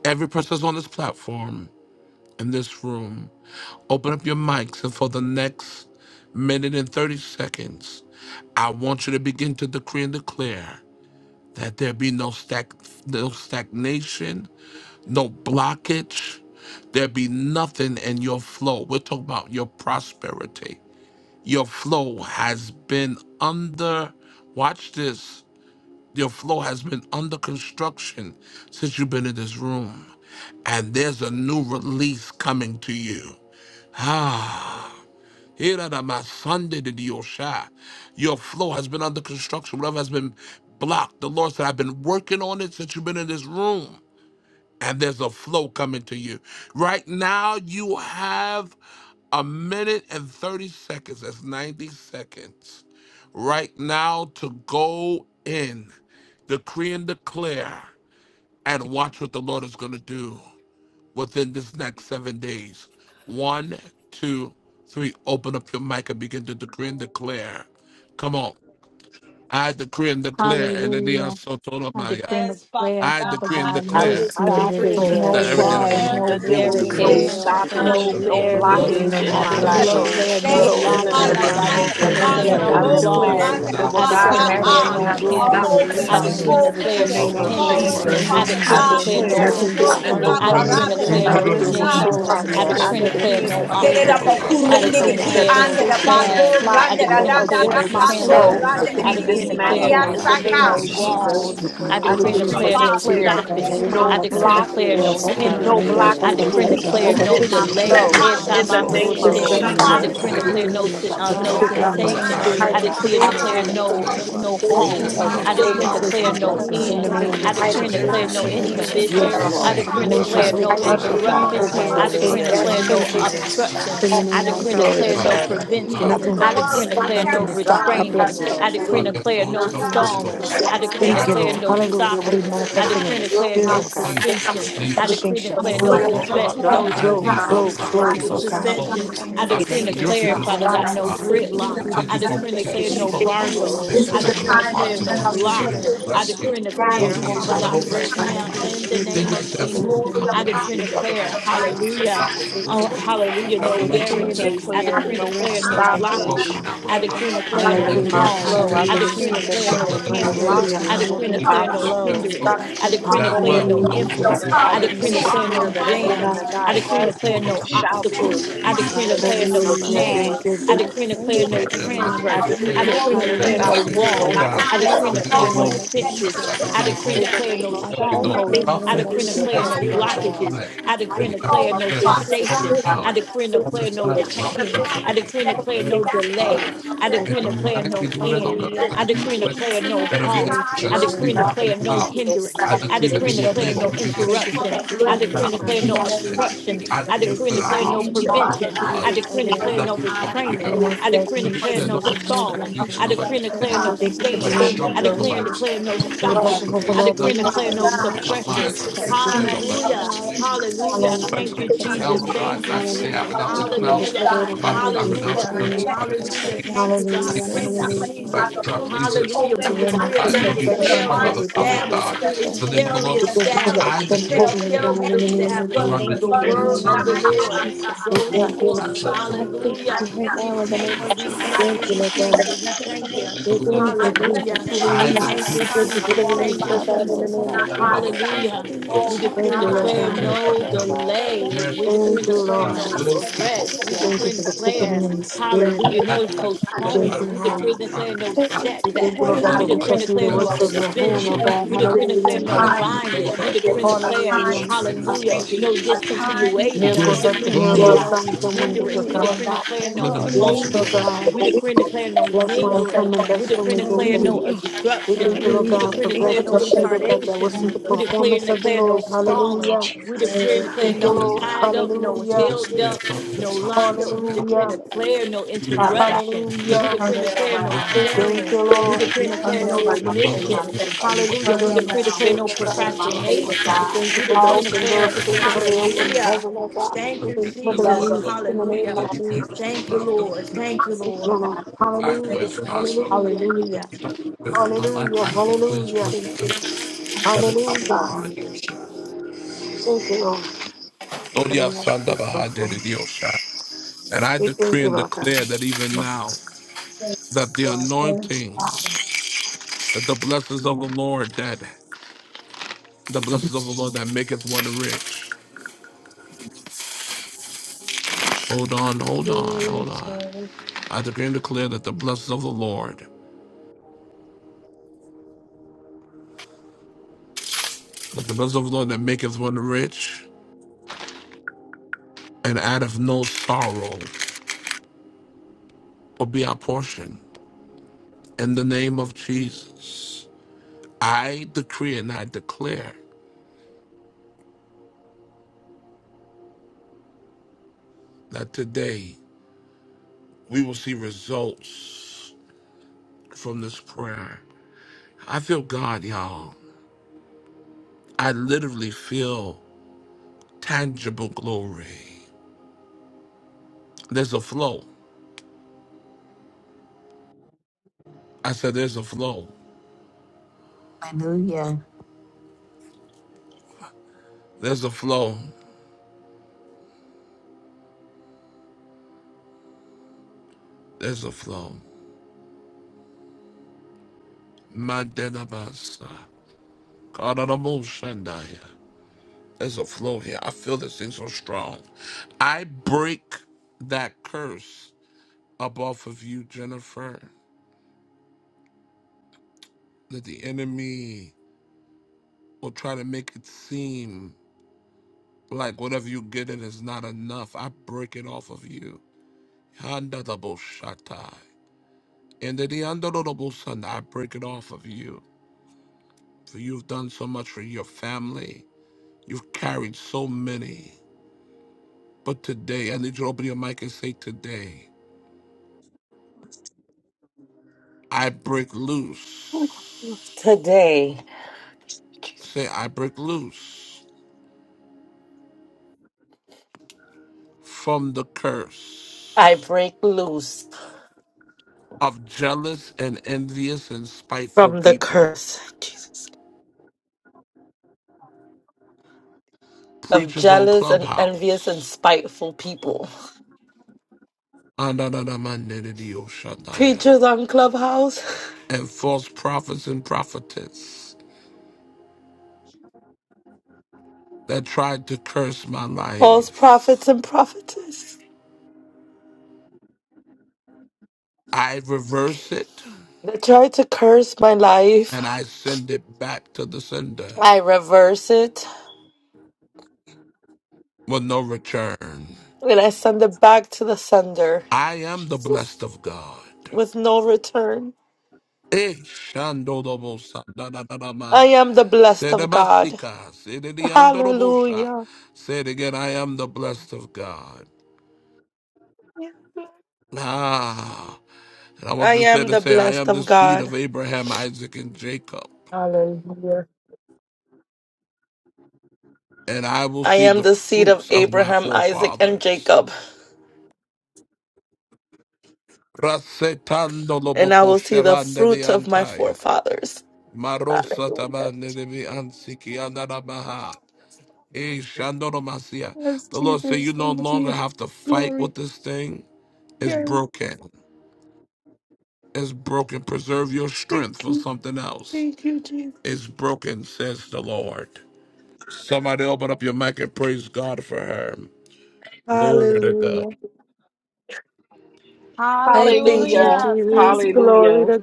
S1: Every person that's on this platform, in this room, open up your mics, and for the next minute and 30 seconds, I want you to begin to decree and declare that there be no, stag- no stagnation, no blockage, there be nothing in your flow. We're talking about your prosperity. Your flow has been under, watch this, Your flow has been under construction since you've been in this room. And there's a new release coming to you. Here that my Sunday to your shy. Your flow has been under construction. Whatever has been blocked, the Lord said, I've been working on it since you've been in this room. And there's a flow coming to you. Right now, you have a minute and 30 seconds. That's 90 seconds. Right now, to go in, decree and declare. and watch what the Lord is going to do within this next
S14: kri-
S1: seven days. One, two, three. Open up your mic and begin to decree and declare. Come on. I decree and declare, and then the
S5: Hallelujah.
S1: Sotola
S5: I
S1: Maya.
S5: decree and
S4: Yes, Father
S5: declare,
S1: I
S5: Father
S1: decree and
S4: God,
S5: God,
S8: I
S5: no
S1: declare
S9: I
S8: decree and
S9: decree and
S5: stoppage,
S8: declare
S5: no
S1: that
S8: there
S1: everything
S9: declare
S8: will
S1: that
S8: be
S5: bars,
S1: belongs
S4: declare
S1: to
S5: no
S9: that
S1: me
S9: there
S8: no
S1: will
S9: will
S1: be
S4: in
S9: be no
S4: this
S8: damage.
S5: barricades,
S1: released.
S4: time
S5: no
S9: stoppage,
S1: The,
S4: and
S1: the,
S9: no
S1: the
S8: There will
S1: wealth
S5: barriers.
S8: be
S9: blockage
S8: no
S9: in
S5: I
S1: of
S8: more
S1: the
S9: my
S5: decree and
S4: set the
S1: Lord.
S9: flow.
S8: blockage.
S5: declare no
S15: God,
S4: date.
S15: I
S9: In the
S14: I
S9: name
S1: I
S5: blockages.
S9: of
S14: decree
S8: Everything
S5: I
S14: and
S4: Alamanda,
S1: decree
S5: decree
S4: the
S8: shall
S5: and
S14: declare
S1: and
S9: Jesus,
S14: there
S5: declare
S4: banda,
S14: shall
S15: thank you,
S4: the
S14: be
S1: declare.
S8: flow
S9: I
S5: no
S8: and
S14: no
S4: boku,
S9: declare
S5: flaws.
S1: Even
S15: Jesus.
S4: randa,
S14: obstruction.
S8: there
S4: the
S9: that
S1: now,
S5: I
S9: what
S1: Lord
S5: decree
S9: God
S1: God,
S8: will
S5: and
S8: be
S1: I
S14: I
S9: has
S8: no
S5: declare
S9: for
S4: bakaha
S14: decree
S1: want
S9: me
S5: no
S1: to
S9: will
S14: and
S4: are
S1: be
S9: be
S5: hamper.
S8: limitation.
S14: declare
S4: open.
S5: I
S4: They're
S9: released.
S1: released.
S5: decree
S14: no
S5: and
S9: In
S4: open.
S8: Everything
S5: declare
S9: the
S4: They're
S8: shall
S5: no
S1: Lord
S9: name
S14: stagnation.
S9: of
S1: God,
S8: flow.
S1: for
S5: hindrance.
S14: The
S1: our
S4: flowing,
S9: Jesus,
S5: I
S1: King.
S4: Father
S14: name
S5: decree
S9: I
S14: of
S5: and
S4: God.
S5: declare no
S4: There is
S9: declare
S14: Jesus,
S8: Nothing
S4: no
S15: Jesus,
S5: impedance.
S9: that
S8: blocking it.
S1: Five
S9: no
S5: I
S1: foot.
S4: suramba,
S5: decree
S9: weapon
S5: and
S14: with
S5: declare
S9: formed
S14: no
S5: no
S9: against
S8: Everything
S14: block.
S9: me
S8: will
S9: shall
S8: flow
S5: jams.
S8: as a
S5: I
S9: prosper. I
S5: decree and
S8: sin. Thank
S5: declare
S9: decree and
S5: no
S8: you,
S14: I
S4: Dere
S14: declare
S4: da
S9: declare
S14: that
S5: obstacles.
S14: the
S4: baku
S5: I
S9: that
S4: rende
S5: decree
S9: the
S4: de
S5: and
S4: ki
S9: that
S5: declare
S9: the
S5: no
S4: ande
S8: Lord
S4: da
S9: satanic
S4: bako
S5: stag.
S8: Jesus.
S14: feet of
S9: plot
S5: I
S4: rande
S14: the
S4: da
S5: decree and
S4: da
S14: in
S4: da
S14: the
S5: declare
S8: Yes.
S14: name
S4: da
S5: no
S9: against my
S14: of
S4: bako
S14: Jesus.
S1: I
S8: Everything,
S9: flow
S5: transverse.
S14: It's
S4: rande
S1: agree.
S4: de
S5: I
S9: be
S4: ki
S8: everything,
S4: di
S5: decree
S8: is
S5: and
S4: di di di
S1: Oh
S5: declare
S8: everything.
S4: ya
S9: dismantled
S5: no
S1: God,
S9: in
S14: not
S9: the
S1: it's
S5: s-
S14: the block.
S9: name
S5: no
S9: of
S4: saka.
S14: It's
S5: walls.
S1: Jesus.
S9: Jesus.
S5: I
S8: God.
S1: Oh
S9: I
S5: decree and
S1: God,
S8: Everything
S1: it's
S8: is
S9: decree and
S5: declare
S8: what
S1: not to
S8: you
S5: no
S4: Father,
S1: be
S8: see,
S4: in
S8: oh
S9: declare
S4: the
S8: God.
S5: stoppage.
S4: name
S8: Everything,
S5: I
S9: no
S8: oh God.
S5: decree
S15: yeah.
S5: and
S8: Every
S5: declare
S14: not the
S4: of
S8: door
S9: blockage,
S5: no
S8: is open,
S14: block.
S9: no
S4: Jesus,
S5: hindrance.
S8: windows
S5: I
S9: blockage
S8: open,
S5: decree and
S9: will
S14: It's
S8: lights
S14: not
S8: are
S14: the
S5: declare
S9: will
S14: block.
S5: no
S9: hit
S14: It's
S4: May
S8: overtaken
S1: Let's
S9: my
S14: not the
S8: by
S14: block.
S5: delay.
S4: that
S9: flow
S8: people,
S1: go
S8: God.
S9: in the
S4: hallelujah, that
S9: name
S8: The
S4: this
S9: of
S4: is
S5: Etamandroshe.
S4: the
S8: suddenly,
S5: I
S8: oh
S1: in
S4: harvest
S5: decree
S9: Jesus.
S1: the
S5: and
S8: God.
S1: name
S8: We
S1: of
S4: time,
S1: the
S5: declare
S4: this
S8: thank
S1: Lord
S4: is
S5: no
S8: you, oh
S5: se-
S4: the
S1: Jesus
S8: God, for
S5: uh,
S4: day
S8: the
S1: Christ.
S5: no
S8: quickening
S4: gathering
S8: in the
S1: Father,
S4: time,
S5: sensation.
S4: this
S1: I
S8: spirit, oh
S5: I
S4: is my
S8: God.
S5: declare and
S1: pray and
S5: declare
S4: time
S1: I
S9: I
S8: Hallelujah.
S9: decree
S5: no
S4: of
S1: declare,
S5: no
S4: reaping, this is
S1: even
S5: halt.
S4: my
S1: now,
S8: overwhelming,
S5: I
S1: by the
S5: decree and
S4: time
S1: power of the
S5: declare
S8: overtaking
S4: of
S1: Holy
S5: no
S8: blessings
S1: Ghost,
S8: in
S4: increase.
S8: the
S5: end.
S4: I thank
S8: name
S5: I
S1: and
S8: of
S4: you,
S1: in the
S5: decree and
S4: Father
S1: name
S4: God,
S5: declare
S8: Jesus.
S1: of
S4: that
S5: no
S4: this is
S1: Jesus,
S9: and
S4: the
S5: inhibition.
S8: Yes,
S9: declare,
S4: time,
S1: this
S5: I
S8: Lord.
S9: God.
S1: day,
S5: decree and
S1: Lord God,
S8: Financial
S1: I
S5: declare
S4: hallelujah,
S5: no
S1: declare
S9: I
S1: that
S8: breakthroughs,
S4: Father
S8: oh
S1: I
S9: decree
S8: God.
S9: and
S4: God,
S1: declare,
S5: interruption.
S4: of
S5: I
S9: declare.
S8: Overflow,
S1: by
S5: decree
S4: your
S1: the
S5: and
S8: increase,
S5: declare
S1: power
S4: divine
S1: of
S5: no
S1: God,
S8: increase, oh
S4: protection
S1: by
S8: God,
S5: obstruction.
S4: of
S8: in the
S5: I
S8: name of
S5: decree
S4: angelic
S5: and declare
S8: Jesus.
S4: angels
S1: the
S5: no
S1: glory of
S4: assisting
S5: prevention.
S1: God,
S4: in
S8: Nothing,
S4: the
S5: I
S1: the
S5: decree
S4: word,
S5: and
S1: by
S5: declare no
S8: nothing to
S4: carrying
S8: stop my
S4: out and
S5: restraining.
S8: blessings, oh
S5: I
S8: God.
S5: decree
S1: by
S5: and
S4: manifesting
S1: the
S5: declare no
S1: anointing of the
S4: God,
S1: Holy
S5: stalling.
S4: so
S1: Ghost,
S5: I
S4: shall
S5: decree
S4: your
S5: and
S1: I
S8: Thank you,
S5: declare
S4: word
S8: Lord.
S5: no
S4: be.
S1: declare
S8: Hallelujah. What are you
S5: stoppage.
S4: This is the
S5: I
S1: the
S8: manifesting
S5: decree
S8: in
S5: and
S4: time.
S8: the
S1: wealth
S5: declare
S8: spirit,
S1: I
S5: no
S8: oh God?
S1: need your
S5: suspension. I
S1: needs
S8: Everything
S5: decree and
S8: shall
S4: I'm
S5: declare
S1: the
S5: no
S1: wealth,
S8: flow,
S1: Lord
S4: grateful
S1: God,
S5: suspe-
S1: that
S4: for
S5: no
S4: this,
S1: I
S8: flow,
S5: sus-
S1: need,
S4: God.
S5: um,
S8: flow,
S1: Lord God, to
S4: I
S8: flow,
S1: keep
S8: oh
S1: us
S4: thank
S8: God.
S4: you, God.
S1: afloat.
S5: suspension. I
S1: I
S8: We
S5: decree and
S1: thank you,
S8: thank you.
S1: you're
S5: declare,
S4: I
S8: Lord.
S1: keeping
S4: thank
S1: us
S5: Father
S4: you
S1: afloat,
S4: that
S5: God,
S8: Hallelujah.
S4: this
S5: no
S4: is
S1: God.
S4: the
S5: gridlock.
S4: season
S1: I
S4: of
S1: thank
S5: I
S1: you for
S5: decree and
S8: Thank you,
S5: declare
S1: continuous
S5: no
S8: Jesus.
S1: flow.
S4: manifestation.
S5: bargoes.
S8: Overwhelming,
S1: Thank you
S4: This
S1: for
S5: I
S4: is
S8: thank
S4: a
S8: you,
S1: touching
S5: decree
S1: our
S5: and
S4: time of
S5: declare
S1: hearts
S8: Jesus,
S1: and
S5: no
S1: those who
S8: oh God.
S1: said
S5: block.
S1: they will
S4: manifestation.
S5: I
S1: bless
S4: In
S1: me.
S5: decree and
S1: Down
S4: gathering,
S1: through
S5: declare,
S1: the
S8: freedom,
S1: years,
S5: Father
S1: and
S8: God.
S4: this is
S1: never
S5: God,
S4: a
S5: right
S1: bless me, Lord
S4: time
S5: now
S1: God.
S8: Financial
S4: of
S5: in
S4: the
S5: the
S8: freedom,
S1: Thank
S5: name
S8: oh
S1: you
S5: of
S1: that
S8: God.
S1: that
S4: manifested
S5: Jesus,
S1: flow will
S8: Breakthrough,
S4: glory of
S1: come,
S5: I
S4: God.
S5: decree
S1: God.
S8: breakthrough,
S5: and
S4: For
S8: oh
S4: you
S5: declare,
S8: God.
S4: shall
S1: It's a
S4: arise and
S1: heavens of
S5: hallelujah.
S4: shine
S1: dollars
S4: for the
S8: Thank you,
S1: bless
S5: Oh,
S1: me.
S4: glory of
S8: Jesus.
S4: the
S5: hallelujah.
S9: I
S1: Have
S5: No
S4: Lord
S8: Thank you
S4: has
S8: for
S1: released
S8: the
S1: me
S9: decree and
S1: to me.
S5: barricades. I
S8: overflow.
S4: risen.
S9: declare
S4: This
S5: decree and
S4: is the
S9: no
S5: declare
S1: Father,
S8: I
S5: no
S1: That's
S4: time
S1: of
S4: of
S8: thank
S4: the
S8: you, oh
S4: manifestation
S1: wealth
S5: blockages.
S9: stoppage
S1: in
S8: God.
S1: our
S5: I
S1: life.
S5: decree and
S4: of your
S5: declare
S1: And
S5: no
S1: then we
S4: glory.
S9: in
S1: can
S4: This
S9: my
S8: Hallelujah,
S1: make them
S4: is
S5: walls.
S1: say
S4: the
S9: flow. I
S1: thank
S5: I
S8: hallelujah,
S4: time
S5: decree and
S9: decree
S4: of
S9: and
S1: you.
S4: the
S5: declare
S1: Send
S5: no
S9: declare
S1: other
S4: gathering
S9: no
S4: of
S1: people
S4: the
S1: that
S5: hampers.
S8: hallelujah,
S1: say,
S5: I
S4: kingdom.
S9: blockage will
S5: decree and
S9: hit
S8: hallelujah.
S5: declare
S9: my
S4: Father,
S5: no
S4: I
S1: let
S4: thank
S1: that
S9: flow.
S4: you
S5: hindrance.
S4: that
S1: flow,
S4: this
S5: I
S4: is the
S5: decree and
S1: that
S4: time
S5: declare
S4: the
S1: well will
S5: no
S1: no
S4: king
S1: longer
S4: shall
S8: Hallelujah.
S5: impotence.
S1: be out
S9: I
S4: come
S5: I
S1: there
S5: decree
S9: decree
S5: and
S4: to
S9: and
S5: declare no
S4: our
S9: declare that
S1: that
S4: arise
S1: Uh, of
S9: everything
S5: jams.
S9: that
S4: and
S5: I
S9: God
S5: decree
S4: bring
S5: and
S9: has
S8: Hallelujah.
S1: overcoming
S9: for
S1: a
S5: declare
S1: lot
S9: me
S1: of
S5: no
S14: Stop.
S4: gifts
S1: people
S9: shall
S4: and
S9: be
S1: to
S5: obstacles. I
S1: be
S9: released
S5: decree
S9: in
S5: and
S4: surprises
S9: the
S5: declare
S4: in the
S9: name
S5: no
S9: of
S4: mighty
S8: Hallelujah.
S1: always
S4: name
S8: Thank
S5: snags.
S4: of
S8: you.
S5: I
S9: Jesus.
S8: Jesus.
S4: Jesus.
S5: decree and declare
S4: This
S1: towards
S5: no
S4: is the
S1: them. I
S4: time
S9: I
S5: transverse.
S1: and
S4: of your
S9: decree
S5: I
S1: declare
S9: and
S5: decree and
S4: glory,
S9: declare
S1: that
S9: that
S5: declare
S4: Savior.
S1: that
S5: no
S9: God's
S1: may be
S9: word
S4: This
S9: will
S4: is
S1: pulled
S5: walls.
S4: the
S9: not
S1: down
S5: I
S4: time
S9: return unto
S5: decree
S1: in
S5: and
S4: of
S1: the
S9: him
S1: name of
S5: declare
S4: fall,
S5: no
S9: void
S1: Lord Jesus
S4: that
S5: fences.
S1: Christ. I
S4: time
S5: I
S1: decree
S4: of
S1: and
S5: decree
S1: declare.
S5: and
S9: in the
S5: declare
S4: connection
S9: name
S5: no
S9: of
S1: We go
S4: name.
S5: strongholds.
S9: Jesus.
S5: I
S4: This
S5: decree
S4: is
S5: and
S4: the
S1: offense,
S5: declare no
S1: tackling,
S4: time
S1: and
S4: of us
S1: control
S4: being
S1: of my
S5: blockages.
S4: in
S1: leg.
S5: I
S4: the
S1: Then
S5: decree
S1: we
S5: and
S1: come to
S5: declare
S1: get
S5: no
S4: secret,
S1: that home
S4: Father
S1: from
S4: God,
S1: the
S5: sensation. I
S4: dwelling
S5: decree and
S4: in the
S1: On this
S5: declare no
S1: side
S4: secret
S1: of the block,
S4: place,
S1: I'm trying
S5: checking.
S1: to come
S5: I
S4: Father,
S1: in this
S5: decree and
S4: that
S5: declare
S4: in
S5: no
S1: morning.
S4: gathering
S5: delay.
S4: with
S1: God,
S4: you,
S5: I
S4: that
S8: Thank
S1: if
S5: decree and
S8: you.
S5: declare
S4: communication
S1: demonically
S5: no
S1: doing
S4: with
S1: it, oh
S4: you,
S1: God,
S5: end.
S8: Hallelujah.
S1: I
S4: that
S5: I
S1: decree the
S5: decree and
S1: quitter.
S4: connection with
S5: declare no
S4: you,
S1: That'll be the
S5: halt.
S8: Thank
S4: God,
S8: you,
S5: I
S4: I
S1: justice
S5: decree and
S8: Lord.
S1: leading out of their
S5: declare
S4: thank
S5: no
S1: mouth.
S4: you
S5: hindrance.
S1: I
S5: I
S1: decree that
S8: For
S5: decree
S1: they
S5: and
S1: will
S5: declare
S1: live
S5: no
S8: Suddenly,
S1: and
S8: I
S1: they're
S8: thank you for
S4: for
S8: the
S1: speaking.
S5: interruption.
S4: the
S5: I
S8: freedom,
S5: decree
S8: Lord
S1: Now,
S5: and
S4: blessing
S1: in
S5: declare
S8: God.
S4: in
S5: no
S4: the
S1: Jesus'
S4: name of
S5: obstruction.
S1: name,
S4: Jesus.
S1: I
S8: I
S5: I
S1: decree
S5: decree
S8: thank
S5: and
S1: that
S8: you,
S1: our
S4: I
S5: declare no
S1: house
S8: Jesus.
S4: thank
S1: is
S4: you,
S8: We
S1: covered
S4: Father
S5: prevention.
S1: with
S8: decree
S4: God.
S8: and
S5: I
S1: blood.
S4: This is
S5: decree and
S4: the
S8: declare.
S1: And
S5: declare
S4: greatest
S5: no
S1: nothing
S4: time
S1: comes to me
S4: of
S8: No
S1: at
S5: restraining.
S4: favor.
S8: more
S1: all.
S5: I
S4: This is
S5: decree
S1: I
S4: the
S5: and
S1: decree
S5: declare
S4: greatest
S1: that
S5: no
S8: stagnation,
S4: time
S8: no
S1: nobody
S8: more
S5: stalling.
S4: of
S1: stagnates,
S5: I
S8: blockage.
S5: decree
S1: nobody
S5: and
S4: connection,
S5: declare
S1: stacks.
S8: You
S5: no
S4: Father.
S8: think it could the
S1: Nobody's
S4: I
S5: stand. I
S1: struggle,
S4: thank you,
S5: declare
S8: overflowing
S5: and
S1: nobody's
S5: declare
S4: Father.
S5: no
S8: in the
S1: curse,
S5: stopping.
S8: blessings of the
S5: I
S1: nobody's
S8: Lord,
S5: decree and
S8: which is
S5: declare
S4: Father
S5: no
S1: nothing
S8: in
S1: will
S8: me.
S4: God,
S1: become
S4: this
S1: mine.
S5: suppression.
S1: I
S4: is the
S1: can declare
S4: time
S1: nobody
S4: of
S1: I'm a
S5: Hallelujah.
S4: a
S1: slave.
S4: name
S1: I won't
S5: Hallelujah.
S4: change.
S1: go
S4: This
S1: back
S4: is
S1: to
S5: Thank
S1: the
S4: the
S8: Hallelujah.
S5: you,
S1: pits of
S4: time
S1: hell,
S5: Jesus.
S1: oh
S4: to
S1: God,
S5: Thank you,
S4: receive
S1: not stay. I
S8: Hallelujah.
S5: Jesus.
S8: We
S4: a
S1: renounce
S4: new
S1: and
S8: decree and
S4: name,
S1: denounce.
S5: Hallelujah.
S8: declare
S1: I'm
S4: God.
S8: the
S4: I
S1: about
S8: God of
S1: to,
S4: thank
S1: I
S4: you
S1: renounce
S4: for
S8: Jesus'
S5: Hallelujah.
S1: and
S4: the
S1: denounce
S8: name.
S1: somebody
S4: blessing
S1: that's
S5: Hallelujah.
S1: slave.
S5: Thank you,
S1: I
S5: God.
S8: Hallelujah.
S1: need
S4: bringing.
S5: Thank
S1: to
S4: I
S5: you,
S4: thank
S1: go
S4: you
S8: Hallelujah.
S1: back
S4: how
S5: Jesus.
S1: to
S4: the
S1: dry
S4: book was
S1: places.
S5: Hallelujah.
S8: You
S5: We
S8: can
S4: open.
S8: wear
S1: Oh
S4: I
S8: my
S5: decree a
S8: foot
S1: God,
S4: thank
S1: and
S4: you
S8: shall
S5: thing,
S1: I'll
S4: for
S5: it
S1: be
S8: tread
S4: the
S8: upon
S5: shall
S1: destroyed
S5: be
S8: shall
S1: by
S4: divine
S1: the
S8: be
S1: power
S8: blessed.
S1: of
S5: established.
S1: God.
S4: reversal that
S5: It
S4: was
S1: In the name of the
S5: shall be
S1: Lord
S4: reversed,
S8: We
S1: Jesus
S4: that the
S8: thank you for
S1: Christ,
S8: the
S4: curse,
S5: established.
S1: I
S4: the
S8: extended
S1: decree
S5: It
S1: and
S4: spell, the
S8: heaven,
S1: declare
S5: shall be
S8: God, in the
S4: enchantment
S8: name of
S1: the
S5: established.
S4: was
S1: Roman
S5: The
S8: Jesus.
S4: reversed
S5: word
S4: and
S8: Hallelujah.
S1: 13
S5: of the
S4: guided. I,
S5: Lord
S1: declaration.
S4: I, I
S8: We
S5: goes
S8: thank
S4: thank
S8: you,
S4: you
S1: I
S5: forth.
S8: Lord
S4: for
S1: shall
S8: God.
S4: the victory. I
S5: Hallelujah.
S8: Hallelujah.
S4: thank
S5: We
S4: you for the
S5: thank you. We
S4: breakthrough. I
S5: thank you.
S8: Thank you,
S5: We
S4: thank
S8: Lord
S4: you for
S5: thank
S8: God.
S5: you.
S4: the
S5: We thank
S1: in the
S5: you.
S4: manifestation.
S1: name
S8: We
S1: of the
S8: thank
S1: Lord Jesus
S4: I
S8: you,
S4: thank
S1: Christ.
S8: Jesus,
S5: Hallelujah.
S4: you,
S8: for
S4: Father
S1: I
S4: God,
S8: release.
S5: Thank
S4: a
S5: you,
S8: We
S1: decree and
S4: time
S8: thank you for
S1: I
S4: of
S8: the
S5: Jesus.
S4: walking
S8: release,
S1: declare.
S5: Thank you,
S4: by
S8: oh
S4: faith
S8: God, in the
S4: and
S5: Jesus.
S8: name
S4: not
S8: of
S1: Now,
S4: by
S1: Father
S8: Jesus.
S4: sight.
S1: God, to the
S5: Hallelujah. We
S1: books.
S4: Oh
S5: decree
S8: Thank
S5: and
S8: you,
S1: I
S4: God,
S8: Lord
S1: decree
S5: declare
S1: and
S4: I
S8: God.
S1: to for
S5: no
S4: thank
S1: you know,
S4: you.
S5: delay.
S1: there
S5: We decree and
S8: Thank you,
S5: declare
S1: uh,
S8: Lord.
S4: I
S5: no
S1: will
S4: thank
S1: be a
S4: you
S5: arrest.
S8: We
S5: We
S4: for
S8: thank
S5: decree
S1: performance.
S8: you
S5: and
S8: for the
S4: the
S8: quickening
S5: declare,
S8: in the
S4: manifestation.
S8: spirit. We
S5: hallelujah,
S1: I
S5: no
S1: think I
S4: I
S1: love
S4: thank
S8: thank you,
S5: postponement.
S1: God
S5: We
S4: you,
S5: decree
S8: Lord.
S4: God.
S5: and
S1: the honor
S5: declare
S1: of
S5: no
S1: God. But
S8: We thank you,
S5: setbacks.
S1: what I
S8: Lord God,
S4: I
S5: We
S8: that
S1: love all
S8: we
S5: decree
S8: shall
S5: and
S1: these
S4: thank
S8: see the
S5: declare
S4: you,
S5: no
S1: events
S8: works
S4: Lord.
S8: of your
S1: outside
S8: hand,
S1: of
S4: I
S5: suspension.
S8: oh
S1: what I am
S4: thank
S8: God.
S4: you
S5: We
S4: that
S1: now.
S5: decree
S4: this
S5: and
S4: is
S8: Hallelujah.
S5: declare
S1: I
S4: a
S5: no
S1: decree
S4: time
S1: and
S4: of
S1: declare
S5: bondage.
S1: about
S5: We
S1: a
S5: decree and
S4: thanksgiving,
S1: portal
S4: a
S5: declare,
S4: time
S1: of
S8: Hallelujah.
S14: Thank
S1: training
S4: of
S14: you,
S1: to
S5: hallelujah,
S1: uh,
S4: thanking
S5: no
S4: you, a time of
S5: discontinuation. We
S8: Miracles
S4: praising
S5: decree
S8: after
S5: and
S4: you,
S5: declare
S8: miracles,
S4: God.
S5: no
S8: signs and wonders, oh
S5: hindrance. We
S8: God.
S4: Lord
S5: decree and
S4: God,
S5: declare
S4: thank
S1: all the
S5: no
S4: you
S8: Bless,
S1: meditations
S8: oh
S1: and
S5: holding.
S1: those
S8: God.
S5: We decree and declare no
S4: for
S8: Bless when
S4: your
S8: I
S5: lingering.
S8: come and
S4: faithfulness.
S5: We
S8: bless when
S5: decree and
S8: we
S4: Thank
S8: go, oh
S5: declare no
S8: God.
S4: you
S8: We
S5: obstruction.
S8: thank you,
S1: of
S8: Lord
S5: We
S8: God,
S5: decree
S8: for
S5: and declare
S4: for
S8: blessed
S5: no
S1: California.
S4: your
S8: to she, Lord
S4: faithfulness.
S8: God, that will
S5: retardation.
S8: see
S4: Thank
S8: the
S4: you,
S5: We
S4: Lord.
S5: declare and
S8: performance of the
S5: declare no
S8: Lord.
S5: stalling.
S8: Hallelujah.
S5: We decree and
S4: Thank
S5: declare
S4: you,
S8: Thank you,
S4: God.
S5: no
S1: Nothing
S8: Lord.
S5: tied
S1: that
S5: up, no
S1: see
S8: Hallelujah.
S1: this
S5: held
S1: way,
S5: up,
S1: don't
S5: no
S1: fix
S5: locked up. We
S1: it.
S5: decree and
S8: Hallelujah.
S5: declare no
S4: Father God,
S5: interruption.
S4: you
S1: live
S5: We
S8: Hallelujah.
S1: it,
S5: decree and
S4: turning it
S1: for the
S5: declare no
S1: rest
S4: around.
S1: of
S8: We
S1: your life,
S8: Thank
S5: tearing.
S8: you,
S5: We
S8: Lord,
S5: decree
S4: You
S5: and
S4: turning
S5: declare
S8: for
S4: it
S5: no
S8: the
S4: around
S1: and no
S8: overflow.
S4: in
S1: no
S8: Thank
S4: my
S5: remission.
S8: you, Lord,
S4: favor.
S8: for
S4: You
S8: what you're
S5: Hallelujah. We
S4: turning
S8: doing
S4: it
S8: in the
S5: decree and
S4: around
S5: declare
S1: or
S8: spirit
S5: no
S8: of
S1: try
S4: in
S1: that
S8: God.
S4: my
S1: to us
S4: favor,
S1: not die.
S8: We
S5: procrastination.
S4: God.
S8: thank you
S5: We
S8: for the
S5: decree
S1: That's
S5: and
S4: All
S1: the
S8: open
S1: thing
S8: door.
S1: that
S5: declare,
S4: for
S8: We
S1: we
S4: the
S8: thank
S1: never
S8: you
S4: good
S8: for
S1: try
S4: of
S8: the
S1: to do
S4: those
S8: open
S1: together.
S5: hallelujah.
S8: heaven of God.
S5: Thank
S8: We
S5: you,
S8: thank you for
S4: who
S8: the
S1: And the
S4: love
S5: Jesus.
S4: the
S8: release
S4: Lord.
S8: in the
S1: wonderful and the wonderful.
S8: name
S5: Hallelujah.
S1: There'll
S8: of
S4: All
S1: be people here was
S8: Jesus.
S1: doing
S5: Thank
S4: for
S5: you,
S1: my dog
S5: Lord.
S1: even
S5: Thank
S4: the
S5: you,
S4: good
S8: Thank you,
S5: Lord.
S8: Lord.
S4: of
S1: I
S4: God.
S8: Hallelujah.
S1: was from the hospital.
S8: Hallelujah.
S5: Hallelujah.
S1: my mind
S8: Hallelujah.
S1: I've been cleansed
S8: Hallelujah.
S1: broken down.
S4: I thank you,
S1: That I will
S8: Hallelujah.
S4: Father.
S1: find you, sir.
S8: Thank you, Lord. Thank you
S1: Lord,
S8: for
S1: you have
S8: the
S1: found out
S8: extras,
S1: how
S8: Lord
S1: I did sir. And I
S8: We thank
S1: decree
S8: you,
S1: and
S8: Lord God.
S1: declare that even now
S4: Thank you,
S1: that the
S4: Lord. Thank you,
S1: anointing,
S4: Father.
S1: that the blessings of the Lord that The blessings of the Lord that maketh one rich. Hold on, hold on, hold on.
S7: Jesus.
S1: I decree and declare that the blessings of the Lord, that the blessings of the Lord that maketh one rich and addeth no sorrow, will be our portion. In the name of Jesus, I decree and I declare that today we will see results from this prayer. I feel God, y'all. I literally feel tangible glory. There's a flow. I said, there's a flow.
S6: Hallelujah.
S1: There's a flow. There's a flow. Mandelabasa. Karadamushandaya. There's a flow here. I feel this thing so strong. I break that curse up off of you, Jennifer, that the enemy will try to make it seem like whatever you get in is not enough. I break it off of you. Handadaboshatai. And the Andorobosana, I break it off of you. For you've done so much for your family. You've carried so many. But today, I need you to open your mic and say, Today, I break loose.
S13: Today,
S1: Say, I break loose from the
S13: I
S1: curse
S13: break loose
S1: of jealous and envious and spiteful
S13: from the
S1: people,
S13: curse of
S1: preachers on
S13: jealous and envious and
S1: Clubhouse,
S13: spiteful people. Preachers on Clubhouse,
S1: and false prophets and prophetess that tried to curse my
S13: false prophets
S1: life.
S13: and prophetess
S1: I reverse it
S13: that try to curse my life.
S1: and I send it back to the sender with no return. I am the blessed of God. Eh, shandorobosa, da, da, da, da, ma. Sedabasika, sedediandorobosha. Say it again, I am the blessed of God. Ah, and I want you to say to say, I am the seed of Abraham, Isaac, and Jacob, and I will see the fruits of my forefathers. Rasetando loboko sherande liantaya. The Lord said, "You no longer have to fight. What this thing is broken. Is broken. Preserve your strength for something else. Is broken," says the Lord. Somebody open up your mic and praise God for her. Glory to
S9: Hallelujah.
S5: Hallelujah. Thank you, Lord.
S9: Hallelujah.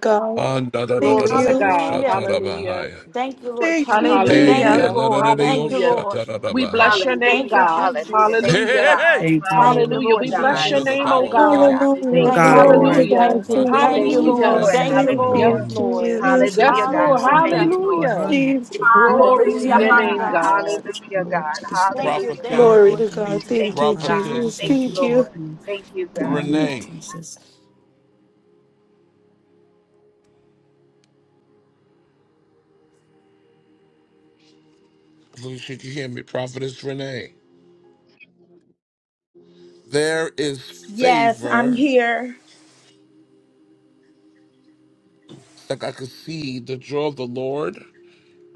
S9: Glory to God.
S5: Hallelujah.
S9: Hallelujah.
S5: Thank you, Lord Jesus. Thank
S18: Hallelujah.
S5: you,
S9: Hallelujah.
S5: Lord. Thank you,
S9: Hallelujah.
S5: Lord.
S9: We bless your name,
S5: Thank you,
S16: Hallelujah.
S9: God.
S16: Hallelujah.
S5: Jesus.
S16: Thank you,
S9: Hallelujah.
S14: Lord.
S16: God.
S14: Thank
S5: Thank you,
S14: you,
S9: Hallelujah.
S16: Hallelujah,
S5: Lord
S9: We bless
S16: God.
S9: your
S5: Jesus.
S14: Lord
S9: name, oh
S16: Hallelujah,
S9: God.
S1: God.
S16: God. We
S14: Lord
S16: thank
S5: Thank you,
S16: you,
S14: God, in the
S16: Lord.
S5: Lord.
S14: name
S9: Hallelujah.
S5: Thank
S1: My
S5: you.
S16: We
S5: Thank you,
S16: thank you,
S1: Dodo
S5: Lord.
S9: Hallelujah.
S1: shot.
S16: Lord.
S5: Thank you,
S9: Yes,
S5: Lord.
S16: Hallelujah.
S10: Hallelujah.
S14: of
S9: Lord. Yes,
S16: Hallelujah,
S14: you,
S16: God.
S9: Lord.
S16: We
S14: we
S16: thank
S5: Hallelujah.
S14: thank
S16: you,
S14: you for
S16: Lord.
S14: her.
S9: Hallelujah.
S14: and
S5: Glory
S9: Glory
S5: to
S9: to
S4: Hallelujah.
S5: your
S14: In the
S16: Hallelujah,
S9: your
S4: Ha-
S5: name,
S14: name
S9: name,
S16: God.
S14: of
S5: God.
S9: God.
S14: Jesus,
S16: Hallelujah,
S14: Lord,
S16: God.
S14: this is
S5: Thank you.
S16: Hallelujah,
S5: Thank you,
S14: your
S16: God.
S5: Lord
S1: Prophetess,
S14: anointing,
S5: Jesus.
S14: our
S16: Thank you,
S14: bodies, and
S16: God.
S14: we
S16: Thank
S14: thank
S16: you,
S14: you
S1: prophetess
S14: for
S16: Lord.
S14: it. In
S16: Thank you,
S14: the
S5: Thank
S16: God.
S5: you,
S14: name of
S5: Lord.
S1: Renee.
S14: Jesus.
S1: Lucia, you hear me? Prophetess Renee. There is
S4: Yes, I'm
S1: favor.
S4: here.
S1: It's like I could see the jaw of the Lord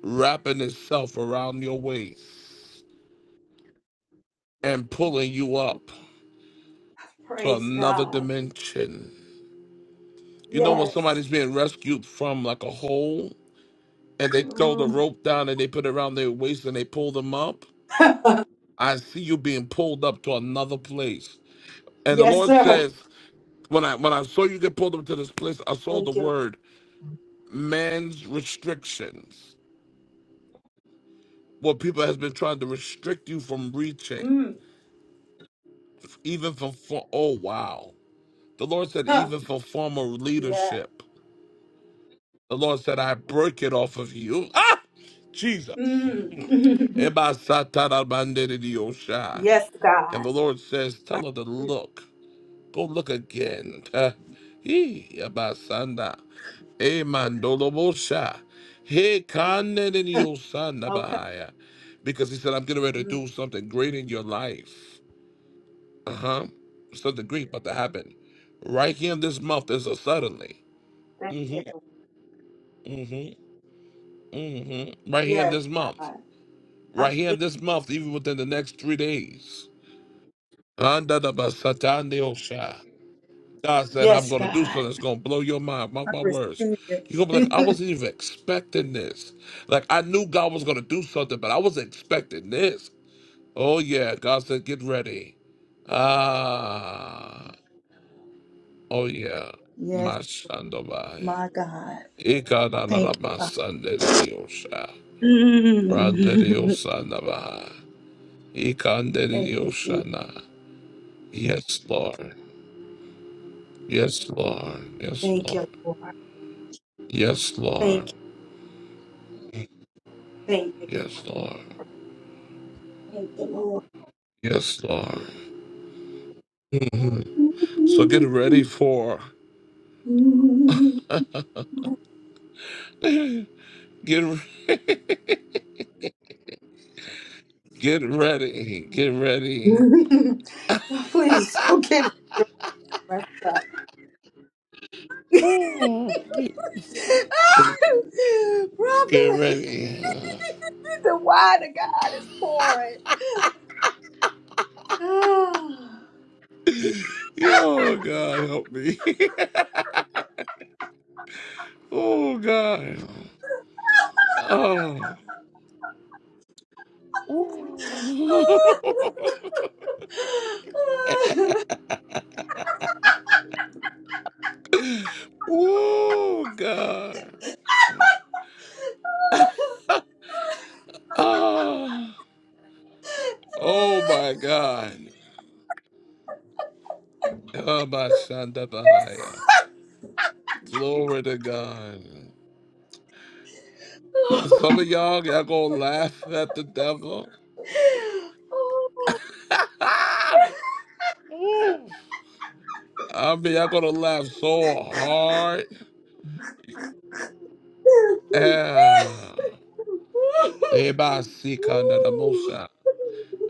S1: wrapping itself around your waist and pulling you up to
S4: Praise
S1: another
S4: God.
S1: dimension. You know when
S4: Yes.
S1: somebody's being rescued from like a hole and they throw the
S4: Mm.
S1: rope down and they put it around their waist and they pull them up? I see you being pulled up to another place. And the
S4: Yes,
S1: Lord
S4: sir.
S1: says, when I when I saw you get pulled up to this place, I saw the
S4: Thank you. Lord.
S1: word man's restrictions. What people has been trying to restrict you from reaching, even from for oh wow. The Lord said, even for former
S4: Yes.
S1: leadership. The Lord said, I break it off of you. Ah, Jesus.
S4: Mm.
S1: Eba satara bandere diosha.
S4: yes,
S1: And
S4: God.
S1: the Lord says, tell her to look. Go look again. Uh, He abasanda. E mandolobosha. He kaneniniyosanda
S4: Okay.
S1: bahaya. Because he said, I'm getting ready to
S4: Mm.
S1: do something great in your life. Uh-huh. Something great about to happen. Right here in this month is a suddenly.
S4: Thank you.
S1: Mm-hmm.
S4: Lord.
S1: Mm-hmm. Mm-hmm. Right here in
S4: Yes,
S1: this month.
S4: God. I
S1: Right here in
S4: believe.
S1: this month, even within the next three days. Anda da basatande osha. God said, I'm
S4: Yes,
S1: going to do
S4: God.
S1: something that's going to blow your mind. Mark
S4: I
S1: my words.
S4: receive it.
S1: You're going to be like, I wasn't even expecting this. Like, I knew God was going to do something, but I wasn't expecting this. Oh, yeah. God said, get ready. Ah. Oh, yeah.
S4: yes,
S1: Mashandobaya.
S4: my God. Thank you, Father.
S1: Ikananamasanderediosha.
S4: Mm.
S1: Randeriosanabaha.
S4: Thank you, Jesus.
S1: Ikanderiosana. Yes, Lord. Yes, Lord. Yes,
S4: Thank
S1: Lord.
S4: you, Lord.
S1: Yes, Lord.
S4: Thank you. Thank you.
S1: Yes,
S4: Father.
S1: Lord.
S4: Thank you, Lord.
S1: Yes, Lord. So get ready for get re- get ready, get ready,
S4: No, Please don't give me your up. Prophet,
S1: get ready.
S4: the wine of God is pouring.
S1: Oh God, help me. Oh God. Oh. Oh God. Ah. Oh my God. Oh my Shanda Bahaya. Glory to God. Some of y'all y'all gonna laugh at the devil.
S4: Ah.
S1: Ah! Woo! I mean, I'm gonna laugh so hard.
S4: Ooh.
S1: Ah, Everybody see kind of the motion.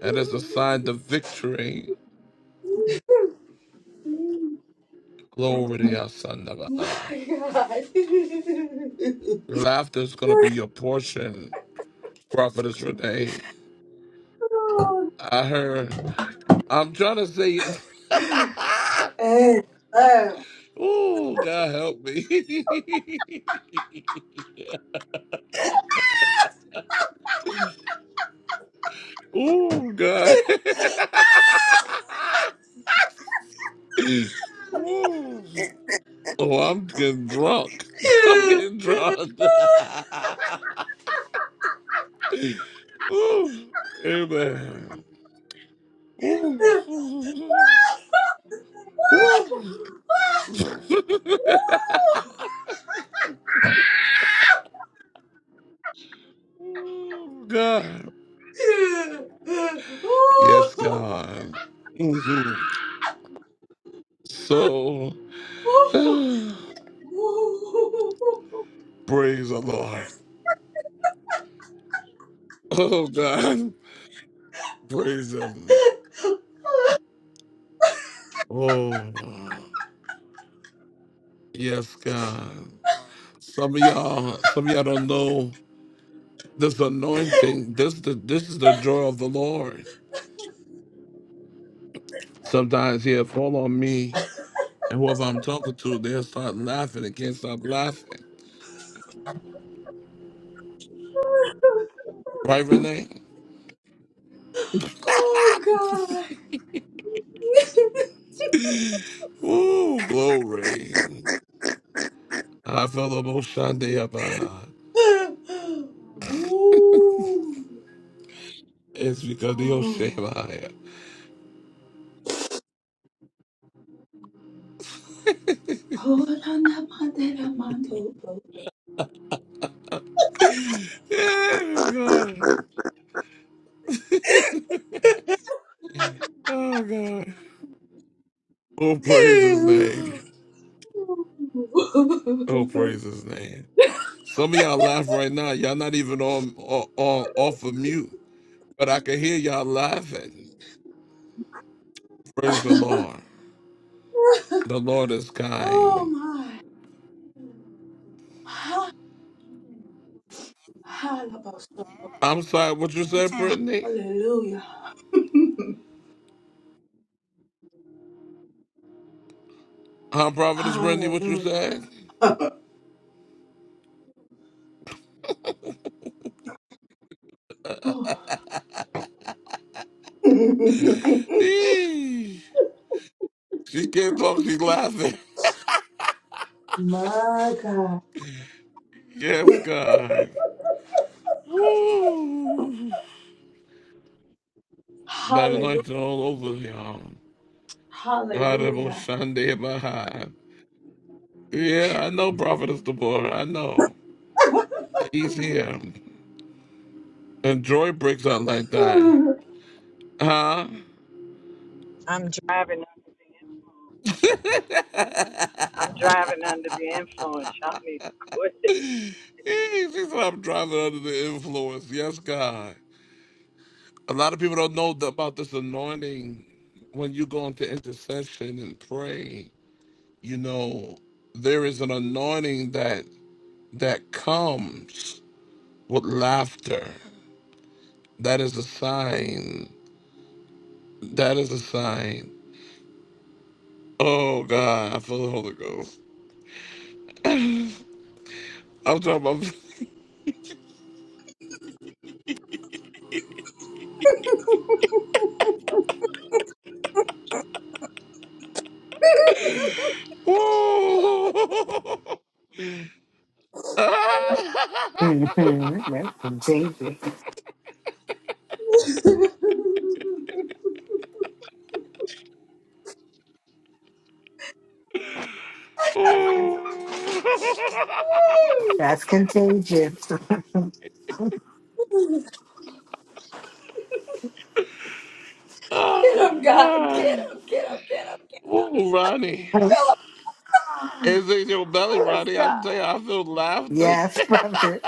S1: And it's a sign of victory. Glory to your son of
S4: My
S1: God.
S4: God.
S1: Your laughter is gonna be your portion, Prophetess Renee.
S4: Oh,
S1: I heard. I'm trying to say.
S4: and, uh,
S1: Ooh, God help me. Ooh, God. Ooh. Oh, I'm getting drunk. I'm getting drunk. Ooh, amen. Ooh, ooh, God. Yes, God. hmm So, praise the Lord. Oh, God. Praise Him. Oh, yes, God. Some of y'all, some of y'all don't know this anointing. This the this is the joy of the Lord. Sometimes He'll fall on me. And whoever I'm talking to, they'll start laughing and can't stop laughing. Right, Renee?
S4: Oh God.
S1: Ooh, glory. I felt a Moshande Abaha.
S4: Ooh.
S1: It's because the
S4: Oh,
S1: Oshemaya.
S4: Ora na mandera mando bo.
S1: Oh, God. Oh, God. Oh, praise his name. Oh, praise his name. Some of y'all laugh right now. Y'all not even on, on, on off of mute, but I can hear y'all laughing. Praise the Lord. The Lord is
S4: Oh,
S1: kind.
S4: ha- ha- la bo so
S1: I'm sorry, what you
S6: Me
S1: said,
S6: too.
S1: Brittany?
S4: Hallelujah.
S1: Huh, Providence Brittany, what you
S4: Hallelujah.
S1: said? Eesh. She can't talk, she's laughing.
S4: My God.
S1: yes, God. Woo. That
S4: Hallelujah.
S1: anointing all over y'all. Horrible
S4: Hallelujah.
S1: Sunday behind. Yeah, I know Prophetess Deborah. I know. He's here. And Joy breaks out like that. Huh?
S19: I'm driving under the influence. I'm driving under the influence. Y'all need to quit.
S1: Eesh, She said I'm driving under the influence. Yes, God. A lot of people don't know the, about this anointing. When you go into intercession and pray, you know there is an anointing that that comes with laughter. That is a sign. That is a sign. Oh God, I feel the Holy Ghost. I'm talking about. Ooh. Ah.
S8: Mm-hmm. Welcome, Jesus.
S1: Ooh.
S8: That's contagious.
S4: Get him,
S1: Oh
S4: God. Get
S1: God.
S4: him. Get him. Get him.
S1: Ooh, Ronnie. It's in your belly,
S4: Yes,
S1: Ronnie. I'm telling
S4: God.
S1: you, I feel laughter.
S8: yes, brother.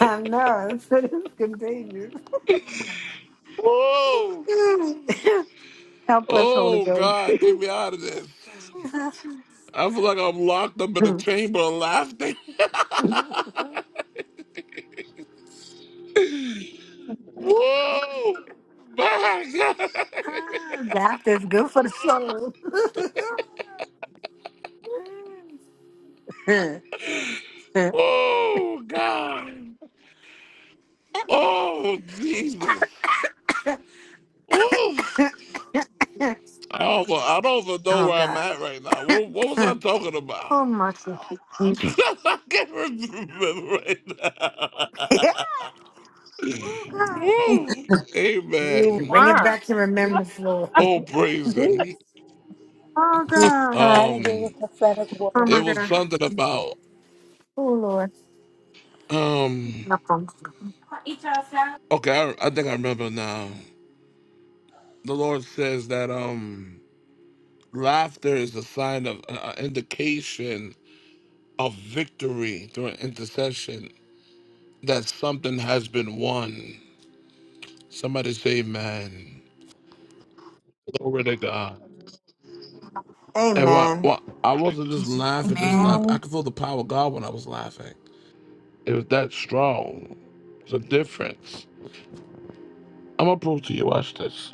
S8: I know. It's, it's contagious.
S1: Whoa!
S8: Help Holy
S1: Oh
S8: Ghost.
S1: God, get me out of this. I feel like I'm locked up in a chamber of laughter. Whoa! My God!
S8: Laughter is good for the soul.
S1: Oh God! Oh Jesus! Whoa! I don't, I don't even know
S8: oh,
S1: where I'm
S8: God.
S1: at right now. What, what was I talking about?
S8: Oh, mercy.
S1: I can't remember right now.
S8: oh, God.
S19: You
S8: And
S1: Amen.
S8: Bring it
S19: weren't.
S8: back to remembrance, Lord. oh,
S1: Oh, praise him.
S8: God.
S4: Trying to give a
S1: Um,
S4: prophetic
S8: Oh, my
S1: it
S4: word.
S1: was
S8: God.
S1: something about
S8: Oh, Lord.
S1: um.
S8: My phone.
S1: Okay, I, I think I remember now. The Lord says that um, laughter is a sign of an indication of victory through an intercession that something has been won. Somebody say, "Man, glory to God." And what,
S8: Amen.
S1: what, I wasn't just laughing, just
S6: Amen.
S1: laughing. I
S5: Amen.
S1: could feel the power of God when I was laughing. It was that strong. It's a difference. I'm gonna prove to you. Watch this.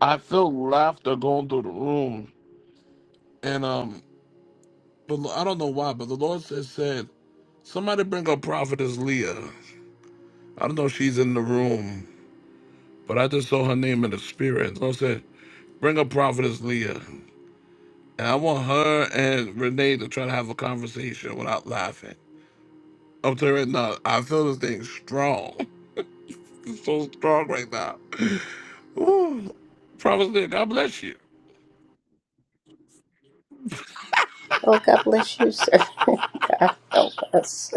S1: I feel laughter going through the room, and um, but I don't know why, but the Lord says said somebody bring up prophetess Leah. I don't know if she's in the room, but I just saw her name in the spirit. The Lord said bring up prophetess Leah, and I want her and Renee to try to have a conversation without laughing. I'm telling you right now, I feel this thing strong. It's so strong right now. Ooh, prophetess Leah, God bless you.
S20: Oh, God bless you, sir. God help us.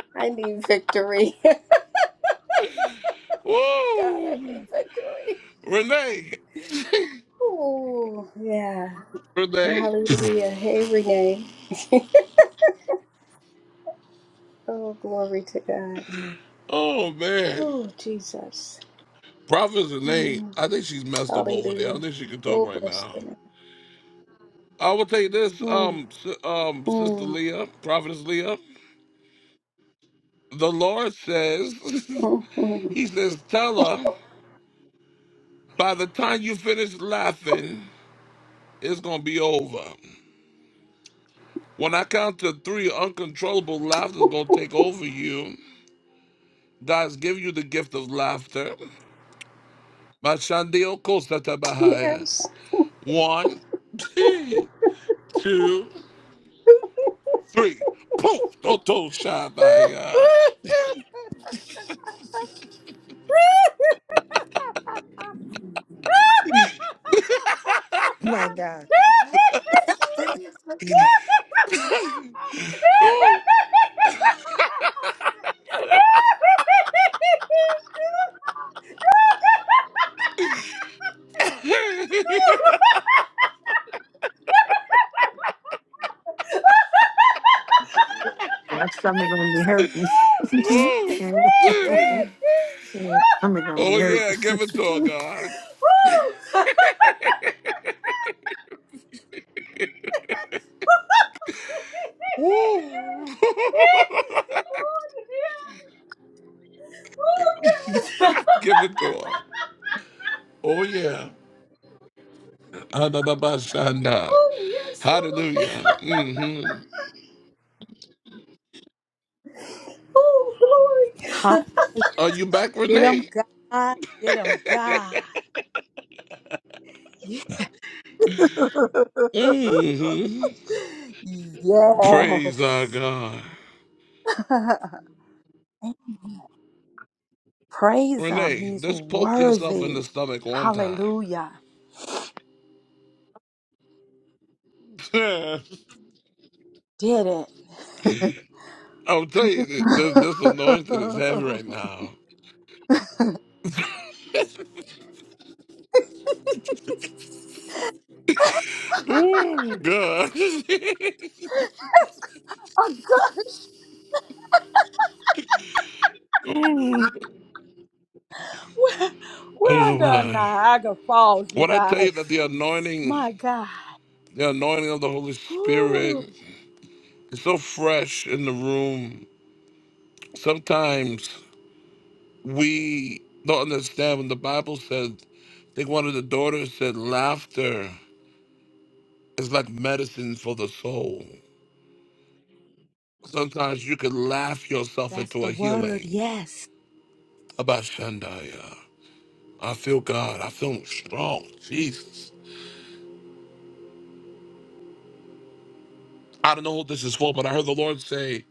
S20: I need victory. God, I
S1: Ooh,
S20: need victory.
S1: Renee,
S20: Oh, yeah.
S1: Renee.
S20: Hallelujah. Hey, Renee. Oh, glory to God.
S1: Oh man,
S20: Oh, Jesus.
S1: Prophet's a name.
S20: Mm,
S1: I think she's messed up over there. I don't
S20: hallelujah.
S1: think she can talk
S20: Oh,
S1: right
S20: bless
S1: now.
S20: the name.
S1: I will take this,
S20: Mm,
S1: um, s- um, Sister
S20: mm,
S1: Leah, Prophetess Leah. The Lord says,
S20: mm, mm.
S1: He says, tell her by the time you finish laughing, it's gonna be over. When I count to three, uncontrollable laughter is gonna take over you. God's give you the gift of laughter. Mashandio Kosatabahaya.
S20: Yes.
S1: One, two. three. Poof! Toto Shabaya.
S8: My God.
S1: Oh,
S8: My stomach gonna be hurting. My
S1: Woo.
S8: stomach gonna be
S1: Oh, yeah, give it to
S8: hurting.
S1: her, God.
S20: Ha!
S1: Woo.
S20: Oh, yes.
S1: give it to her. Oh, yeah. Adadabashanda.
S20: Oh, yes, Lord.
S1: Hallelujah. hmm
S20: Oh,
S4: Ha-
S20: glory.
S1: Are you back,
S4: Get him,
S1: Renee?
S4: God. Get him, God.
S1: hmm Praise our
S4: Yes.
S1: God.
S4: Praise him.
S1: Renee,
S4: He's
S1: just poke yourself in the
S4: worthy.
S1: stomach one time.
S4: Hallelujah. Did it.
S1: I'll tell you this
S4: That's
S1: this anointing is heavy right now. Ooh, God.
S4: a good.
S1: Ooh.
S4: We're, we're
S1: Oh,
S4: under
S1: my.
S4: Niagara Falls, you
S1: When I tell you that
S4: guys.
S1: the anointing,
S4: My God.
S1: the anointing of the Holy
S4: Whew.
S1: Spirit is so fresh in the room, sometimes we don't understand when the Bible said, I think one of the daughters said, laughter is like medicine for the soul. Sometimes you can laugh yourself
S4: That's
S1: into
S4: the
S1: a
S4: word.
S1: healing.
S4: Yes.
S1: About Shandaya. I feel God. I feel strong. Jesus. I don't know who this is for, but I heard the Lord say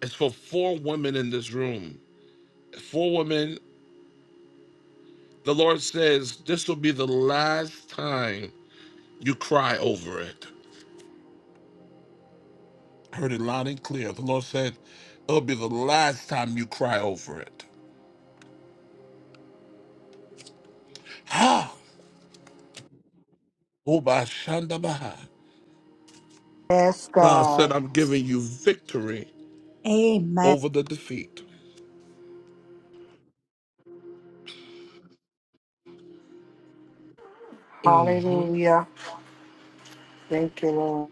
S1: it's for four women in this room. Four women. The Lord says this will be the last time you cry over it. I heard it loud and clear. The Lord said it'll be the last time you cry over it. Ha! Oba shanda baha.
S8: Yes,
S1: God said,
S8: God.
S1: I'm giving you victory
S4: Amen.
S1: over the defeat. hmm
S8: Hallelujah. Thank you, Lord.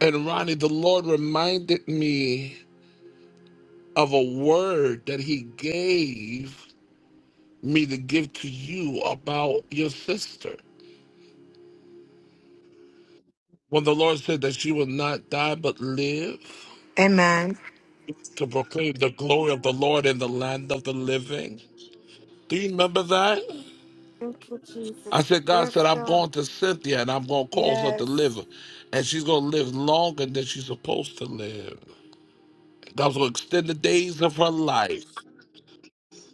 S1: And Ronnie, the Lord reminded me. of a word that he gave me to give to you about your sister. When the Lord said that she will not die but live to proclaim the glory of the Lord in the land of the living. Do you remember that?
S8: Thank
S1: I said, God said, I'm going to Cynthia and I'm going to cause her to live. And she's going to live longer than she's supposed to live. God's going to extend the days of her life.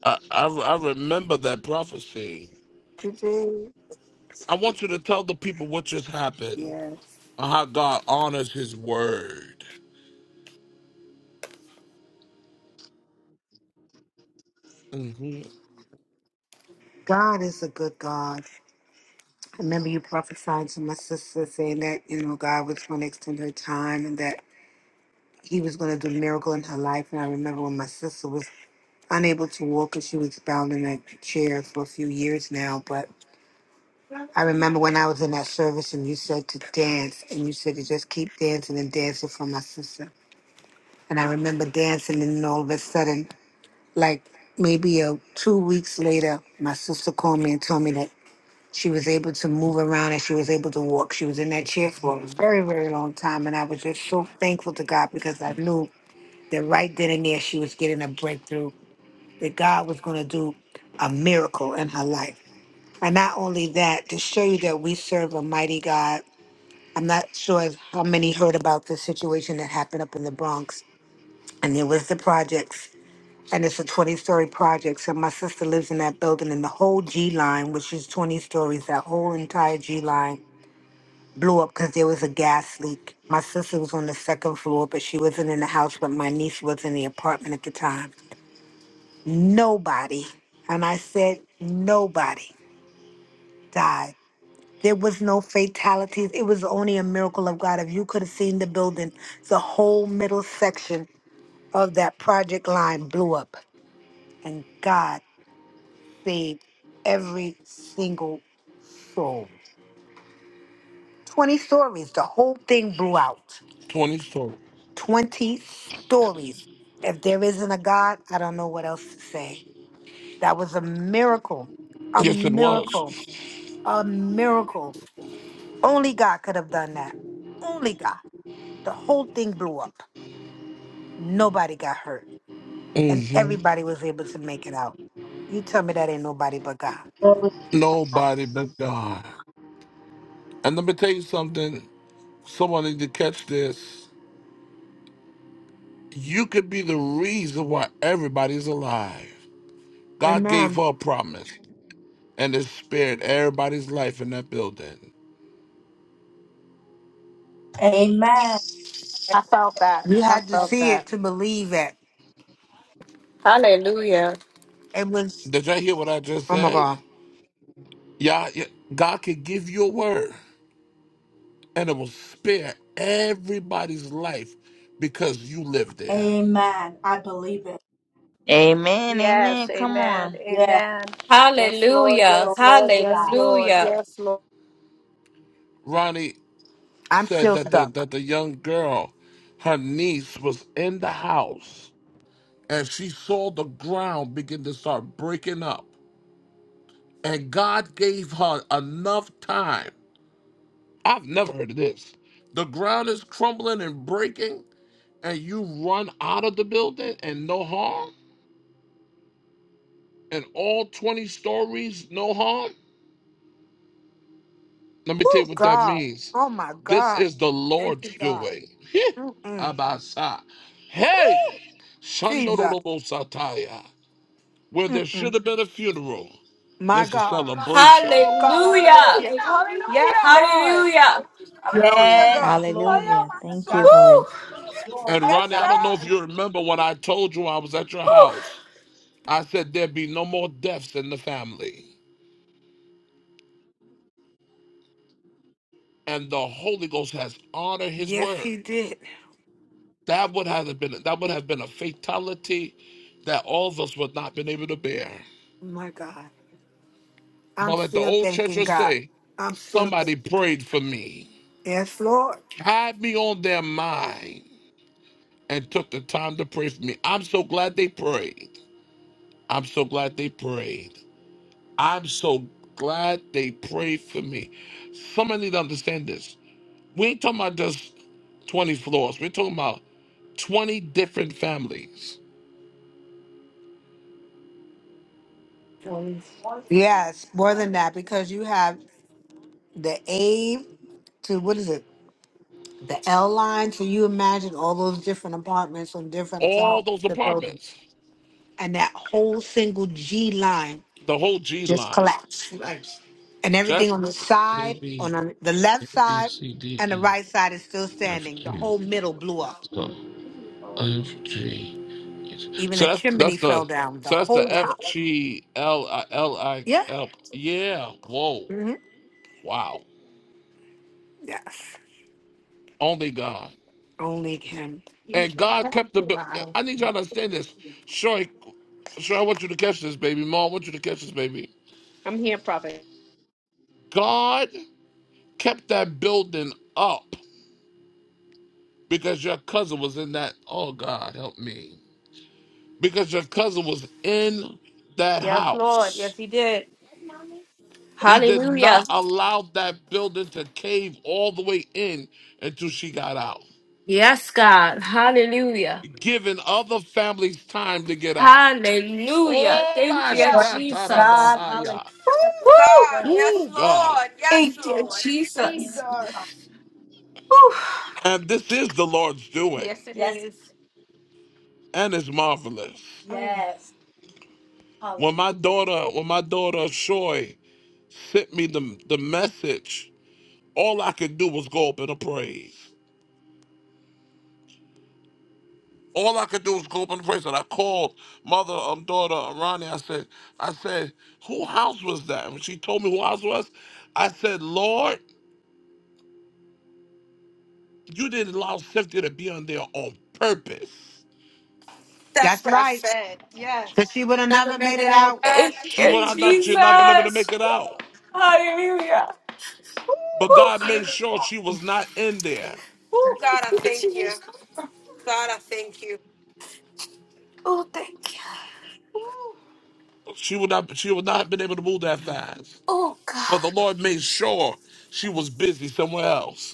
S1: I, I, I remember that prophecy.
S8: you, Jesus.
S1: I want you to tell the people what just happened
S8: Yes.
S1: on how God honors his word. hmm
S8: God is a good God. I remember you prophesying to my sister saying that, you know, God was going to extend her time and that he was going to do a miracle in her life. And I remember when my sister was unable to walk and she was bound in a chair for a few years now. But I remember when I was in that service and you said to dance and you said to just keep dancing and dancing for my sister. And I remember dancing and all of a sudden like maybe a two weeks later, my sister called me and told me that she was able to move around and she was able to walk. She was in that chair for a very, very long time. And I was just so thankful to God because I knew that right then and there she was getting a breakthrough, that God was going to do a miracle in her life. And not only that, to show you that we serve a mighty God. I'm not sure if- how many heard about the situation that happened up in the Bronx. And there was the projects and it's a 20 story project. So my sister lives in that building, and the whole G line, which is 20 stories, that whole entire G line blew up because there was a gas leak. My sister was on the second floor, but she wasn't in the house, but my niece was in the apartment at the time. Nobody, and I said, nobody died. There was no fatalities. It was only a miracle of God. If you could have seen the building, the whole middle section of that project line blew up, and God saved every single 20 stories. The whole thing blew out.
S1: 24.
S8: 20 stories. If there isn't a God, I don't know what else to say. That was a miracle. A
S1: Yes, it was.
S8: miracle. A miracle. Only God could have done that. Only God. The whole thing blew up. Nobody got hurt. And
S1: hmm
S8: everybody was able to make it out. You tell me that ain't nobody but God.
S4: Glory.
S1: Nobody but God. And let me tell you something. Someone need to catch this. You could be the reason why everybody's alive. God gave
S8: Amen.
S1: her a promise and it spared everybody's life in that building.
S4: Amen.
S8: You had to see it to believe it.
S18: Hallelujah.
S8: It was,
S1: Did y'all hear what I just
S8: oh my
S1: said?
S8: God.
S1: Yeah, yeah, God could give you a word and it will spare everybody's life because you live there.
S4: Amen. I believe it.
S6: Amen, amen.
S20: Yes,
S6: Come
S20: amen.
S6: on.
S4: Yes.
S20: Amen.
S18: Hallelujah.
S4: Glory to God.
S18: Hallelujah.
S1: Ronnie
S8: I'm
S1: said
S8: still
S1: that the
S8: stuck.
S1: that the young girl, her niece, was in the house and she saw the ground begin to start breaking up. And God gave her enough time. I've never heard of this. The ground is crumbling and breaking, and you run out of the building and no harm? And all 20 stories, no harm? Let me tell you
S8: Oh,
S1: what that
S8: God.
S1: means.
S8: Oh, my
S1: This
S8: God.
S1: is the
S8: Thank
S1: Lord's
S8: you, God.
S1: doing. Heh,
S8: Mm-mm.
S1: Abasa. Hey,
S8: Jesus.
S1: Shandorobosataya. Where there should
S8: Mm-mm.
S1: have been a funeral,
S8: My
S1: there's a
S8: God.
S1: celebration.
S8: Oh, God, I thank
S18: Hallelujah.
S8: you. Hallelujah.
S18: Hallelujah.
S8: Hallelujah,
S4: Yes.
S8: God. Oh,
S4: Glory
S8: yeah,
S6: Hallelujah.
S8: my
S4: to
S6: Thank you,
S4: God.
S18: Woo.
S8: soul.
S6: Lord.
S4: Glory
S1: And
S4: to
S8: Yes,
S1: Ronnie, I
S4: God.
S1: don't know if
S8: God.
S1: you remember when I told you I was at your house. I said there'd be no more deaths in the family. And the Holy Ghost has honored his
S8: Yes,
S1: word.
S8: he did.
S1: That would have been that would have been a fatality that all of us would not have been able to bear. But let the old church will
S8: God.
S1: say, somebody prayed for me,
S8: Yes, Lord.
S1: had me on their mind, and took the time to pray for me. I'm so glad they prayed. I'm so glad they prayed. I'm so glad they prayed for me. Somebody need to understand this. We ain't talking about just 20 floors. We're talking about 20 different families.
S8: Yes, more than that, because you have the A to what is it? The L line. So you imagine all those different apartments on different
S1: All
S8: sides of
S1: those
S8: the building.
S1: apartments.
S8: And that whole single G line
S1: The whole G
S8: just
S1: line.
S8: collapse. Right. And everything
S1: Just
S8: on the
S1: A,
S8: side, on
S1: B,
S8: the the left
S1: B,
S8: side,
S1: C, D,
S8: and the
S1: E,
S8: right side is still
S1: F,
S8: standing. The
S1: Q.
S8: whole middle blew up.
S1: So F G,
S8: Even
S1: So
S8: the
S1: that's
S8: chimney
S1: that's
S8: fell
S1: the
S8: down. The
S1: so that's
S8: whole
S1: the
S8: top.
S1: F G L I L I
S8: Yeah.
S1: L. Yeah. Whoa.
S8: hmm
S1: Wow.
S8: Yes.
S1: Only God.
S8: And
S1: And God kept the. bu- I need y'all to understand this. Sure, sure. I want you to catch this, baby. Mom, I want you to catch this, baby. God kept that building up because your cousin was in that. Oh God, help me. Because your cousin was in that house He did not
S18: Hallelujah.
S1: allow that building to cave all the way in until she got out,
S18: Yes, God. Hallelujah.
S1: giving other families time to get out.
S18: Hallelujah.
S1: Oh,
S18: Thank
S1: my
S18: you,
S4: Praise
S18: Jesus.
S4: God. Hallelujah.
S1: Shatarabahaya.
S4: Thank you,
S18: Woo.
S4: Lord.
S1: Ooh, God.
S18: Thank you,
S4: Thank
S18: Jesus.
S4: you, Father.
S7: Jesus.
S18: Woo.
S1: And this is the Lord's doing,
S4: Yes,
S1: and it's marvelous.
S4: yes. Hallelujah.
S1: When my daughter, when my daughter Shoy sent me the, the message, all I could do was go up in a praise. All I could do was go up in the place, and I called mother, um, daughter, uh, Ronnie. I said, I said, who house was that? And when she told me who house was, I said, Lord, you didn't allow Cynthia to be on there on purpose.
S8: that's right. Because she would have never made it out.
S18: Thank
S1: She
S18: you,
S1: would have not, she'd not been able to make
S18: Jesus.
S1: it
S18: Woo.
S1: out.
S18: Hallelujah.
S1: But
S18: Woo.
S1: God made
S18: Thank
S1: sure she was not in there.
S18: you,
S7: Yeah,
S18: Jesus.
S7: thank you.
S18: Oh, thank you.
S1: She would not, she would not have been able to move that fast.
S18: Oh, God.
S1: But the Lord made sure she was busy somewhere else.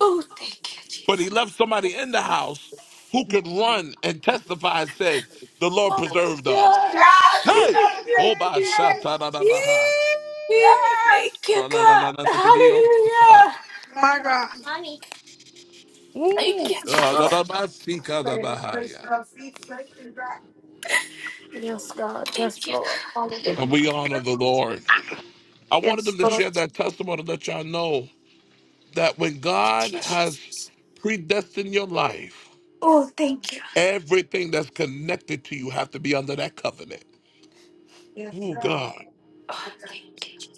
S18: Oh, thank you,
S1: but he
S18: Jesus.
S1: left somebody in the house who could run and testify and said, The Lord preserved us.
S18: God.
S1: Hey! Oba shata da da baha.
S18: Yeah. Thank you,
S1: Oh, na na
S18: God.
S1: na na na na Dios.
S18: Hallelujah.
S8: My God.
S18: Thank
S1: Ooh.
S18: you,
S1: Uh, da
S18: Jesus.
S1: da ba si ka da bahaya.
S18: Thank you. Thank
S1: And we honor the Lord. I wanted them to share that testimony to let y'all know that when God
S18: you,
S1: has
S18: Jesus.
S1: predestined your life, everything that's connected to you have to be under that covenant. Oh God.
S18: Oh, thank you.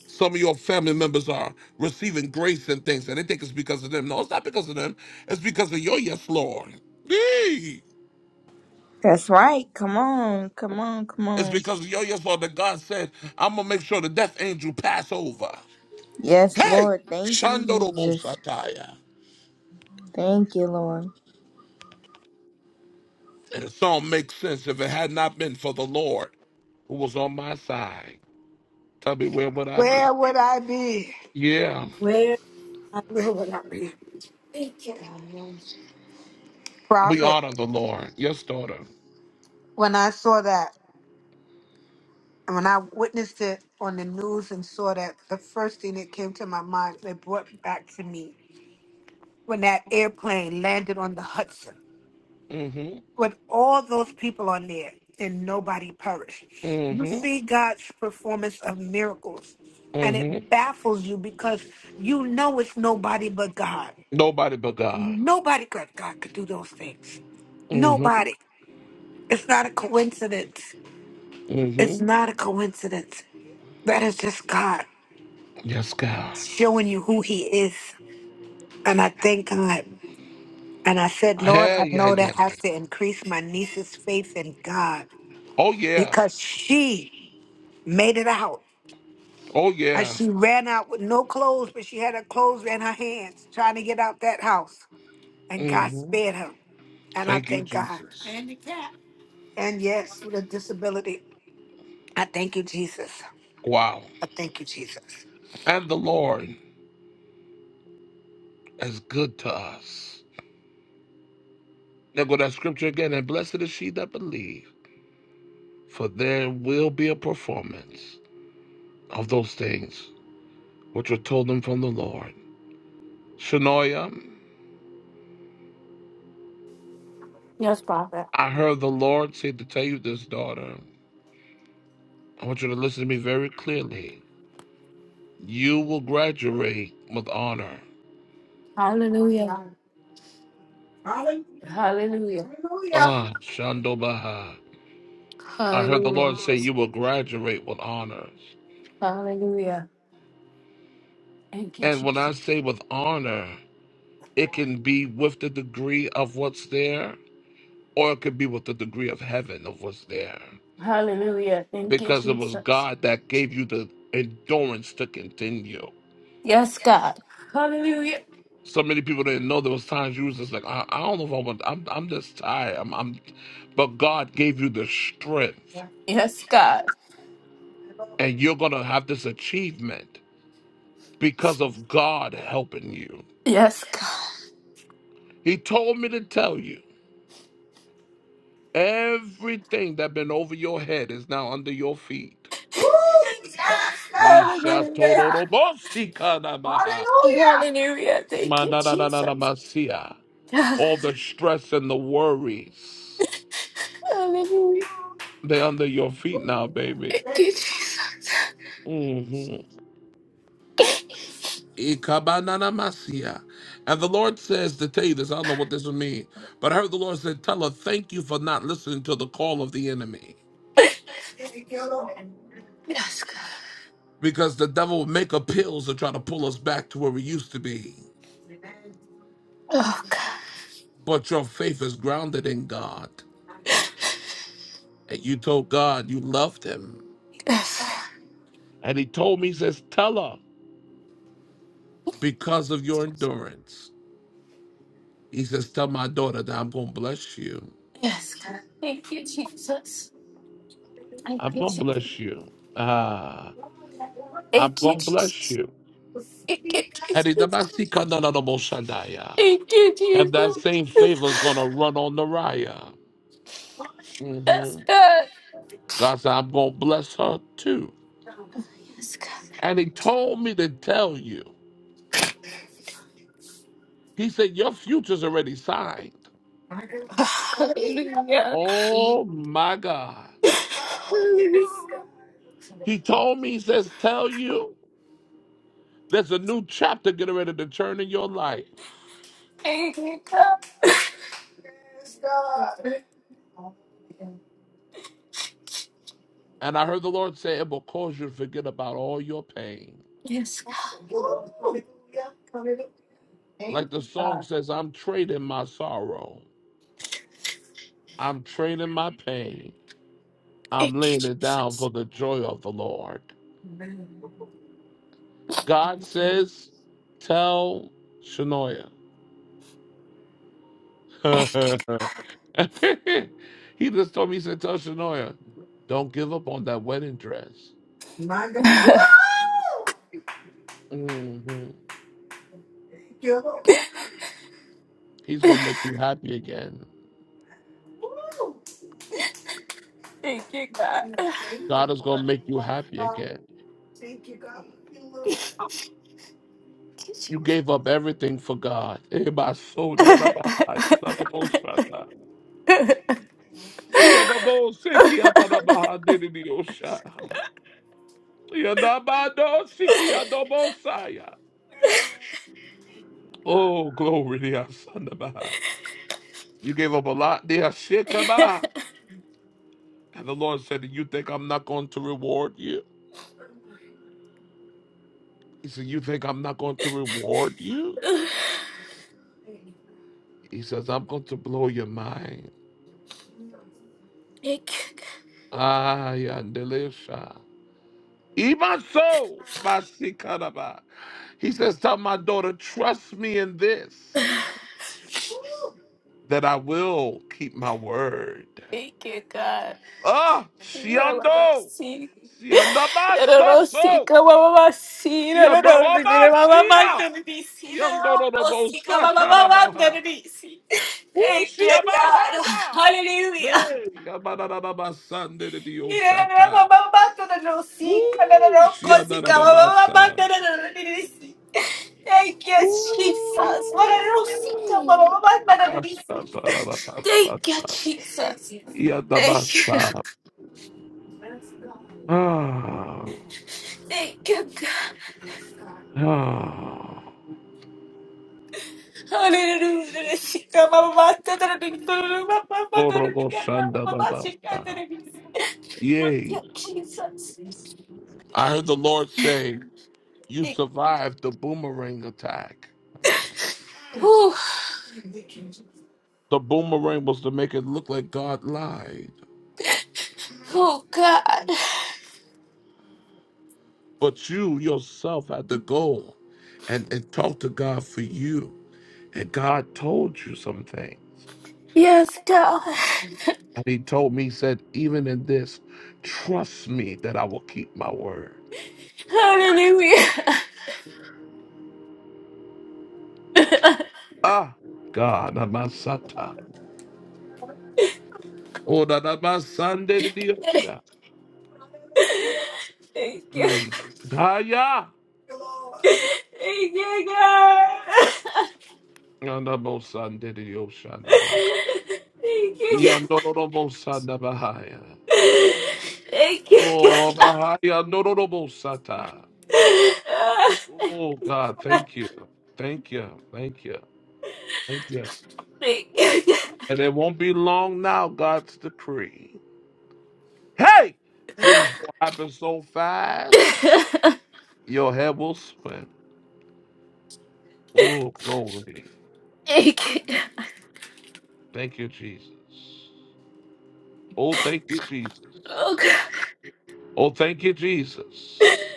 S1: some of your family members are receiving grace and things, and they think it's because of them. No, it's not because of them. It's because of your yes, Lord. Yee.
S6: That's right. Come on, come on, come
S1: It's
S6: on.
S1: because of your yes, Lord, that God said, I'm going to make sure the death angel pass over.
S6: Yes,
S1: Hey!
S6: Lord. Thank you, Jesus.
S1: Shandorobosataya.
S6: Thank you, Lord.
S1: And the song makes sense if it had not been for the Lord who was on my side. Tell me, where would I be?
S8: Where would I be?
S1: Yeah,
S4: Where I
S8: Where would I be?
S1: we
S8: Prophet,
S1: honor the Lord. Yes, daughter.
S8: when I saw that, and when I witnessed it on the news and saw that, the first thing that came to my mind, it brought back to me when that airplane landed on the Hudson
S1: Mm-hmm,
S8: with all those people on there and nobody perished. You
S1: mm-hmm,
S8: see God's performance of miracles and
S1: mm-hmm.
S8: it baffles you because you know it's nobody but God.
S1: Nobody but God.
S8: Nobody but God could do those things.
S1: Mm-hmm,
S8: Nobody. It's not a coincidence. It's
S1: mm-hmm.
S8: not a coincidence. That is just God
S1: Yes, God.
S8: showing you who He is. And I thank God. And I said, Lord,
S1: Yeah,
S8: I
S1: yeah,
S8: know
S1: yeah.
S8: that
S1: yeah.
S8: has to increase my niece's faith in God
S1: Oh, yeah.
S8: because she made it out.
S1: Oh,
S8: And
S1: yeah.
S8: she ran out with no clothes, but she had her clothes in her hands trying to get out that house. And God
S1: hmm
S8: spared her. And I
S1: Thank you,
S8: thank God.
S1: Jesus.
S8: And yes, with a disability, I thank you, Jesus.
S1: Wow.
S8: I thank you, Jesus.
S1: And the Lord is good to us. Now go that scripture again. And blessed is she that believe, for there will be a performance of those things which were told them from the Lord. Shanoia,
S18: Yes, Father.
S1: I heard the Lord say to tell you this, daughter. I want you to listen to me very clearly. You will graduate with honor.
S18: Hallelujah. Hallelujah.
S1: Ah, Shandobaha. I heard the
S18: Hallelujah.
S1: Lord say you will graduate with honors.
S18: Hallelujah. Thank you,
S1: And when
S18: Jesus.
S1: I say with honor, it can be with the degree of what's there, or it could be with the degree of heaven of what's there.
S18: Hallelujah. Thank you,
S1: Because it was
S18: Jesus.
S1: God that gave you the endurance to continue.
S18: Yes, God. Hallelujah.
S1: So many people didn't know there was times you was just like, I, I don't know if I want I'm I'm just tired. I'm, I'm but God gave you the strength
S18: Yes, God.
S1: and you're gonna have this achievement because of God helping you.
S18: Yes, God.
S1: He told me to tell you Everything that been over your head is now under your feet. Ishatorobosikanamaha.
S18: Hallelujah. Thank you, Jesus.
S1: Mananananamasia.
S18: Hallelujah.
S1: All the stress and the worries,
S18: Thank
S1: they're under your feet now, baby.
S18: you, Jesus.
S1: hmm Ikabananamasia. And the Lord says to tell you this, I don't know what this would mean, but I heard the Lord said, Tell her, thank you for not listening to the call of the enemy.
S18: Yes, God.
S1: Because the devil will make appeals to try to pull us back to where we used to be.
S18: Oh, God.
S1: but your faith is grounded in God. And you told God you loved him.
S18: Yes.
S1: And he told me, he says, Tell her, because of your endurance, he says, Tell my daughter that I'm going to bless you.
S18: Yes, God. Thank you, Jesus. Thank
S1: I'm
S18: you,
S1: going to
S18: Jesus.
S1: bless you. Ah, I'm
S18: Thank you,
S1: going to bless
S18: Jesus.
S1: you.
S18: Thank you,
S1: And he
S18: Jesus.
S1: damasika na na na mo shandaya.
S18: Thank you,
S1: And that same favor is
S18: Jesus.
S1: going to run on Nariah.
S18: Yes,
S1: hmm
S18: God.
S1: God said, I'm going to bless her too.
S18: Yes, God.
S1: And he told me to tell you, he said, Your future's already signed.
S18: Hallelujah.
S1: Oh my God. He told me, he says, Tell you there's a new chapter getting ready to turn in your life.
S18: Thank you, God.
S1: And I heard the Lord say, It will cause you to forget about all your pain.
S18: Yes,
S1: Like the song says, I'm trading my sorrow, I'm trading my pain, I'm laying it down for the joy of the Lord. God says, Tell Shanoia. he
S18: God.
S1: just told me, He said, Tell Shanoia, don't give up on that wedding dress. Mhm. He's going to make you happy again.
S18: Thank you, God.
S1: God is going to make you happy again. You gave up everything for God. Eh, my soul, yeah, da, ba, ha, yeah, da, da, bo, sha, da. Yeah, da, bo, si, ki, yeah, da, da, ba, ha, di, di, di, oh, sha. Yeah, da, ba, do, si, ki, yeah, do, bo, sa, yeah. Oh, glory to your son. da, ba, ha. You gave up a lot there. Shit, come on. And the Lord said, You think I'm not going to reward you? He said, You think I'm not going to reward you? He says, I'm going to blow your mind.
S18: Thank you, God.
S1: Ayandelesha. Even so, Masikaraba. He says, Tell my daughter, trust me in this, that I will keep my word.
S18: Thank you, God.
S1: Ah,
S18: You are my
S1: Siando.
S18: mercy.
S1: Siandabasato.
S18: Rosika mama sira rorondire mama
S1: Siandorobasia.
S18: manda risi rosika mama manda
S1: Yandorobosatarabaha.
S18: risi ekietara
S1: Ushiabahaya.
S18: hallelujah
S1: Hey,
S18: ira
S1: Yabarabasandediyoshata.
S18: mama manda rosika
S1: Ooh,
S18: rorosika mama
S1: Shiadarabasa.
S18: manda risi Thank you, Jesus. What a rosita, mama, mama, mama, risi. Thank you, Jesus. Thank you.
S1: Yadabasa. Ah.
S18: Thank you, God.
S1: Ah.
S18: Hallelujah. Shika mama tera dikdoro mama tera
S1: Orobo
S18: dikdoro mama shika
S1: Shandababasa.
S18: tera
S1: Yay.
S18: dikdoro. Jesus.
S1: I heard the Lord say, You survived the boomerang attack.
S18: Ooh,
S1: The boomerang was to make it look like God lied.
S18: oh God.
S1: But you yourself had to go and, and talk to God for you. And God told you some things.
S18: Yes, God.
S1: And he told me, he said, even in this, trust me that I will keep my word.
S18: Hallelujah.
S1: Ah, God, Amasata. Oh, that Amasande de Diosha.
S18: Thank you.
S1: Mm. Daya.
S18: Thank you, God.
S1: Andabosande de Diosha. Daba.
S18: Thank you, God.
S1: Yandorobo Sanda Bahaya.
S18: Thank you,
S1: Oh,
S18: God.
S1: Bahaya Nororobo Sata. Oh, God, thank you. Thank you. Thank you. Thank you.
S18: Thank you, God. Thank you,
S1: And it won't be long now, God's decree. Hey! Things will happen so fast,
S18: God.
S1: your head will swim. Oh, glory.
S18: Thank you, God.
S1: Thank you, Jesus. Oh, thank you, Jesus.
S18: Oh, God.
S1: Oh, thank you, Jesus.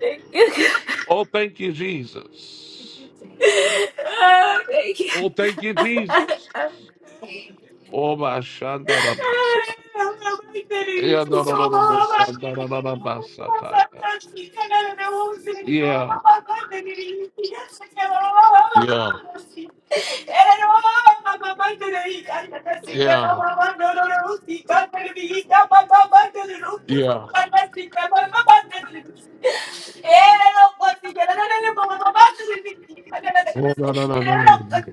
S18: Thank you.
S1: Oh, thank you, Jesus.
S18: Ah, thank you.
S1: Oh, thank you, Jesus. Oh, my Shandara Masa.
S18: I'm not like that anymore.
S1: Yeah, no,
S18: It's
S1: no,
S18: all
S1: no, no, no,
S18: about my
S1: Shandara no, no,
S18: I'm
S1: Masa
S18: not
S1: Taya.
S18: like that
S1: Yeah,
S18: I'm not like that anymore. Yes,
S1: yeah,
S18: I can. Mira,
S1: yeah, yeah. Oh, no, no, no, no, no, no.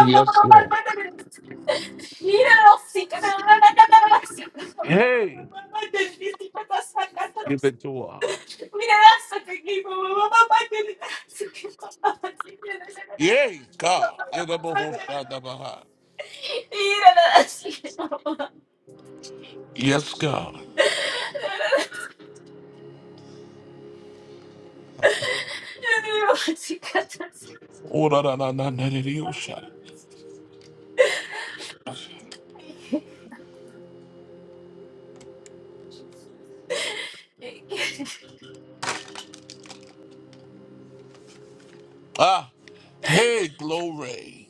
S1: Yes, Lord. Hey, give it.
S18: God
S1: Yay, God. Yeah, no, no, no, Yes, God. Oh, no, no, no, no, no, no, no, no, no. Ah, hey, glory.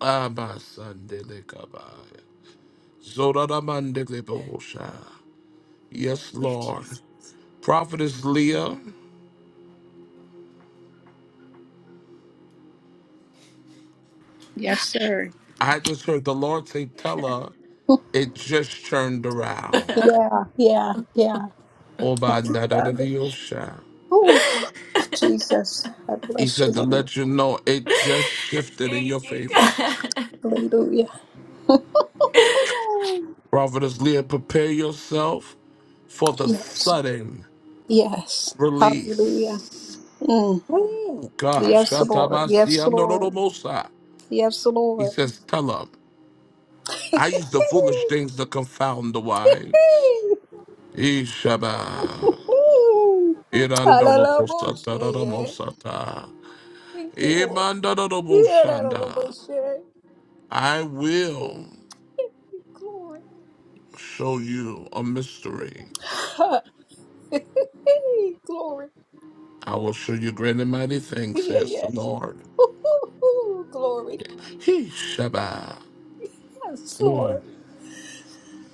S1: Abasandelikabaya. Zoradamandelibohosha. Yes, Lord. Prophetess Leah,
S20: Yes, sir.
S1: I just heard the Lord say, Tell her it just turned around.
S20: Yeah, yeah, yeah. Thank you, Father.
S1: Obandadadadiyosha.
S20: Oh, Jesus, I
S1: He
S20: bless your
S1: said to
S20: name.
S1: let you know it just shifted in your favor.
S20: Hallelujah.
S1: Prophetess Leah, prepare yourself for the
S20: Yes,
S1: sudden
S20: yes. Hallelujah.
S1: release.
S20: Mm.
S1: Oh, gosh.
S20: Yes, Lord.
S1: Shatabasi,
S20: Yes,
S1: I'm no, no,
S20: Lord.
S1: no, Mosa.
S20: Yes,
S1: He
S20: Lord.
S1: says, Tell her. I use the foolish things to confound the wise. Ishaba.
S20: Hallelujah. Bullshit, yeah.
S1: Irandorobosataramosata.
S20: Thank you, Lord. Yeah, that little
S1: Imandoroboshanda.
S20: bullshit?
S1: I will
S20: Glory.
S1: show you a mystery.
S20: Glory.
S1: I will show you great and mighty things,
S20: Yeah,
S1: says the
S20: yes.
S1: Lord.
S20: Ooh, glory.
S1: Ishaba.
S20: Yes,
S1: Mm.
S20: Lord.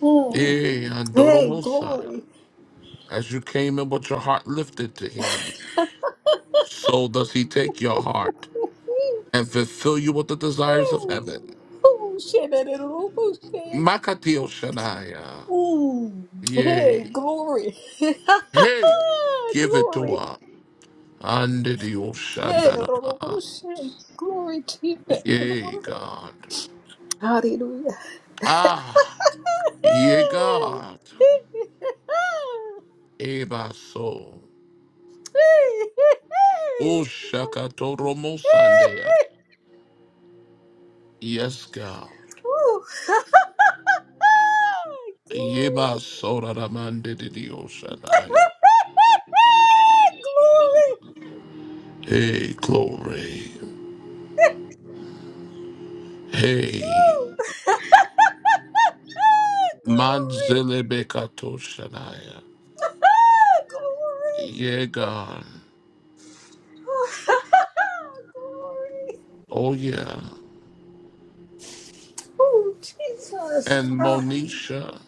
S20: Mm. Hey,
S1: Iandorobosa.
S20: glory.
S1: As you came in with your heart lifted to him, so does he take your heart and fulfill you with the desires of heaven.
S20: Oh, shit, that is a little bullshit.
S1: Makatio Shanaya.
S20: Mm. Hey,
S1: Yay.
S20: glory.
S1: Hey, give it to
S20: glory.
S1: her. Under the ocean.
S20: Hey, the Lord of hosts, hey, Glory to you, the Lord.
S1: Yay, God.
S20: Hallelujah.
S1: Ah, yea,
S20: Ooh.
S1: God. Eba so. Oshakatoromo Sandea. Yes, God. Yeba sora ramande di dio shanaya.
S20: Glory. Glory.
S1: Hey, glory.
S20: Ooh.
S1: Hey,
S20: Glory. Glory.
S1: manzele bekato shanaya. Yeah, God. Oh, yeah.
S20: Glory. Oh, Jesus.
S1: and
S20: Ah.
S1: Monisha,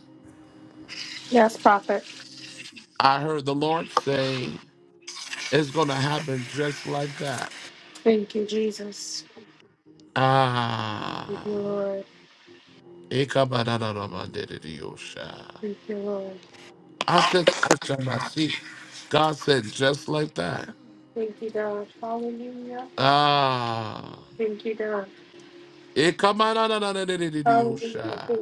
S1: I heard the Lord say, it's going to happen just like that. Ah. Ikabadadadabadididiyosha. I said, I shall not see. God said, just like that. Ah. Ikabadadadadadididiyosha.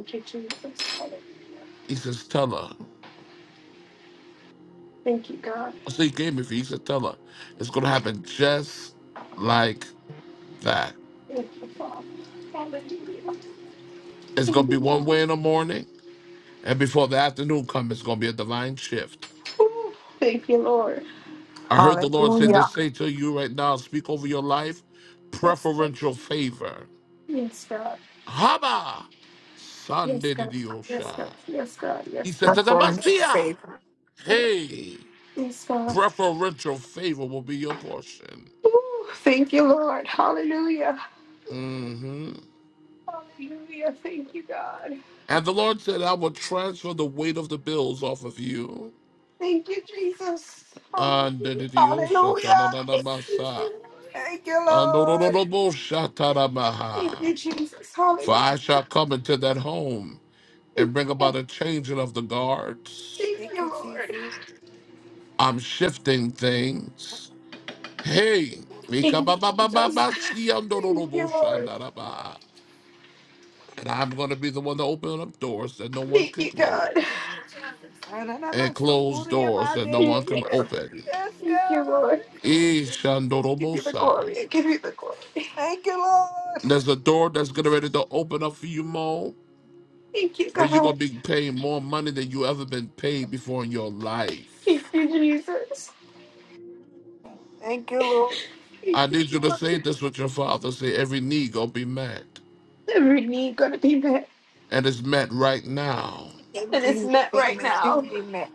S1: He says, tell her. So he gave me for you. He said, tell her. It's going to happen just like that. It's going to be one way in the morning. And before the afternoon comes, it's going to be a divine shift. I heard the Lord say to
S8: Hallelujah.
S1: say to you right now, speak over your life, preferential favor. Haba! Sunday de Diosha. He said to the
S8: For his
S1: Messiah,
S8: favor.
S1: hey, preferential favor will be your portion.
S7: Thank you, Lord. Hallelujah.
S1: hmm
S7: Hallelujah. Thank you, God.
S1: And the Lord said, I will transfer the weight of the bills off of you.
S7: Thank you, Jesus.
S1: Under
S7: Hallelujah.
S1: the Diosha,
S7: Thank you,
S1: ta-da-da-da-masa.
S7: Lord.
S8: Thank you,
S1: Under the
S8: Lord.
S7: Thank you, Jesus.
S1: For
S7: Hallelujah.
S1: I shall come into that home
S7: Thank
S1: and bring
S7: you,
S1: about a changing of the guards.
S7: Thank
S8: Thank
S7: you,
S8: you,
S7: Lord.
S8: Jesus.
S1: I'm shifting things. Hey,
S7: Thank
S1: Mika
S7: you,
S1: ba ba ba ba
S7: Jesus.
S1: ba si ando do do
S7: Thank
S1: bo
S7: you, Lord.
S1: shanda da ba. and I'm going to be the one to open up doors that no one
S7: Thank
S1: can
S7: you, God.
S1: close, and close doors that no
S7: Thank
S1: one
S7: you,
S1: can
S7: Lord.
S1: open.
S8: Yes,
S7: Thank you,
S8: God.
S7: Lord.
S1: Eh, shando do
S7: Give
S1: bo
S7: you the
S1: sa.
S7: glory. I give you the glory.
S8: Thank you, Lord.
S1: There's a door that's getting ready to open up for you, Mo,
S7: Thank you,
S1: where you're
S7: God.
S1: going to be paying more money than you ever been paid before in your life.
S7: Thank you, Jesus.
S8: Thank you, Lord.
S1: I
S7: Thank you,
S1: need you to
S7: Lord.
S1: say this with your father. Say, every need gonna be met.
S7: every need gonna be met
S1: And it's met right now.
S8: And
S7: and is
S8: we
S7: met
S8: be
S7: right
S8: met.
S7: now.
S8: we be met.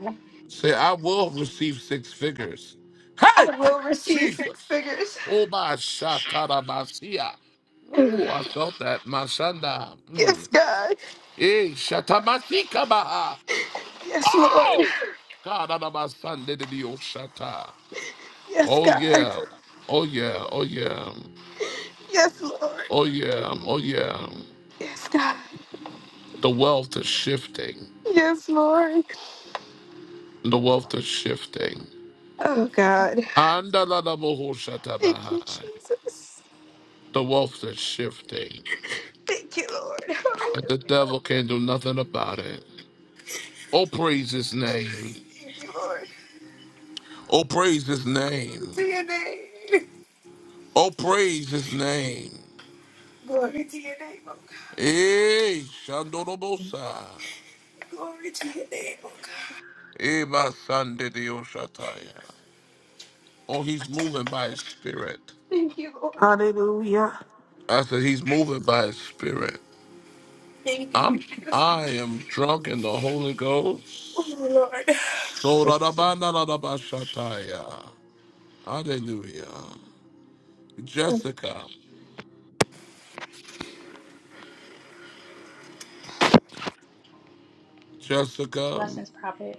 S1: Say, I will receive six figures.
S7: I
S1: Hey!
S7: will receive six
S1: Jesus.
S7: figures.
S1: Oh my shataramasia. Oh, I felt that. Mashanda.
S7: Yes,
S1: Mm.
S7: God.
S1: Eh, shatamasika baha.
S7: Yes, Lord.
S1: Oh! God, anamasande de Dios shata.
S7: Yes,
S1: Oh
S7: God.
S1: yeah. Oh yeah. Oh yeah.
S7: Yes, Lord.
S1: Oh yeah. Oh yeah.
S7: Yes, God.
S1: The wealth is shifting.
S7: Yes, Lord.
S1: The wealth is shifting.
S7: Oh, God. Thank you,
S1: Andalalabohushatabahai.
S7: Jesus.
S1: The wealth is shifting.
S7: Thank you, Lord.
S1: And the devil can't do nothing about it. Oh, praise his name. Oh, praise his name.
S7: Hallelujah.
S1: Oh, praise his name. Eh, Shandorobosa. Eh, my son, Didiyoshataya. Oh, he's moving by his spirit.
S7: Thank you, Lord.
S8: Hallelujah.
S1: I said, he's moving by his spirit. I'm, I am drunk in the Holy Ghost. Sodarabandalabashataya. Hallelujah. Jessica, Jessica,
S17: Blessings, prophet.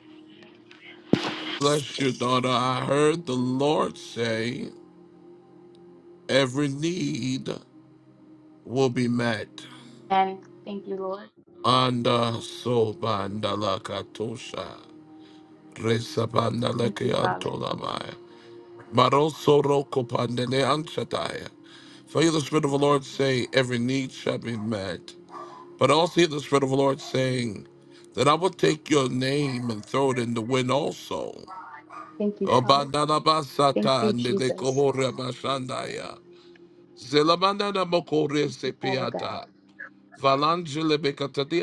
S1: bless your daughter. I heard the Lord say, every need will be met.
S17: And thank you, Lord.
S1: Anda so bandala katosha. Resa bandala
S17: Thank you, Father.
S1: kiantolamaya. Maroso roko pandele anshataya. For you the
S17: Thank
S1: Spirit of
S17: you,
S1: the Lord
S17: Jesus.
S1: say, every need shall be met. But I also hear the Spirit of the Lord saying that I will take your name and throw it in the wind also.
S17: Thank you, Father. Thank
S1: Obanalabasata
S17: you, Jesus.
S1: nelekohoremashandaya.
S17: Thank you, Father God.
S1: Zelabananamokoresepiata.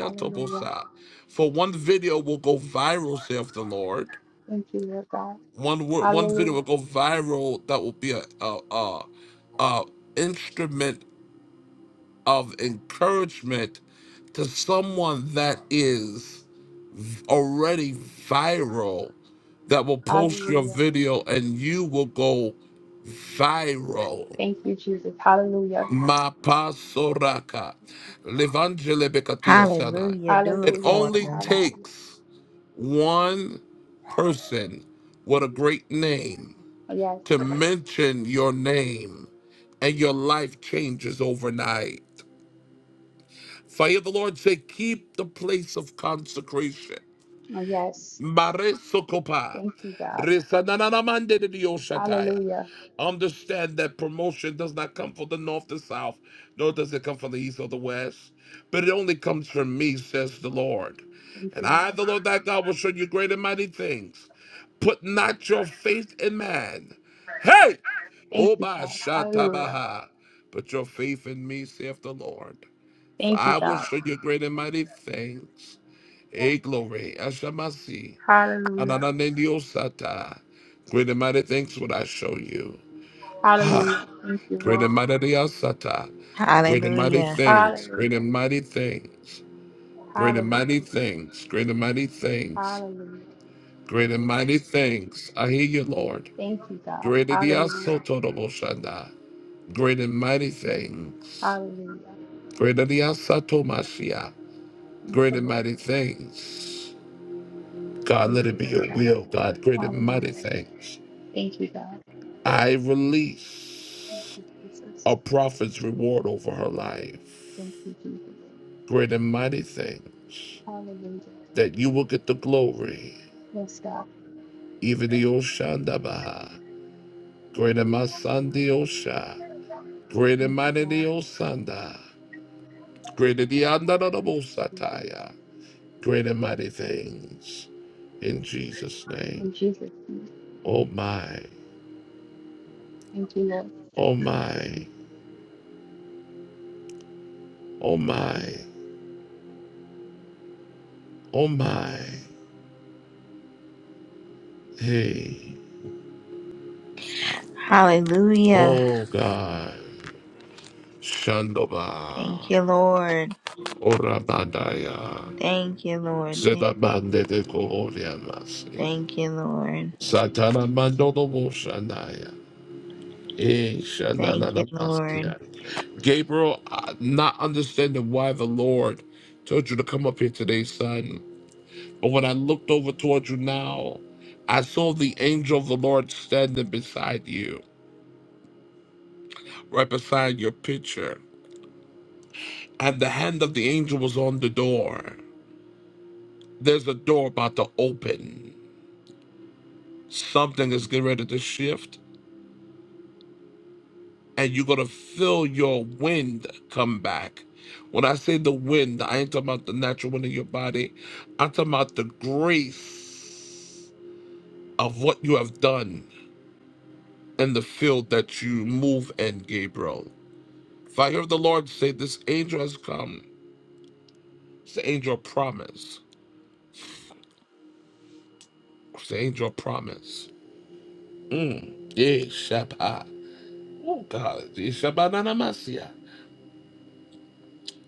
S17: Hallelujah.
S1: For one video will go viral, saith the Lord.
S17: Thank you, Lord God.
S1: One word, one video will
S17: Hallelujah.
S1: go viral that will be a, a, a, a instrument of encouragement to someone that is already viral that will post your
S17: Hallelujah.
S1: video and you will go viral.
S17: Thank you, Jesus. Hallelujah.
S1: Ma pasoraka. Levangele bekatio sanai.
S6: Hallelujah. Do it
S1: It
S17: Hallelujah.
S6: for
S1: only
S6: us.
S17: Hallelujah.
S1: takes one person with a great name
S17: Yes.
S1: to mention your name and your life changes overnight. Fire of the Lord said, keep the place of consecration.
S17: Yes.
S1: Maresokopa.
S17: Thank you, God.
S1: Resananamande de Dioshataya.
S17: Hallelujah.
S1: Understand that promotion does not come from the north, the south, nor does it come from the east or the west, but it only comes from me, says the Lord.
S17: Thank
S1: And
S17: you,
S1: I,
S17: Lord.
S1: the Lord thy God, will show you great and mighty things. Put not your faith in man. Hey!
S17: Thank you,
S1: Oba
S17: God. Hallelujah.
S1: Shatabaha. Put your faith in me, saith the Lord. For
S17: Thank you,
S1: I will
S17: God.
S1: show you great and mighty things. A glory, Ashamasi.
S17: Hallelujah.
S1: Anananendiosata. Great and mighty things would I show you. Ha!
S17: Hallelujah. Thank you,
S1: Great
S17: Lord.
S1: and mighty diosata. Great and mighty
S6: Hallelujah.
S1: things. Great
S17: Hallelujah.
S1: and mighty things. Great and
S17: Hallelujah.
S1: mighty things. Great and mighty things.
S17: Hallelujah.
S1: Great and mighty things. I hear you, Lord.
S17: Thank you, God.
S1: Great and
S17: Hallelujah.
S1: diasotoroboshanda. Great and mighty things.
S17: Hallelujah.
S1: Great and diasatomashia.
S17: Thank you,
S1: Great and
S17: Lord.
S1: mighty things. God,
S17: Thank
S1: let it
S17: you,
S1: be
S17: Lord
S1: your
S17: God.
S1: will, God. Great and mighty
S17: Hallelujah.
S1: things.
S17: Thank you, God.
S1: I
S17: Thank
S1: release.
S17: you, Jesus.
S1: a prophet's reward over her life.
S17: Thank you, Jesus.
S1: Great and mighty things
S17: Hallelujah.
S1: that you will get the glory,
S17: Yes, God.
S1: even the Oshandabaha. Great and my son, Osha. Great
S17: Thank
S1: and
S17: you,
S1: mighty the
S17: God.
S1: Osanda. Great and the
S17: Thank you, Jesus.
S1: Andanabosataya. Great and mighty things in Jesus' name.
S17: In Jesus' name.
S1: Oh my,
S17: Thank you, Lord.
S1: oh my, oh my, oh my. Hey,
S6: Hallelujah.
S1: oh God. Shandaba.
S6: Thank you, Lord.
S1: Orabadaya.
S6: Thank you, Lord. Thank,
S1: Zedabande de Kohoria Masi.
S6: thank you, Lord.
S1: Satana Mandono Moshanaya. Eh, Shanana
S6: Thank you, Lord.
S1: Masia. Gabriel, I not understanding why the Lord told you to come up here today, son. But when I looked over toward you now, I saw the angel of the Lord standing beside you, right beside your picture. And the hand of the angel was on the door. There's a door about to open. Something is getting ready to shift, and you're going to feel your wind come back. When I say the wind, I ain't talking about the natural wind in your body. I'm talking about the grace of what you have done in the field that you move in, Gabriel. If I hear the Lord say, This angel has come, it's the angel of promise. It's the angel of promise. Mm. Yeah, Shabbat. Oh, God. Yeah, Shabbat Anamasia.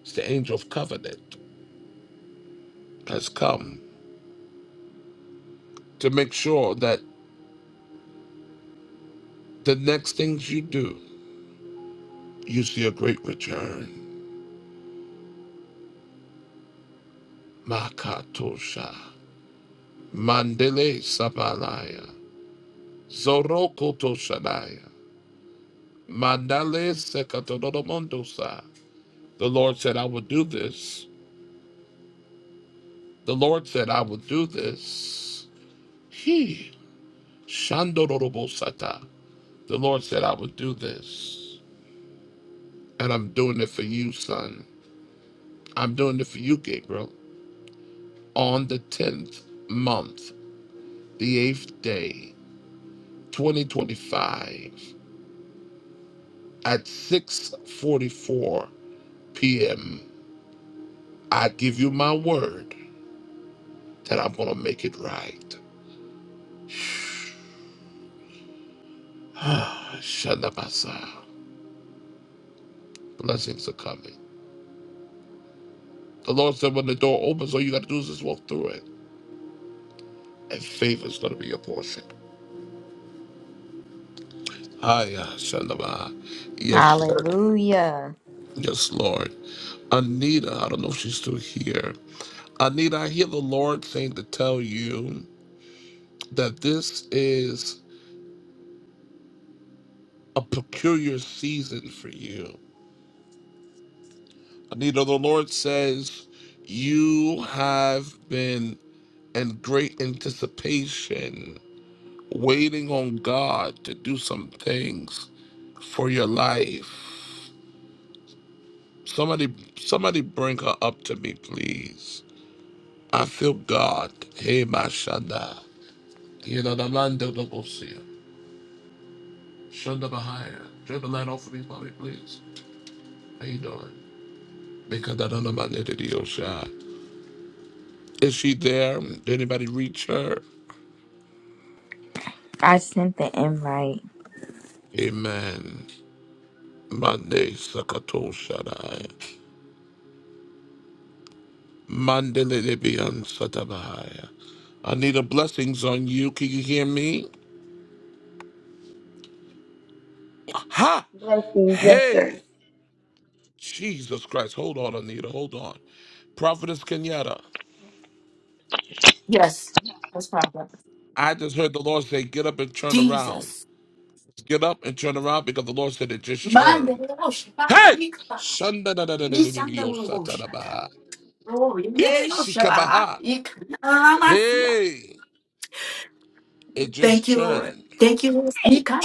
S1: It's the angel of covenant has come. to make sure that the next things you do, you see a great return. Makatosha, Mandele Sapalaya, Zorokotoshanaya, Mandale Sekatodoromondosa. The Lord said, I will do this. The Lord said, I will do this. He, Shandorobosata. The Lord said, I will do this. And I'm doing it for you, son. I'm doing it for you, Gabriel. On the 10th month the eighth day, 2025, at 6:44 p.m. I give you my word that I'm gonna make it right. Shandabasa. Blessings are coming. The Lord said, when the door opens, all you gotta do is just walk through it, and favor's gonna be your portion. Hiya, Shandaba. Yes, Lord.
S6: Hallelujah.
S1: Yes, Lord. Anita, I don't know if she's still here. Anita, I hear the Lord saying to tell you. that this is a peculiar season for you. Anita, the Lord says you have been in great anticipation, waiting on God to do some things for your life. Somebody, somebody bring her up to me, please. I feel God. Hey, my Shanda. You know, the man don't know we'll see here. Shanda Bahaya. Turn the light off for me, mommy, please. How you doing? Because I don't know about Lady Diosha. Is she there? Did anybody reach her?
S6: I sent the invite.
S1: Amen. Monday Sakato Shaddai. Mandele Debian Satabahaya. Anita, blessings on you. Can you hear me? Ha!
S21: Blessings, yes, sir.
S1: Hey! Jesus Christ. Hold on, Anita. Hold on. Prophetess Kenyatta,
S14: Yes, that's proper.
S1: I just heard the Lord say, get up and turn around.
S14: Jesus.
S1: Get up and turn around because the Lord said it just turned.
S14: Mandelosha,
S1: Hey!
S14: Ikba,
S1: Shanda da da da da da da da yo sa ta da
S14: Nisandaroshata,
S1: ba.
S14: Glory, Mandelosha,
S1: Ishikabaha.
S14: Ikanamasia.
S1: Hey, it just
S14: Thank you, Lord.
S1: churned.
S14: Thank you, Lord.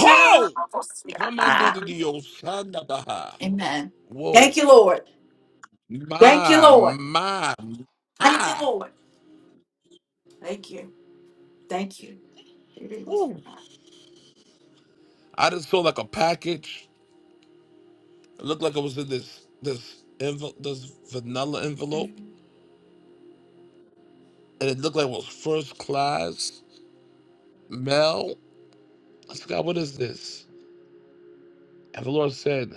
S1: Ho! Commanded the Osanabaha.
S14: Amen.
S1: Whoa.
S14: Thank you, Lord. Thank you,
S1: My,
S14: Lord.
S1: my,
S14: Thank you,
S1: my.
S14: Lord. Thank you. Thank you.
S1: Woo. I just saw like a package. It looked like it was in this this envelope, this vanilla envelope.
S14: Mm.
S1: And it looked like it was first class mail. I said, God, what is this? And the Lord said,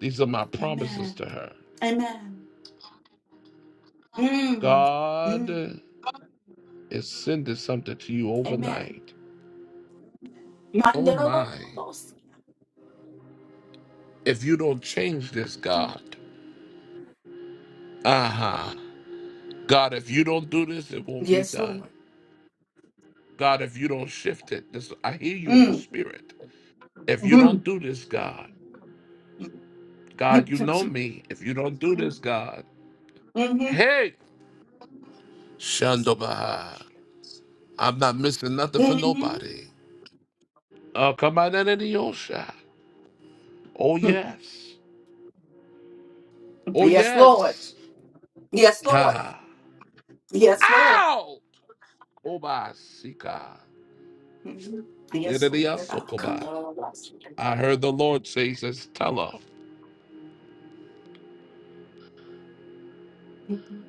S1: These are my promises
S14: Amen.
S1: to her.
S14: Amen. Mm.
S1: God
S14: Mm.
S1: is sending something to you
S14: Amen.
S1: overnight. Oh my,
S14: Mandelosha.
S1: if you don't change this,
S14: Mm.
S1: God. Uh huh. God, if you don't do this, it won't be
S14: Yes,
S1: done.
S14: Lord.
S1: God, if you don't shift it, this I hear you in the
S14: Mm.
S1: spirit. If you don't
S14: Mm.
S1: do this, God, God, you know
S14: Mm.
S1: me. If you don't do this, God,
S14: Mhm.
S1: hey, Shandobaha, I'm not missing nothing for
S14: Mhm.
S1: nobody. Oh, come on in the Osha. Oh yes. Oh
S14: yes, Lord.
S1: yes.
S14: Yes, Lord.
S1: Ha.
S14: Yes, Lord.
S1: Ow! Koba Sika.
S14: Mhm. Yes,
S1: Dedede
S14: Lord.
S1: ya
S14: That I come
S1: sokoba.
S14: to all of us.
S1: I heard the Lord say, he says, tell her
S14: Mhm.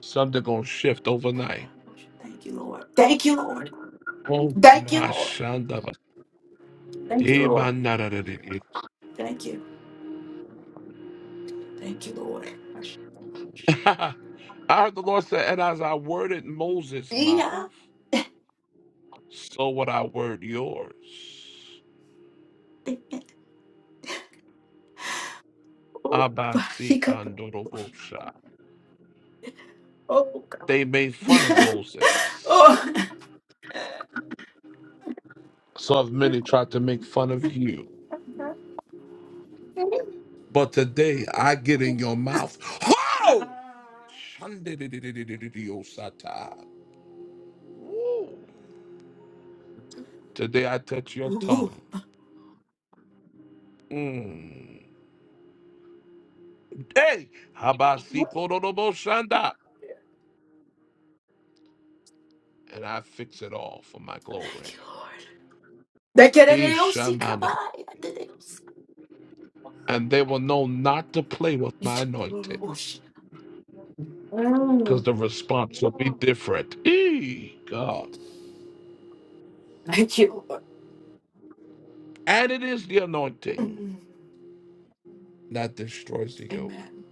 S1: something gonna shift overnight.
S14: Thank you, Lord. Thank you, Lord.
S1: Oh
S14: Thank you,
S1: my
S14: Lord.
S1: shanda.
S14: Thank you,
S1: Eh, my
S14: Lord.
S1: nada da da da.
S14: Thank you. Thank you, Lord.
S1: I heard the Lord say, and as I worded Moses'
S14: Yeah.
S1: mouth, so would I word yours.
S14: Oh,
S1: Abasi
S14: he got the-
S1: kandorobosha.
S14: oh God.
S1: They made fun of Moses.
S14: oh.
S1: So have many tried to make fun of you. But today I get in your mouth. Oh!
S14: Ah.
S1: Shandidididididididididosata. Woo! Today I touch your tongue. Mm. Hey, Habasikododoboshanda. and I fix it all for my glory.
S14: Thank you, Lord. Thank you, Lord.
S1: Ishamana.
S14: Thank
S1: And they will know not to play with my
S14: you,
S1: anointed,
S14: Lord.
S1: because
S14: Mm.
S1: the response will be different. Ee, God.
S14: Thank you,
S1: And it is the anointing
S14: Mm.
S1: that destroys the yoke.
S14: Amen.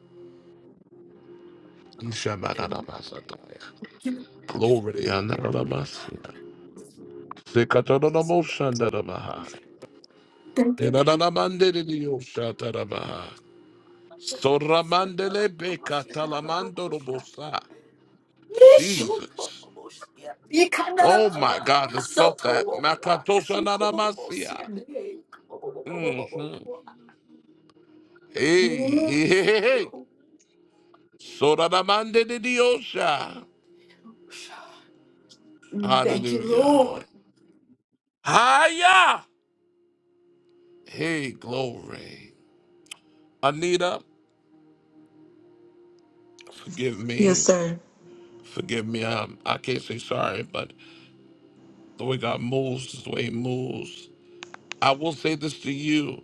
S14: Amen.
S1: Ishamanadabasataya.
S14: Give it a
S1: Glory to
S14: good-
S1: Yanadabasya. Sikatododoboshanda.
S14: Thank you.
S1: Inanamandidiyoshatarabaha. Soramandele beka talamando robosa. Jesus. Oh my God, I felt that. Makatosha nanamasia. Mm-hmm. Hey, hey, hey, hey. hey. Soramande de diosha.
S14: Thank you.
S1: Hallelujah. Hiya. Hey, glory. Anita, forgive me. Forgive me. Um, I can't say sorry, but the way God moves is the way he moves. I will say this to you.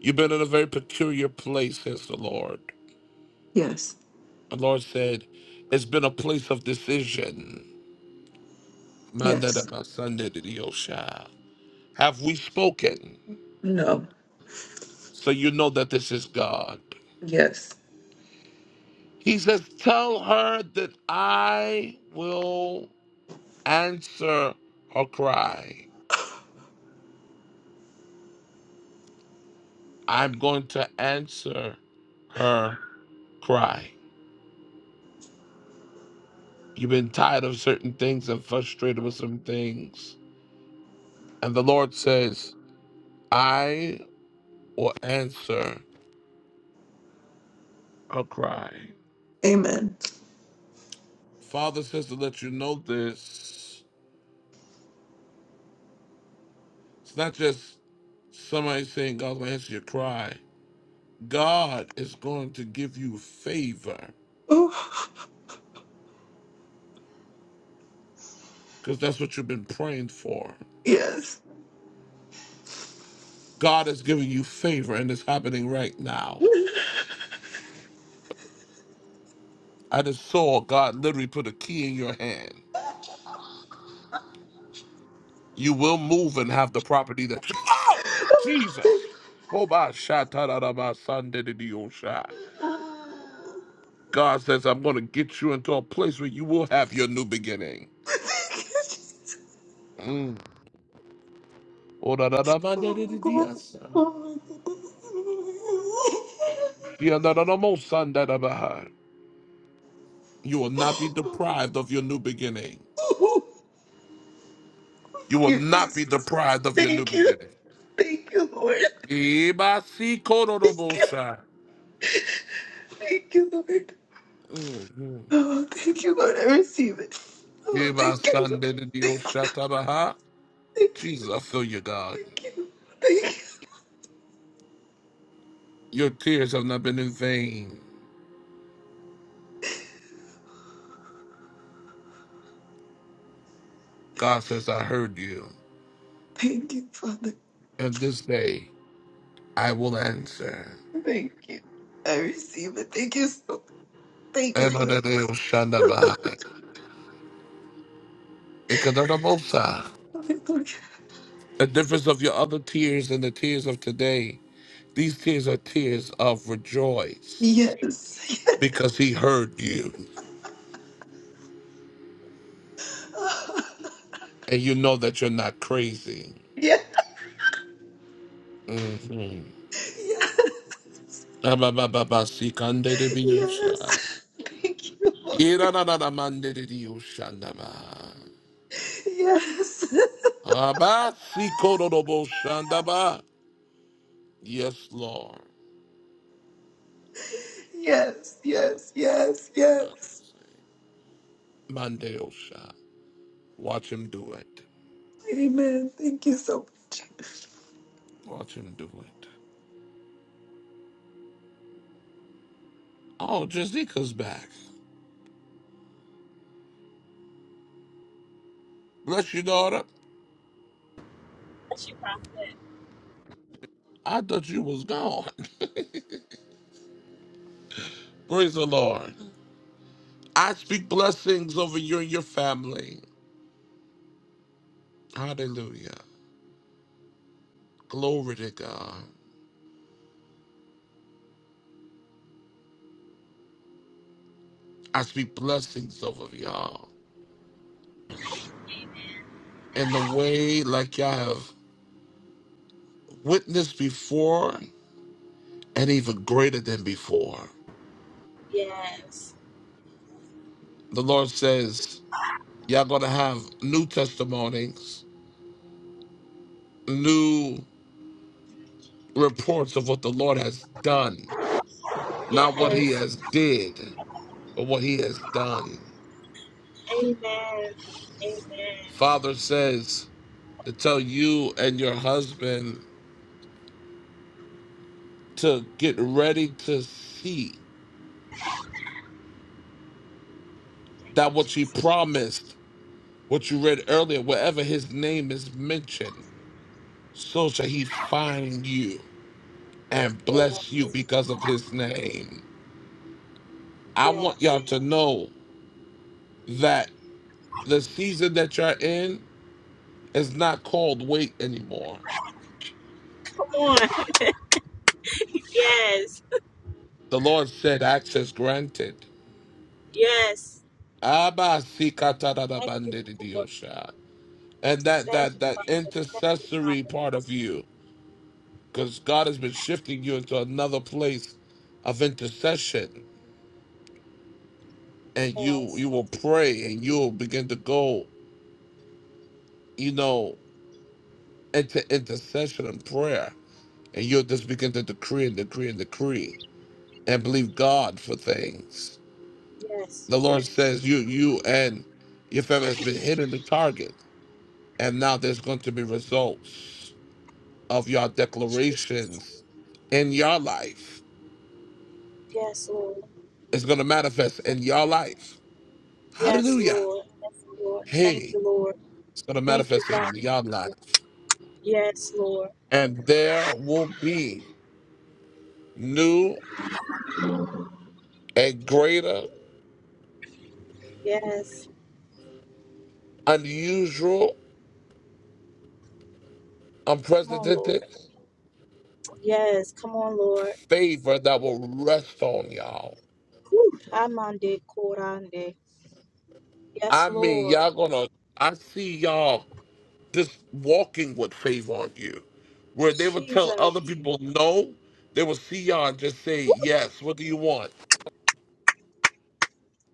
S1: You've been in a very peculiar place, says the Lord. The Lord said, It's been a place of decision. Mandada Have we spoken? So you know that this is God. He says, Tell her that I will answer her cry. I'm going to answer her cry. You've been tired of certain things and frustrated with some things And the Lord says, I will answer a cry. Father says to let you know this. It's not just somebody saying God's going to answer your cry. God is going to give you favor because that's what you've been praying for. God is giving you favor and it's happening right now. I just saw God literally put a key in your hand. You will move and have the property that you. Oh! Oh, my shot, ta, da, da, my son, did it, you shot. God says, I'm going to get you into a place where you will have your new beginning. Mm. You will not be deprived of your new beginning. You will not be deprived of your new beginning. Mhm. Jesus, I feel you, God. Your tears have not been in vain. God says, I heard you. And this day I will answer. Enonadeo-shandaba. Ikadonamosa. The difference of your other tears and the tears of today, these tears are tears of rejoice because he heard you and you know that you're not crazy. Mhm. Ababababasikandedebiyosa. Irananamandedediyoshandaba. Abasikorodoboshandaba. Yes, Lord. Mandeosha. Watch him do it. Watch him do it. Oh, Jessica's back. Bless you, daughter.
S5: Bless you, Prophet.
S1: I thought you was gone. Praise the Lord. I speak blessings over you and your family. Hallelujah. Glory to God. I speak blessings over y'all in the way like y'all have witnessed before and even greater than before.
S5: Yes.
S1: The Lord says, y'all gonna have new testimonies, new reports of what the Lord has done, not what he
S5: Yes.
S1: has did, but what he has done.
S5: Amen. Amen.
S1: Father says to tell you and your husband to get ready to see that what you promised, what you read earlier, wherever his name is mentioned, so shall he find you and
S5: Yeah.
S1: bless you because of his name. I want
S5: Yes.
S1: y'all to know that the season that you're in is not called wait anymore
S5: Come on. Yes.
S1: The Lord said, access granted.
S5: Yes.
S1: Abba,
S5: Thank you, Lord.
S1: sikatadadabandidiyosha. And that,
S5: Thank
S1: that,
S5: you,
S1: that intercessory part of you, because God has been shifting you into another place of intercession. And you, you
S5: Jesus.
S1: will pray and you'll begin to go, you know, into intercession and prayer. And you'll just begin to decree and decree and decree and believe God for things. The Lord says you, you and your family has been hitting the target And now there's going to be results of your declarations in your life. It's going to manifest in your life. Hallelujah. Hey, it's going to manifest in your life. And there will be new and greater,
S5: Yes.
S1: unusual,
S5: Come on, Lord.
S1: unprecedented
S5: Yes. Come on, Lord.
S1: favor that will rest on y'all.
S5: Whew. Amande korande. Yes,
S1: I mean,
S5: Lord.
S1: y'all going to, I see y'all just walking with faith on you, where they would tell
S5: Jesus.
S1: other people no, they would see y'all and just say yes. What do you want?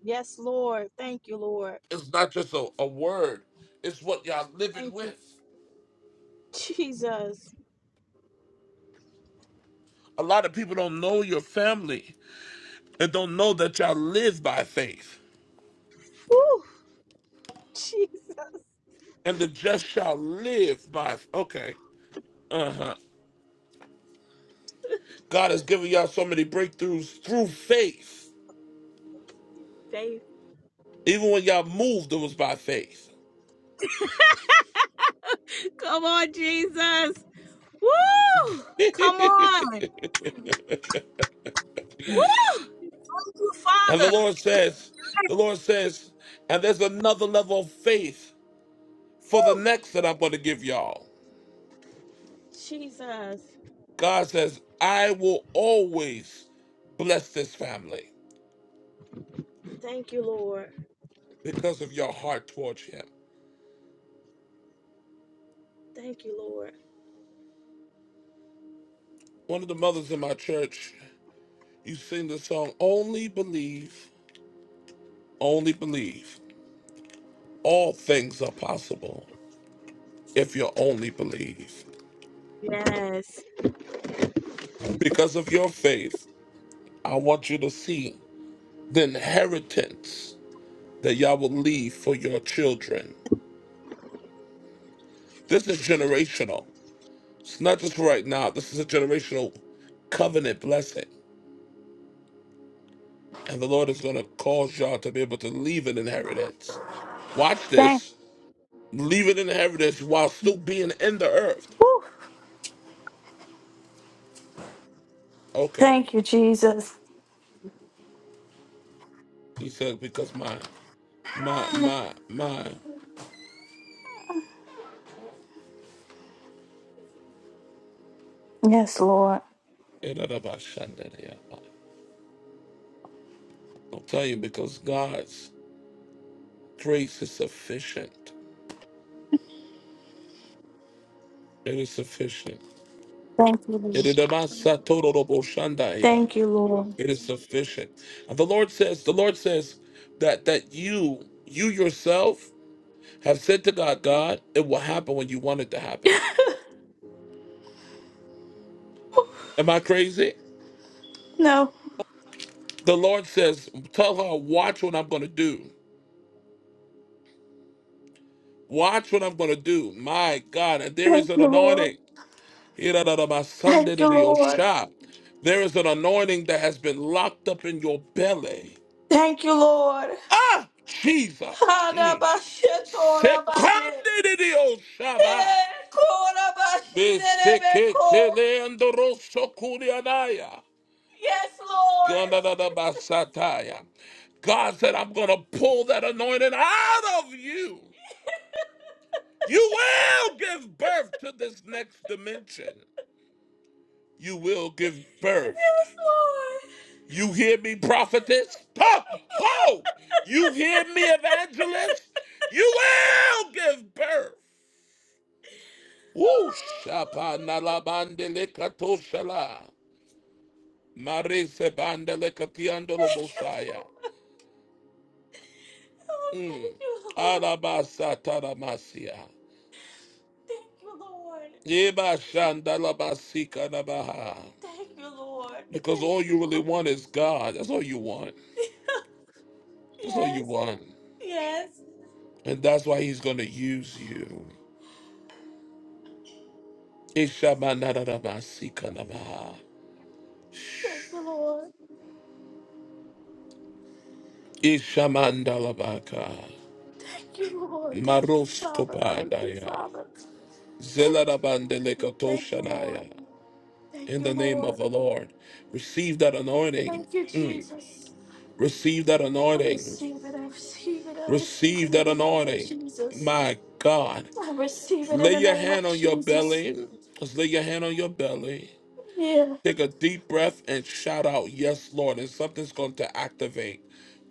S5: Yes, Lord. Thank you, Lord.
S1: It's not just a, a word; it's what y'all living
S5: Thank you,
S1: with.
S5: Jesus.
S1: A lot of people don't know your family and don't know that y'all live by faith,
S5: Whew. Jesus.
S1: and the just shall live by. Okay, God has given y'all so many breakthroughs through faith. Even when y'all moved, it was by faith.
S5: Come on, Jesus. Woo! Come on. Woo! Thank you,
S1: And the
S5: Father.
S1: Lord says, the Lord says, and there's another level of faith for the
S5: Woo!
S1: next that I'm going to give y'all.
S5: Jesus.
S1: God says, I will always bless this family
S5: Thank you, Lord.
S1: because of your heart towards Him.
S5: Thank you, Lord.
S1: One of the mothers in my church, you sing the song, Only Believe, Only Believe. All things are possible if you only believe.
S5: Yes.
S1: Because of your faith, I want you to see the inheritance that y'all will leave for your children. This is generational. It's not just for right now. This is a generational covenant blessing. And the Lord is going to cause y'all to be able to leave an inheritance. Watch
S5: Thank,
S1: this. Leave an inheritance while still being in the earth.
S5: whew,
S1: Okay.
S5: thank you, Jesus.
S1: He said, because my, my, my, my.
S5: Yes, Lord.
S1: I'll tell you, because God's grace is sufficient. It is sufficient.
S5: Thank you, Lord. Thank you, Lord.
S1: It is sufficient. And the Lord says, the Lord says that that you, you yourself, have said to God, God, it will happen when you want it to happen. Am I crazy? The Lord says, tell her, watch what I'm gonna do. Watch what I'm gonna do. My God, and there
S5: Thank
S1: is an anointing. Hirararabasandediyosha. There is an anointing that has been locked up in your belly. Ah, Jesus. Mm. Sekandediyosha.
S5: Oh,
S1: Beseketeleandorosokurianaya.
S5: yes, Lord.
S1: Gandadadabasataya. God said, I'm going to pull that anointing out of you. You will give birth to this next dimension. You will give birth.
S5: Yes, Lord.
S1: You hear me, prophetess? Ho! Ho! You hear me, evangelist? You will give birth. Woo! Shapalabandelikatoshala. Marise bandelikatiandolobosaya.
S5: Oh, thank you, Lord.
S1: Alabasataramasia.
S5: Thank you, Lord.
S1: Yebashandalabasikanabaha.
S5: Thank you, Lord.
S1: Because
S5: Thank
S1: all you
S5: you,
S1: really
S5: Lord.
S1: want is God. That's all you want. That's all you
S5: Yes,
S1: want.
S5: yes.
S1: And that's why he's going to use you. Ishamanaramasikanabaha.
S5: Thank you, Lord.
S1: Ishamandalabaka.
S5: Thank you, Lord. Thank you, Father. Thank you,
S1: Maroskopadaya.
S5: Father. Thank, you, thank you. Thank you, Lord.
S1: Zelarabandelekatoshanaya.
S5: Thank
S1: In the
S5: you,
S1: name of
S5: Lord.
S1: the Lord. Receive that anointing.
S5: Thank you, Jesus.
S1: Receive that
S5: I
S1: anointing.
S5: receive it. I receive it. I receive
S1: Receive
S5: it
S1: that
S5: in the name of
S1: anointing.
S5: Jesus.
S1: My God.
S5: I receive it in
S1: Lay
S5: the
S1: your
S5: name of
S1: hand on your
S5: Jesus.
S1: belly. Just lay your hand on your belly.
S5: Yeah.
S1: Take a deep breath and shout out, Yes, Lord. And something's going to activate.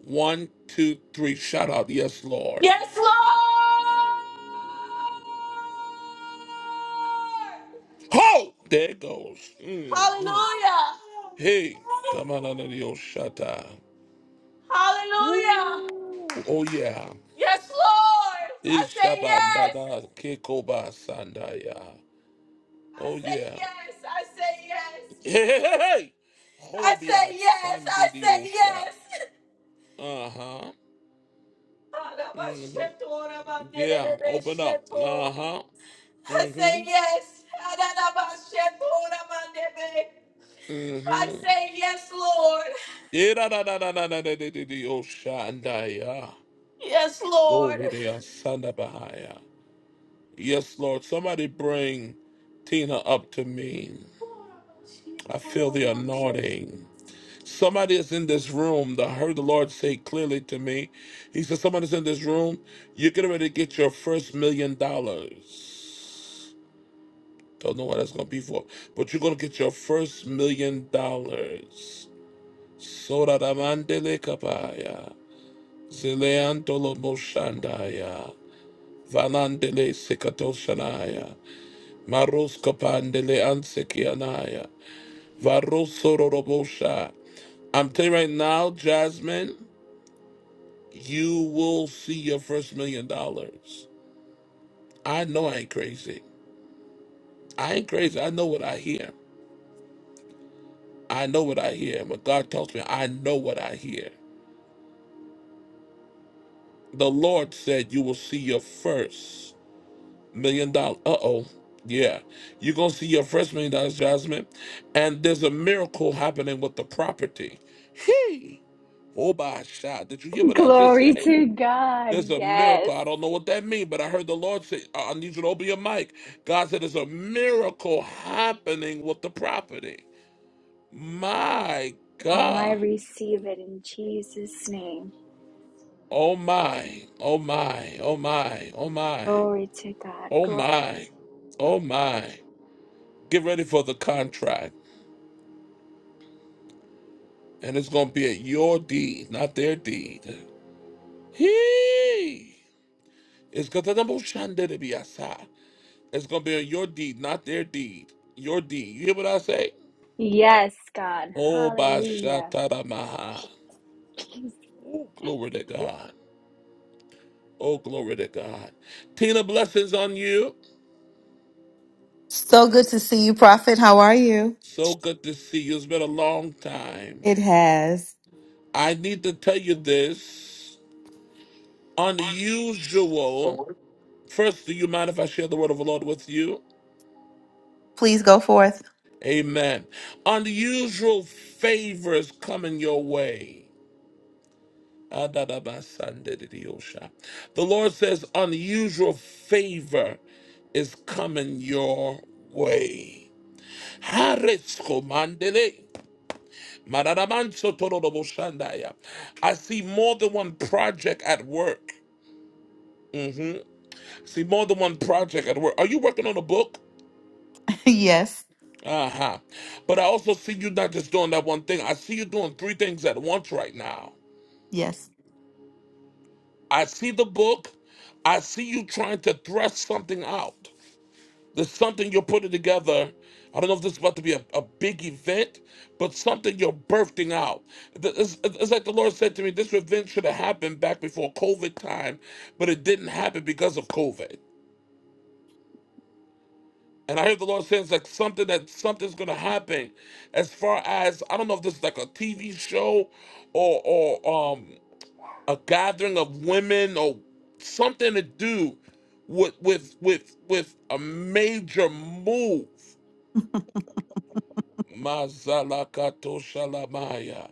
S1: One, two, three. Shout out, Yes, Lord.
S5: Yes, Lord.
S1: Ho! There it goes. Mhm.
S5: Hallelujah.
S1: Hey, come on under the old shutter.
S5: Hallelujah.
S1: Ooh, oh yeah.
S5: Yes, Lord. I say yes.
S1: Ishabandada Kekoba Sandaya.
S5: I
S1: Oh
S5: say
S1: yeah.
S5: yes. I say yes.
S1: Hey, hey, hey! hey.
S5: I
S1: Hobia
S5: say yes. I
S1: Sandi
S5: say yes. I say yes. I say
S1: Osha. Uh-huh. Mm-hmm. Yeah, open up. Uh huh. Mm-hmm. Mm-hmm.
S5: yes, Lord.
S1: Yeah, da da da da da da da da da da. Oh, Shandaya. Glory to your son of Bahia. Yes, Lord. Somebody bring Tina up to me. I feel the anointing. Somebody is in this room that heard the Lord say clearly to me. He said, Somebody's in this room. You're getting ready to get your first million dollars. Don't know what that's going to be for, but you're going to get your first million dollars. Soraramandele kapaya. Zileantolo moshandaya. Valandele sikatoshanaya. Maros kapandele ansekianaya. Varosororobosha. I'm telling you right now, Jasmine, you will see your first million dollars. I know I ain't crazy. I ain't crazy. I know what I hear. I know what I hear. When God tells me, I know what I hear. The Lord said you will see your first. million dollars. Uh oh. Yeah. You're going to see your first million dollars, Jasmine. And there's a miracle happening with the property. Hey. Oh, my shot. Did you hear what I just
S22: Glory
S1: said?
S22: to God.
S1: There's a
S22: Yes.
S1: miracle. I don't know what that means, but I heard the Lord say, I I need you to open your mic. God said there's a miracle happening with the property. My
S22: Name I
S1: God.
S22: receive it in Jesus' name.
S1: Oh, my. Oh, my. Oh, my. Oh, my.
S22: Glory to God.
S1: Oh,
S22: Glo-
S1: my. Oh, my. Get ready for the contract. and it's gonna be at your deed, not their deed. He it's gonna be at your deed, not their deed. Your deed. You hear what I say?
S22: yes, God.
S1: Oh
S22: Hallelujah.
S1: Bashataramaha. Oh, glory to God. Oh, glory to God. Tina, blessings on you.
S23: So good to see you, Prophet. How are you?
S1: So good to see you. It's been a long time.
S23: It has.
S1: I need to tell you this. Unusual. First, do you mind if I share the word of the Lord with you?
S23: Please go forth.
S1: Amen. Unusual favors coming your way. Adadabasandididiyosha. The Lord says, unusual favor is coming your way. Hariskomandele. Mararamansotoroboshandaya. I see more than one project at work. Mhm. See more than one project at work. Are you working on a book?
S23: yes,
S1: Uh huh. But I also see you not just doing that one thing. I see you doing three things at once right now.
S23: yes.
S1: I see the book. I see you trying to thrust something out. There's something you're putting together. I don't know if this is about to be a, a big event, but something you're birthing out. Th- It's, it's like the Lord said to me, this event should have happened back before COVID time, but it didn't happen because of COVID. And I heard the Lord saying it's like something that something's gonna happen as far as I don't know if this is like a TV show or or um a gathering of women or something to do with with with with a major move. Mazalakato shalamaya.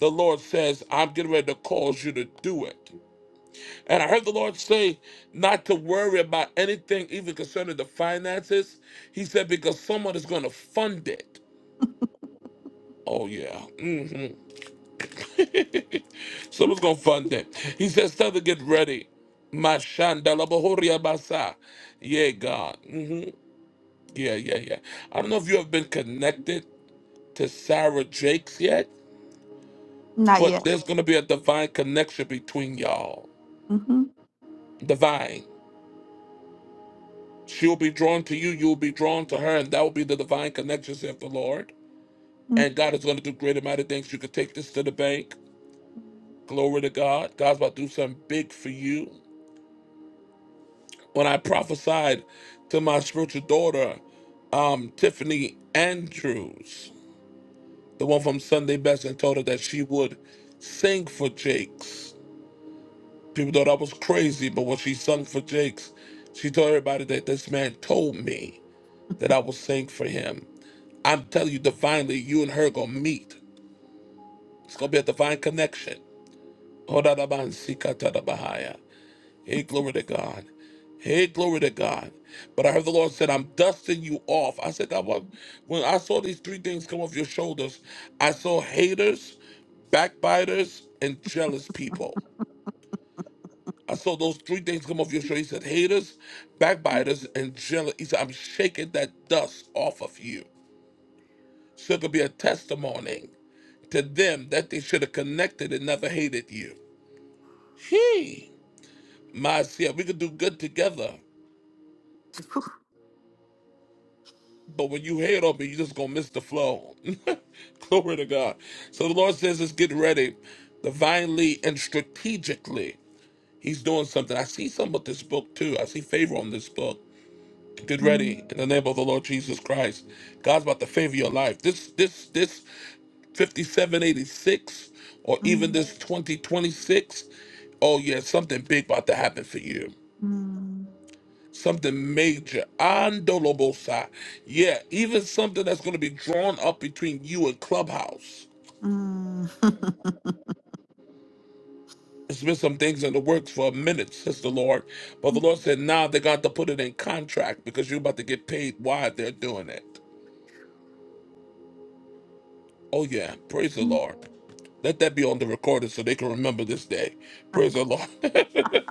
S1: The Lord says, I'm getting ready to cause you to do it. And I heard the Lord say not to worry about anything, even concerning the finances. He said, because someone is going to fund it. Oh, yeah. hmm
S23: Mm,
S1: Someone's gonna fund it. He says, "Tell them to get ready." Mashanda labohoria basa. Yeah, God. hmm Yeah, yeah, yeah. I don't know if you have been connected to Sarah Jakes yet,
S23: Not
S1: but
S23: yet.
S1: there's gonna be a divine connection between y'all.
S23: Mm-hmm.
S1: Divine. She'll be drawn to you. You'll be drawn to her, and that will be the divine connection, said the Lord.
S23: mm
S1: And God is gonna do great and mighty things. You can take this to the bank. Glory to God. God's about to do something big for you. when I prophesied to my spiritual daughter, um, Tiffany Andrews, the one from Sunday Best, and told her that she would sing for Jakes. People thought I was crazy, but when she sung for Jakes, she told everybody that this man told me that I would sing for him. I'm telling you, divinely, you and her gonna meet. It's gonna be a divine connection. Hold on, Hey, glory to God. Hey, glory to God. But I heard the Lord said, I'm dusting you off. I said, God, what? when I saw these three things come off your shoulders, I saw haters, backbiters, and jealous people. I saw those three things come off your shoulder. He said, haters, backbiters, and jealous. He said, I'm shaking that dust off of you. So it could be a testimony to them that they should have connected and never hated you. He, my, yeah, we could do good together. But when you hate on me, you're just gonna miss the flow. Glory to God. So the Lord says, "Let's get ready, divinely and strategically." He's doing something. I see some with this book too. I see favor on this book. Get
S23: mm
S1: ready in the name of the Lord Jesus Christ. God's about to favor your life. This, this, this, fifty-seven eighty-six, or even
S23: mm
S1: this twenty twenty-six. Oh yeah, something big about to happen for you
S23: mm
S1: something major. Andolobosa. Yeah, even something that's going to be drawn up between you and Clubhouse.
S23: mm.
S1: there has been some things in the works for a minute, says the Lord. But the Lord said, nah, they got to put it in contract because you're about to get paid while they're doing it. Oh, yeah. Praise the Lord. Let that be on the recorder so they can remember this day. Praise the Lord.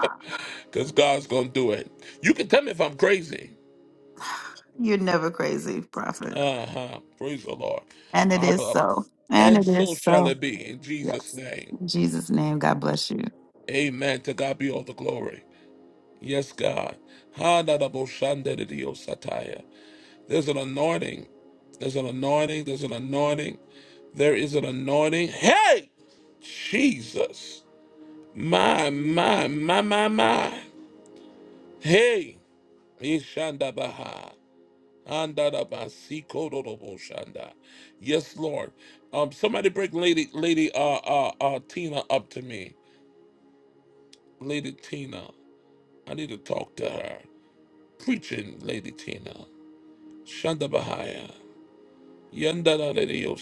S1: Because God's going to do it. You can tell me if I'm crazy.
S23: You're never crazy, Prophet.
S1: Uh-huh. Praise the Lord.
S23: And it is
S1: Abba.
S23: so. And
S1: And
S23: it is
S1: so shall
S23: so.
S1: it be in Jesus'
S23: Yes.
S1: name.
S23: In Jesus' name, God bless you.
S1: Amen. To God be all the glory. Yes, God. Ha-da-da-bo-shan-da-da-di-o-sa-taya. There's an anointing. There's an anointing. There's an anointing. There is an anointing. Hey, Jesus. My, my, my, my, my. Hey. Ishandabaha. Andarabasikorodoroboshanda. Yes, Lord. Um, somebody bring Lady Lady uh, uh uh Tina up to me. Lady Tina. I need to talk to her. Preaching Lady Tina. Shanda Bahaya. Yandaradio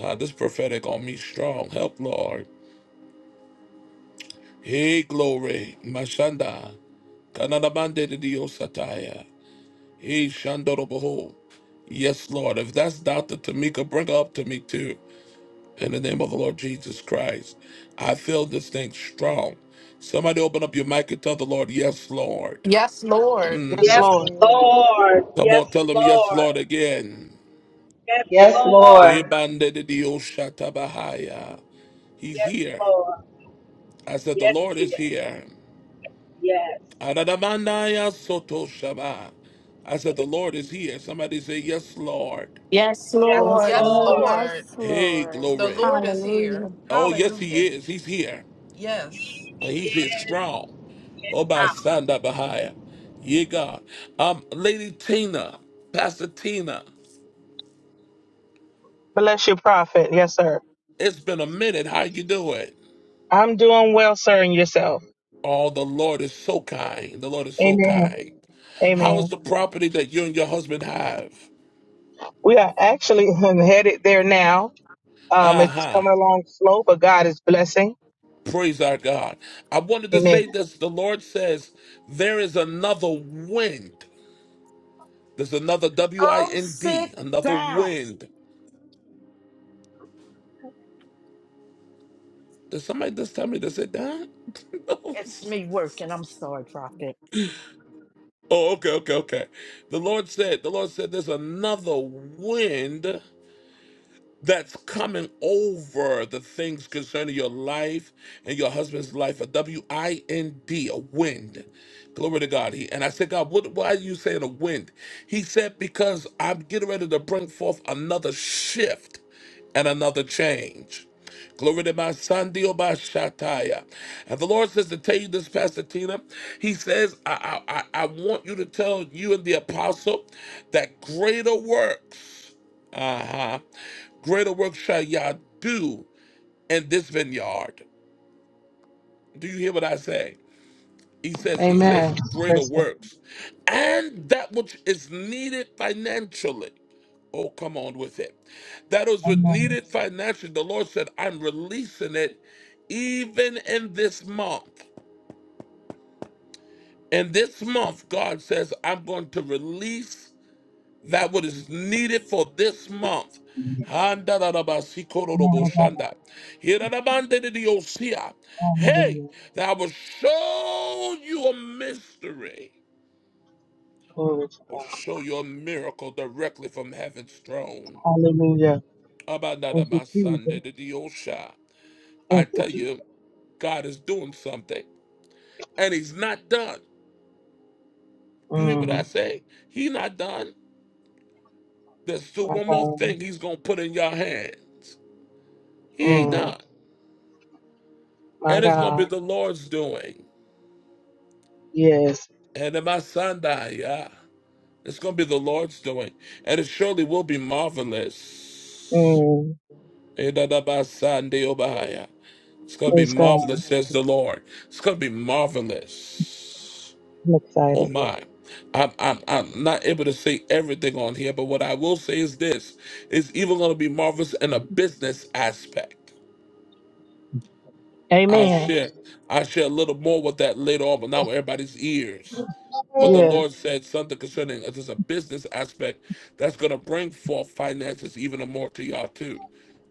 S1: Ah, This prophetic on me strong. Help, Lord. Hey, glory. Mashanda. Kanadabande de Dios Sataya. Hey, Shandoroboho. Yes, Lord. If that's Dr. Tamika, bring her up to me too. In the name of the Lord Jesus Christ, I feel this thing strong. Somebody open up your mic and tell the Lord, Yes, Lord.
S9: Yes, Lord.
S24: Yes,
S4: Yes,
S14: Yes,
S24: Lord.
S14: Lord.
S4: Lord.
S1: Come
S4: Yes,
S1: on, tell him, Yes,
S4: Lord.
S1: Lord, again.
S4: Yes,
S21: Yes,
S4: Lord.
S21: Lord.
S1: Ebandedidiyoshatabahaya. He's
S4: Yes,
S1: here.
S4: Lord.
S1: I said, The
S4: Yes,
S1: Lord
S4: He
S1: is
S4: is.
S1: here.
S4: Yes.
S1: Adadamandaya sotoshaba. I said, The Lord is here. Somebody say, Yes, Lord.
S5: Yes,
S4: Yes,
S21: Yes,
S14: Yes,
S5: Lord.
S9: Yes,
S14: Lord.
S21: Lord.
S4: Lord.
S22: Yes,
S9: Lord.
S1: Hey,
S22: Lord.
S9: The
S1: glory.
S9: Lord is here.
S5: Hallelujah.
S1: Oh, yes, He
S9: Hallelujah.
S1: is. He's here.
S9: Yes.
S1: And
S4: He
S1: He's here
S4: is
S1: strong.
S4: in power.
S1: Obasanda Bahaya. Yeah, God. Um, Lady Tina, Pastor Tina,
S24: Bless you, prophet. Yes, sir.
S1: it's been a minute. How you doing?
S24: I'm doing well, sir, and yourself.
S1: Oh, the Lord is so kind. The Lord is so
S24: Amen.
S1: kind. How is
S24: Amen.
S1: the property that you and your husband have?
S24: We are actually headed there now. Um, it's
S1: Uh-huh.
S24: coming along slow, but God is blessing.
S1: Praise our God. I wanted to
S24: Amen.
S1: say this. The Lord says there is another wind. There's another
S25: Go sit
S1: W-I-N-D, another
S25: down.
S1: wind. Did somebody just tell me to sit down?
S25: It's me working. I'm sorry, Prophet.
S1: Oh, okay, okay, okay. The Lord said, the Lord said, there's another wind that's coming over the things concerning your life and your husband's life. A W I N D, a wind. Glory to God. He, and I said, God, what, why are you saying a wind? He said, because I'm getting ready to bring forth another shift and another change. Glory to my son, Dio Bashataya. And the Lord says to tell you this, Pastor Tina. He says, I, I, I I want you to tell you and the apostle that greater works. Uh huh. Greater work shall y'all do in this vineyard. Do you hear what I say? He says, He says,
S24: Amen.
S1: greater
S24: Praise God.
S1: works. And that which is needed financially. Oh, come on with it. That was
S24: Amen.
S1: needed financially. The Lord said, I'm releasing it even in this month. In this month, God says, I'm going to release. that what is needed for this month.
S24: Glory
S1: Handarabasikoroboshanda. Hiranabandediosia. Hey,
S24: Hallelujah.
S1: that I will show you a mystery
S24: Glory to
S1: or
S24: God.
S1: show you a miracle directly from heaven's throne.
S24: Hallelujah. Thank you, Jesus.
S1: Abanadamasandediosha. I
S24: Thank you,
S1: tell
S24: Jesus.
S1: you, God is doing something, and He's not done. You hear what I
S24: Mm,
S1: say? He not done. There's still
S24: my
S1: one more
S24: God.
S1: thing He's gonna put in your hands. He ain't
S24: Mm,
S1: done.
S24: my
S1: And it's going to be
S24: God.
S1: the Lord's doing.
S24: Yes.
S1: And in my Sunday, yeah. It's going to be the Lord's doing. And it surely will be marvelous.
S24: Mm,
S1: In the name Sunday, oh, yeah. It's going to be
S24: praise God.
S1: marvelous, says the Lord. It's going to be marvelous.
S24: I'm
S1: Oh,
S24: excited.
S1: my. I'm, I'm, I'm not able to say everything on here, but what I will say is this it's even going to be marvelous in a business aspect. I
S24: Amen.
S1: share, I share a little more with that later on, but not with everybody's ears. But the
S24: Yes.
S1: Lord said something concerning uh, there's a business aspect that's going to bring forth finances even more to y'all too.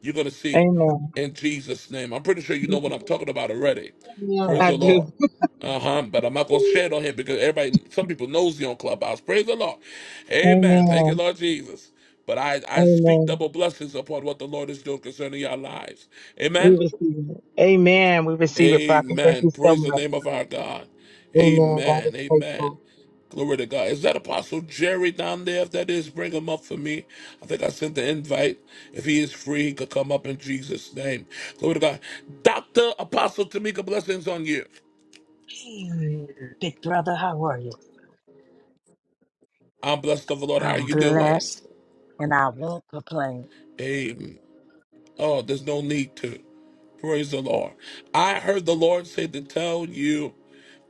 S1: You're going to see
S24: Amen.
S1: in Jesus' name. I'm pretty sure you know what I'm talking about already.
S24: Yeah,
S1: Praise
S24: I
S1: the
S24: do.
S1: Lord. Uh huh. But I'm not going to share it on here because everybody, some people knows you on Clubhouse. Praise the Lord. Amen. Thank you,
S24: Amen.
S1: Lord Jesus. But I, I speak
S24: Amen.
S1: double blessings upon what the Lord is doing concerning your lives.
S24: We
S1: Amen.
S24: receive it. Amen. We receive it, prophet. Thank
S1: Amen.
S24: you so
S1: Praise the
S24: much.
S1: name of our God.
S24: Amen. God is
S1: Amen.
S24: faithful.
S1: Amen. Glory to God. Is that Apostle Jerry down there? If that is, bring him up for me. I think I sent the invite. If he is free, he could come up in Jesus' name. Glory to God. Dr. Apostle Tamika, blessings on you.
S25: Mm, Big brother, how are you?
S1: I'm blessed of the Lord. How are
S25: I'm
S1: you doing?
S25: blessed and I won't complain.
S1: Amen. Oh, there's no need to. Praise the Lord. I heard the Lord say to tell you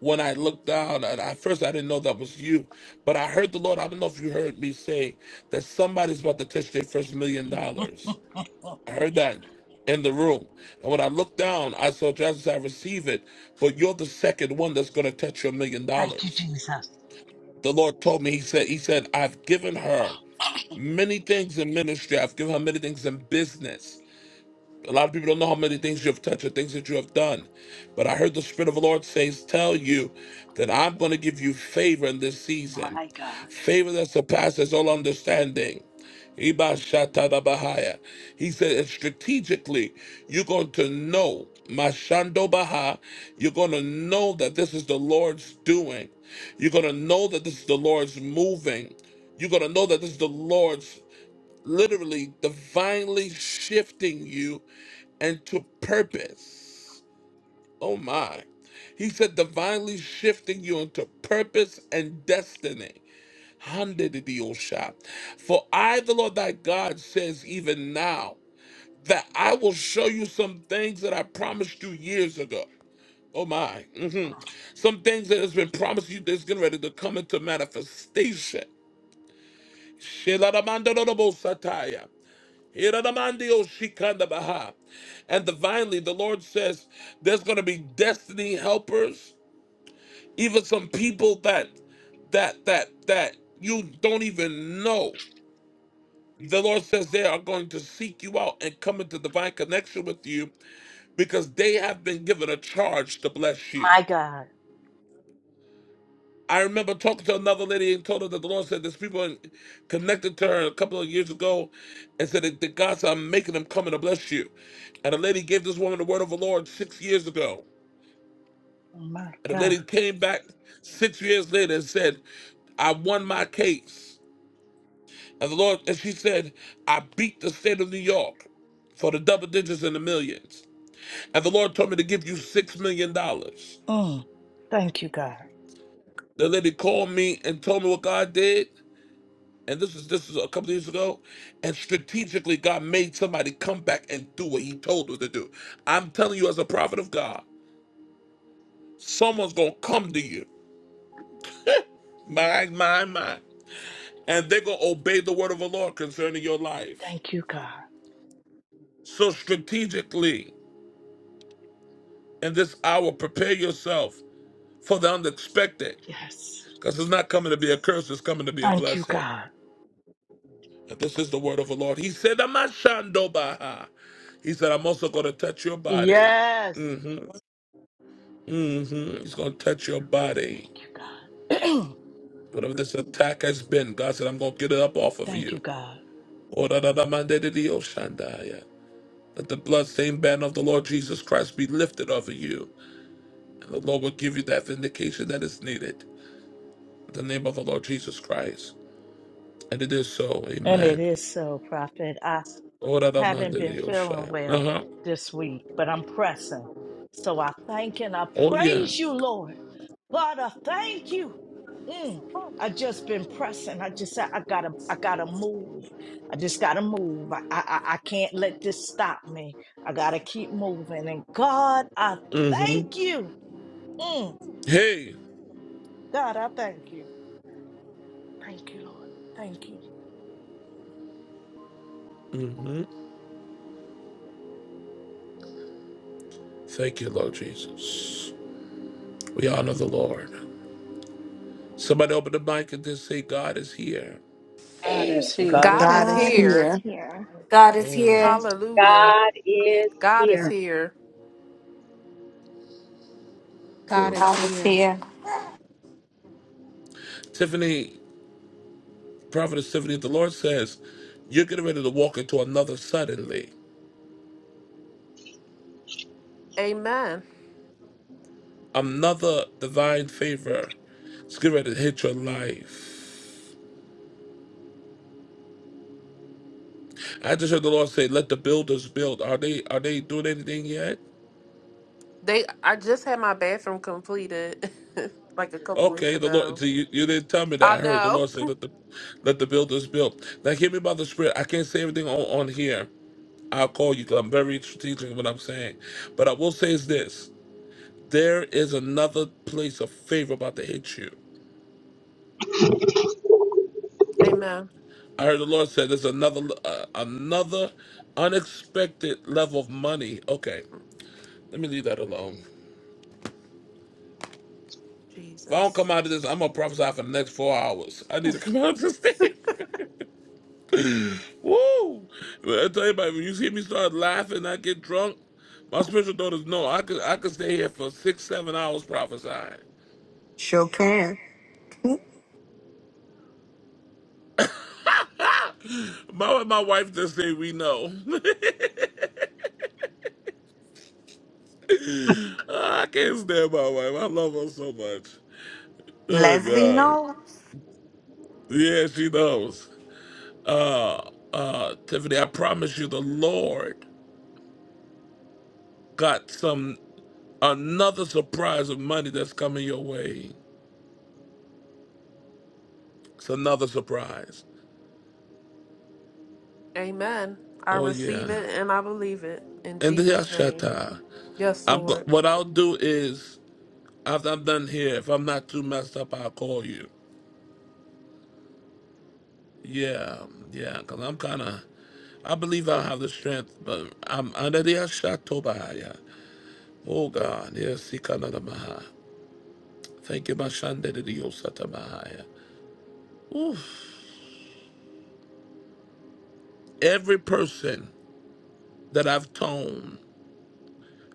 S1: when I looked down, and at first I didn't know that was you, but I heard the Lord. I don't know if you heard me say that somebody's about to touch their first million dollars. I
S25: Mm-mm.
S1: heard that in the room. And when I looked down, I saw Jesus, I receive it, but you're the second one that's going to touch your million
S25: Thank you,
S1: dollars.
S25: Jesus.
S1: The Lord told me, He said, He said, I've given her many things in ministry, I've given her many things in business. A lot of people don't know how many things you have touched or things that you have done. But I heard the Spirit of the Lord says, Tell you that I'm going to give you favor in this season,
S25: My God.
S1: favor that surpasses all understanding. Iba shata da He said, and strategically, you're going to know, Mashando Baha, you're going to know that this is the Lord's doing. You're going to know that this is the Lord's moving. You're going to know that this is the Lord's literally divinely shifting you into purpose. Oh my. He said divinely shifting you into purpose and destiny. Handedidiyosha. For I, the Lord thy God, says even now that I will show you some things that I promised you years ago. Oh my. hmm Some things that has been promised you that's getting ready to come into manifestation. Shelaramandorobosataya. Iranamandio shikanda baha. And divinely, the Lord says there's going to be destiny helpers, even some people that that that that you don't even know. The Lord says they are going to seek you out and come into divine connection with you because they have been given a charge to bless you.
S25: My God.
S1: I remember talking to another lady and told her that the Lord said there's people in, connected to her a couple of years ago and said that, that God said, I'm making them come and to bless you. And a lady gave this woman the word of the Lord six years ago.
S25: My
S1: And the
S25: God.
S1: lady came back six years later and said, I won my case. And the Lord, and she said, I beat the state of New York for the double digits and the millions. And the Lord told me to give you $6 million. dollars.
S25: Mm. Thank you, God.
S1: The lady called me and told me what God did. and this is this is a couple of years ago, and strategically God made somebody come back and do what He told her to do. I'm telling you, as a prophet of God, someone's gonna come to you, my my my, and they're gonna obey the word of the Lord concerning your life.
S25: Thank you, God.
S1: So strategically, in this hour, prepare yourself for the unexpected,
S25: Yes.
S1: because it's not coming to be a curse; it's coming to be a
S25: Thank you,
S1: blessing.
S25: God.
S1: And this is the word of the Lord. He said, "Amashandobaha." He said, "I'm also gonna touch your body."
S25: Yes.
S1: Mm-hmm. Mm-hmm. He's going to touch your body.
S25: Thank you, God.
S1: Whatever this attack has been, God said, I'm going to get it up off of
S25: Thank you,
S1: you.
S25: God.
S1: Ora-ra-ra-mande-de-de-o-shandaya. Let the bloodstained banner of the Lord Jesus Christ be lifted over you, and the Lord will give you that vindication that is needed. In the name of the Lord Jesus Christ. And it is so.
S25: And it
S1: Amen.
S25: is so, Prophet. I. haven't been
S1: Ora-ra-ra-mande-de-o-sha.
S25: feeling well
S1: Uh-huh.
S25: this week, but I'm pressing. So I thank and I
S1: Oh, yeah.
S25: praise you, Lord. Father, thank you. Mm. I just been pressing. I just said I gotta, I gotta move. I just gotta move. I, I, I I can't let this stop me. I gotta keep moving. And God, I
S1: Mm-hmm.
S25: thank you. Mm.
S1: Hey.
S25: God, I thank you. Thank you, Lord. Thank you.
S1: Mm-hmm. Thank you, Lord Jesus. We honor the Lord. Somebody open the mic and just say, God is here.
S25: God is here.
S9: God
S8: God
S9: is
S8: is
S22: God is
S9: here.
S8: here.
S22: here.
S18: is
S1: Mm.
S18: here.
S9: Hallelujah.
S4: God is
S9: God is
S4: here.
S9: here.
S7: God is
S5: God is
S7: here.
S5: here.
S1: Tiffany, Prophetess Tiffany, the Lord says, you're getting ready to walk into another suddenly,
S9: Amen.
S1: another divine favor. It's getting ready to hit your life. I just heard the Lord say, "Let the builders build." Are they are they doing anything yet?
S9: They I just had my bathroom completed like a couple weeks
S1: Okay, the Lord.
S9: ago.
S1: So you, you didn't tell me that. I
S9: I
S1: heard the
S9: know.
S1: Lord say, "Let the let the builders build." Now, hear me by the Spirit. I can't say everything on, on here. I'll call you because I'm very strategic in what I'm saying. But I will say is this: there is another place of favor about to hit you.
S9: Amen.
S1: I heard the Lord said there's another uh, another unexpected level of money. Okay, let me leave that alone. If I don't
S9: Jesus.
S1: come out of this, I'm gonna prophesy for the next four hours. I need to come out of this thing. Woo! I tell you, about when you see me start laughing, I get drunk. My spiritual daughters know I could I could stay here for six, seven hours prophesying.
S8: Sure can.
S1: My my wife just say we know. I can't stand my wife. I love her so much. Oh
S8: Leslie
S1: God.
S8: knows.
S1: Yeah, she knows. uh, uh, Tiffany, I promise you, the Lord got some another surprise of money that's coming your way. It's another surprise.
S9: Amen. I
S1: Oh yeah,
S9: receive it and I believe it in
S1: and the
S9: Jesus name.
S1: Yashata.
S9: Yes,
S1: I'm go-
S9: Lord.
S1: what I'll do is after I'm done here, if I'm not too messed up, I'll call you. Yeah, yeah, cause I'm kind of. I believe I have the strength, but I'm under the Ashatobahaya. Oh God, yes, Sikanadamaha. Thank you, Mashandediosata Mahaya. Every person that I've told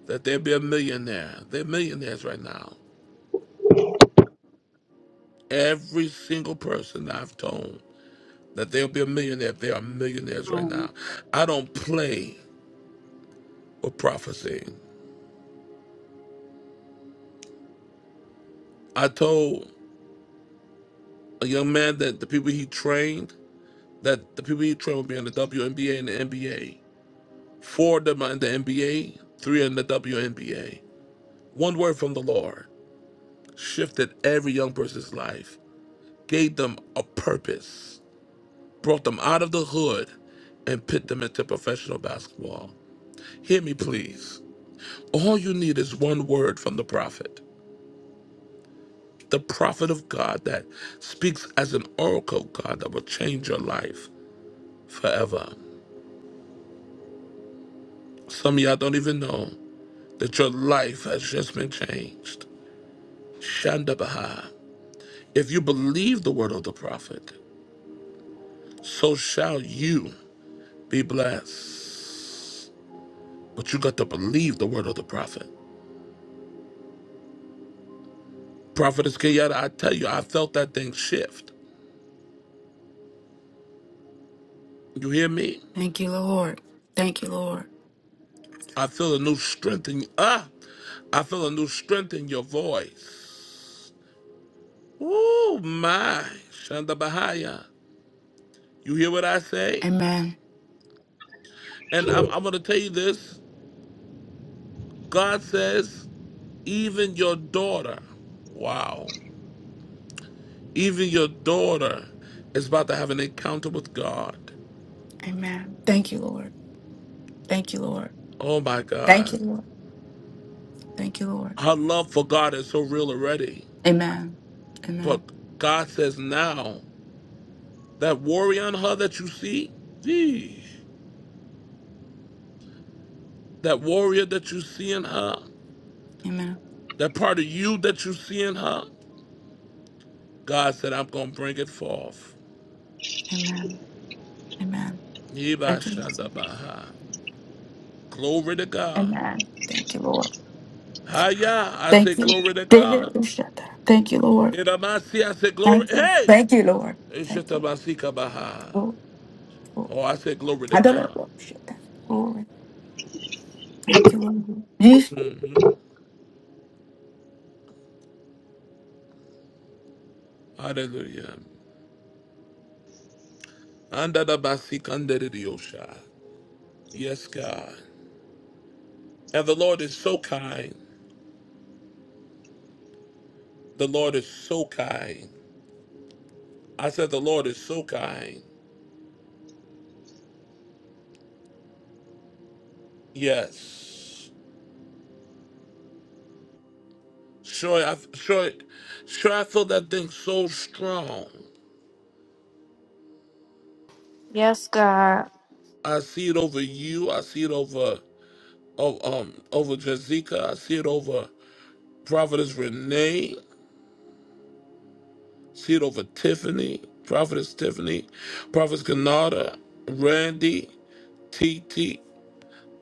S1: that they'll be a millionaire, they're millionaires right now. Every single person that I've told that they'll be a millionaire, they are millionaires right
S4: Um,
S1: now. I don't play with prophecy. I told a young man that the people he trained, that the people he trained would be in the WNBA and the NBA. Four of them are in the NBA, three in the WNBA. One word from the Lord shifted every young person's life, gave them a purpose brought them out of the hood and put them into professional basketball. Hear me, please. All you need is one word from the prophet, the prophet of God that speaks as an oracle of God that will change your life forever. Some of y'all don't even know that your life has just been changed. Shandabaha. If you believe the word of the prophet, so shall you be blessed. But you got to believe the word of the prophet. Prophetess Kenyatta, I tell you, I felt that thing shift. You hear me?
S14: Thank you, Lord. Thank you, Lord.
S1: I feel a new strength in ah, I feel a new strength in your voice. Ooh, my Shanda Bahaya. You hear what I say?
S14: Amen.
S1: And I'm I'm gonna tell you this. God says, even your daughter, wow, even your daughter is about to have an encounter with God.
S14: Amen. Thank you, Lord. Thank you, Lord.
S1: Oh my
S14: Thank
S1: God.
S14: you, Lord. Thank you, Lord.
S1: Her love for God is so real already.
S14: Amen. Amen.
S1: But God says now. That warrior in her that you see, gee, that warrior that you see in her,
S14: Amen.
S1: that part of you that you see in her, God said, I'm going to bring it forth.
S14: Amen. Amen.
S1: Yeba
S14: Thank you. Lord.
S1: Glory to God.
S14: Amen. Thank you, Lord.
S1: Haya, I say
S14: Thank you.
S1: glory to
S14: Thank you,
S1: God.
S14: Ushata. Thank you, Lord.
S1: Iramasi, I say glory.
S14: Thank you.
S1: Hey!
S14: Thank you, Lord. Thank you. Lord.
S1: Ishatabasika baha.
S14: Glory, glory.
S1: Oh, I say glory to
S14: I don't know.
S1: God.
S14: Lord. Shit. Glory. Thank you, Lord. Yes.
S1: hmm Hallelujah. Andadabasika andadidiyosha. Yes, God. And the Lord is so kind. The Lord is so kind. I said, The Lord is so kind. Yes. Sure, I, sure, sure, I feel that thing so strong.
S18: Yes, God.
S1: I see it over you. I see it over, oh, um, over Jazika. I see it over Prophetess Renee. See it over Tiffany. Prophetess Tiffany. Prophetess Kanada. Randy. T T.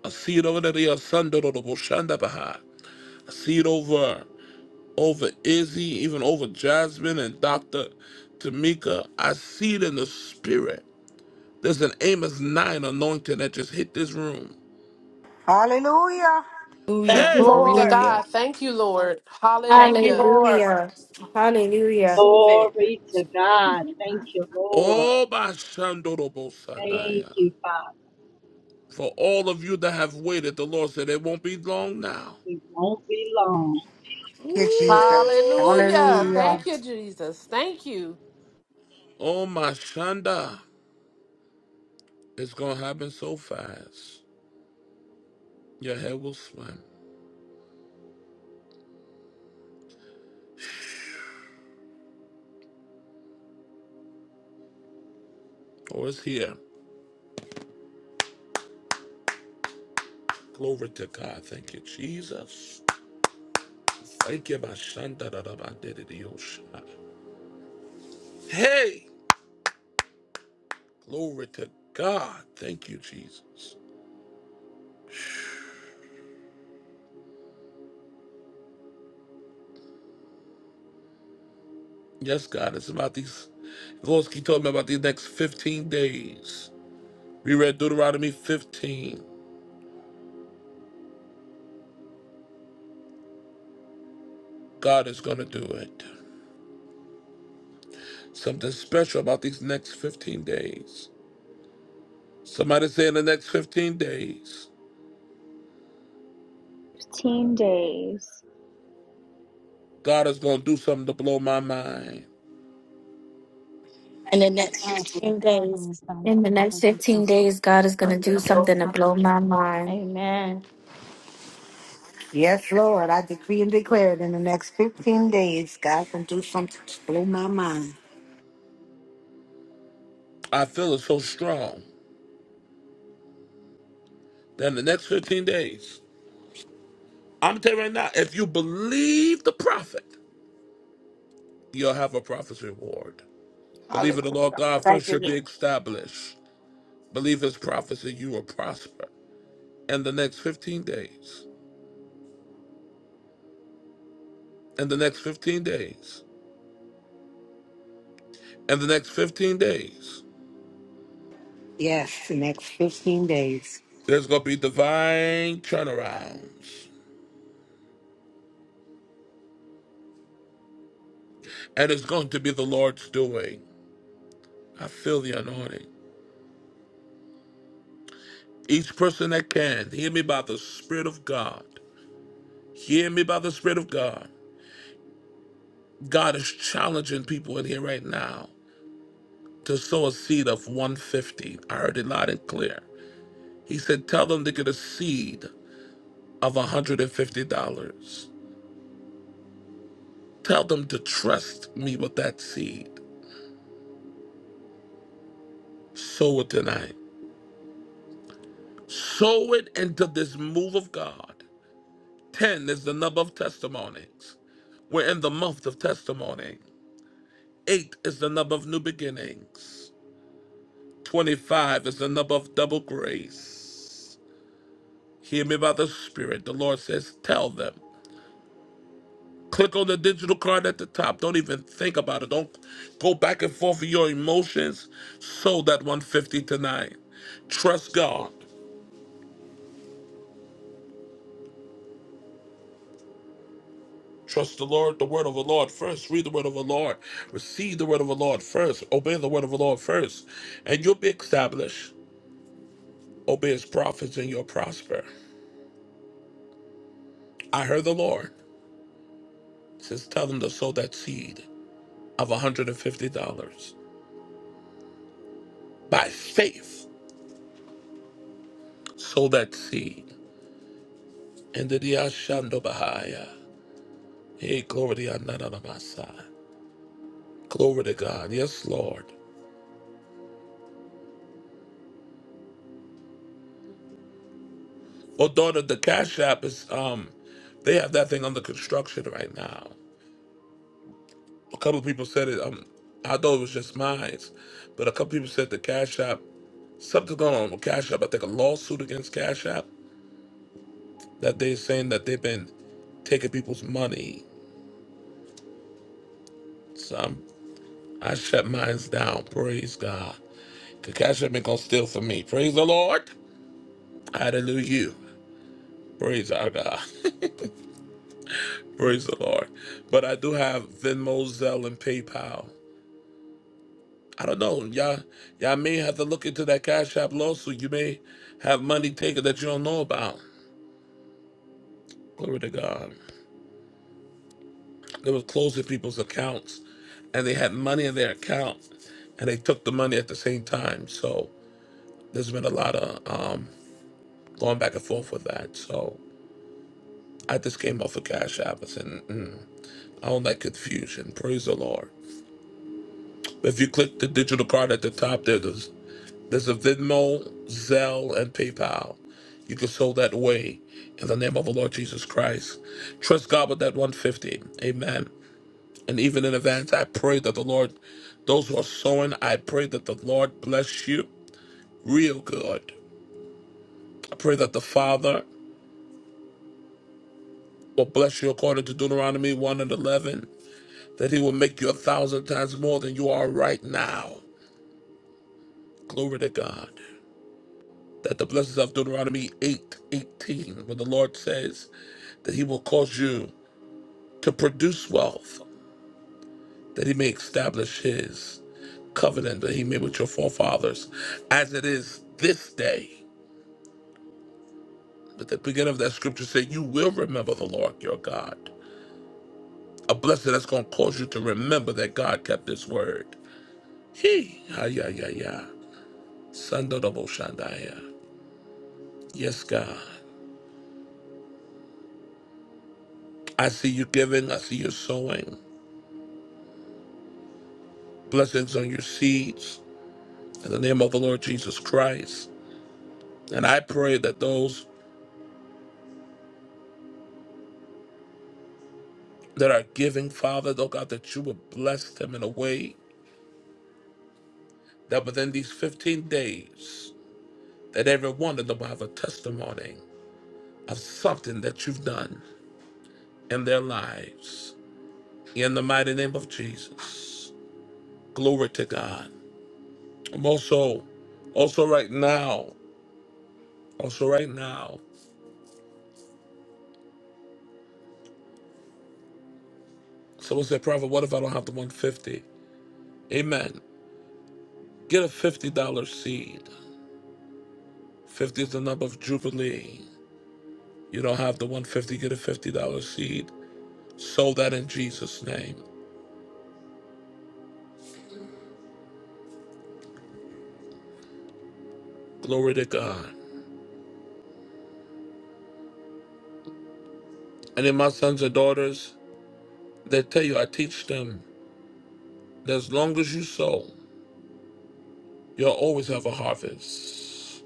S1: I see it over there. Your son, Dodo Boshanda Baha. I see it over. over Izzy, even over Jasmine and Dr. Tamika. I see it in the spirit. There's an Amos 9 anointing that just hit this room.
S8: Hallelujah.
S5: Thank
S14: Hallelujah.
S5: you,
S1: Hey!
S9: Glory to
S5: Lord.
S14: Hallelujah.
S9: God. Thank you, Lord.
S5: Thank you,
S9: Hallelujah.
S5: Lord.
S18: Hallelujah. Hallelujah.
S5: Receive it
S4: glory to God. Thank you, Lord.
S1: Oh, by Shandorobo
S4: Thank
S1: Sandaya.
S4: you, Father.
S1: For all of you that have waited, the Lord said it won't be long now.
S4: We won't be long.
S8: Dear Jesus.
S1: Ooh,
S9: Hallelujah.
S1: Jesus.
S8: Hallelujah.
S9: Thank you, Jesus. Thank you.
S1: Oh, my Shanda. It's going to happen so fast. Your head will swim. Or it's here. Glory to God. Thank you, Jesus. Hey, glory to God. Thank you, Jesus. Yes, God, it's about these. The Lord keep talking about these next 15 days. We read Deuteronomy 15. God is going to do it. Something special about these next 15 days. Somebody say in the next 15 days,
S22: 15 days.
S1: God is going to do something to blow my mind.
S5: in the next 15 days.
S18: In the next 15 days, God is going to do
S5: Amen.
S18: something to blow my mind.
S8: Yes, Lord. I decree and declare it in the next 15 days, God can do something to blow my mind.
S1: I feel it so strong that in the next 15 days, I'm telling you right now, if you believe the prophet, You'll have a prophet's reward. Believe
S14: Hallelujah.
S1: in the Lord God
S14: Thank
S1: first,
S14: you,
S1: you'll be
S14: Lord.
S1: established. Believe his prophecy, you will prosper. In the next 15 days, in the next 15 days, in the next 15 days,
S8: Yes, the next 15 days.
S1: there's going to be divine turnarounds. And it's going to be the Lord's doing. I feel the anointing. Each person that can, hear me by the Spirit of God. Hear me by the Spirit of God. God is challenging people in here right now. to sow a seed of 150. I heard it loud and clear. He said, Tell them to get a seed of $150. Tell them to trust me with that seed. Sow it tonight. Sow it into this move of God. 10 is the number of testimonies. We're in the month of testimony. 8 is the number of new beginnings. 25 is the number of double grace. Hear me by the Spirit. The Lord says, Tell them. Click on the digital card at the top. Don't even think about it. Don't go back and forth with your emotions. Sold that 150 tonight. Trust God. Trust the Lord, the word of the Lord first. Read the word of the Lord. Receive the word of the Lord first. Obey the word of the Lord first. And you'll be established. Obey his prophets and you'll prosper. I heard the Lord. It Says, tell them to sow that seed of $150. By faith, sow that seed. And the diashando Bahaya. Hey, glory to God. Not on my side. Glory to God. Yes, Lord. Oh, daughter, the Cash App is um, they have that thing under construction right now. A couple of people said it. Um, I thought it was just mine, but a couple people said the Cash App something's going on with Cash App. I think a lawsuit against Cash App that they're saying that they've been taking people's money. So I'm, I shut mines down. Praise God. 'Cause Cash App ain't gonna steal from me. Praise the Lord. Hallelujah. Praise our God. Praise the Lord. But I do have Venmo, Zelle, and PayPal. I don't know. Y'all, y'all may have to look into that Cash App lawsuit. You may have money taken that you don't know about. Glory to God. They were closing people's accounts and they had money in their account and they took the money at the same time. So there's been a lot of um, going back and forth with that. So I just came off of Cash App and said, mm, I don't like confusion. Praise the Lord. If you click the digital card at the top, there's There's a Venmo, Zelle, and PayPal. You can sow that way in the name of the Lord Jesus Christ. Trust God with that 150. Amen. And even in advance, I pray that the Lord, those who are sowing, I pray that the Lord bless you real good. I pray that the Father will bless you according to Deuteronomy 1 and 11, that He will make you a thousand times more than you are right now. Glory to God. That the blessings of Deuteronomy 8 18, where the Lord says, that he will cause you to produce wealth, that he may establish his covenant that he made with your forefathers, as it is this day. But the beginning of that scripture said, You will remember the Lord your God. A blessing that's going to cause you to remember that God kept his word. He, ah, yeah, yeah, yeah. Sando double shandaya. Yes, God. I see you giving, I see you sowing. Blessings on your seeds in the name of the Lord Jesus Christ. And I pray that those that are giving, Father, oh God, that you would bless them in a way that within these 15 days, that every one of them will have a testimony of something that you've done in their lives. In the mighty name of Jesus. Glory to God. I'm also, also right now, also right now. Someone said, Prophet, what if I don't have the 150? Amen. Get a $50 seed. 50 is the number of Jubilee. You don't have the 150, get a $50 seed So that in Jesus' name. Glory to God. And in my sons and daughters, they tell you, I teach them that as long as you sow, you'll always have a harvest.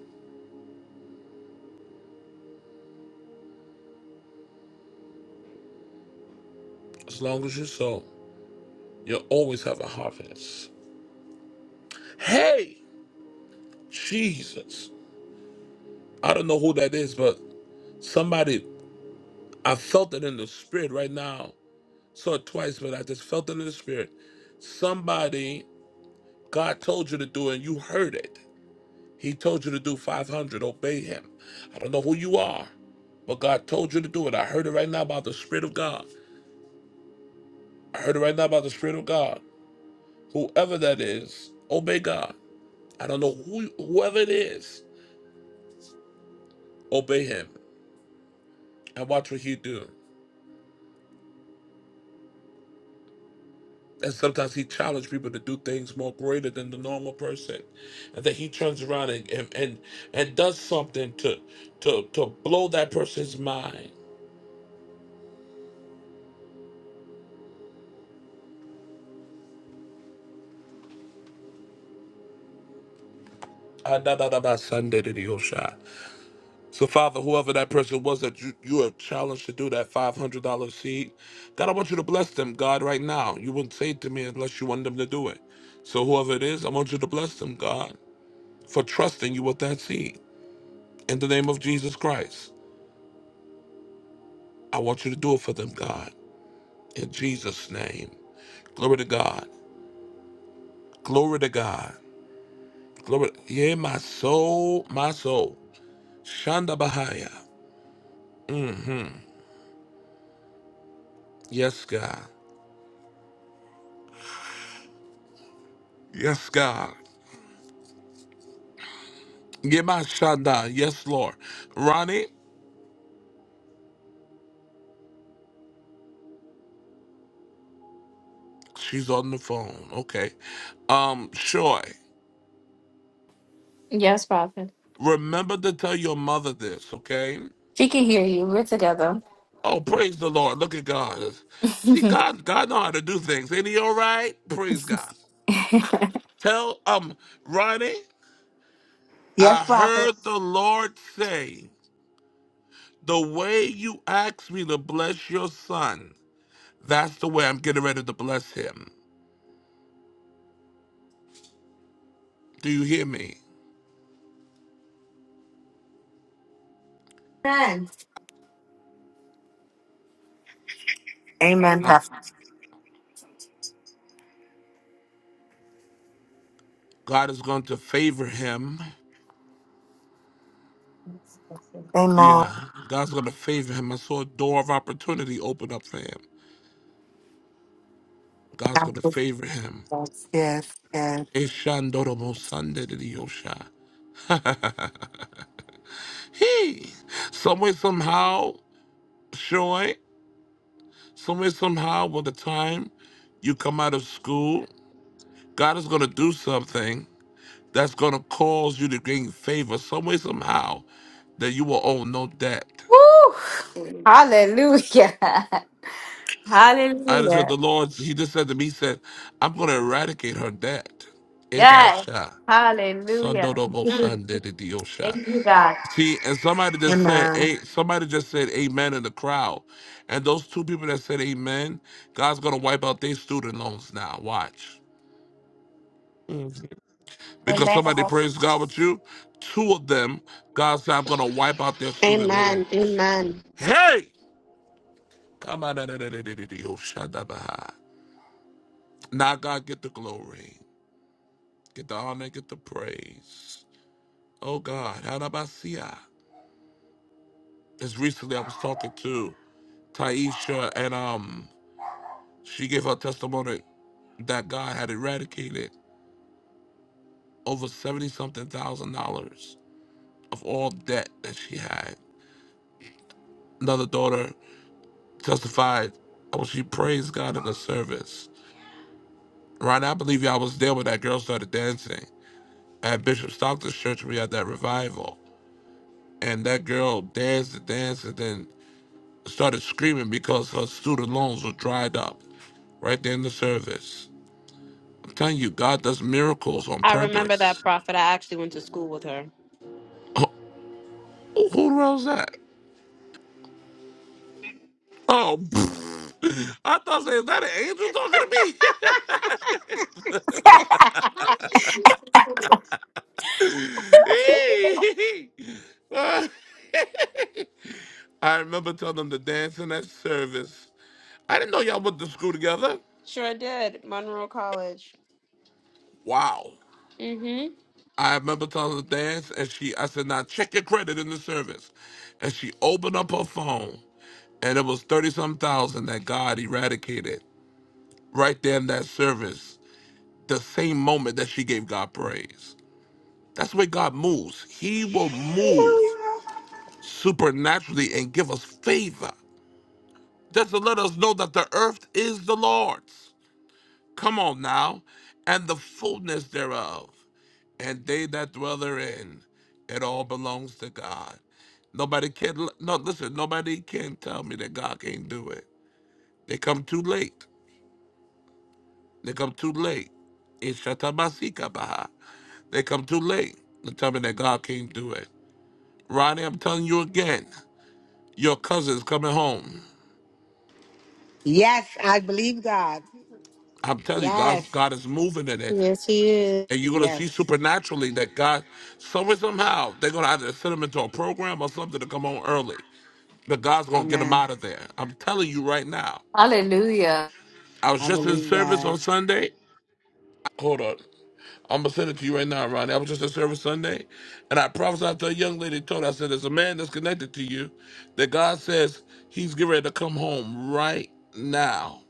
S1: As long as you sow, you'll always have a harvest. Hey, Jesus. I don't know who that is, but somebody, I felt it in the spirit right now. Saw it twice, but I just felt it in the spirit. Somebody, God told you to do it, and you heard it. He told you to do 500. Obey him. I don't know who you are, but God told you to do it. I heard it right now about the Spirit of God. I heard it right now about the Spirit of God. Whoever that is, obey God. I don't know who, whoever it is, obey him and watch what he do. And sometimes he challenged people to do things more greater than the normal person. And then he turns around and and and, and does something to to to blow that person's mind. Ah, da, da, da, ba, Sunday to the Osha. So, Father, whoever that person was that you, you have challenged to do that $500 seed, God, I want you to bless them, God, right now. You wouldn't say it to me unless you want them to do it. So, whoever it is, I want you to bless them, God, for trusting you with that seed. In the name of Jesus Christ, I want you to do it for them, God. In Jesus' name. Glory to God. Glory to God. Glory. Yeah, my soul, my soul. Shanda Bahaya. Yes, God. Yes, God. Yemashanda, yes, Lord. Ronnie, she's on the phone. Okay. Um, Shoy,
S18: Yes, Prophet.
S1: remember to tell your mother this, okay?
S18: She can hear you. We're together.
S1: Oh, praise the Lord. Look at God. You see,
S18: Woo!
S1: God, God know how to do things. Ain't he all right? Praise God. Tell um Ronnie, I
S8: Yes, prophet.
S1: heard the Lord say, the way you asked me to bless your son, that's the way I'm getting ready to bless him. Do you hear me? Um, God is going to favor him. Yeah, God's gonna favor him. I saw a door of opportunity open up for him. God's gonna favor him. Eshandorobo sandedidiyosha. Hey, someway somehow, Shoy, someway somehow, by the time you come out of school, God is gonna do something that's gonna cause you to gain favor. Someway somehow, that you will owe no debt.
S18: Hallelujah.
S1: I just said
S18: Hallelujah.
S1: the Lord. He just said to me, He said, "I'm gonna eradicate her debt."
S18: Yes.
S1: Ebasha.
S18: Hallelujah.
S1: Sondodobo
S18: Mm.
S1: Sunday the Diosha.
S18: Thank you, God.
S1: See, and somebody just said,
S8: Amen.
S1: "Hey," somebody just said, "Amen" in the crowd, and those two people that said "Amen," God's gonna wipe out their student loans now. Watch, Mhm. because
S5: Amen.
S1: somebody praised God with you. Two of them, God said, "I'm gonna wipe out their student
S7: Amen.
S1: loans."
S7: Amen.
S1: Hey, come on, da- da- da- da- da- da- da- oh, Shadabaha. now God get the glory, get the honor, get the praise. Oh God, how about see I? Just recently, I was talking to. Taisha, and um, she gave her testimony that God had eradicated over seventy something thousand dollars of all debt that she had. Another daughter testified how she praised God in the service. Right, now, I believe y'all was there when that girl started dancing at Bishop Stockton's church. We had that revival, and that girl danced and danced and then started screaming because her student loans were dried up right there in the service. I'm telling you, God does miracles on
S7: I remember
S1: purpose.
S7: that prophet. I actually went to school with her.
S1: Who, who wrote that? Oh, pfft. I thought, say, is that an angel talking to me? Uh, I remember telling them to dance in that service. I didn't know y'all went to school together. Wow. I remember telling her to dance, and she, I said, now check your credit in the service. And she opened up her phone, and it was 30 some thousand that God eradicated right there in that service, the same moment that she gave God praise. That's the way God moves. He will move supernaturally and give us favor. Just to let us know that the earth is the Lord's. Come on now. And the fullness thereof, and they that dwell therein. It all belongs to God. Nobody can, no, listen, nobody can tell me that God can't do it. They come too late. They come too late. Ishatamasikabaha. They come too late to tell me that God can't do it. Ronnie, I'm telling you again, Your cousin's coming home.
S8: Yes, I believe God.
S1: I'm telling you, God,
S8: Yes.
S1: God is moving in it. And you're gonna see
S8: Yes.
S1: supernaturally that God, somewhere somehow, they're gonna either send him into a program or something to come home early. But God's gonna get him
S8: Amen.
S1: out of there. I'm telling you right now.
S18: Hallelujah.
S1: I was
S8: I
S1: just in
S8: believe
S1: service
S8: God.
S1: on Sunday. Hold on. I'm gonna send it to you right now, Ronnie. I was just in service Sunday, and I prophesied to a young lady. Told her, I said, "There's a man that's connected to you, that God says he's getting ready to come home right now."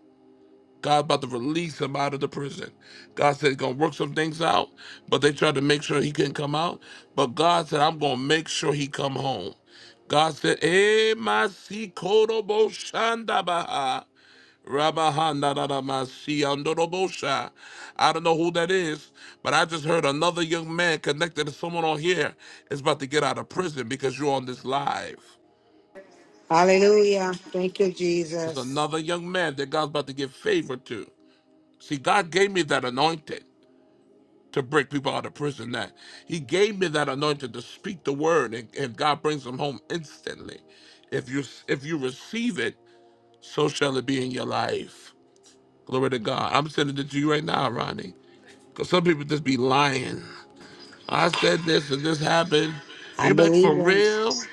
S1: God about to release him out of the prison. God said he's gonna work some things out, but they tried to make sure he couldn't come out. But God said, I'm gonna make sure he come home. God said, Eh masi korobo shandabaha. Rabahanda da da masi I don't know who that is, but I just heard another young man connected to someone on here is about to get out of prison because you're on this live.
S8: Hallelujah. Thank you,
S1: There's
S8: Jesus.
S1: another young man that God's about to give favor to. See, God gave me that anointing. to break people out of prison that he gave me that anointing to speak the word and, and god brings them home instantly if you if you receive it so shall it be in your life glory to god i'm sending it to you right now ronnie because some people just be lying i said this and this happened
S8: I
S1: ain't that
S8: believe
S1: for real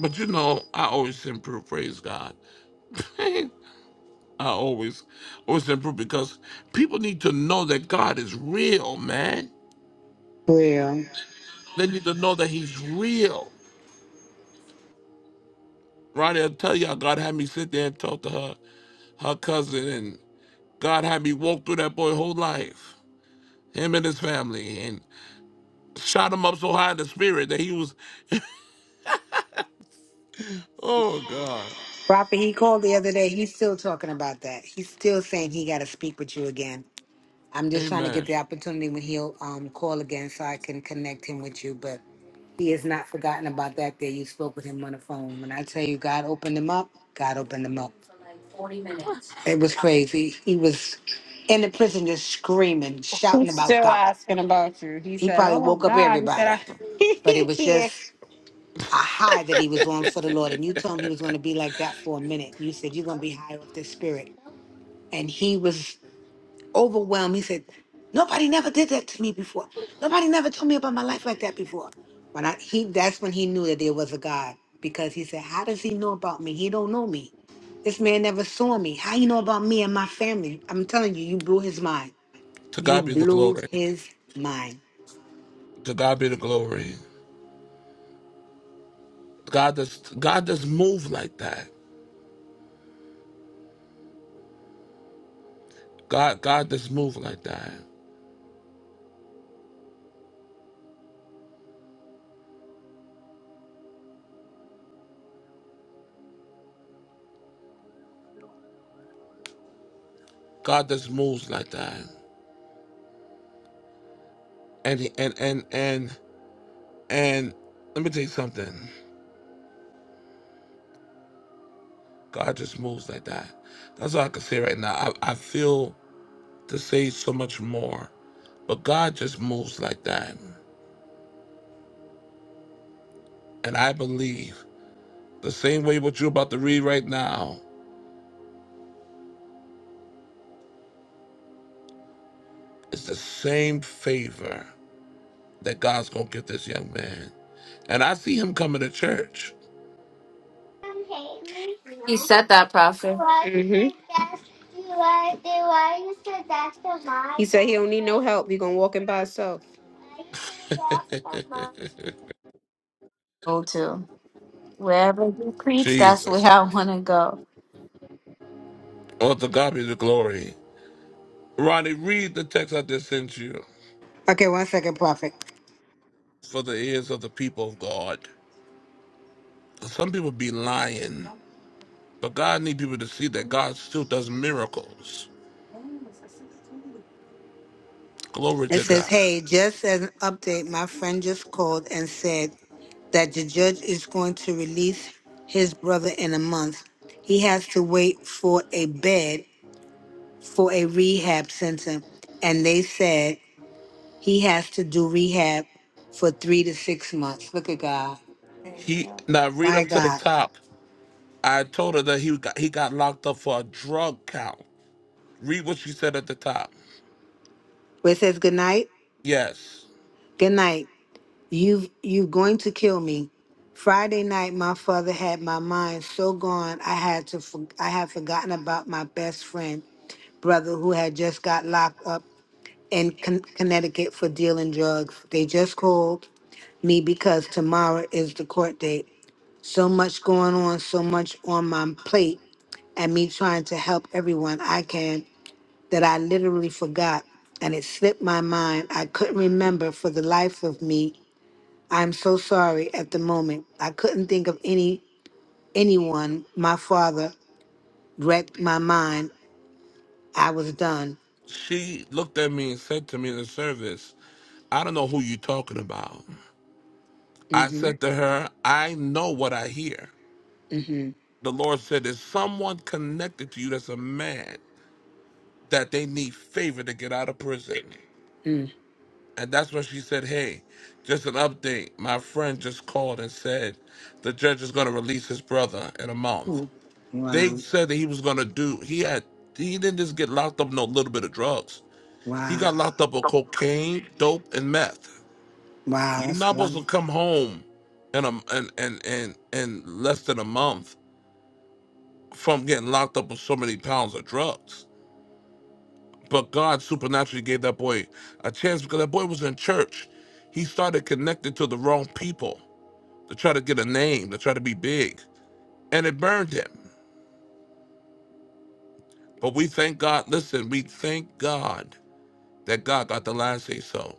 S1: but you know i always send proof praise god i always always send proof because people need to know that god is real man
S8: it.
S1: they need to know that he's real Ronnie, I tell y'all, God had me sit there and talk to her, her cousin, and God had me walk through that boy whole life, him and his family, and shot him up so high in the spirit that he was, oh God,
S8: Prophet, he called the other day. He's still talking about that. He's still saying he got to speak with you again. I'm just trying to get
S1: Amen.
S8: the opportunity when he'll um, call again so I can connect him with you. But he has not forgotten about that day you spoke with him on the phone. When I tell you God opened him up, God opened him up. It was crazy. He was in the prison just screaming, shouting about God. He probably woke up everybody, but it was just a high that he was on for the Lord. And you told him he was going to be like that for a minute. You said, You're going to be high off the spirit. and he was overwhelmed. He said, "Nobody never did that to me before. Nobody never told me about my life like that before." When I he that's when he knew that there was a God because he said, "How does he know about me? He don't know me. This man never saw me. How you know about me and my family?" I'm telling you, you blew his mind.
S1: To
S8: You
S1: God be the
S8: blew
S1: glory.
S8: his mind.
S1: To God be the glory. God just, God just move like that. God, God just move like that. God just moves like that. And he- and and and and let me tell you something. God just moves like that. That's all I can say right now. I, I feel. to say so much more. But God just moves like that. And I believe the same way what you're about to read right now is the same favor that God's going to give this young man. And I see him coming to church.
S18: He said that, prophet.
S7: Mhm. said he don't need no help. He gonna walk in by himself.
S18: Go to wherever you preach, that's where
S1: Jesus.
S18: I want to go.
S1: Oh, to God be the glory. Ronnie, read the text I just sent you
S8: Okay, one second, prophet.
S1: for the ears of the people of God. Some people be lying, but God need people to see that God still does miracles. Glory
S8: It
S1: to
S8: says,
S1: God.
S8: "Hey, just as an update, my friend just called and said." that the judge is going to release his brother in a month. He has to wait for a bed for a rehab center. And they said he has to do rehab for three to six months. Look at God.
S1: He now read
S8: My
S1: up to the
S8: God.
S1: top. I told her that he got he got locked up for a drug count. Read what she said at the top.
S8: Where it says good night,
S1: Yes.
S8: good night. You've you're going to kill me. Friday night, my father had my mind so gone I had to for, I had forgotten about my best friend brother who had just got locked up in Con- Connecticut for dealing drugs. They just called me because tomorrow is the court date. So much going on, so much on my plate, and me trying to help everyone I can that I literally forgot and it slipped my mind. I couldn't remember for the life of me. I'm so sorry at the moment. I couldn't think of any anyone. My father wrecked my mind. I was done.
S1: She looked at me and said to me in the service, I don't know who you are talking about. I
S8: Mhm.
S1: said to her, I know what I hear.
S8: Mhm.
S1: The Lord said, There's someone connected to you that's a man that they need favor to get out of prison.
S8: Mm.
S1: And that's when she said, Hey, just an update. My friend just called and said the judge is going to release his brother in a month.
S8: Mm.
S1: They
S8: Wow.
S1: said that he was gonna do. He had. He didn't just get locked up no little bit of drugs. He
S8: Wow.
S1: got locked up with cocaine, dope, and meth.
S8: Wow.
S1: You're
S8: That's
S1: not
S8: a lot.
S1: supposed to come home in a in in in, in less than a month from getting locked up with so many pounds of drugs. But God supernaturally gave that boy a chance because that boy was in church. He started connected to the wrong people to try to get a name, to try to be big, and it burned him. But we thank God. Listen, we thank God that God got the last say so.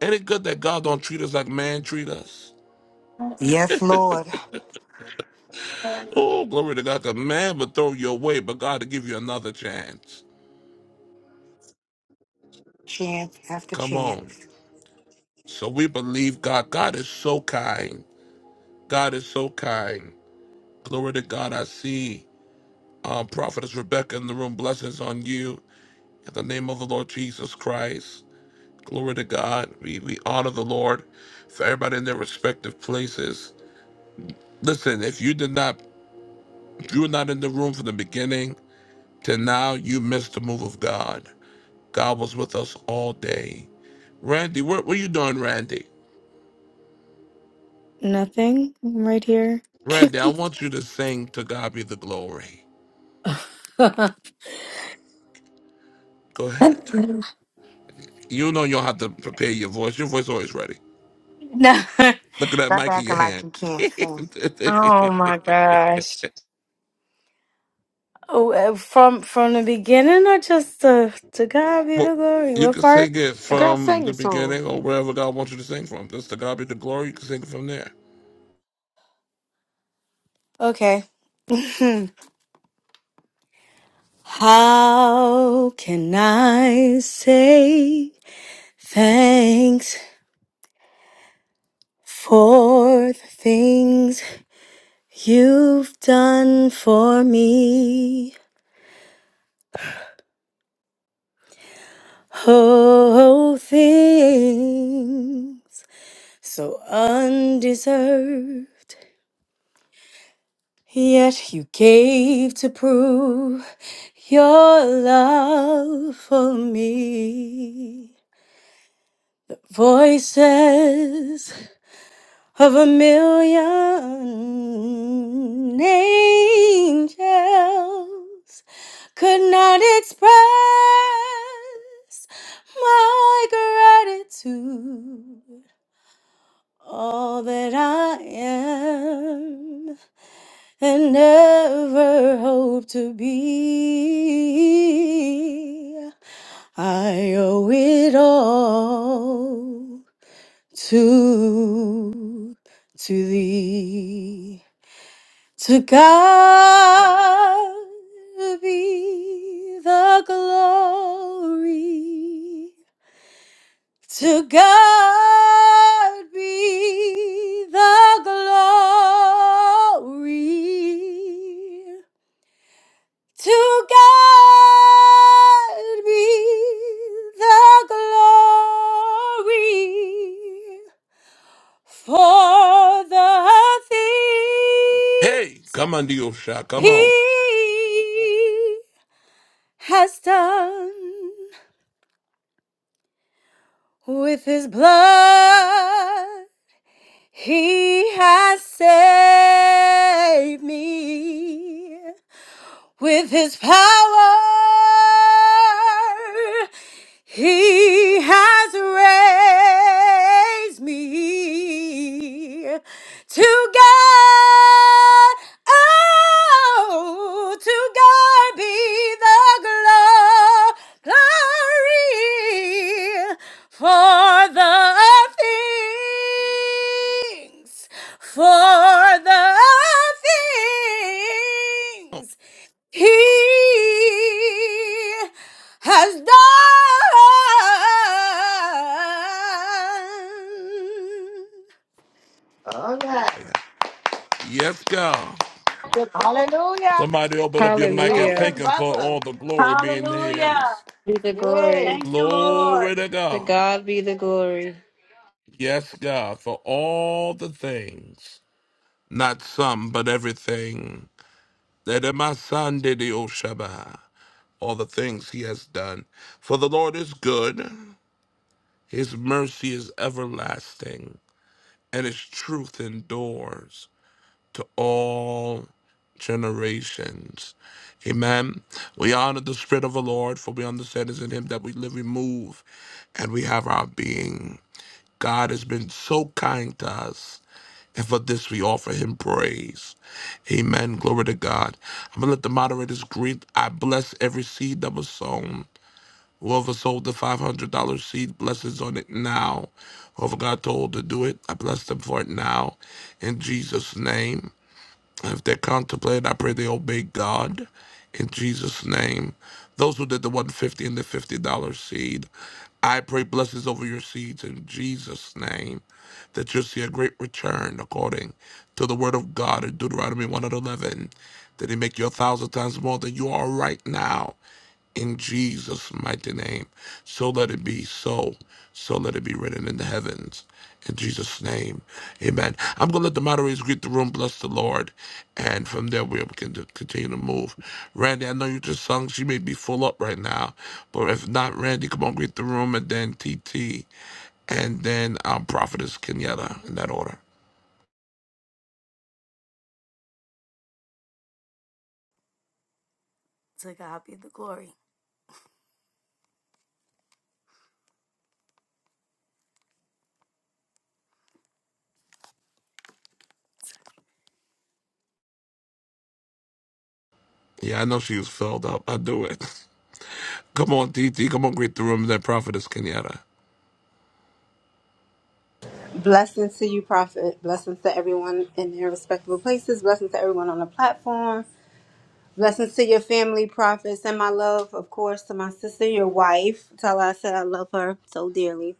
S1: Ain't it good that God don't treat us like man treat us?
S8: Yes, Lord.
S1: Oh, glory to God! God, 'cause man would throw you away, but God will give you another chance.
S8: Chance after
S1: Come
S8: chance.
S1: on. So we believe God. God is so kind. God is so kind. Glory to God. I see um, Prophetess Rebecca in the room. Blessings on you. In the name of the Lord Jesus Christ. Glory to God. We, we honor the Lord for everybody in their respective places. Listen, if you did not, if you were not in the room from the beginning, Till now, you missed the move of God. God was with us all day. Randy, what were you doing, Randy?
S11: Nothing. I'm right here.
S1: Randy, I want you to sing To God Be the Glory. Go ahead. You know you don't have to prepare your voice. Your voice is always ready. Look at that
S8: Stop
S1: mic in
S8: acting
S1: your
S8: like
S1: hand.
S8: you can't sing.
S11: Oh, uh, from from the beginning or just to to God be
S1: well,
S11: the glory?
S1: you
S11: What
S1: can
S11: part?
S1: sing it
S7: Girl,
S1: from
S7: sing
S1: the
S7: the
S1: beginning
S7: song.
S1: or wherever God wants you to sing from. Just To God Be the Glory, you can sing it from there.
S11: Okay. How can I say thanks for the things you've done for me? Oh, things so undeserved. Yet you gave to prove your love for me. Voices of a million angels could not express my gratitude. All that I am. and never hope to be. I owe it all to, to thee. To God be the glory. To God be the glory. To God be the glory for the thing
S1: Hey, come on, Diosha, come on.
S11: He has done with His blood. He has saved me. with his power. He has raised me to God. Oh, to God be the glo- glory for the things, for the
S1: Oh,
S11: things he has done.
S1: yeah. Yes, God. Somebody open up your mic and
S7: Hallelujah.
S1: thank him for all the glory being
S5: Hallelujah.
S1: his.
S7: be the glory.
S5: Thank you, Lord.
S1: Glory to
S7: To
S1: God.
S7: God be the glory.
S1: Yes, God, for all the things, not some, but everything. That in my son did the Oshaba, all the things he has done. For the Lord is good, his mercy is everlasting, and his truth endures to all generations. Amen. We honor the Spirit of the Lord, for we understand it's in Him that we live, we move, and we have our being. God has been so kind to us, and for this we offer Him praise. Amen. Glory to God. I'm going to let the moderators greet. I bless every seed that was sown. Whoever sold the $500 seed, blessings on it now. Whoever got told to do it, I bless them for it now. In Jesus' name. If they contemplate, I pray they obey God in Jesus' name. Those who did the 150 and the $50 seed, I pray blessings over your seeds in Jesus' name, that you'll see a great return according to the word of God in Deuteronomy 111, that he make you a thousand times more than you are right now in Jesus' mighty name. So let it be so. So let it be written in the heavens. In Jesus' name. Amen. I'm going to let the moderators greet the room, bless the Lord. And from there, we'll begin to continue to move. Randy, I know you just sung. She may be full up right now. But if not, Randy, come on, greet the room. And then TT. And then our Prophetess Kenyatta in that order.
S11: To God be the glory.
S1: Yeah, I know she was filled up. I do it. Come on, TT. Come on, greet the room. And then Prophetess Kenyatta.
S16: Blessings to you, Prophet. Blessings to everyone in their respectable places. Blessings to everyone on the platform. Blessings to your family, Prophet. Send my love, of course, to my sister, your wife. Tell her I said I love her so dearly.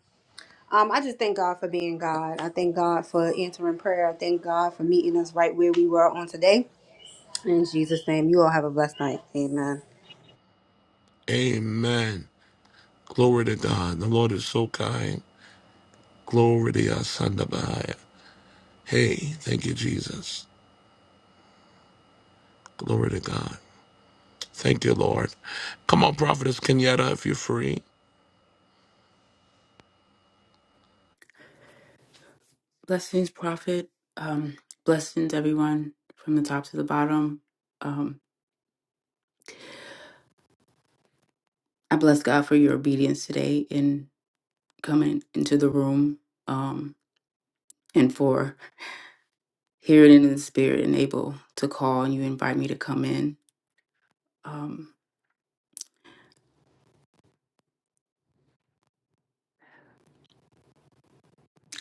S16: Um, I just thank God for being God. I thank God for answering prayer. I thank God for meeting us right where we were on today. In Jesus' name, you all have a blessed night. Amen.
S1: Amen. Glory to God. The Lord is so kind. Glory to Yasandabaya. Hey, thank you, Jesus. Glory to God. Thank you, Lord. Come on, Prophetess Kenyatta, if you're free.
S14: Blessings, prophet. Um, blessings, everyone, from the top to the bottom. Um, I bless God for your obedience today in coming into the room. Um, and for hearing in the spirit and able to call and you invite me to come in. Um,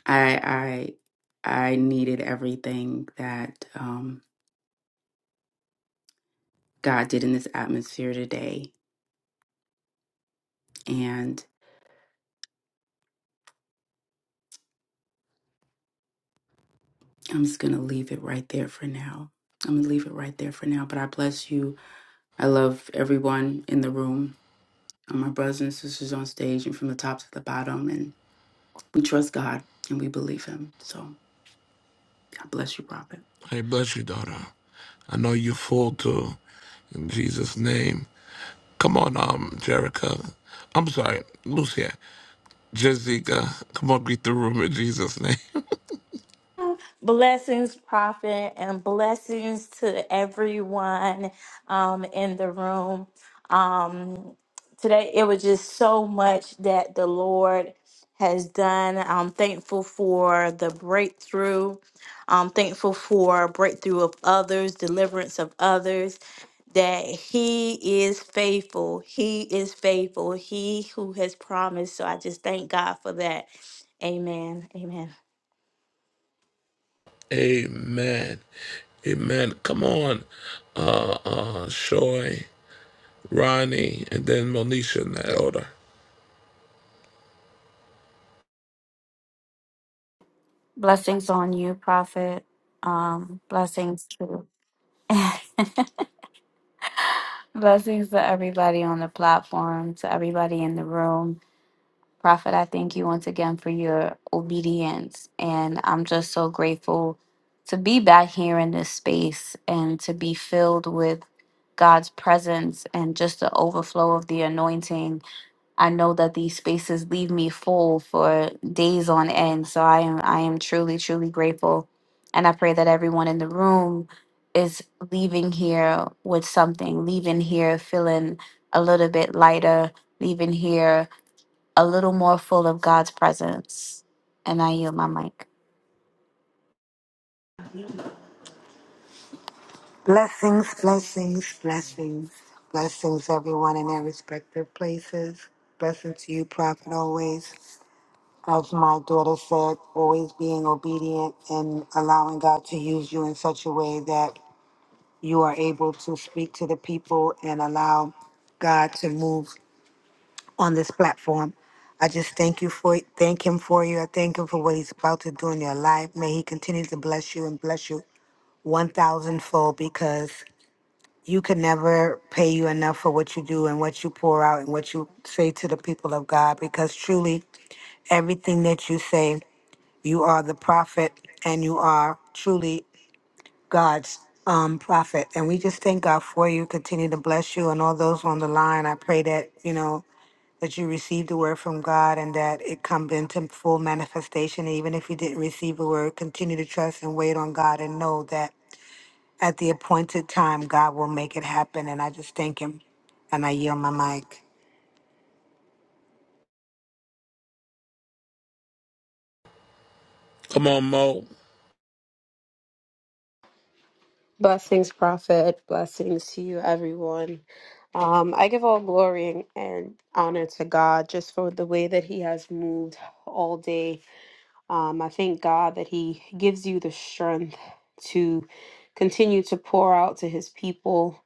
S14: I I I needed everything that um, God did in this atmosphere today, and I'm just gonna leave it right there for now. I'm gonna leave it right there for now. But I bless you. I love everyone in the room, and my brothers and sisters on stage, and from the top to the bottom. And we trust God and we believe Him. So God bless you, Prophet.
S1: I bless you, daughter. I know you're full too. In Jesus' name. Come on, um, Jerica. I'm sorry, Lucia. Jessica. Come on, greet the room in Jesus' name.
S5: Blessings, Prophet, and blessings to everyone um, in the room. Um, today, it was just so much that the Lord has done. I'm thankful for the breakthrough. I'm thankful for breakthrough of others, deliverance of others. That he is faithful. He is faithful. He who has promised. So I just thank God for that. Amen. Amen.
S1: Amen. Amen. Come on, uh, uh, Shoy. Ronnie, and then Monisha in that order.
S18: Blessings on you, prophet. Um, blessings to blessings to everybody on the platform, to everybody in the room. Prophet, I thank you once again for your obedience. And I'm just so grateful to be back here in this space and to be filled with God's presence and just the overflow of the anointing. I know that these spaces leave me full for days on end. So I am I am truly, truly grateful. And I pray that everyone in the room is leaving here with something, leaving here feeling a little bit lighter, leaving here a little more full of God's presence. And I yield my mic.
S8: Blessings, blessings, blessings. Blessings, everyone in their respective places. Blessings to you, Prophet, always. As my daughter said, always being obedient and allowing God to use you in such a way that you are able to speak to the people and allow God to move on this platform. I just thank you for thank him for you. I thank him for what he's about to do in your life. May he continue to bless you and bless you one thousandfold because you can never pay you enough for what you do and what you pour out and what you say to the people of God because truly everything that you say, you are the prophet and you are truly God's um, prophet. And we just thank God for you. Continue to bless you and all those on the line. I pray that, you know, that you received the word from God and that it come into full manifestation. And even if you didn't receive a word, continue to trust and wait on God and know that at the appointed time, God will make it happen. And I just thank Him and I yield my mic.
S1: Come on, Mo.
S7: Blessings, prophet. Bless you, Evan. Um, I give all glory and, and honor to God just for the He has moved all day. Um, I thank God that He gives you the strength to continue to pour out to His people.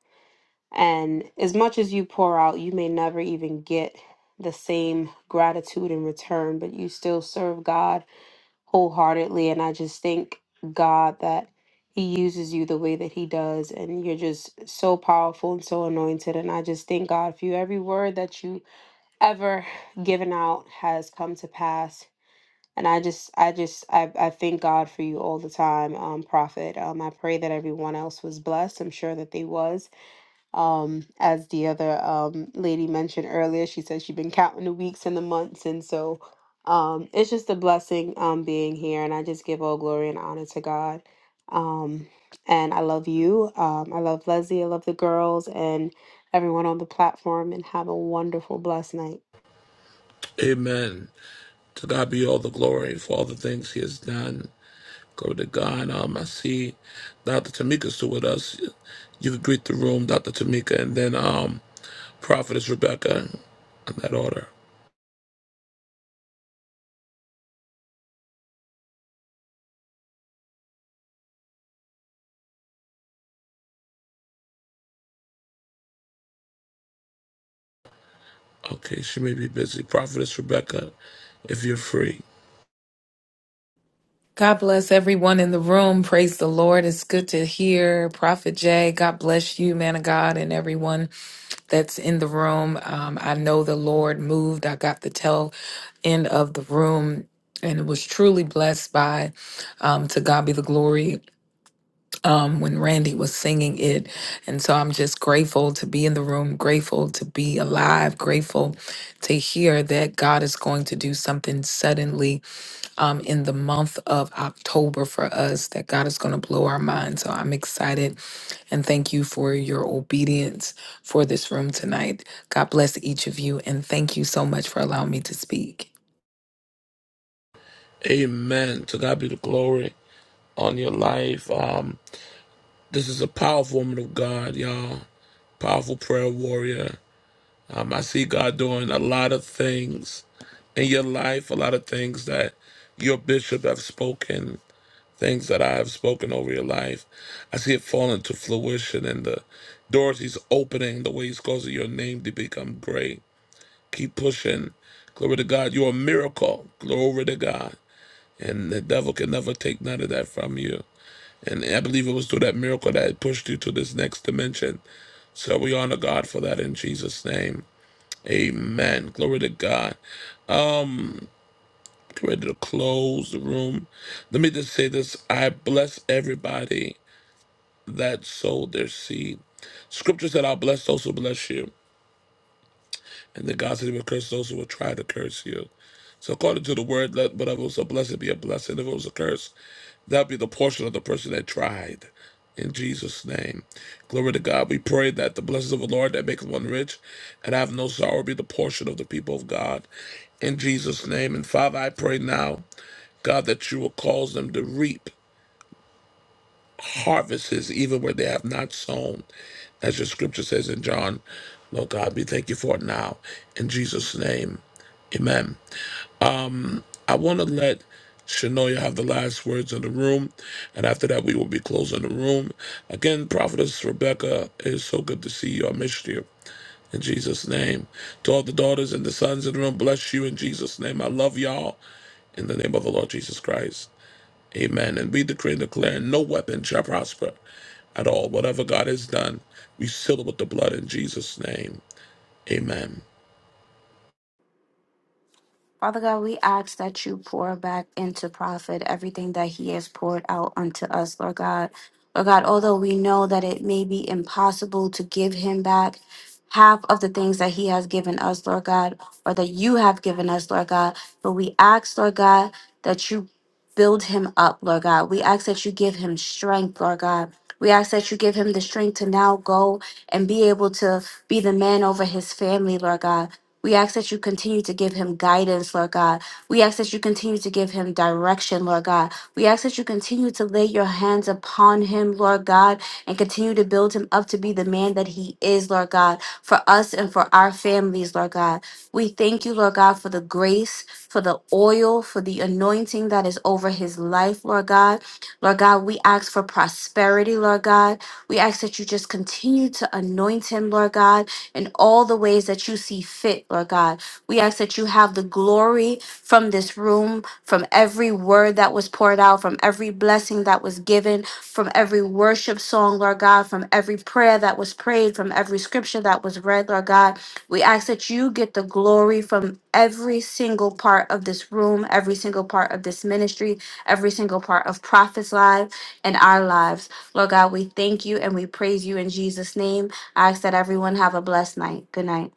S7: And as much as you pour out, you may never even get the same gratitude in return, but you still serve God wholeheartedly. And I just thank God that He uses you the way that He does. And you're just so powerful and so anointed. And I just thank God for you. Every word that you ever given out has come to pass. And I just, I just, I, I thank God for you all the time, um, Prophet. Um, I pray that everyone else was blessed. I'm sure that they was. Um, as the other um, lady mentioned earlier, she said she'd been counting the weeks and the months. And so um, it's just a blessing um, being here. And I just give all glory and honor to God. Um, and I love you. Um, I love Leslie. I love the girls and everyone on the platform. And have a wonderful, blessed night.
S1: Amen. To God be all the glory for all the things He has done. Glory to God. Um, I see Dr. Tamika's still with us. You could greet the room, Dr. Tamika, and then um, Prophetess Rebecca in that order. Okay, she may be busy. Prophetess Rebecca, if you're free.
S26: God bless everyone in the room. Praise the Lord. It's good to hear Prophet Jay. God bless you, man of God, and everyone that's in the room. Um, I know the Lord moved. I got the tail end of the room and was truly blessed by um, To God Be the Glory um, when Randy was singing it. And so I'm just grateful to be in the room, grateful to be alive, grateful to hear that God is going to do something suddenly um, in the month of October for us that God is going to blow our minds. So I'm excited and thank you for your obedience for this room tonight. God bless each of you and thank you so much for allowing me to speak.
S1: Amen. To God be the glory on your life. Um, this is a powerful woman of God, y'all. Powerful prayer warrior Um, I see God doing a lot of things in your life, a lot of things that your bishop have spoken, things that I have spoken over your life. I see it falling to fruition and the doors he's opening, the way he's causing your name to become great. Keep pushing. Glory to God. You're a miracle. Glory to God. And the devil can never take none of that from you. And I believe it was through that miracle that it pushed you to this next dimension. So we honor God for that in Jesus' name. Amen. Glory to God. Get ready to close the room. Let me just say this. I bless everybody that sowed their seed. Scripture said, I'll bless those who bless you. and the God said he would curse those who would try to curse you. So according to the word, let whatever was a blessing be a blessing. If it was a curse, that be the portion of the person that tried. In Jesus' name. Glory to God. We pray that the blessings of the Lord that maketh one rich and have no sorrow be the portion of the people of God. In Jesus' name. And Father, I pray now, God, that you will cause them to reap harvests even where they have not sown. As your scripture says in John, Lord God, we thank you for it now. In Jesus' name, amen. Um, I want to let Shanoya have the last words in the room, and after that, we will be closing the room. Again, Prophetess Rebecca, it is so good to see you. I missed you. In Jesus' name. To all the daughters and the sons in the room, bless you in Jesus' name. I love y'all in the name of the Lord Jesus Christ. Amen. And we decree and declare no weapon shall prosper at all. Whatever God has done, we seal it with the blood in Jesus' name. Amen.
S18: Father God, we ask that you pour back into Prophet everything that he has poured out unto us, Lord God. Lord God, although we know that it may be impossible to give him back half of the things that he has given us, Lord God, or that you have given us, Lord God, but we ask, Lord God, that you build him up, Lord God. We ask that you give him strength, Lord God. We ask that you give him the strength to now go and be able to be the man over his family, Lord God. We ask that you continue to give him guidance, Lord God. We ask that you continue to give him direction, Lord God. We ask that you continue to lay your hands upon him, Lord God, and continue to build him up to be the man that he is, Lord God, for us and for our families, Lord God. We thank you, Lord God, for the grace, for the oil, for the anointing that is over his life, Lord God. Lord God, we ask for prosperity, Lord God. We ask that you just continue to anoint him, Lord God in all the ways that you see fit, Lord God. We ask that you have the glory from this room, from every word that was poured out, from every blessing that was given, from every worship song, Lord God, from every prayer that was prayed, from every scripture that was read, Lord God. We ask that you get the glory from every single part of this room, every single part of this ministry, every single part of Prophet's life and our lives. Lord God, we thank you and we praise you in Jesus' name. I ask that everyone have a blessed night. Good night.